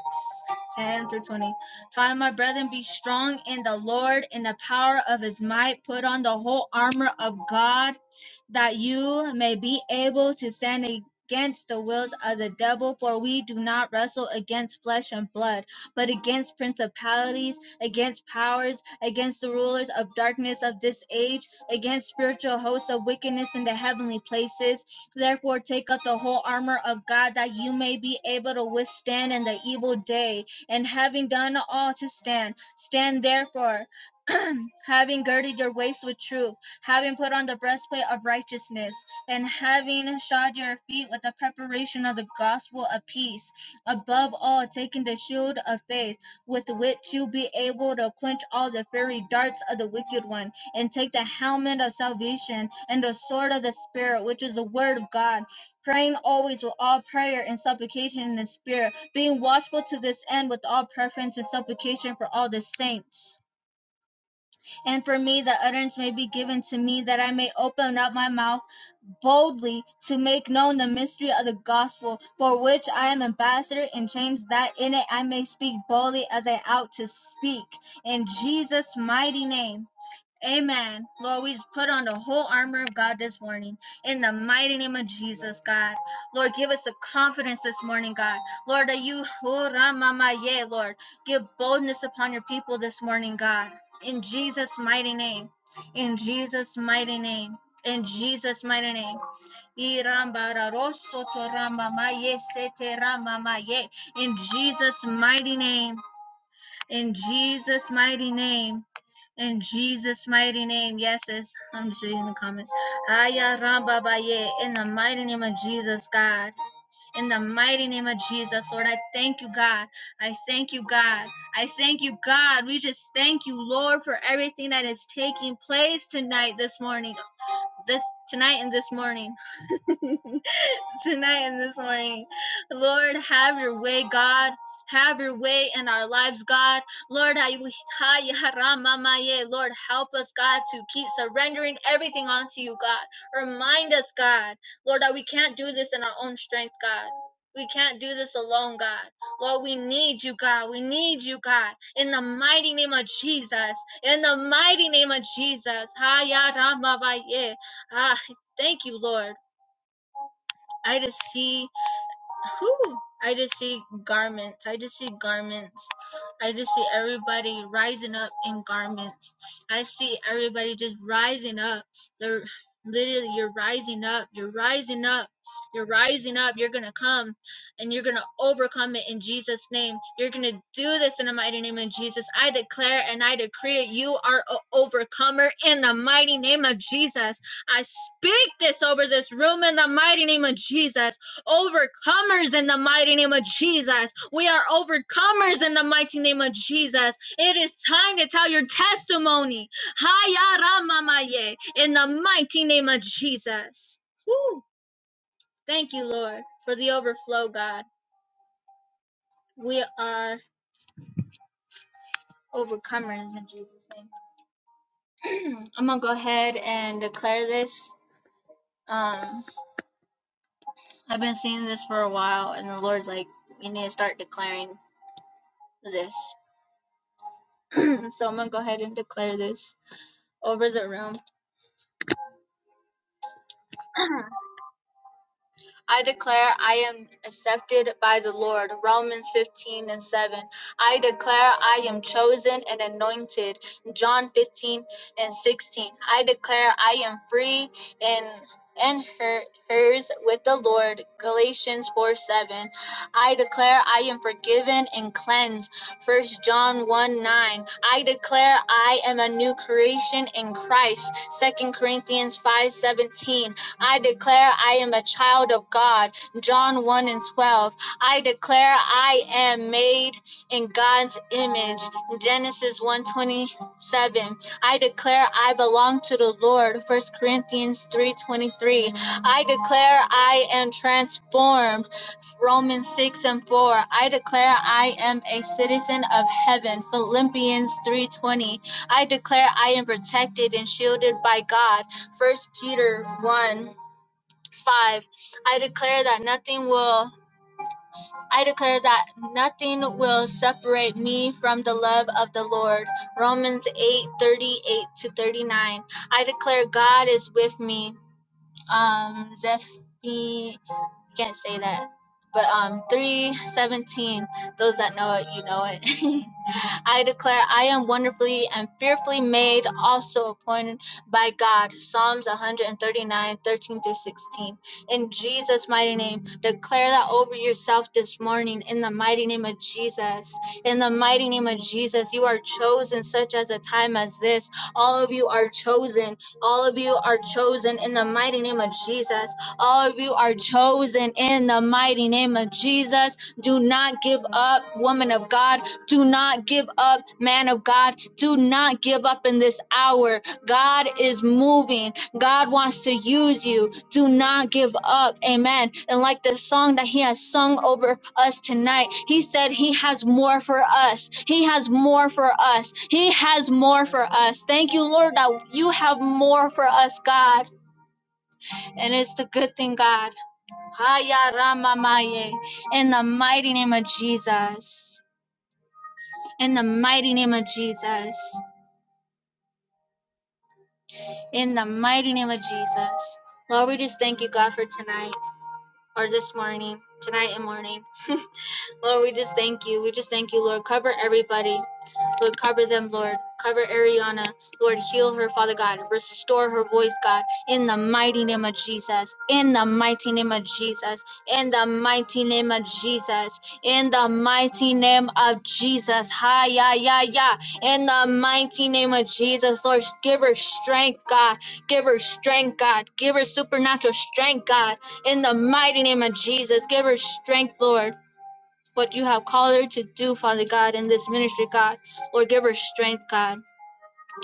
Speaker 5: through 20. Finally, my brethren, be strong in the Lord, in the power of his might. Put on the whole armor of God that you may be able to stand against the wills of the devil, for we do not wrestle against flesh and blood, but against principalities, against powers, against the rulers of darkness of this age, against spiritual hosts of wickedness in the heavenly places. Therefore, take up the whole armor of God that you may be able to withstand in the evil day, and having done all to stand, stand therefore having girded your waist with truth, having put on the breastplate of righteousness, and having shod your feet with the preparation of the gospel of peace. Above all, taking the shield of faith, with which you'll be able to quench all the fiery darts of the wicked one, and take the helmet of salvation and the sword of the Spirit, which is the word of God praying always with all prayer and supplication in the Spirit, being watchful to this end with all preference and supplication for all the saints and for me the utterance may be given to me that I may open up my mouth boldly to make known the mystery of the gospel, for which I am ambassador in chains, that in it I may speak boldly as I ought to speak. In Jesus' mighty name. Amen. Lord, we put on the whole armor of God this morning in the mighty name of Jesus, God. Lord, give us a confidence this morning, God. Lord, that you, oh, Ramamaye, Lord, give boldness upon your people this morning, God. In Jesus' mighty name. In Jesus' mighty name. In Jesus' mighty name. Irambararosotoramamaye, seteramamaye. In Jesus' mighty name. In Jesus' mighty name. In Jesus' mighty name, yes, yes, I'm just reading the comments. Aya Ramba Baye, in the mighty name of Jesus, God. In the mighty name of Jesus, Lord, I thank you, God. I thank you, God. I thank you, God. We just thank you, Lord, for everything that is taking place tonight, this morning, this tonight and this morning. tonight and this morning. Lord, have your way, God. Have your way in our lives, God. Lord, I- we- Lord, help us, God, to keep surrendering everything onto you, God. Remind us, God, Lord, that we can't do this in our own strength, God. We can't do this alone, God. Lord, we need you, God. We need you, God. In the mighty name of Jesus. In the mighty name of Jesus. Ha ya ra ma Ah, thank you, Lord. I just see whew, I just see garments. I just see garments. I just see everybody rising up in garments. I see everybody just rising up. They're literally you're rising up. You're rising up. You're rising up. You're gonna come and you're gonna overcome it in Jesus' name. You're gonna do this in the mighty name of Jesus. I declare and I decree it. You are a overcomer in the mighty name of Jesus. I speak this over this room in the mighty name of Jesus overcomers in the mighty name of Jesus. We are overcomers in the mighty name of Jesus. It is time to tell your testimony. Haya ramamaye, In the mighty name of Jesus. Whew. Thank you, Lord, for the overflow, God. We are overcomers in Jesus' name. I'm going to go ahead and declare this. Um, I've been seeing this for a while, and the Lord's like, you need to start declaring this. So I'm going to go ahead and declare this. over the room. I declare I am accepted by the Lord. Romans 15 and 7. I declare I am chosen and anointed. John 15 and 16. I declare I am free and and her, hers with the Lord. Galatians 4 7. I declare I am forgiven and cleansed. First John 1 9. I declare I am a new creation in Christ. Second Corinthians 5 17. I declare I am a child of God. John 1 and 12. I declare I am made in God's image. Genesis 1:27. I declare I belong to the Lord. 1 Corinthians 3:23. I declare I am transformed. Romans 6 and 4. I declare I am a citizen of heaven. Philippians 3:20. I declare I am protected and shielded by God. 1 Peter 1 5 I declare that nothing will I declare that nothing will separate me from the love of the Lord. Romans 8:38 to 39. I declare God is with me. Um Zephi can't say that. But um 317 those that know it you know it. I declare I am wonderfully and fearfully made, also appointed by God. Psalms 139, 13 through 16. In Jesus' mighty name, declare that over yourself this morning, in the mighty name of Jesus. In the mighty name of Jesus, you are chosen such as a time as this. All of you are chosen. All of you are chosen in the mighty name of Jesus. All of you are chosen in the mighty name of Jesus. Do not give up, woman of God. Do not give up, man of God. Do not give up in this hour. God is moving. God wants to use you. Do not give up. Amen. And like the song that he has sung over us tonight, he said he has more for us. He has more for us. He has more for us. Thank you, Lord, that you have more for us, God. And it's the good thing, God. Haya Ramamaye. In the mighty name of Jesus. In the mighty name of Jesus. In the mighty name of Jesus. Lord, we just thank you, God, for tonight or this morning, tonight and morning. Lord, we just thank you. We just thank you, Lord. Cover everybody. Lord, cover them, Lord. Cover Ariana. Lord, heal her, Father God. Restore her voice, God. In the mighty name of Jesus. In the mighty name of Jesus. In the mighty name of Jesus. In the mighty name of Jesus. Hi, yeah, yeah, yeah. In the mighty name of Jesus, Lord, give her strength, God. Give her strength, God. Give her supernatural strength, God. In the mighty name of Jesus, give her strength, Lord what you have called her to do, Father God, in this ministry, God. Lord, give her strength, God.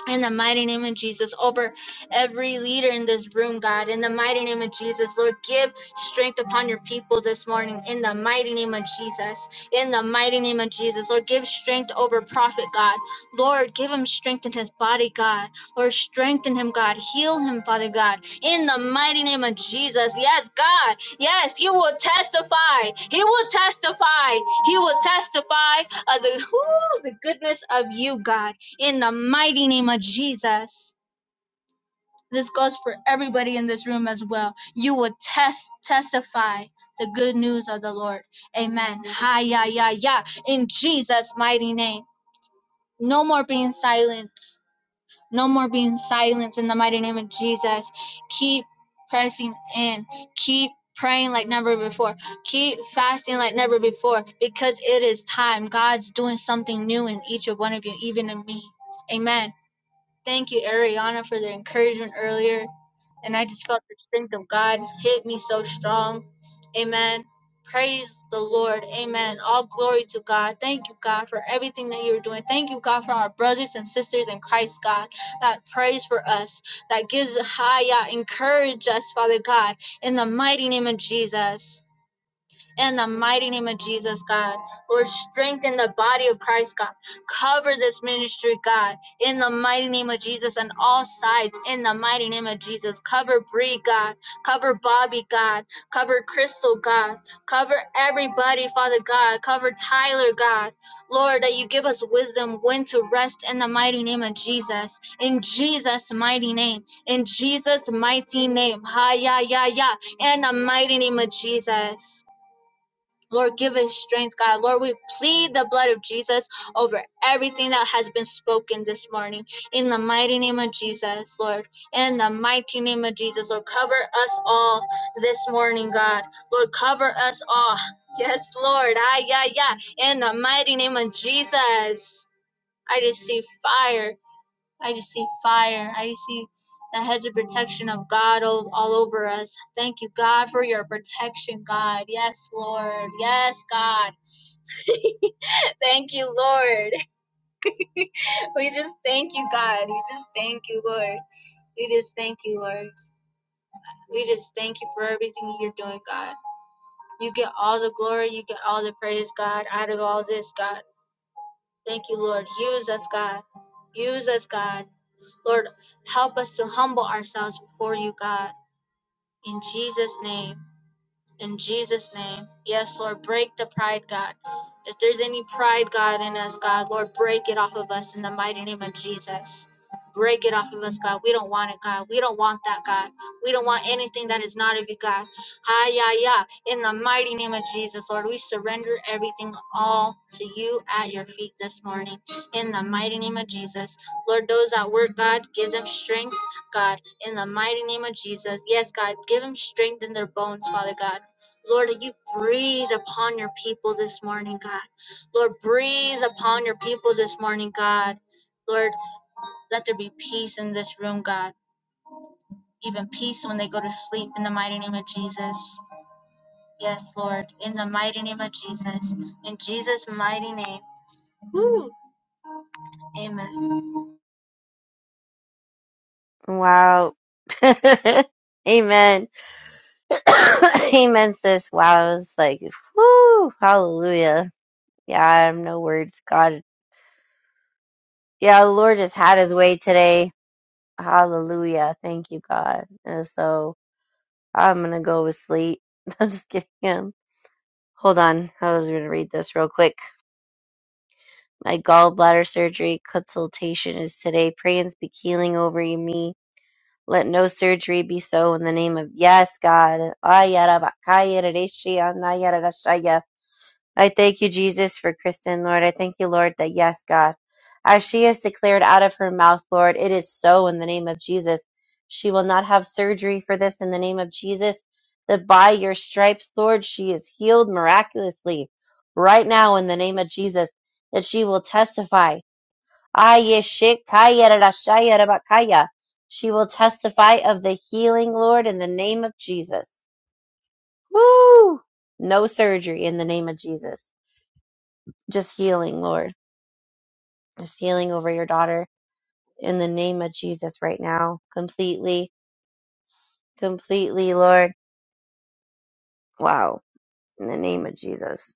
Speaker 5: In the mighty name of Jesus, over every leader in this room, God. In the mighty name of Jesus, Lord, give strength upon your people this morning. In the mighty name of Jesus. In the mighty name of Jesus, Lord, give strength over prophet, God. Lord, give him strength in his body, God. Lord, strengthen him, God. Heal him, Father God. In the mighty name of Jesus. Yes, God. Yes, he will testify. He will testify. He will testify of the, whoo, the goodness of you, God in the mighty name of Jesus. This goes for everybody in this room as well. You will test testify the good news of the Lord. Amen. Hi ya ya ya. In Jesus' mighty name. No more being silent. No more being silent in the mighty name of Jesus. Keep pressing in. Keep praying like never before. Keep fasting like never before because it is time. God's doing something new in each of one of you, even in me. Amen. Thank you, Ariana, for the encouragement earlier. And I just felt the strength of God hit me so strong. Amen. Praise the Lord. Amen. All glory to God. Thank you, God, for everything that you're doing. Thank you, God, for our brothers and sisters in Christ, God, that prays for us, that gives high, uh, encourage us, Father God, in the mighty name of Jesus. In the mighty name of Jesus, God. Lord, strengthen the body of Christ, God. Cover this ministry, God. In the mighty name of Jesus, on all sides. In the mighty name of Jesus. Cover Bree, God. Cover Bobby, God. Cover Crystal, God. Cover everybody, Father God. Cover Tyler, God. Lord, that you give us wisdom when to rest in the mighty name of Jesus. In Jesus' mighty name. In Jesus' mighty name. Ha, ya, ya, ya. In the mighty name of Jesus. Lord, give us strength, God. Lord, we plead the blood of Jesus over everything that has been spoken this morning. In the mighty name of Jesus, Lord. In the mighty name of Jesus, Lord, cover us all this morning, God. Lord, cover us all. Yes, Lord. Ah, yeah, yeah. In the mighty name of Jesus, I just see fire. I just see fire. I see the hedge of protection of God all, all over us. Thank you, God, for your protection, God. Yes, Lord. Yes, God. Thank you, Lord. We just thank you, God. We just thank you, Lord. We just thank you, Lord. We just thank you for everything you're doing, God. You get all the glory. You get all the praise, God, out of all this, God. Thank you, Lord. Use us, God. Use us, God. Lord, help us to humble ourselves before you, God. In Jesus' name. in Jesus' name. Yes, Lord, break the pride, God. If there's any pride, God, in us, God, Lord, break it off of us in the mighty name of Jesus. Break it off of us, God. We don't want it, God. We don't want that, God. We don't want anything that is not of you, God. Hi, yeah, yeah. In the mighty name of Jesus, Lord, we surrender everything all to you at your feet this morning. In the mighty name of Jesus. Lord, those that work, God, give them strength, God. In the mighty name of Jesus. Yes, God, give them strength in their bones, Father God Lord, you breathe upon your people this morning, God. Lord, breathe upon your people this morning, God. Lord, let there be peace in this room, God. Even peace when they go to sleep in the mighty name of Jesus. Yes, Lord, in the mighty name of Jesus. In Jesus' mighty name. Whew. Amen.
Speaker 3: Wow. Amen. Amen, sis. Wow, it was like, whoo, hallelujah. Yeah, I have no words. God, yeah, the Lord just had his way today. Hallelujah. Thank you, God. And so I'm going to go with sleep. I'm just kidding. Um, Hold on. I was going to read this real quick. My gallbladder surgery consultation is today. Pray and speak healing over me. Let no surgery be so in the name of yes, God. Ayarabakayarashia, nayarashaya. I thank you, Jesus, for Kristen, Lord. I thank you, Lord, that yes, God, as she has declared out of her mouth, Lord, it is so in the name of Jesus. She will not have surgery for this in the name of Jesus. That by your stripes, Lord, she is healed miraculously right now in the name of Jesus. That she will testify. Ayeshikayarashayarabakaya. She will testify of the healing, Lord, in the name of Jesus. Woo! No surgery in the name of Jesus just healing, Lord. Just healing over your daughter in the name of Jesus right now. Completely, completely, Lord. Wow. In the name of Jesus.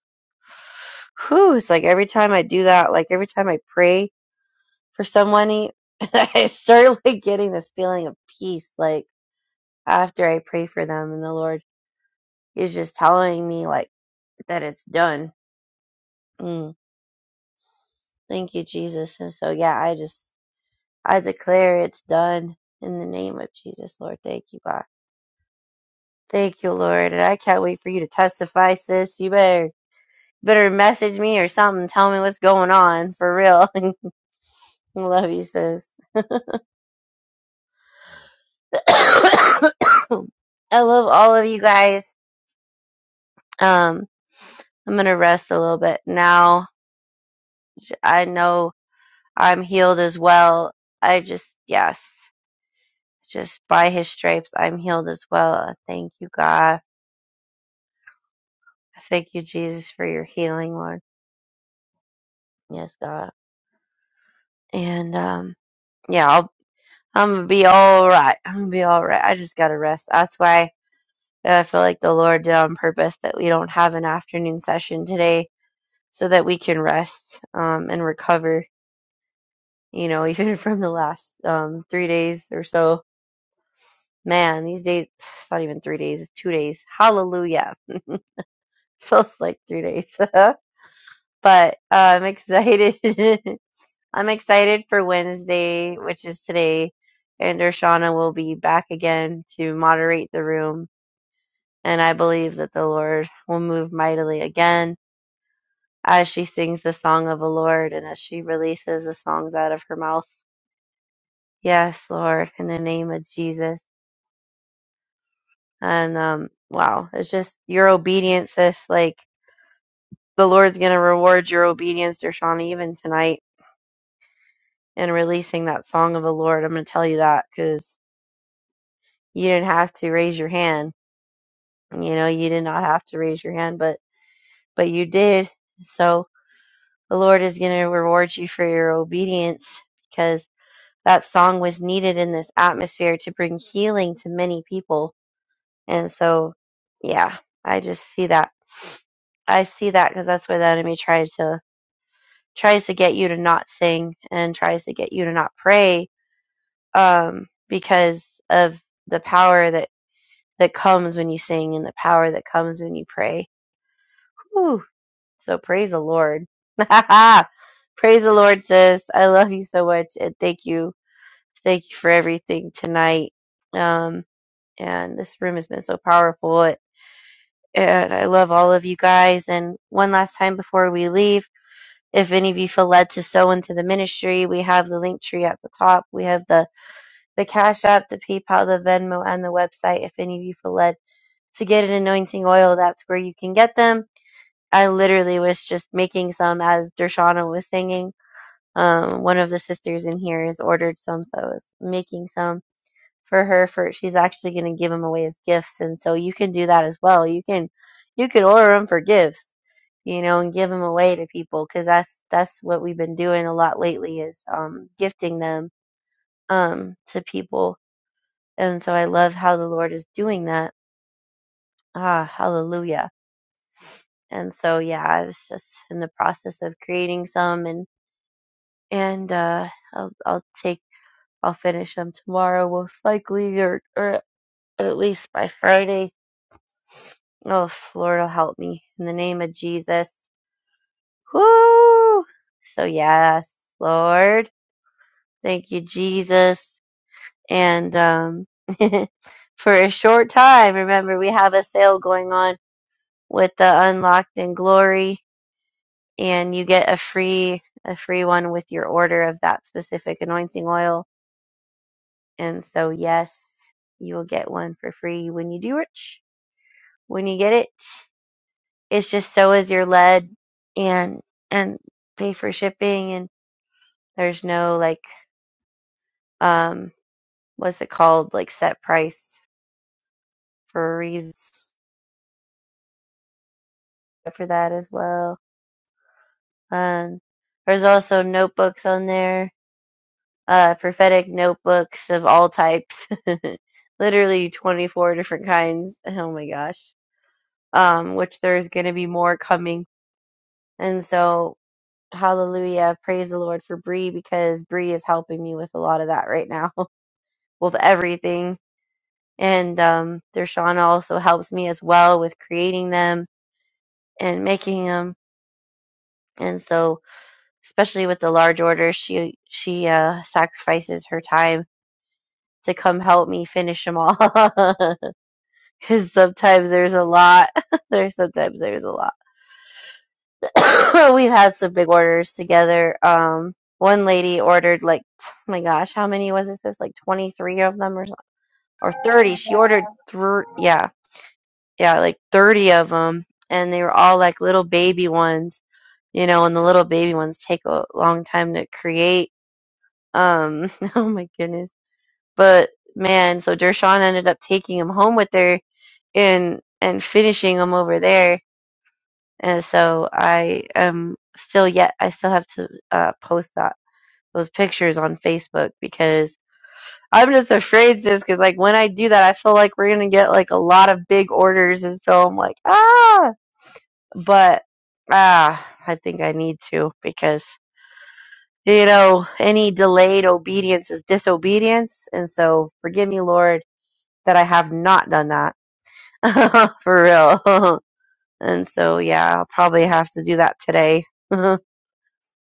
Speaker 3: Whew. It's like every time I do that, like every time I pray for someone, I start like getting this feeling of peace. Like after I pray for them and the Lord is just telling me like that it's done. Mm. Thank you, Jesus. And so, yeah, I just, I declare it's done in the name of Jesus, Lord. Thank you, God. Thank you, Lord. And I can't wait for you to testify, sis. You better better message me or something. Tell me what's going on for real. I love you, sis. I love all of you guys. Um, I'm gonna rest a little bit now. I know I'm healed as well. I just yes, just by His stripes I'm healed as well. I Thank you, God. I Thank you, Jesus, for your healing, Lord. Yes, God. And um, yeah, I'll I'm gonna be all right. I'm gonna be all right. I just gotta rest. That's why uh, I feel like the Lord did on purpose that we don't have an afternoon session today, so that we can rest um, and recover. You know, even from the last um, three days or so. Man, these days it's not even three days. It's two days. Hallelujah. Feels like three days. but uh, I'm excited. I'm excited for Wednesday, which is today, and Dershana will be back again to moderate the room and I believe that the Lord will move mightily again as she sings the song of the Lord and as she releases the songs out of her mouth. Yes, Lord, in the name of Jesus. And um wow, it's just your obedience, sis. Like the Lord's gonna reward your obedience, Dershana, even tonight in releasing that song of the Lord. I'm gonna tell you that because you didn't have to raise your hand. You know, you did not have to raise your hand, but but you did. So the Lord is going to reward you for your obedience because that song was needed in this atmosphere to bring healing to many people. And so, yeah, I just see that. I see that because that's where the enemy tries to tries to get you to not sing and tries to get you to not pray um, because of the power that that comes when you sing and the power that comes when you pray. Whew. So praise the Lord. praise the Lord, sis. I love you so much, and thank you, thank you for everything tonight. Um, and this room has been so powerful, and and I love all of you guys. And one last time before we leave, if any of you feel led to sow into the ministry, we have the link tree at the top. We have the the Cash App, the PayPal, the Venmo, and the website. If any of you feel led to get an anointing oil, that's where you can get them I literally was just making some as Dershana was singing. Um, one of the sisters in here has ordered some, so I was making some for her. For she's actually going to give them away as gifts, and so you can do that as well. You can, you could order them for gifts, you know, and give them away to people because that's that's what we've been doing a lot lately is um, gifting them um, to people, and so I love how the Lord is doing that. Ah, hallelujah! And so yeah, I was just in the process of creating some and and uh, I'll I'll take I'll finish them tomorrow most likely, or or at least by Friday. Oh, Lord, will help me in the name of Jesus. Woo! So yes, Lord, thank you, Jesus, and um, for a short time. Remember, we have a sale going on with the Unlocked in Glory, and you get a free a free one with your order of that specific anointing oil And so, yes, you will get one for free when you do it. When you get it, it's just so as you're led and and pay for shipping and there's no like um what's it called like set price for a reason for that as well. Um, there's also notebooks on there, uh, prophetic notebooks of all types, literally 24 different kinds. Oh my gosh. Um, which there's going to be more coming. And so Hallelujah. Praise the Lord for Bree because Bree is helping me with a lot of that right now, with everything. And um, Dershana also helps me as well with creating them and making them. And so, especially with the large orders, she she uh, sacrifices her time to come help me finish them all. Because sometimes there's a lot. there's sometimes there's a lot. We've had some big orders together. Um, one lady ordered like, t- oh my gosh, how many was it? This like 23 of them or so- or 30. She ordered three, yeah, yeah, like 30 of them, and they were all like little baby ones, you know, and the little baby ones take a long time to create. Um, oh my goodness. But man, so Dershawn ended up taking them home with her and and finishing them over there and so I am still yet I still have to uh, post that those pictures on Facebook because I'm just afraid sis because like when I do that I feel like we're gonna get like a lot of big orders and so I'm like ah but ah I think I need to because you know any delayed obedience is disobedience and so forgive me Lord that I have not done that for real and so yeah I'll probably have to do that today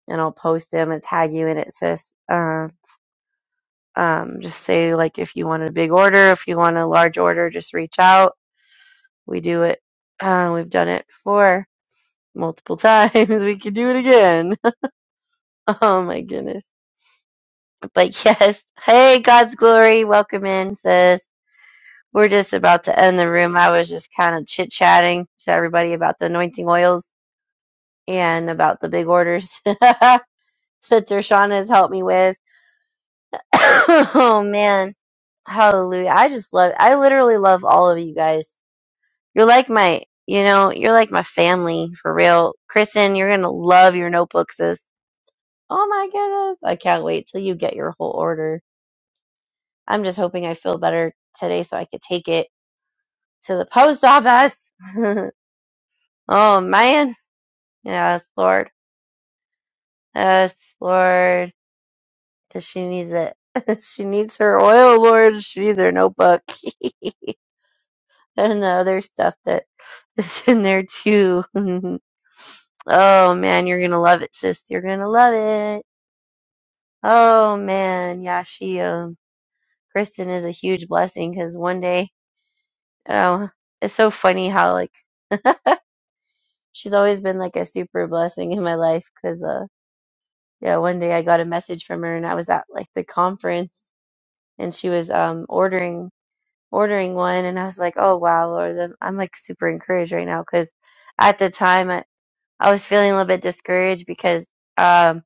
Speaker 3: and I'll post them and tag you in it, sis. Uh, um, just say like if you want a big order, if you want a large order, just reach out. We do it. Uh, we've done it before multiple times. We can do it again. oh my goodness. But yes, hey, God's glory, welcome in, sis. We're just about to end the room. I was just kind of chit chatting to everybody about the anointing oils and about the big orders that Dershana has helped me with. oh man. Hallelujah. I just love I literally love all of you guys. You're like my you know, you're like my family for real. Kristen, you're gonna love your notebook, sis. Oh my goodness. I can't wait till you get your whole order. I'm just hoping I feel better today so I could take it to the post office. oh man. Yes, Lord. Yes, Lord. Cause she needs it. she needs her oil, Lord. She needs her notebook. and the other stuff that that is in there too. oh man, you're gonna love it, sis. You're gonna love it. Oh man, yeah, she um Kristen is a huge blessing because one day, oh, it's so funny how like she's always been like a super blessing in my life because uh yeah, one day I got a message from her and I was at like the conference and she was um ordering ordering one and I was like, oh wow, Lord, I'm I'm, like super encouraged right now because at the time I was feeling a little bit discouraged because um,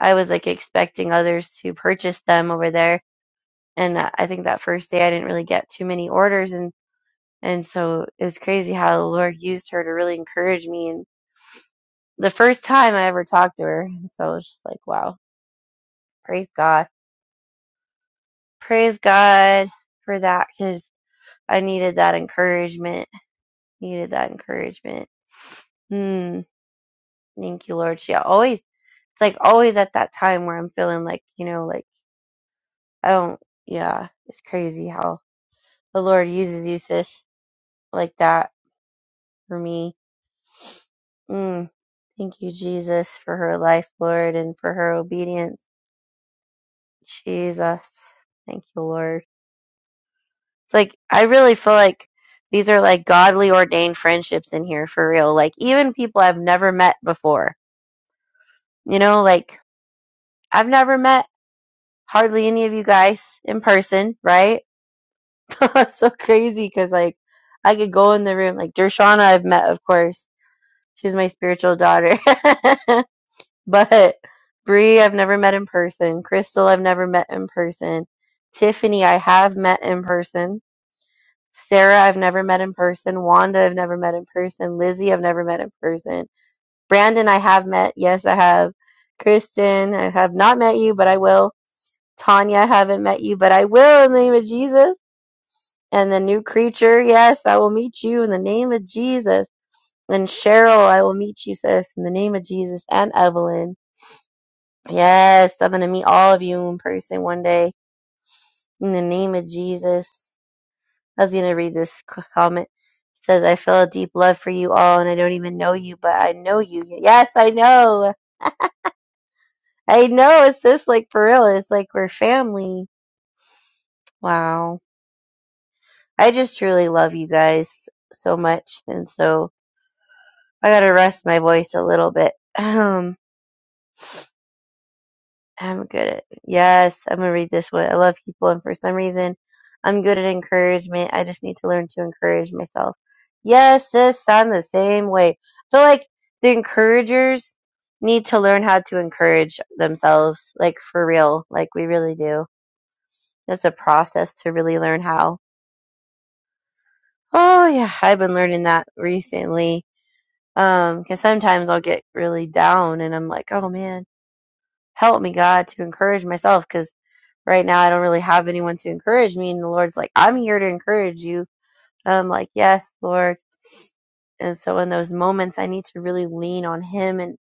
Speaker 3: I was like expecting others to purchase them over there, and I I think that first day I didn't really get too many orders, and and so it was crazy how the Lord used her to really encourage me, and the first time I ever talked to her, and so I was just like, wow, praise God, praise God for that, because I needed that encouragement, needed that encouragement. Hmm, thank you, Lord. She always, it's like always at that time where I'm feeling like you know like I don't, yeah, it's crazy how the Lord uses you, sis, like that for me. Mm, thank you, Jesus, for her life, Lord, and for her obedience. Jesus. Thank you, Lord. It's like, I really feel like these are like godly ordained friendships in here for real. Like, even people I've never met before, you know, like I've never met hardly any of you guys in person, right? That's so crazy because, like, I could go in the room, like Dershana, I've met, of course She's my spiritual daughter. but Bree, I've never met in person. Crystal, I've never met in person. Tiffany, I have met in person. Sarah, I've never met in person. Wanda, I've never met in person. Lizzie, I've never met in person. Brandon, I have met. Yes, I have. Kristen, I have not met you, but I will. Tanya, I haven't met you, but I will in the name of Jesus. And the new creature, yes, I will meet you in the name of Jesus and Cheryl, I will meet you, sis, in the name of Jesus and Evelyn. Yes, I'm going to meet all of you in person one day in the name of Jesus. I was going to read this comment. It says, I feel a deep love for you all, and I don't even know you, but I know you. Yes, I know. I know. It's this like for real. It's like we're family. Wow. I just truly love you guys so much. And so I got to rest my voice a little bit. I'm good at yes, I'm gonna read this one. I love people and for some reason I'm good at encouragement. I just need to learn to encourage myself. Yes, sis, I'm the same way. I feel like the encouragers need to learn how to encourage themselves, like for real. Like we really do. It's a process to really learn how. Oh yeah, I've been learning that recently. Um, because sometimes I'll get really down and I'm like, oh man, help me God to encourage myself, because. right now I don't really have anyone to encourage me. And the Lord's like, I'm here to encourage you. And I'm like, yes, Lord. And so in those moments, I need to really lean on Him and,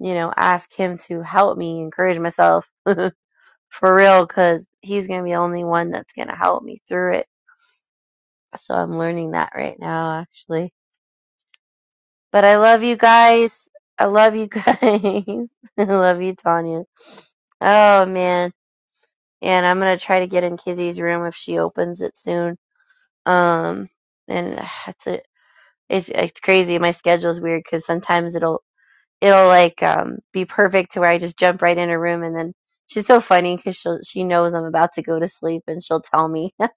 Speaker 3: you know, ask Him to help me encourage myself for real because He's going to be the only one that's going to help me through it. So I'm learning that right now, actually. But I love you guys. I love you guys. I love you, Tanya. Oh, man. And I'm going to try to get in Kizzy's room if she opens it soon um and uh, it's a, it's it's crazy my schedule's weird because sometimes it'll it'll like um be perfect to where i just jump right in her room and then she's so funny because she she knows i'm about to go to sleep and she'll tell me and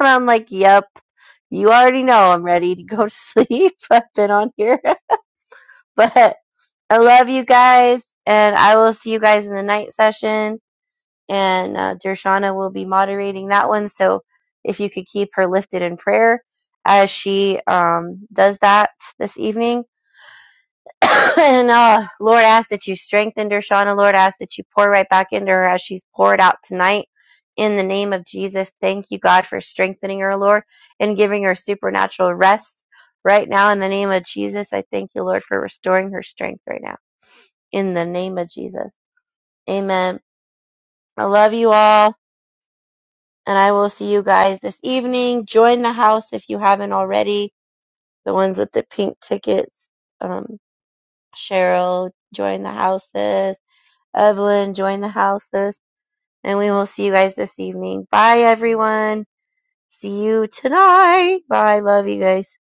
Speaker 3: i'm like yep you already know i'm ready to go to sleep i've been on here but i love you guys and i will see you guys in the night session and uh, Dershana will be moderating that one. So if you could keep her lifted in prayer as she um, does that this evening. and uh, Lord, ask that you strengthen Dershana. Lord, ask that you pour right back into her as she's poured out tonight. In the name of Jesus, thank you, God, for strengthening her, Lord, and giving her supernatural rest right now. In the name of Jesus, I thank you, Lord, for restoring her strength right now. In the name of Jesus. Amen. I love you all. and I will see you guys this evening. Join the house if you haven't already. The ones with the pink tickets, um, Cheryl, join the houses. Evelyn, join the houses. And we will see you guys this evening. Bye, everyone. See you tonight. Bye. Love you guys.